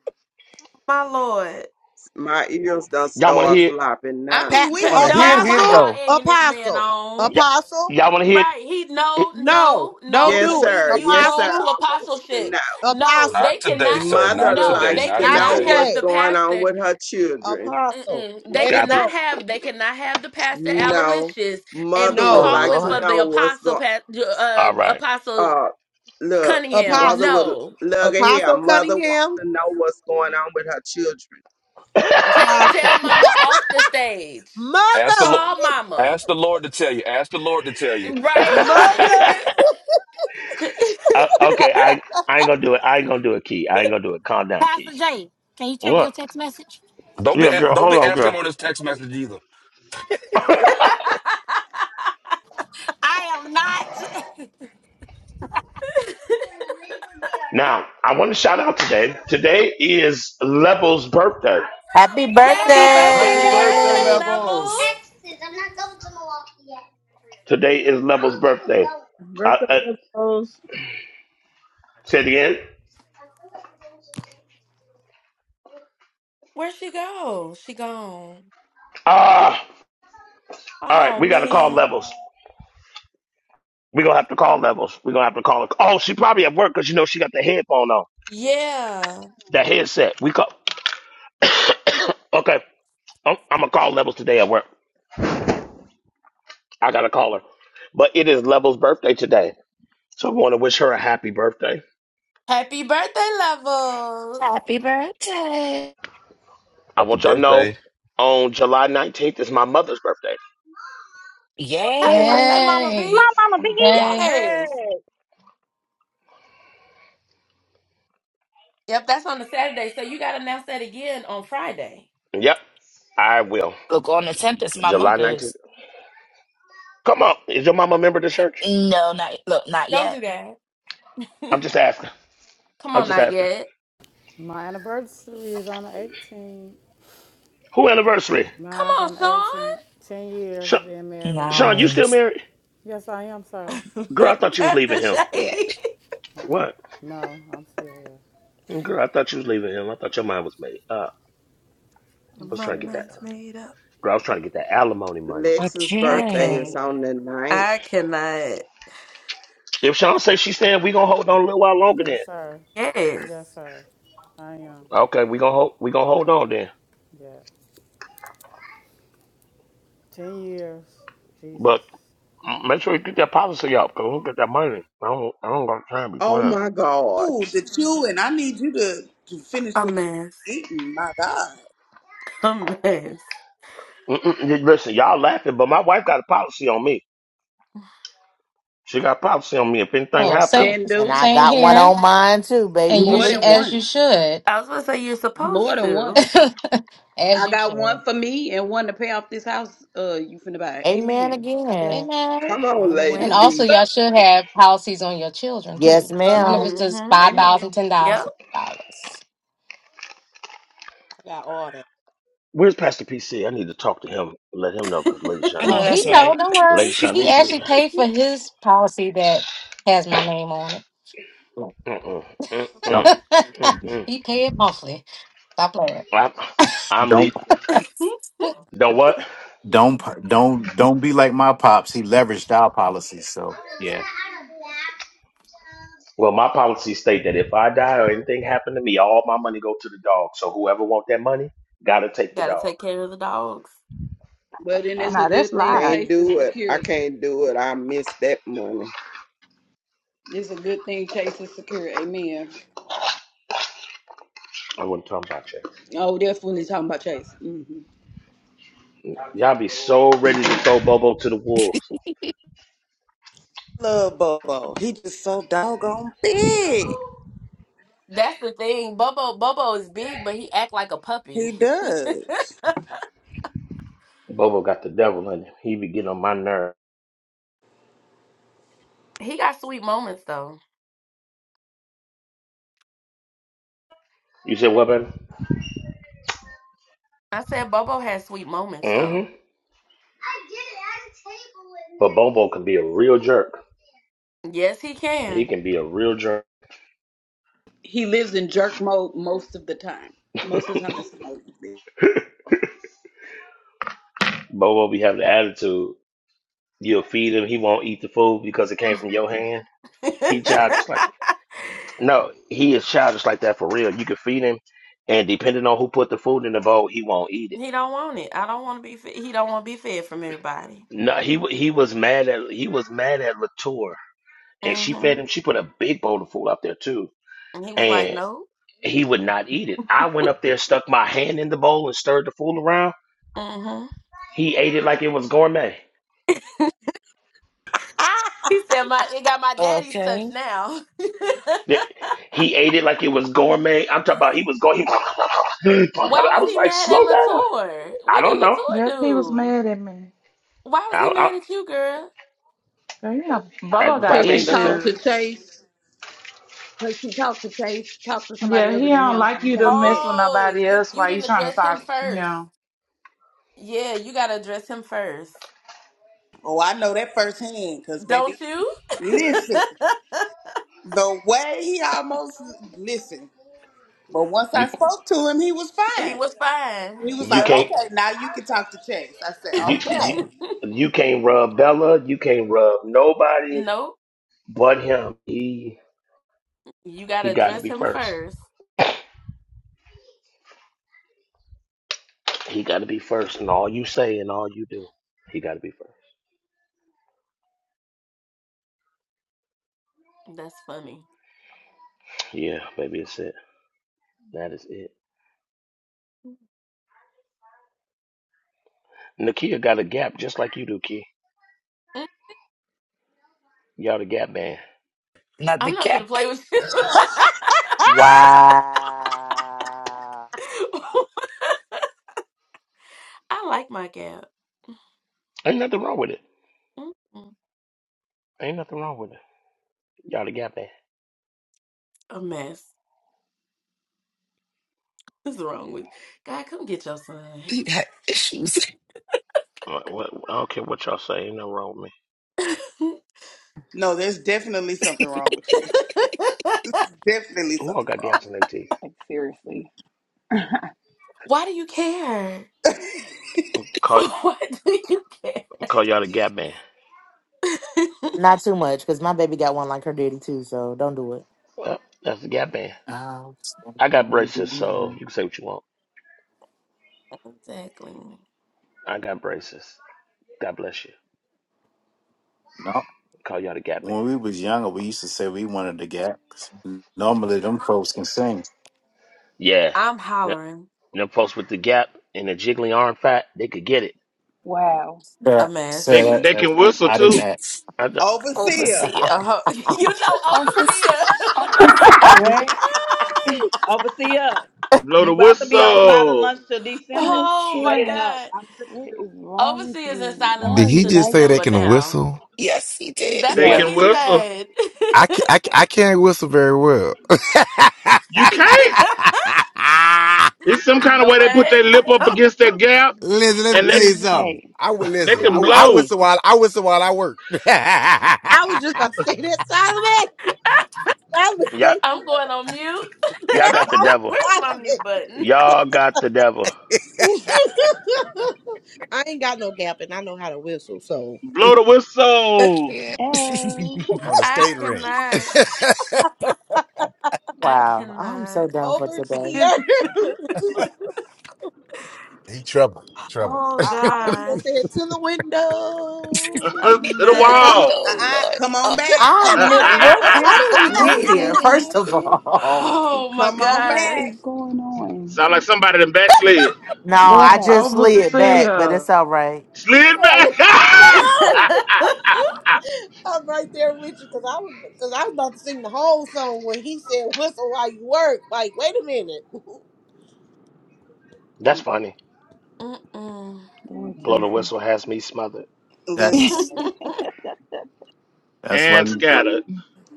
Speaker 1: My Lord,
Speaker 22: My ears done
Speaker 13: Y'all want to
Speaker 22: start
Speaker 13: hear? it?
Speaker 22: flopping
Speaker 4: I
Speaker 22: now.
Speaker 11: Pa-
Speaker 4: mean, we
Speaker 1: Pa-
Speaker 5: Want to
Speaker 4: here
Speaker 5: hit,
Speaker 1: don't.
Speaker 4: now.
Speaker 1: Why
Speaker 5: hit,
Speaker 11: apostle,
Speaker 5: go.
Speaker 1: y'all egging this man
Speaker 11: apostle,
Speaker 1: on?
Speaker 13: Y-
Speaker 11: apostle.
Speaker 13: y'all want to hear?
Speaker 1: Right. He
Speaker 13: It?
Speaker 1: no,
Speaker 11: No,
Speaker 1: no,
Speaker 11: don't
Speaker 1: no,
Speaker 22: Yes,
Speaker 1: because
Speaker 11: do it.
Speaker 1: you
Speaker 22: sir.
Speaker 1: you've
Speaker 22: Yes, sir.
Speaker 1: grown to
Speaker 11: Apostle,
Speaker 22: I want to
Speaker 1: apostleship.
Speaker 22: know.
Speaker 1: No,
Speaker 11: apostle.
Speaker 24: Not
Speaker 1: they
Speaker 24: today,
Speaker 1: cannot.
Speaker 24: sir.
Speaker 22: Mother
Speaker 24: Not
Speaker 1: No,
Speaker 24: today.
Speaker 22: likes
Speaker 1: they
Speaker 22: to
Speaker 24: Not
Speaker 11: Not
Speaker 22: know
Speaker 1: cannot
Speaker 24: today.
Speaker 1: have
Speaker 22: what's
Speaker 11: today.
Speaker 1: the
Speaker 22: going on
Speaker 1: pastor.
Speaker 22: with her children.
Speaker 11: Apostle,
Speaker 1: Mm-mm. They
Speaker 11: let it
Speaker 13: God bless.
Speaker 1: cannot
Speaker 11: go.
Speaker 1: have. They cannot have the pastor
Speaker 22: No,
Speaker 1: Aloysius and
Speaker 22: mother
Speaker 1: be
Speaker 22: would
Speaker 3: oh,
Speaker 11: No,
Speaker 22: like
Speaker 1: calling
Speaker 22: to
Speaker 1: for
Speaker 3: Lord.
Speaker 1: the
Speaker 22: know what's
Speaker 1: apostle
Speaker 22: going.
Speaker 1: pa- uh,
Speaker 13: All right.
Speaker 1: apostle
Speaker 22: Uh, look,
Speaker 1: Cunningham.
Speaker 22: mother
Speaker 11: apostle,
Speaker 22: would
Speaker 1: No,
Speaker 22: look at here.
Speaker 11: apostle
Speaker 22: Mother wants to
Speaker 11: Cunningham,
Speaker 22: know what's going on with her children.
Speaker 1: tell
Speaker 11: apostle.
Speaker 1: tell Mama off the stage.
Speaker 24: Ask the
Speaker 11: Mother,
Speaker 24: Lord.
Speaker 1: Call Mama.
Speaker 24: Ask the Lord to tell you. Ask the Lord to tell you.
Speaker 1: Right.
Speaker 11: mother.
Speaker 13: Uh, okay, I I ain't gonna do it. I ain't gonna do it, Key. I ain't gonna do it. Calm down,
Speaker 25: Pastor
Speaker 13: Key.
Speaker 25: Jay, can you check your
Speaker 13: What?
Speaker 25: text message?
Speaker 24: Don't be
Speaker 13: Yeah, girl.
Speaker 24: don't
Speaker 13: Hold
Speaker 24: be
Speaker 13: on,
Speaker 24: asking
Speaker 13: girl.
Speaker 24: him on this text message either.
Speaker 25: I am not.
Speaker 13: now, I want to shout out today. Today is Level's birthday.
Speaker 14: Happy
Speaker 1: Yay!
Speaker 3: Happy
Speaker 8: Happy
Speaker 3: birthday,
Speaker 5: Happy
Speaker 1: Happy
Speaker 8: birthday.
Speaker 5: birthday,
Speaker 1: birthday,
Speaker 14: birthday!
Speaker 5: levels.
Speaker 1: levels.
Speaker 3: Levels.
Speaker 13: Today is Levels' birthday. I,
Speaker 9: Birthday
Speaker 13: I,
Speaker 9: goes.
Speaker 13: say it again.
Speaker 1: Where'd she go? She gone.
Speaker 13: Ah, all right.
Speaker 1: Oh
Speaker 13: We got to call
Speaker 1: man.
Speaker 13: Levels. We're going to have to call Levels. We're going to have to call her. Oh, she probably at work because, you know, she got the headphone on,
Speaker 1: Yeah.
Speaker 13: the headset. We call. okay. I'm, I'm going to call Levels today at work. I got to call her. But it is Levels' birthday today. So I want to wish her a happy birthday.
Speaker 1: Happy birthday, levels.
Speaker 3: Happy birthday.
Speaker 13: I
Speaker 24: Happy
Speaker 13: want y'all to
Speaker 24: birthday.
Speaker 13: know on July 19th is my mother's birthday.
Speaker 1: Happy
Speaker 3: Yeah.
Speaker 1: birthday, Mama
Speaker 23: Hey,
Speaker 1: B.
Speaker 19: My mama bee.
Speaker 23: dang.
Speaker 1: Yes.
Speaker 19: Hey.
Speaker 1: Yep, that's on the Saturday. So you gotta announce that again on Friday.
Speaker 13: Yep, I will.
Speaker 3: Look, on the 10th is my
Speaker 13: July 19th.
Speaker 3: mother's.
Speaker 13: Come on. Is your mama a member of the church?
Speaker 3: No, not look, not
Speaker 1: Don't do
Speaker 3: yet.
Speaker 1: that.
Speaker 13: I'm just asking.
Speaker 1: Come
Speaker 13: I'm
Speaker 1: on,
Speaker 13: just
Speaker 1: not
Speaker 13: asking.
Speaker 1: yet.
Speaker 8: My anniversary is on the 18th.
Speaker 13: Who anniversary?
Speaker 1: Come
Speaker 8: Mine's
Speaker 1: on,
Speaker 8: on the
Speaker 1: Sean.
Speaker 8: 18th. 10 years
Speaker 13: Sha
Speaker 8: being married.
Speaker 13: Sean,
Speaker 8: Yeah.
Speaker 13: you still
Speaker 3: Nice.
Speaker 13: married?
Speaker 8: Yes, I am, sir.
Speaker 13: Girl, I thought you was leaving
Speaker 1: Pastor
Speaker 13: him.
Speaker 3: Yeah.
Speaker 1: J.
Speaker 13: What?
Speaker 8: No, I'm still here.
Speaker 13: Girl, I thought you was leaving him. I thought your mind was made. Uh,
Speaker 8: I'm
Speaker 13: I was
Speaker 1: My
Speaker 8: still
Speaker 13: trying to get
Speaker 8: here,
Speaker 13: that.
Speaker 1: mind's
Speaker 8: sir.
Speaker 1: made up.
Speaker 13: Girl, I was trying to get that alimony money.
Speaker 22: Lex's
Speaker 1: I
Speaker 8: I'm
Speaker 22: birthday
Speaker 3: Okay.
Speaker 8: still
Speaker 22: is
Speaker 1: can't.
Speaker 22: on the
Speaker 8: here.
Speaker 22: ninth.
Speaker 1: I cannot.
Speaker 13: If Sean say she's staying, we gonna hold on a little while longer then.
Speaker 8: Yes, sir.
Speaker 1: Yes.
Speaker 8: Yes, sir. I am.
Speaker 13: Okay, we gonna hold. We gonna hold on then.
Speaker 8: Yeah. 10 years. Jesus.
Speaker 13: But mm, make sure you get that policy out, cause we'll get that money. I don't. I don't got time to be
Speaker 22: Oh
Speaker 13: playing.
Speaker 22: my God!
Speaker 4: Ooh, the chewing. I need you to, to finish
Speaker 1: A
Speaker 4: what
Speaker 1: mess.
Speaker 4: you eating. My God.
Speaker 1: A mess.
Speaker 13: Mm-mm, listen, y'all laughing, but my wife got a policy on me. She got a policy on me. If anything
Speaker 23: Oh,
Speaker 13: happen.
Speaker 23: same,
Speaker 12: Can
Speaker 14: And
Speaker 12: do
Speaker 14: I
Speaker 23: same
Speaker 14: got one
Speaker 23: here.
Speaker 14: on mine too,
Speaker 23: And
Speaker 14: baby.
Speaker 23: you
Speaker 12: more
Speaker 23: sh
Speaker 14: Believe
Speaker 12: than
Speaker 14: it.
Speaker 23: as you
Speaker 12: one.
Speaker 23: should,
Speaker 1: I was gonna say you're
Speaker 12: More
Speaker 1: supposed
Speaker 12: than one.
Speaker 1: to.
Speaker 23: as
Speaker 12: I
Speaker 23: you
Speaker 12: got
Speaker 23: should.
Speaker 12: one for me and one to pay off this house. Uh, you finna buy.
Speaker 14: Amen
Speaker 12: Amen. God bless
Speaker 14: again.
Speaker 12: you.
Speaker 23: Amen.
Speaker 22: Come on, Lady
Speaker 23: And
Speaker 1: Well.
Speaker 8: Amen.
Speaker 23: also,
Speaker 22: V.
Speaker 23: y'all should have policies on your children
Speaker 14: Yes,
Speaker 23: too,
Speaker 12: Uh,
Speaker 23: even if
Speaker 14: ma'am.
Speaker 12: two.
Speaker 23: it's just
Speaker 1: Mm-hmm.
Speaker 23: five
Speaker 12: Amen.
Speaker 23: thousand, ten
Speaker 1: Yep.
Speaker 23: thousand dollars.
Speaker 11: I got all that.
Speaker 13: Where's Pastor PC? I need to talk to him. Let him know because Lady
Speaker 3: I
Speaker 23: Oh,
Speaker 3: know
Speaker 13: Shanice is.
Speaker 23: he
Speaker 3: that's
Speaker 23: know.
Speaker 3: right.
Speaker 23: Don't worry.
Speaker 13: Lady
Speaker 23: He
Speaker 13: Shanice is.
Speaker 23: actually paid for his policy that has my name on it.
Speaker 13: Mm-mm,
Speaker 26: Don't
Speaker 13: mm-mm, mm-mm.
Speaker 23: He paid monthly. Stop playing.
Speaker 13: I'm, I'm le- You
Speaker 26: don't
Speaker 13: know what?
Speaker 26: don't don't don't be like my pops. He leveraged our policies, so yeah.
Speaker 13: Well, my policy state that if I die or anything happen to me, all my money go to the dog. So whoever want that money, gotta take the
Speaker 1: Gotta
Speaker 13: dog.
Speaker 1: take care of the dogs.
Speaker 12: Well, then
Speaker 22: I
Speaker 12: it's a
Speaker 15: Now that's
Speaker 12: good thing
Speaker 15: live.
Speaker 22: can't
Speaker 12: Chase is
Speaker 22: do it. I
Speaker 12: secure.
Speaker 22: can't do it. I miss that money.
Speaker 12: It's a good thing Chase is secure. Amen.
Speaker 13: I wasn't talking about you.
Speaker 12: Oh, definitely talking about Chase. hmm
Speaker 13: Y'all be so ready to throw Bobo to the wolves.
Speaker 4: Love Bobo. He just so doggone big.
Speaker 1: That's the thing. Bobo Bobo is big, but he act like a puppy.
Speaker 4: He does.
Speaker 13: Bobo got the devil in him. He be getting on my nerve.
Speaker 1: He got sweet moments though.
Speaker 13: You said what, baby?
Speaker 1: I said Bobo has sweet moments
Speaker 13: Mm-hmm.
Speaker 1: though.
Speaker 13: But Bobo can be a real jerk.
Speaker 1: Yes, he
Speaker 13: He
Speaker 1: can.
Speaker 13: can be a real jerk.
Speaker 12: he lives in jerk mode most of the time. Most of the time, that's
Speaker 13: Bobo be having the attitude. You'll feed him, he won't eat the food because it came from your hand.
Speaker 1: he
Speaker 13: He childish like no, he is childish like that for real. You can feed him, and depending on who put the food in the bowl, he won't eat it.
Speaker 1: don't want it. I don't want to be. Fe- he don't want to be fed from everybody.
Speaker 13: No, he wa- he was mad at he was mad at Latour, and she fed
Speaker 1: Mm-hmm.
Speaker 13: him. She put a big bowl of food up there too,
Speaker 1: And he was like,
Speaker 13: and
Speaker 1: no.
Speaker 13: he would not eat it. I went up there, stuck my hand in the bowl, and stirred the food around.
Speaker 1: Mm-hmm.
Speaker 13: He ate it like it was gourmet.
Speaker 4: Ah!
Speaker 1: He said, my it got my daddy's touch
Speaker 3: okay.
Speaker 1: now.
Speaker 13: He ate it like it was gourmet. I'm talking about he was going. He
Speaker 1: Why
Speaker 13: I
Speaker 1: was
Speaker 13: was
Speaker 1: he
Speaker 13: like,
Speaker 1: mad at
Speaker 13: slow down.
Speaker 1: Latour?
Speaker 13: I
Speaker 1: What did
Speaker 13: don't know.
Speaker 1: Latour
Speaker 15: Yep, he was
Speaker 1: do?
Speaker 15: mad at me.
Speaker 1: Why
Speaker 13: I,
Speaker 1: was he
Speaker 13: I,
Speaker 1: mad at you, girl?
Speaker 15: Girl, yeah, Bubba
Speaker 13: that
Speaker 15: got
Speaker 12: because
Speaker 13: probably
Speaker 12: she
Speaker 13: ain't nothing.
Speaker 12: talked
Speaker 13: else.
Speaker 12: to
Speaker 15: issues.
Speaker 12: Chase. Because she talked to Chase, talked to
Speaker 15: Yeah,
Speaker 12: somebody other
Speaker 15: he
Speaker 12: than
Speaker 15: don't
Speaker 12: him.
Speaker 15: like
Speaker 12: You
Speaker 15: you to
Speaker 12: can't
Speaker 15: mess
Speaker 12: stand
Speaker 15: with
Speaker 12: it.
Speaker 1: Oh,
Speaker 15: nobody
Speaker 1: you
Speaker 15: else
Speaker 1: you
Speaker 15: while you
Speaker 1: didn't
Speaker 15: trying to
Speaker 1: address him
Speaker 15: talk to
Speaker 1: first.
Speaker 15: him.
Speaker 1: Yeah, you gotta address him first.
Speaker 4: Oh, I know that firsthand, because, baby,
Speaker 1: Don't you?
Speaker 4: listen, the way he almost, listen. But once
Speaker 13: You
Speaker 4: I spoke to him, he was
Speaker 1: He
Speaker 4: fine.
Speaker 1: was fine.
Speaker 4: He was
Speaker 13: you
Speaker 4: like,
Speaker 1: Yep.
Speaker 13: can't
Speaker 4: okay, now you can talk to Chase. I said,
Speaker 13: you, you
Speaker 4: okay.
Speaker 13: you can't rub Bella. You can't rub nobody
Speaker 1: Nope.
Speaker 13: but him. He
Speaker 1: You gotta
Speaker 13: he got to
Speaker 1: address
Speaker 13: be
Speaker 1: him
Speaker 13: first.
Speaker 1: first.
Speaker 13: He got to be first in all you say and all you do. He got to be first.
Speaker 1: That's funny.
Speaker 13: Yeah, baby, that's it. That is it. Nakia got a gap just like you do, Key.
Speaker 1: Mm,
Speaker 13: Y'all the gap band.
Speaker 3: Not the
Speaker 1: I'm not gonna
Speaker 3: cap.
Speaker 1: play with you.
Speaker 14: Wow.
Speaker 1: I like my gap.
Speaker 13: Ain't nothing wrong with it.
Speaker 1: Mm-mm.
Speaker 13: Ain't nothing wrong with it. Y'all the gap band.
Speaker 1: A mess. What's wrong with God? Come get your son.
Speaker 3: You got issues.
Speaker 13: What, what, I don't care what y'all say. Ain't no wrong with me.
Speaker 4: No, there's definitely something wrong with you. Definitely
Speaker 13: Who all
Speaker 4: something
Speaker 13: got
Speaker 4: wrong.
Speaker 13: gaps in their teeth?
Speaker 2: Like seriously.
Speaker 1: Why do you care?
Speaker 13: Call
Speaker 1: Why do you care?
Speaker 13: call y'all the Gap Band.
Speaker 14: Not too much, cause my baby got one like her daddy too. So don't do it.
Speaker 13: Well, that's the Gap Band.
Speaker 26: I'll stand
Speaker 13: I got
Speaker 26: on the
Speaker 13: braces, so
Speaker 26: line.
Speaker 13: you can say what you want.
Speaker 1: exactly.
Speaker 13: I got braces. God bless you.
Speaker 26: No,
Speaker 13: Call y'all the Gap Band.
Speaker 26: when we was younger, we used to say we wanted to get. Normally, them folks can sing.
Speaker 13: Yeah,
Speaker 1: I'm
Speaker 13: Th-
Speaker 1: hollering.
Speaker 13: them folks with the gap and the jiggly arm fat, they could get it.
Speaker 2: Wow.
Speaker 1: A
Speaker 26: Yeah,
Speaker 5: They
Speaker 1: mess.
Speaker 26: Sarah, that,
Speaker 5: they
Speaker 26: that,
Speaker 5: can whistle
Speaker 26: I didn't.
Speaker 5: too.
Speaker 26: Act.
Speaker 13: I th-
Speaker 4: Overseer,
Speaker 3: Overseer.
Speaker 1: Uh-huh. you
Speaker 3: Overseer.
Speaker 1: know, overseer.
Speaker 2: What?
Speaker 12: Overseer,
Speaker 5: Blow
Speaker 12: you
Speaker 5: the
Speaker 12: about to be on silent
Speaker 5: whistle.
Speaker 12: lunch till
Speaker 3: I
Speaker 12: December.
Speaker 1: oh
Speaker 12: Cut
Speaker 1: my
Speaker 12: it
Speaker 3: can't.
Speaker 12: out.
Speaker 1: God,
Speaker 12: I'm sick of
Speaker 2: What
Speaker 12: you.
Speaker 2: is wrong with
Speaker 1: overseer is in
Speaker 2: you? Why
Speaker 1: silent
Speaker 21: did
Speaker 2: are
Speaker 1: lunch
Speaker 21: he
Speaker 2: you
Speaker 1: till
Speaker 21: just
Speaker 2: like
Speaker 21: say they
Speaker 1: December
Speaker 2: this?
Speaker 21: can
Speaker 1: now.
Speaker 21: whistle?
Speaker 3: Yes, he did.
Speaker 1: That's
Speaker 5: They
Speaker 1: what
Speaker 13: yeah,
Speaker 2: Yes.
Speaker 5: can
Speaker 1: he
Speaker 5: whistle.
Speaker 1: said.
Speaker 21: I can't, I, ca- I can't whistle very well.
Speaker 5: You can't. It's some
Speaker 1: you
Speaker 5: kind of
Speaker 1: know
Speaker 5: way they put
Speaker 1: what?
Speaker 5: their lip up against that gap
Speaker 21: listen, let me
Speaker 5: and
Speaker 21: tell
Speaker 5: they
Speaker 21: you something.
Speaker 2: Hey.
Speaker 21: I would
Speaker 5: they
Speaker 21: listen. I,
Speaker 5: can
Speaker 21: I
Speaker 5: blow.
Speaker 21: whistle while I whistle while I work
Speaker 11: I was just gonna say that, Solomon. Solomon,
Speaker 13: y'all,
Speaker 11: play
Speaker 1: I'm going on mute.
Speaker 11: to
Speaker 13: y'all got the devil.
Speaker 11: run.
Speaker 1: Where's my mute button?
Speaker 13: Y'all got the devil.
Speaker 11: Solomon. I ain't got no gap, and I know how to whistle. So
Speaker 5: Blow the
Speaker 3: I
Speaker 5: whistle
Speaker 3: can't.
Speaker 2: Oh.
Speaker 21: on the
Speaker 1: I
Speaker 21: skate rink.
Speaker 1: cannot. I
Speaker 14: wow, I'm so
Speaker 1: cannot.
Speaker 14: down for today.
Speaker 11: overseer.
Speaker 21: he trouble, trouble.
Speaker 1: oh
Speaker 11: I, I almost
Speaker 1: gosh,
Speaker 11: said to the window,
Speaker 5: to
Speaker 1: a
Speaker 5: the
Speaker 11: to the
Speaker 1: mess.
Speaker 11: wall.
Speaker 5: wall.
Speaker 3: oh,
Speaker 4: uh-uh,
Speaker 3: Lord.
Speaker 4: come
Speaker 3: Oh.
Speaker 4: on back.
Speaker 14: I
Speaker 4: Come on
Speaker 14: mean,
Speaker 11: I'm
Speaker 4: back.
Speaker 14: what?
Speaker 11: sorry.
Speaker 14: How did we
Speaker 2: What
Speaker 14: get
Speaker 2: just
Speaker 14: here?
Speaker 4: Mm-mm.
Speaker 14: First of
Speaker 2: happened?
Speaker 14: all,
Speaker 1: oh my
Speaker 4: Come on
Speaker 2: What
Speaker 1: gosh.
Speaker 2: is
Speaker 4: back.
Speaker 2: going on?
Speaker 5: Sound like somebody done backslid.
Speaker 14: no,
Speaker 2: Lord
Speaker 14: I
Speaker 2: help.
Speaker 14: just slid back, but
Speaker 15: Overseer.
Speaker 14: it's all right.
Speaker 5: Slid
Speaker 11: Kelly,
Speaker 5: back
Speaker 11: Come on, I'm right there with you because I was because I was about to sing the whole song when he said whistle while you work. Like, wait a minute.
Speaker 13: That's
Speaker 2: Mm,
Speaker 13: funny.
Speaker 1: Mm-mm.
Speaker 2: Lord
Speaker 13: Blow the
Speaker 2: Jesus.
Speaker 13: whistle has me smothered.
Speaker 4: Listen,
Speaker 26: That's that's why.
Speaker 5: and
Speaker 26: You,
Speaker 5: scattered.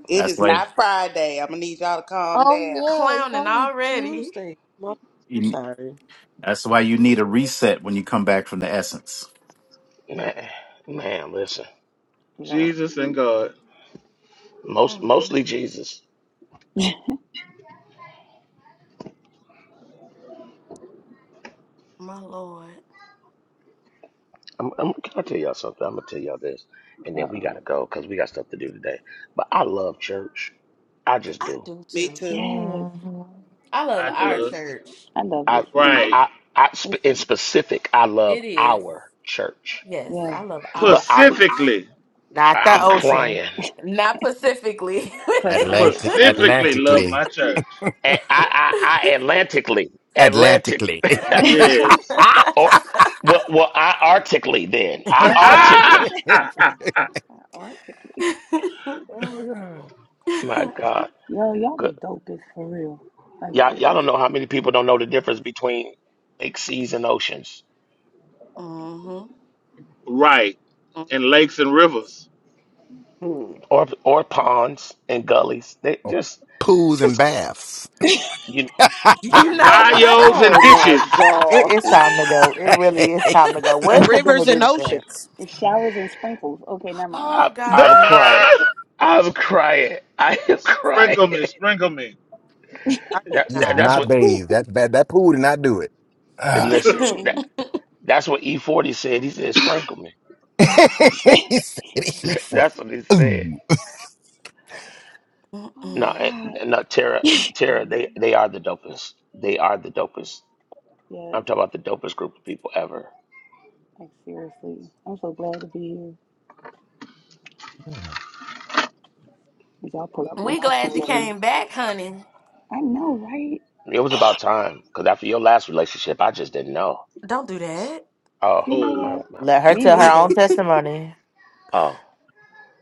Speaker 4: it
Speaker 26: that's
Speaker 4: is
Speaker 26: why.
Speaker 4: not Friday. I'm going to need y'all to calm
Speaker 11: Oh
Speaker 4: down.
Speaker 11: yeah, it's
Speaker 1: clowning
Speaker 11: only
Speaker 1: already.
Speaker 11: Tuesday. My- I'm
Speaker 26: You,
Speaker 11: sorry.
Speaker 26: that's why you need a reset when you come back from the essence.
Speaker 13: Man, man, listen.
Speaker 2: Lord.
Speaker 5: But
Speaker 13: Most
Speaker 1: Mm, mm,
Speaker 13: mostly
Speaker 1: mm.
Speaker 13: Jesus.
Speaker 1: My Lord.
Speaker 13: I'm, I'm, can I tell y'all something? I'm gonna tell y'all this, and
Speaker 2: Uh
Speaker 13: then we
Speaker 2: oh.
Speaker 13: gotta go because we got stuff to do today. But I love church. I just
Speaker 1: I
Speaker 13: do.
Speaker 1: do
Speaker 4: Me
Speaker 1: too.
Speaker 4: too.
Speaker 2: Yes.
Speaker 14: Mhm.
Speaker 1: I love
Speaker 5: I
Speaker 1: our
Speaker 5: does.
Speaker 1: church.
Speaker 2: I love this
Speaker 13: I,
Speaker 2: one.
Speaker 13: yeah,
Speaker 5: Right.
Speaker 13: I, I
Speaker 2: It
Speaker 13: sp- in
Speaker 2: serves.
Speaker 13: specific, I love
Speaker 1: It is.
Speaker 13: our church.
Speaker 1: Yes,
Speaker 2: Yes.
Speaker 1: I love our
Speaker 13: But I,
Speaker 1: church.
Speaker 5: Pacifically.
Speaker 14: Not the
Speaker 13: I'm
Speaker 2: Pacific.
Speaker 14: ocean.
Speaker 13: crying.
Speaker 1: Not specifically.
Speaker 2: Pacific.
Speaker 21: Atlantic, Atlantically,
Speaker 13: A- I, I, I Atlantically, Atlantic,
Speaker 21: Atlantically.
Speaker 5: Yes.
Speaker 21: Ah!
Speaker 13: or well, well, I artically then. I
Speaker 21: oh
Speaker 2: That's what I was going
Speaker 13: artically.
Speaker 2: to say. Arctic.
Speaker 21: my god.
Speaker 13: My God,
Speaker 2: Yo, y'all
Speaker 13: Good.
Speaker 2: the dopest for real. Like
Speaker 13: y'all, y'all don't
Speaker 2: seriously.
Speaker 13: know how many people don't know the difference between big seas and oceans.
Speaker 1: hmm
Speaker 5: right. In lakes and rivers.
Speaker 22: Hmm.
Speaker 13: or or ponds and gullies. They
Speaker 21: Oh,
Speaker 13: just
Speaker 21: pools and
Speaker 13: just
Speaker 21: baths.
Speaker 13: you.
Speaker 1: You
Speaker 5: Bye.
Speaker 1: know what?
Speaker 2: I
Speaker 22: Oh
Speaker 2: can't.
Speaker 22: my
Speaker 14: It
Speaker 22: God!
Speaker 14: is time to go. It really is time to go. Where's the
Speaker 11: Rivers and
Speaker 14: benediction?
Speaker 11: oceans.
Speaker 2: It's showers and sprinkles. Okay, never mind.
Speaker 13: I
Speaker 1: oh,
Speaker 13: I'm
Speaker 1: gosh.
Speaker 13: crying. I'm crying. I am crying.
Speaker 5: sprinkle me, sprinkle me.
Speaker 11: I
Speaker 13: That,
Speaker 21: You
Speaker 13: that
Speaker 21: have
Speaker 11: cannot.
Speaker 13: that's
Speaker 21: not
Speaker 13: what.
Speaker 21: bathed. That that, that pool did not do it.
Speaker 13: and
Speaker 21: Ah.
Speaker 2: It
Speaker 13: Listen. That
Speaker 2: didn't.
Speaker 13: that's what E40 said. He said sprinkle me. He-
Speaker 21: he said he for
Speaker 13: that's what he said.
Speaker 21: ooh.
Speaker 2: Oh my
Speaker 13: No,
Speaker 1: Mm-mm,
Speaker 13: eh,
Speaker 2: God.
Speaker 13: no, Tara, Tara.
Speaker 1: mm-mm.
Speaker 13: They they are the dopest. They are the dopest.
Speaker 2: Yes.
Speaker 13: I'm talking about the dopest group of people ever.
Speaker 2: Like seriously. I'm so glad to be here. As y'all pull up with
Speaker 1: we
Speaker 2: my
Speaker 1: glad
Speaker 2: food
Speaker 1: you
Speaker 2: over here.
Speaker 1: came back, honey.
Speaker 2: I know, right?
Speaker 13: It was about time because after your last relationship, I just didn't know.
Speaker 1: Don't do that.
Speaker 13: Oh
Speaker 2: You know
Speaker 5: Oh,
Speaker 13: my,
Speaker 2: what?
Speaker 13: my.
Speaker 14: Let her
Speaker 2: Me
Speaker 14: tell her own
Speaker 2: neither.
Speaker 14: testimony.
Speaker 13: oh.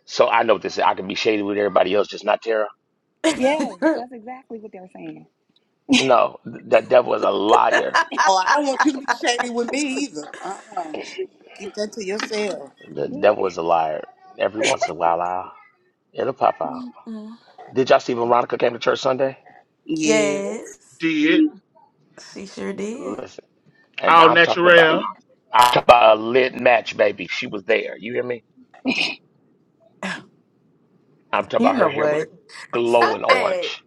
Speaker 13: So I know this. I can be shady with everybody else, just not Tara.
Speaker 2: Yeah, that's exactly what they're saying.
Speaker 13: No, th- that devil is a liar.
Speaker 4: No, I don't want you to be shady with me either. Uh-uh. Keep that to yourself.
Speaker 13: The devil is a liar. Every once in a while, I'll, it'll pop out.
Speaker 1: Mm-mm.
Speaker 13: Did y'all see Veronica came to church Sunday?
Speaker 4: Yeah.
Speaker 1: Yes,
Speaker 5: did
Speaker 1: she sure did.
Speaker 13: Listen, and
Speaker 5: all
Speaker 13: I'm talking about
Speaker 5: natural?
Speaker 13: I'm talking about a lit match, baby. She was there. You hear me? I'm talking
Speaker 1: You
Speaker 13: about
Speaker 1: know
Speaker 13: her hair was
Speaker 1: what? Stop
Speaker 13: glowing
Speaker 1: that.
Speaker 13: orange.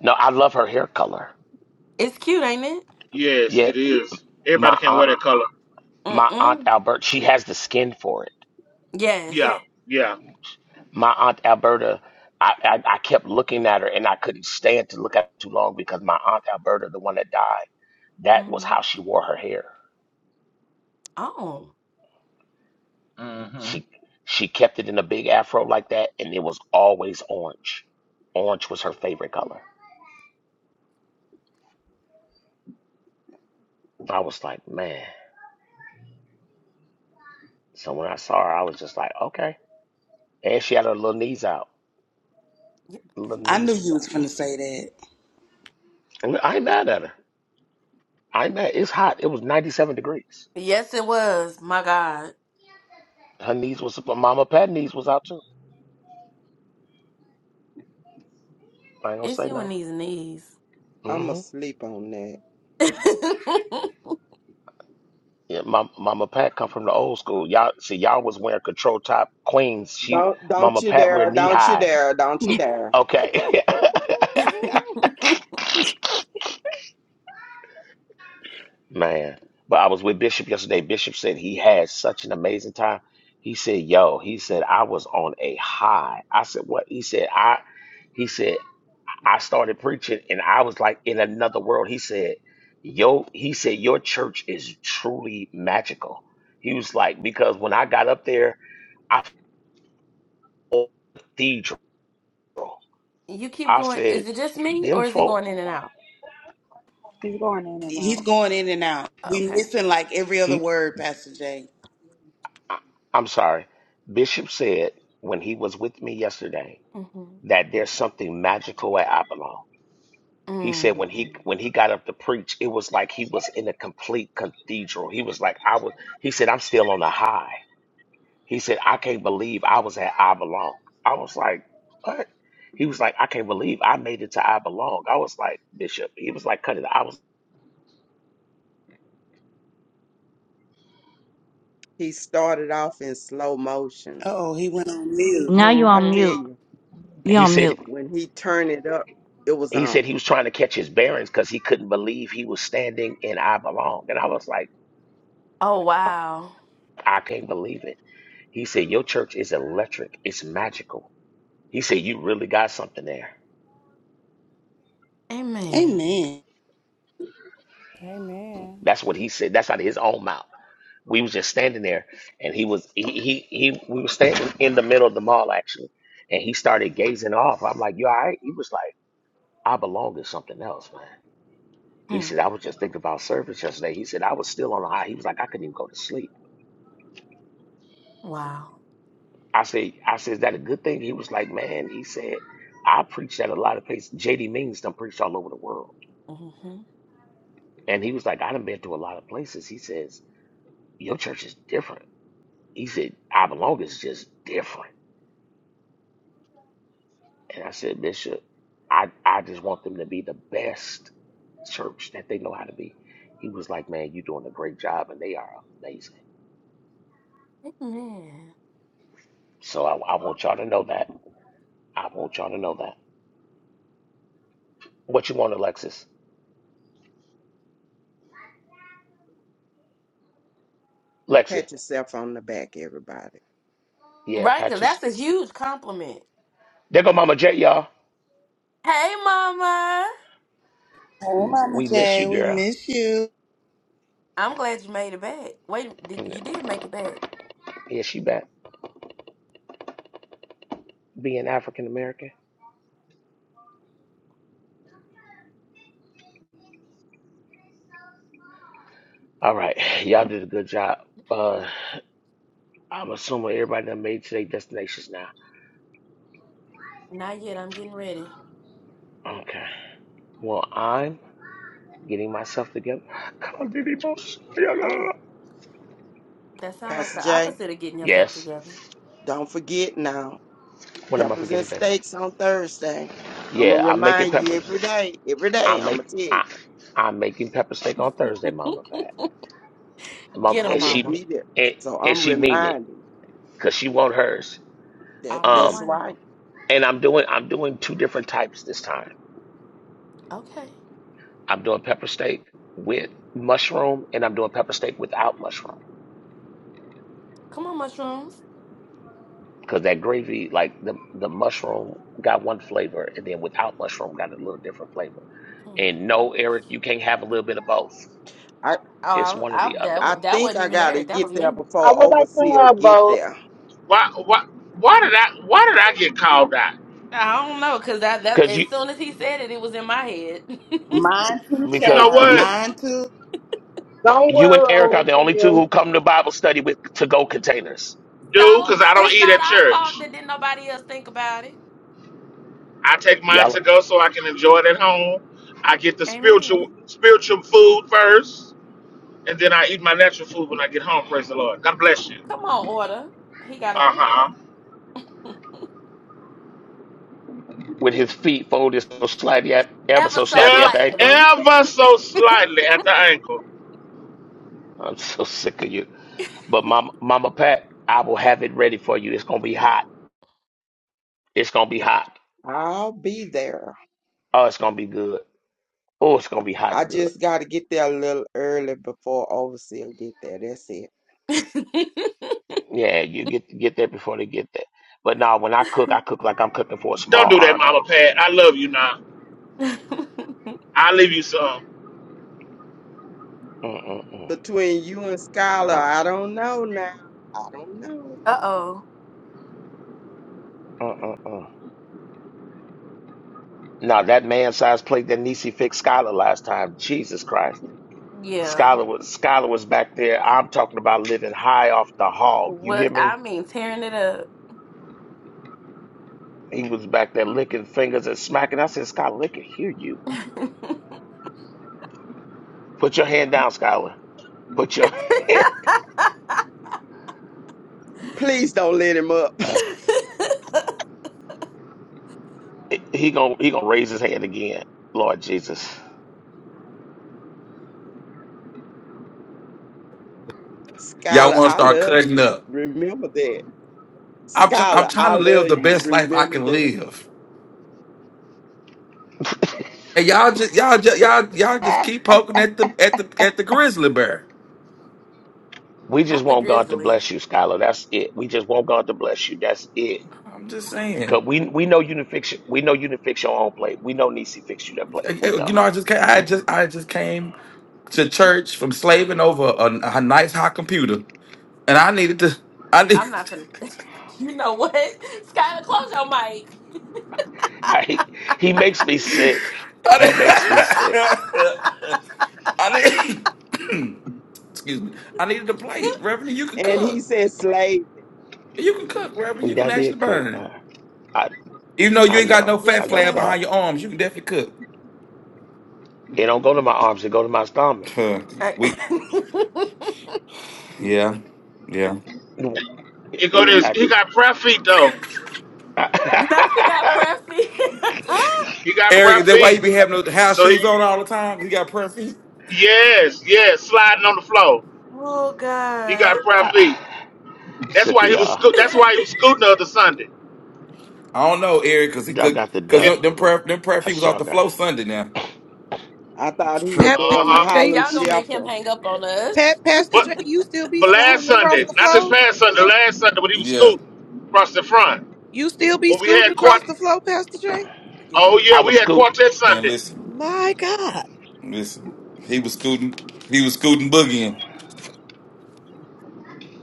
Speaker 13: No, I love her hair color.
Speaker 1: It's cute, ain't it?
Speaker 5: Yes, it
Speaker 13: Yet
Speaker 5: is.
Speaker 13: my
Speaker 5: Everybody can wear
Speaker 13: aunt,
Speaker 5: that color.
Speaker 13: my aunt
Speaker 1: Mm-mm.
Speaker 13: Albert, she has the skin for it.
Speaker 1: Yes.
Speaker 5: Yeah, yeah.
Speaker 13: my aunt Alberta, I, I, I kept looking at her and I couldn't stand to look at her too long because my aunt Alberta, the one that died, that was
Speaker 1: hmm
Speaker 13: how she wore her hair.
Speaker 1: Oh.
Speaker 5: hmm
Speaker 13: She she kept it in a big afro like that, and it was always orange. Orange was her favorite color. I was like, man. So when I saw her, I was just like, okay. And she had her little knees out.
Speaker 1: Y-
Speaker 13: Little
Speaker 4: I knew
Speaker 13: knees
Speaker 4: you
Speaker 13: was out.
Speaker 4: was going to say that.
Speaker 13: And I ain't mad at her. I ain't mad. It's hot. It was 97 degrees.
Speaker 1: Yes, it was. My God.
Speaker 13: Her knees was, Mama Pat knees was out too. I ain't gonna
Speaker 1: It's
Speaker 13: say
Speaker 1: you and
Speaker 13: no.
Speaker 1: these knees.
Speaker 22: I'ma sleep on that.
Speaker 13: Yeah, Mama, Mama Pat come from the old school. Y'all see, y'all was wearing control top queens. She,
Speaker 22: Don't don't
Speaker 13: Mama
Speaker 22: you
Speaker 13: Pat wear
Speaker 22: dare,
Speaker 13: knee
Speaker 22: don't you
Speaker 13: highs.
Speaker 22: dare, don't you dare.
Speaker 13: Okay, man. But I was with Bishop yesterday. Bishop said he had such an amazing time. He said, "Yo," he said, "I was on a high." I said, "What?" He said, "I." He said, "I started preaching, and I was like in another world." He said, "Yo," he said, "Your church is truly magical." He was like, because when I got up there, I felt like a cathedral. So,
Speaker 1: you keep
Speaker 13: I
Speaker 1: going.
Speaker 13: said,
Speaker 1: Is it just me
Speaker 13: them
Speaker 1: or is he
Speaker 13: folk,
Speaker 1: going in and out?
Speaker 2: He's going in and
Speaker 4: He's
Speaker 2: out.
Speaker 4: going in and out. We
Speaker 1: Okay.
Speaker 4: missing like every other
Speaker 13: he,
Speaker 4: word, Pastor J.
Speaker 13: I- I'm sorry. Bishop said when he was with me yesterday
Speaker 1: Mm-hmm.
Speaker 13: that there's something magical at Avalon. He said
Speaker 1: Mm.
Speaker 13: when he when he got up to preach, it was like he was in a complete cathedral. He was like, I was. He said, I'm still on the high. He said, I can't believe I was at I belong. I was like, what? He was like, I can't believe I made it to I belong. I was like, Bishop. He was like, cut it. I was.
Speaker 22: He started off in slow motion.
Speaker 4: Oh, he went on mute.
Speaker 19: Now
Speaker 22: And
Speaker 19: you
Speaker 22: I
Speaker 19: on
Speaker 22: tell
Speaker 1: Mm-hmm.
Speaker 19: mute.
Speaker 22: you,
Speaker 19: You
Speaker 13: He
Speaker 19: on mute.
Speaker 13: said.
Speaker 22: when he turned it up, it was
Speaker 13: He said he
Speaker 22: on.
Speaker 13: was trying to catch his bearings because he couldn't believe he was standing in I Belong. And I was like,
Speaker 1: Oh,
Speaker 13: "Huh,
Speaker 1: wow.
Speaker 13: I can't believe it. He said, Your church is electric, it's magical. He said, You really got something there.
Speaker 1: Amen.
Speaker 4: Amen.
Speaker 8: Amen.
Speaker 13: That's what he said. That's out of his own mouth. We was just standing there and he was he he, he we were standing in the middle of the mall actually. And he started gazing off. I'm like, You all right? He was like, I belong to something else, man. He
Speaker 1: Hmm.
Speaker 13: said, I was just thinking about service yesterday. He said, I was still on the high. He was like, I couldn't even go to sleep.
Speaker 1: Wow.
Speaker 13: I said, I said, is that a good thing? He was like, man, he said, I preached at a lot of places. JD Means done preached all over the world.
Speaker 1: Mm-hmm.
Speaker 13: And he was like, I done been to a lot of places. He says, your church is different. He said, I belong is just different. And I said, Bishop, I, I just want them to be the best church that they know how to be. He was like, man, you doing a great job and they are amazing.
Speaker 1: Amen.
Speaker 13: So I, I want y'all to know that. I want y'all to know that. What you want, Alexis? Lexi.
Speaker 22: Pat yourself on the back, everybody.
Speaker 13: Yeah,
Speaker 1: Right? Because
Speaker 13: Patches.
Speaker 1: that's a huge compliment.
Speaker 13: There go Mama Jet, y'all.
Speaker 1: Hey, Mama.
Speaker 4: Oh, Mama
Speaker 13: We miss
Speaker 4: J,
Speaker 13: you,
Speaker 4: we
Speaker 13: girl.
Speaker 4: miss you.
Speaker 1: I'm glad you made it back. Wait, did
Speaker 13: And,
Speaker 1: you
Speaker 13: uh,
Speaker 1: did make it back?
Speaker 13: yeah, she back being African American. All right, y'all did a good job. Uh, I'm assuming everybody done made today destinations now.
Speaker 1: Not yet. I'm getting ready.
Speaker 13: Okay. Well, I'm getting myself together. Come on, Diddy Boss. Yeah, la, la,
Speaker 1: Oh,
Speaker 13: la.
Speaker 1: that sounds like
Speaker 22: Pastor
Speaker 1: the
Speaker 22: Jay,
Speaker 1: opposite of getting yourself
Speaker 13: Yes.
Speaker 1: together.
Speaker 22: don't forget now.
Speaker 13: What am I
Speaker 22: Peppers and
Speaker 13: forgetting, baby?
Speaker 22: steaks on Thursday. I'ma
Speaker 13: Yeah, I'm making
Speaker 22: remind you
Speaker 13: peppers.
Speaker 22: every day. Every
Speaker 13: I
Speaker 22: day
Speaker 13: make
Speaker 22: I'ma tell you.
Speaker 13: I I'm making pepper steak on Thursday, Mama Fat. Mom
Speaker 1: Get
Speaker 22: I
Speaker 1: 'em,
Speaker 13: and
Speaker 22: will
Speaker 13: she
Speaker 1: Mama.
Speaker 22: be
Speaker 13: me-
Speaker 22: there.
Speaker 13: and,
Speaker 22: So
Speaker 13: and
Speaker 22: I'm
Speaker 13: she mean it
Speaker 22: reminding.
Speaker 13: because she want hers.
Speaker 22: That
Speaker 1: I don't
Speaker 13: Um,
Speaker 22: that's
Speaker 1: blame
Speaker 22: right.
Speaker 1: 'em.
Speaker 13: and I'm doing I'm doing two different types this time.
Speaker 1: Okay,
Speaker 13: I'm doing pepper steak with mushroom, and I'm doing pepper steak without mushroom
Speaker 1: come on, mushrooms.
Speaker 13: because that gravy, like the the mushroom, got one flavor, and then without mushroom, got a little different flavor.
Speaker 1: Mm.
Speaker 13: And no, Eric, you can't have a little bit of both.
Speaker 22: I
Speaker 1: Oh,
Speaker 13: It's
Speaker 1: I,
Speaker 13: one or
Speaker 1: I,
Speaker 13: the other
Speaker 1: that wa-
Speaker 22: I
Speaker 1: that
Speaker 22: think
Speaker 1: wasn't
Speaker 22: I
Speaker 1: even
Speaker 22: gotta
Speaker 1: Eric. That
Speaker 22: get
Speaker 1: was
Speaker 22: there
Speaker 1: me.
Speaker 27: I
Speaker 22: before
Speaker 27: would like to
Speaker 22: overseer
Speaker 27: have
Speaker 22: get
Speaker 27: both.
Speaker 22: there.
Speaker 5: Why? Why? Why? Not?
Speaker 1: I don't know, cause that that
Speaker 13: because you
Speaker 1: as soon as he said it, it was in my head. so it's
Speaker 4: Mine too,
Speaker 5: You
Speaker 13: because
Speaker 5: know
Speaker 4: child.
Speaker 13: you
Speaker 5: what,
Speaker 4: Mine too.
Speaker 27: Don't
Speaker 13: you and
Speaker 27: worry
Speaker 13: Eric are
Speaker 27: over
Speaker 13: the only two
Speaker 27: here.
Speaker 13: who come to Bible study with to go containers.
Speaker 5: dude? Because I don't eat
Speaker 1: not
Speaker 5: at
Speaker 1: our
Speaker 5: church.
Speaker 1: fault that didn't nobody else think about it.
Speaker 5: I take mine
Speaker 13: Y'all
Speaker 5: to go so I can enjoy it at home. I get the spiritual
Speaker 1: Amen.
Speaker 5: spiritual food first, and then I eat my natural food when I get home. Praise the Lord. God bless you.
Speaker 1: Come on, order. He got an
Speaker 5: Uh
Speaker 1: order.
Speaker 5: huh.
Speaker 13: with his feet folded so slightly at ever
Speaker 1: ever
Speaker 13: so
Speaker 1: so
Speaker 13: slightly at the ankle.
Speaker 1: slightly.
Speaker 5: Ever so slightly at the ankle.
Speaker 13: I'm so sick of you. But Mama, Mama Pat, I will have it ready for you. It's gonna be hot. It's gonna be hot.
Speaker 22: I'll be there.
Speaker 13: Oh, it's gonna be good. Oh, it's gonna be hot
Speaker 22: I
Speaker 13: and good.
Speaker 22: just got to get there a little early before overseer get there. That's it.
Speaker 13: Yeah, you get get that before they get there. But no, when I cook, I cook like I'm cooking for a
Speaker 5: Don't
Speaker 13: small
Speaker 5: do that,
Speaker 13: army.
Speaker 5: Mama Pat. I love you now. I leave you some.
Speaker 13: Mm-mm-mm.
Speaker 22: Between you and Skylar,
Speaker 13: Uh,
Speaker 22: I don't know now. I don't know.
Speaker 1: Uh oh.
Speaker 13: mm-mm-mm. No, that man-sized plate that Nisi fixed Skylar last time. Jesus Christ,
Speaker 1: Yeah.
Speaker 13: Skylar was Skylar was back there. I'm talking about living high off the hog. You hear
Speaker 1: What I
Speaker 13: me?
Speaker 1: mean, tearing it up.
Speaker 13: He was back there licking fingers and smacking. I said, Skylar, they can hear you. Put your hand down, Skylar. Put your
Speaker 22: Please don't let him up.
Speaker 13: He gonna he gonna raise his hand again, Lord Jesus.
Speaker 28: Y'all
Speaker 22: Skylar,
Speaker 28: want to
Speaker 22: I
Speaker 28: start
Speaker 22: love
Speaker 28: cutting
Speaker 22: you.
Speaker 28: up.
Speaker 22: Remember that.
Speaker 28: I'm try- I'm
Speaker 22: Skylar,
Speaker 28: trying to
Speaker 22: I
Speaker 28: live
Speaker 22: love
Speaker 28: the
Speaker 22: you.
Speaker 28: best life I
Speaker 22: Remember
Speaker 28: can
Speaker 22: that.
Speaker 28: live. And y'all just y'all just y'all y'all just keep poking at the at the at the grizzly bear.
Speaker 13: We just
Speaker 1: not the
Speaker 13: want God to
Speaker 1: grizzly.
Speaker 13: bless you, Skylar. That's it. We just want God to bless you. That's it.
Speaker 28: I'm just saying.
Speaker 13: Cause we we know you to fix we know you to fix your own plate. We know Nisi fix you that plate. We know.
Speaker 28: You know, I just ca- I just I just came to church from slaving over a, a nice hot computer, and I needed to. I need.
Speaker 1: I'm not finna. You know what? Skylar, close your mic.
Speaker 13: I, he he makes me sick. He makes me sick.
Speaker 28: I need. I need excuse me. I needed a plate, Reverend. You can
Speaker 22: And he
Speaker 28: cook.
Speaker 22: said slave.
Speaker 28: You can cook, Reverend. You
Speaker 13: And
Speaker 28: can
Speaker 13: I
Speaker 28: actually
Speaker 13: did cook. I,
Speaker 28: burn.
Speaker 13: I
Speaker 28: Even though you
Speaker 13: I
Speaker 28: ainnd got no
Speaker 13: know.
Speaker 1: Yes,
Speaker 13: I
Speaker 28: fat
Speaker 1: he
Speaker 13: know
Speaker 28: flab
Speaker 13: God.
Speaker 28: behind
Speaker 1: can.
Speaker 28: your arms, you can definitely cook.
Speaker 13: It don't go to my arms. It go to my stomach.
Speaker 28: Huh.
Speaker 1: I-
Speaker 28: we, yeah, yeah.
Speaker 13: It,
Speaker 5: He go
Speaker 13: it,
Speaker 5: this.
Speaker 13: I,
Speaker 5: He got prayer feet though.
Speaker 1: now she got
Speaker 13: I,
Speaker 1: preppy.
Speaker 5: He got
Speaker 28: Eric,
Speaker 5: prayer
Speaker 28: is that why
Speaker 5: feet.
Speaker 28: you be having those house
Speaker 5: So he,
Speaker 28: shoes on all the time? 'Cause You got prayer feet?
Speaker 5: yes, yes, sliding on the floor.
Speaker 1: oh
Speaker 5: He got
Speaker 1: God.
Speaker 5: prayer
Speaker 13: I,
Speaker 5: feet. That's
Speaker 13: sick
Speaker 5: why
Speaker 13: of
Speaker 5: he was.
Speaker 13: y'all.
Speaker 5: sco- That's why he was scooting the other Sunday.
Speaker 28: I don't know, Eric, because
Speaker 13: Y'all
Speaker 28: because
Speaker 13: got the
Speaker 5: Yeah.
Speaker 28: them, them,
Speaker 13: devil.
Speaker 28: prayer, them prayer feet was
Speaker 13: That's
Speaker 28: off
Speaker 13: y'all
Speaker 28: the
Speaker 13: got.
Speaker 28: flow Sunday now.
Speaker 22: I thought he
Speaker 5: Uh
Speaker 28: Huh.
Speaker 22: was
Speaker 11: Pat, Pat,
Speaker 22: doing the
Speaker 5: huh.
Speaker 11: J,
Speaker 22: Harlem
Speaker 1: Y'all gonna make him
Speaker 22: Shuffle.
Speaker 1: hang up on
Speaker 11: Pat,
Speaker 1: us.
Speaker 11: Pastor
Speaker 5: But
Speaker 11: J, you still be
Speaker 5: but last
Speaker 11: sliding across
Speaker 5: Sunday,
Speaker 11: the
Speaker 5: not this
Speaker 11: flow?
Speaker 5: past Sunday, last Sunday when he was
Speaker 28: yeah.
Speaker 5: scooting across the front.
Speaker 11: You still be
Speaker 5: When we
Speaker 11: scooting
Speaker 5: had quart.
Speaker 11: across the flow, Pastor J?
Speaker 5: Oh
Speaker 1: Yep.
Speaker 13: I
Speaker 5: yeah,
Speaker 13: was
Speaker 5: we had
Speaker 13: scooting.
Speaker 5: quartet
Speaker 28: Man,
Speaker 5: Sunday.
Speaker 28: listen,
Speaker 11: My God.
Speaker 28: listen. He was scooting, he was scooting boogieing.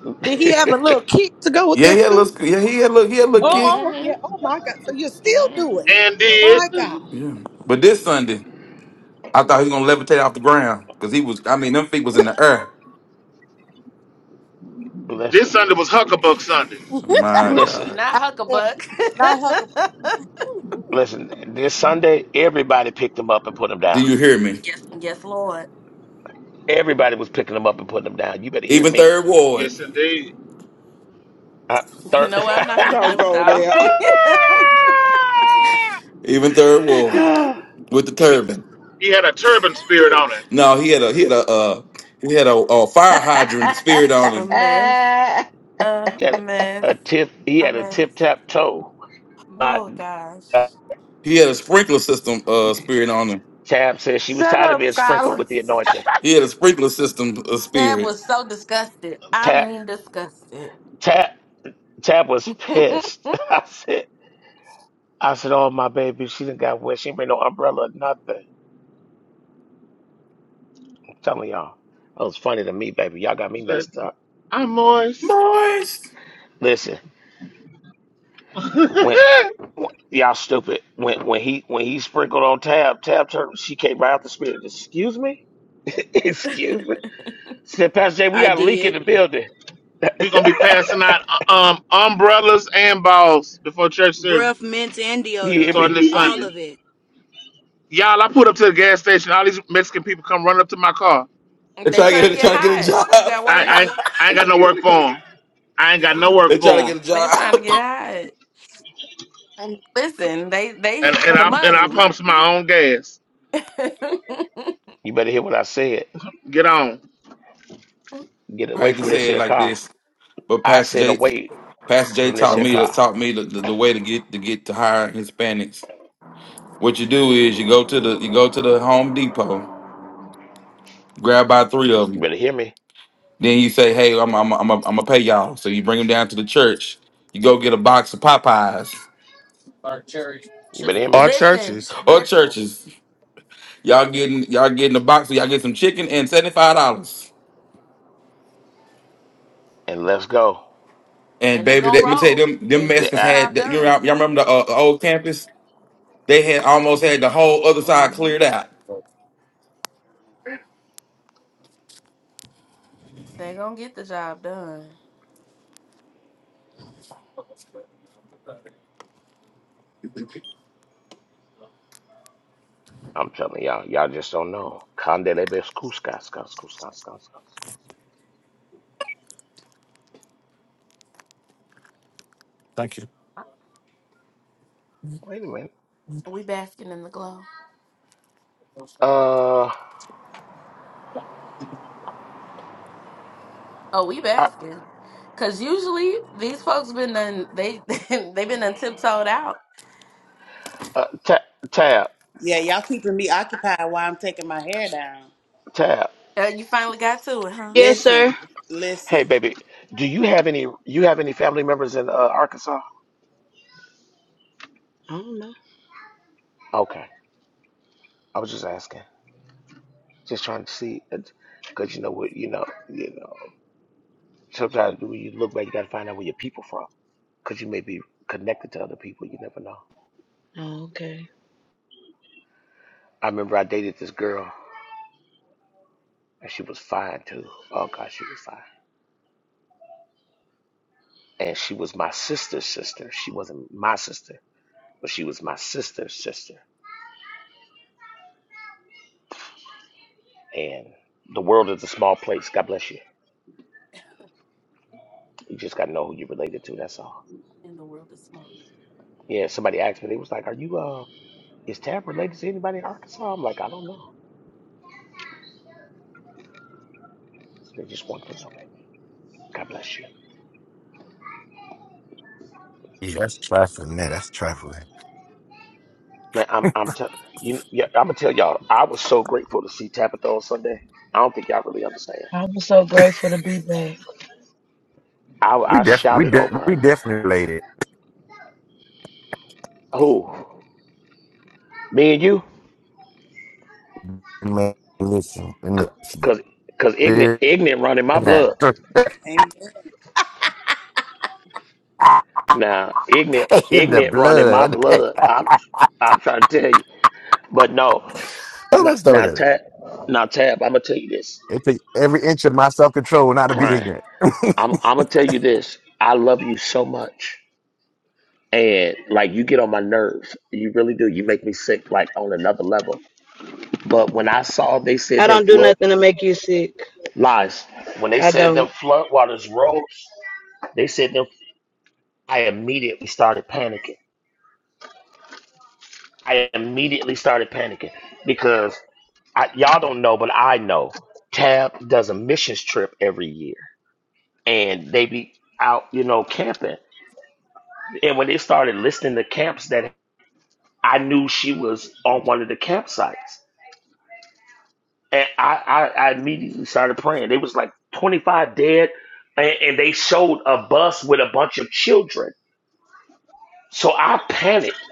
Speaker 11: Did he have a little kick to go with
Speaker 28: Yeah, he
Speaker 11: that
Speaker 28: had yeah,
Speaker 11: school?
Speaker 28: look, yeah, he had a little, he had a little kick.
Speaker 11: Oh, oh,
Speaker 1: Mm-hmm.
Speaker 11: yeah. Oh, my God. So you still do
Speaker 1: Mm-hmm.
Speaker 11: it.
Speaker 5: And did
Speaker 11: My God.
Speaker 28: Yeah. But this Sunday, I thought he was going to levitate off the ground because he was, I mean, them feet was in the air.
Speaker 5: this
Speaker 13: listen,
Speaker 5: Sunday was Huckabuck Sunday.
Speaker 28: My
Speaker 13: listen,
Speaker 28: God.
Speaker 1: Not
Speaker 11: I can't. Not Huckabee.
Speaker 1: Huckabuck.
Speaker 13: listen. This Sunday, everybody picked them up and put them
Speaker 28: Do
Speaker 13: down.
Speaker 28: you hear me?
Speaker 1: yes, Lord.
Speaker 13: Everybody was picking them up and putting them down. You better hear
Speaker 28: Even
Speaker 13: me.
Speaker 28: third ward.
Speaker 5: Yes, indeed.
Speaker 13: Uh,
Speaker 1: You
Speaker 13: third.
Speaker 1: know what? I'm not finna play
Speaker 22: Don't
Speaker 1: with
Speaker 22: go
Speaker 1: y'all.
Speaker 22: there.
Speaker 28: Even third ward with the
Speaker 5: He,
Speaker 28: turban.
Speaker 5: he had on it.
Speaker 28: No, he had a he had a uh, he had a, a fire hydrant spirit on
Speaker 1: a
Speaker 28: him.
Speaker 1: mess. A
Speaker 13: he had
Speaker 1: mess.
Speaker 13: a tip. He
Speaker 1: A
Speaker 13: had a
Speaker 1: mess.
Speaker 13: tip tap toe. My
Speaker 1: Oh
Speaker 13: God.
Speaker 1: gosh.
Speaker 28: He had a sprinkler system uh spirit on him.
Speaker 13: Tab says she was
Speaker 15: Shut
Speaker 13: tired of
Speaker 15: up,
Speaker 13: being sprinkled
Speaker 15: Scholar.
Speaker 13: with the anointing.
Speaker 28: He had a sprinkler system uh,
Speaker 1: Tab
Speaker 28: spirit.
Speaker 1: was so disgusted. I
Speaker 13: Tab,
Speaker 1: mean disgusted.
Speaker 13: Tab, Tab was
Speaker 1: they
Speaker 13: pissed. I said, I said, oh my baby, she didn't got wet. She ain't bring no umbrella, or nothing. Some of y'all. That was funny to me, baby. Y'all got me
Speaker 5: Said,
Speaker 13: messed up.
Speaker 5: I'm moist.
Speaker 28: Moist.
Speaker 13: Listen,
Speaker 5: We're
Speaker 13: when, when y'all stupid. When when he when he sprinkled on Tab, Tab turned, she came right out the spirit. Excuse me? Excuse me? Said Pastor Jay, we
Speaker 29: I
Speaker 13: got a leak in
Speaker 29: did.
Speaker 13: the building.
Speaker 5: gonna be passing out uh, um umbrellas and balls before church service
Speaker 29: Breath mints and
Speaker 13: You hear
Speaker 29: deodorant.
Speaker 5: starting
Speaker 13: me?
Speaker 5: this
Speaker 29: All
Speaker 5: Sunday.
Speaker 29: of it.
Speaker 5: Y'all, I pulled up to the gas station. All these Mexican people come running up to my car.
Speaker 28: They try to get
Speaker 1: trying to
Speaker 28: they
Speaker 1: get
Speaker 28: try to get a
Speaker 1: hired.
Speaker 28: job.
Speaker 1: You got
Speaker 5: I
Speaker 1: word?
Speaker 5: I, ain't- I ain't got no work for them. I ain't got no work
Speaker 28: they try to
Speaker 5: for
Speaker 28: get
Speaker 5: them.
Speaker 28: a
Speaker 1: They
Speaker 28: job.
Speaker 1: trying to get hired. And listen, they they
Speaker 5: And
Speaker 1: here for
Speaker 5: and
Speaker 1: the
Speaker 5: I and I
Speaker 1: money.
Speaker 5: pumps my own gas.
Speaker 13: You better hear what I said.
Speaker 5: Get on.
Speaker 13: Get
Speaker 28: I
Speaker 13: away
Speaker 28: hate to
Speaker 13: from this
Speaker 28: say it
Speaker 13: here
Speaker 28: like
Speaker 13: car.
Speaker 28: this, but
Speaker 13: I
Speaker 28: Pastor
Speaker 13: said
Speaker 28: J
Speaker 13: away
Speaker 28: Pastor J
Speaker 13: from this
Speaker 28: taught
Speaker 13: here
Speaker 26: Don't
Speaker 28: me to
Speaker 26: get
Speaker 13: car.
Speaker 28: taught me the, the, the way to get to get to hire Hispanics. What you do is you go to the you go to the Home Depot, grab about three of
Speaker 13: You
Speaker 28: them
Speaker 13: better hear me.
Speaker 28: Then you say, "Hey, I'm I'm I'm I'm gonna pay y'all." So you bring them down to the church. You go get a box of Popeyes
Speaker 13: You better hear
Speaker 5: Our
Speaker 13: me.
Speaker 1: listen,
Speaker 5: churches.
Speaker 28: or
Speaker 1: listen,
Speaker 28: churches. Y'all getting y'all getting a box. so Y'all get some chicken and seventy five dollars.
Speaker 13: And let's go.
Speaker 28: And
Speaker 1: and they
Speaker 28: baby,
Speaker 1: gonna
Speaker 28: that, let me tell you,
Speaker 1: roll
Speaker 28: them them
Speaker 1: and
Speaker 13: The
Speaker 1: get
Speaker 28: Mexicans
Speaker 1: the
Speaker 13: act.
Speaker 28: had.
Speaker 1: job
Speaker 28: You know,
Speaker 1: done.
Speaker 28: y'all remember the, uh, the old campus? They had almost had the whole other side
Speaker 1: hmm
Speaker 28: cleared out.
Speaker 1: They gonna get the job done.
Speaker 13: I'm telling y'all, y'all just don't know. Candele
Speaker 5: Thank you.
Speaker 13: Wait a minute.
Speaker 1: We basking in the glow.
Speaker 13: Uh,
Speaker 1: Oh, we
Speaker 13: I,
Speaker 1: basking. Cause usually these folks been done they they been done tiptoed out.
Speaker 13: uh, Ta- Tab,
Speaker 4: Yeah, y'all keeping me occupied while I'm taking my hair down.
Speaker 13: Tab.
Speaker 1: Uh, you finally got to it, huh?
Speaker 29: Yes,
Speaker 4: Listen,
Speaker 29: sir.
Speaker 13: Hey,
Speaker 4: listen.
Speaker 13: baby, do you have any? You have any family members in uh, Arkansas?
Speaker 29: I don't know.
Speaker 13: Okay, I was just asking, just trying to see, because you know what, you know, you know. Sometimes when you look back, you gotta find out where your people from, because you may be connected to other people. You never know.
Speaker 29: Oh, okay.
Speaker 13: I remember I dated this girl, and she was fine too. Oh God, she was fine, and she was my sister's sister. She wasn't my sister, but she was my sister's sister. And the world is a small place. God bless you. You just got to know who you're related to. That's all.
Speaker 1: And the world is small.
Speaker 13: Yeah, somebody asked me, they was like, Are you, uh, is Tab related to anybody in Arkansas? I'm like, I don't know. So they just want to know, baby. God bless you.
Speaker 21: Yeah, that's trifling, man. That's trifling.
Speaker 13: Man, I'm, I'm, tell you, yeah, I'm gonna tell y'all, I was so grateful to see Tabitha on Sunday. I don't think y'all really understand.
Speaker 29: I was so grateful to be back.
Speaker 13: I,
Speaker 21: We
Speaker 13: I
Speaker 21: def we
Speaker 13: shouted
Speaker 21: def
Speaker 13: over
Speaker 21: we
Speaker 13: her.
Speaker 21: definitely related.
Speaker 13: Who? Me and you?
Speaker 21: Man, listen, in the
Speaker 13: Cause, cause ignorant,
Speaker 21: spirit
Speaker 13: ignorant running my
Speaker 21: in the,
Speaker 13: blood.
Speaker 4: Amen.
Speaker 13: Now, ignorant,
Speaker 21: in the
Speaker 13: ignorant running my
Speaker 21: blood.
Speaker 13: blood. I'm, I'm trying to tell you. But no,
Speaker 21: That's my
Speaker 13: now,
Speaker 21: stomach
Speaker 13: now
Speaker 21: hurt.
Speaker 13: Tab, now Tab, I'm gonna tell you this.
Speaker 21: It takes every inch of my self control not to be
Speaker 13: Crying.
Speaker 21: ignorant.
Speaker 13: I'm, I'm gonna tell you this. I love you so much, and like you get on my nerves. You really do. You make me sick, like on another level. But when I saw they
Speaker 29: I
Speaker 13: said them
Speaker 29: don't do
Speaker 13: flood
Speaker 29: nothing to make you sick.
Speaker 13: lies, when they
Speaker 29: I
Speaker 13: said them
Speaker 29: don't.
Speaker 13: flood waters rose, they said them. I immediately started panicking. I immediately started panicking because I, y'all don't know, but I know. Tab does a missions trip every year and they be out, you know, camping. And when they started listing the camps that I knew she was on one of the campsites, and I, I, I immediately started praying. They was like 25 dead, and, and they showed a bus with a bunch of children. So I panicked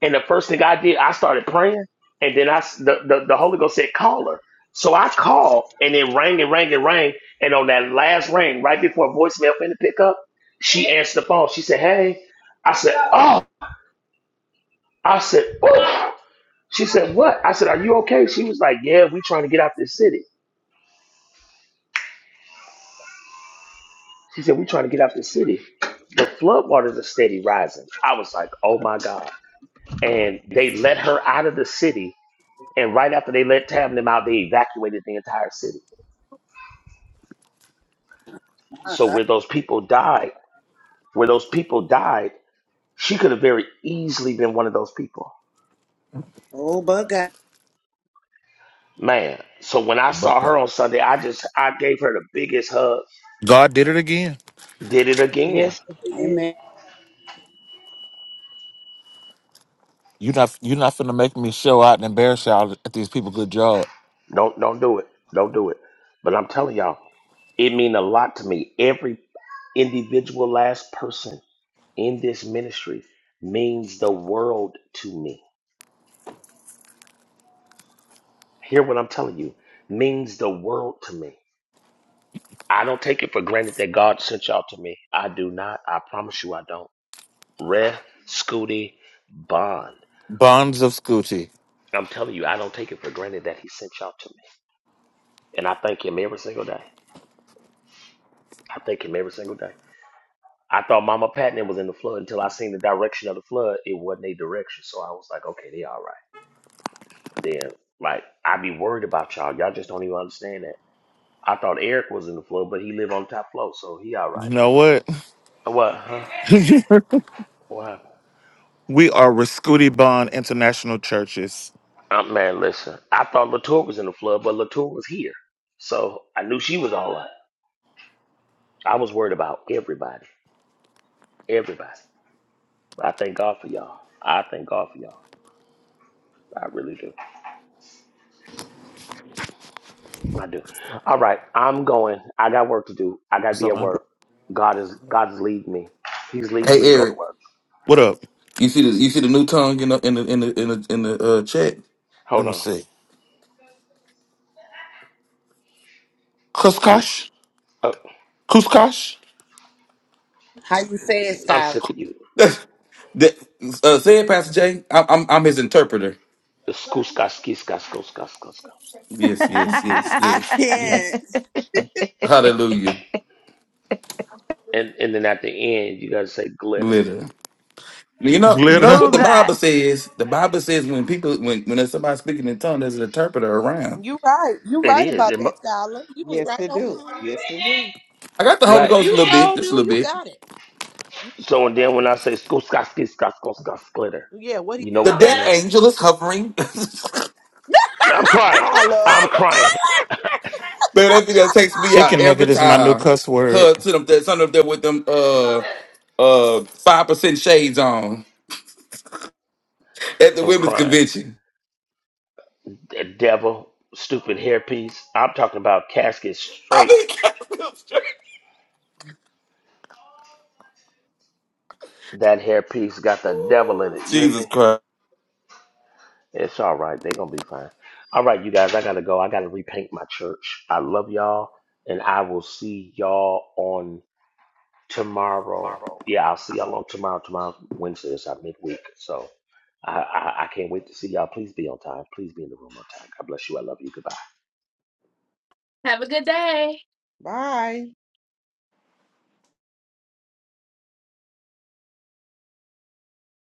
Speaker 13: And the first thing I did, I started praying, and then I s- the, the, the Holy Ghost said, "Call her." So I called, and it rang and rang and rang. And on that last ring, right before voicemail finna pick up, she answered the phone. She said, "Hey," I said, "Oh," I said, "Oh." She said, "What?" I said, "Are you okay?" She was like, "Yeah, we trying to get out this city." She said, "We trying to get out this city." The floodwaters are steady rising. I was like, "Oh my god!" And they let her out of the city. And right after they let Tabnum out, they evacuated the entire city. So where those people died, where those people died, she could have very easily been one of those people.
Speaker 4: Oh, but God.
Speaker 13: Man, so when I
Speaker 21: But
Speaker 13: saw
Speaker 21: God.
Speaker 13: her on Sunday, I just I gave her the biggest hug.
Speaker 5: God did it again.
Speaker 13: Did it again.
Speaker 29: Yes, I did.
Speaker 4: Amen.
Speaker 5: You're not you're not finna make me show out and embarrass y'all at these people. Good job.
Speaker 13: Don't don't do it. Don't do it. But I'm telling y'all, it mean a lot to me. Every individual last person in this ministry means the world to me. Hear what I'm telling you. Means the world to me. I don't take it for granted that God sent y'all to me. I do not. I promise you I don't Ref Scooty Bond.
Speaker 5: Bonds of Scooty.
Speaker 13: I'm telling you, I don't take it for granted that he sent y'all to me. And I thank him every single day. I thank him every single day. I thought Mama Patton was in the flood until I seen the direction of the flood. It wasn't a direction. So I was like, okay, they all right. Then, like, I be worried about y'all. Y'all just don't even understand that. I thought Eric was in the flood, but he lived on the top floor, so he all
Speaker 5: You
Speaker 13: right.
Speaker 5: know what?
Speaker 13: What, huh? What happened?
Speaker 5: We are Rascuti Bond International Churches.
Speaker 13: Uh, man, listen. I thought Latour was in the flood, but Latour was here. So I knew she was all right. I was worried about everybody. Everybody. I thank God for y'all. I thank God for y'all. I really do. I do. All right. I'm going. I got work to do. I gotta
Speaker 5: What's
Speaker 13: be
Speaker 5: up,
Speaker 13: at
Speaker 5: man?
Speaker 13: work. God is God is leading me. He's leading
Speaker 28: Hey
Speaker 13: me to go to
Speaker 28: Eric,
Speaker 13: work.
Speaker 5: What up?
Speaker 28: you see the you see the new tongue in the in the in the in the, in the uh, chat?
Speaker 5: Let
Speaker 13: Hold
Speaker 5: me
Speaker 13: on.
Speaker 5: see.
Speaker 13: Kus
Speaker 5: Kuskosh?
Speaker 13: uh,
Speaker 5: Kuskosh?
Speaker 4: How you say it,
Speaker 13: I'm
Speaker 4: Skylar?
Speaker 13: sick of you.
Speaker 28: that, uh, say it, Pastor Jay. I'm I'm I'm his interpreter.
Speaker 13: It's kuska skiska skuska skuska.
Speaker 28: Yes, yes, yes,
Speaker 4: I
Speaker 28: yes, yes.
Speaker 4: can't.
Speaker 28: Hallelujah.
Speaker 13: And and then at the end you gotta say glitter.
Speaker 28: glitter. You know, you notice
Speaker 5: Glitter.
Speaker 28: what
Speaker 15: Glue
Speaker 28: the
Speaker 15: guy.
Speaker 28: Bible says. The Bible says when people, when when there's somebody speaking in tongues, there's an interpreter around.
Speaker 11: You right. You
Speaker 13: It
Speaker 11: right
Speaker 13: is.
Speaker 11: about
Speaker 13: It, mu-
Speaker 11: that, Scholar. You was
Speaker 22: Yes,
Speaker 11: right
Speaker 22: they
Speaker 11: on
Speaker 22: do.
Speaker 11: it.
Speaker 22: Yes, they do.
Speaker 28: I got the Holy
Speaker 13: right.
Speaker 28: Ghost a
Speaker 11: You
Speaker 28: little bit,
Speaker 11: sure do.
Speaker 28: just a little
Speaker 11: You
Speaker 28: bit.
Speaker 11: got it. You
Speaker 13: So
Speaker 11: sure
Speaker 13: and then when
Speaker 11: right.
Speaker 13: I say skuska skiska skuska glitter,
Speaker 11: Yeah, what he
Speaker 13: you know
Speaker 28: The
Speaker 13: what
Speaker 28: death
Speaker 13: that means.
Speaker 28: angel is hovering.
Speaker 13: I'm crying.
Speaker 22: Skylar,
Speaker 13: I'm crying.
Speaker 28: Man, that video takes me out
Speaker 5: Chicken
Speaker 28: every
Speaker 5: nugget is my new
Speaker 28: time.
Speaker 5: cuss word.
Speaker 28: Her to them, that son up there with them, uh, uh, five percent shades on at the
Speaker 13: I'm
Speaker 28: women's
Speaker 13: crying.
Speaker 28: convention.
Speaker 13: That devil, stupid hairpiece. I'm talking about casket straight.
Speaker 28: I mean,
Speaker 13: That hairpiece got the devil in it. You hear
Speaker 28: Jesus
Speaker 13: me?
Speaker 28: Christ.
Speaker 13: It's all right. They're gonna be fine. All right, you guys. I gotta go. I gotta repaint my church. I love y'all, and I will see y'all on tomorrow. Yeah, I'll see y'all on tomorrow. Tomorrow, Wednesday is our midweek, so I, I I can't wait to see y'all. Please be on time. Please be in the room on time. God bless you. I love you. Goodbye.
Speaker 22: bye.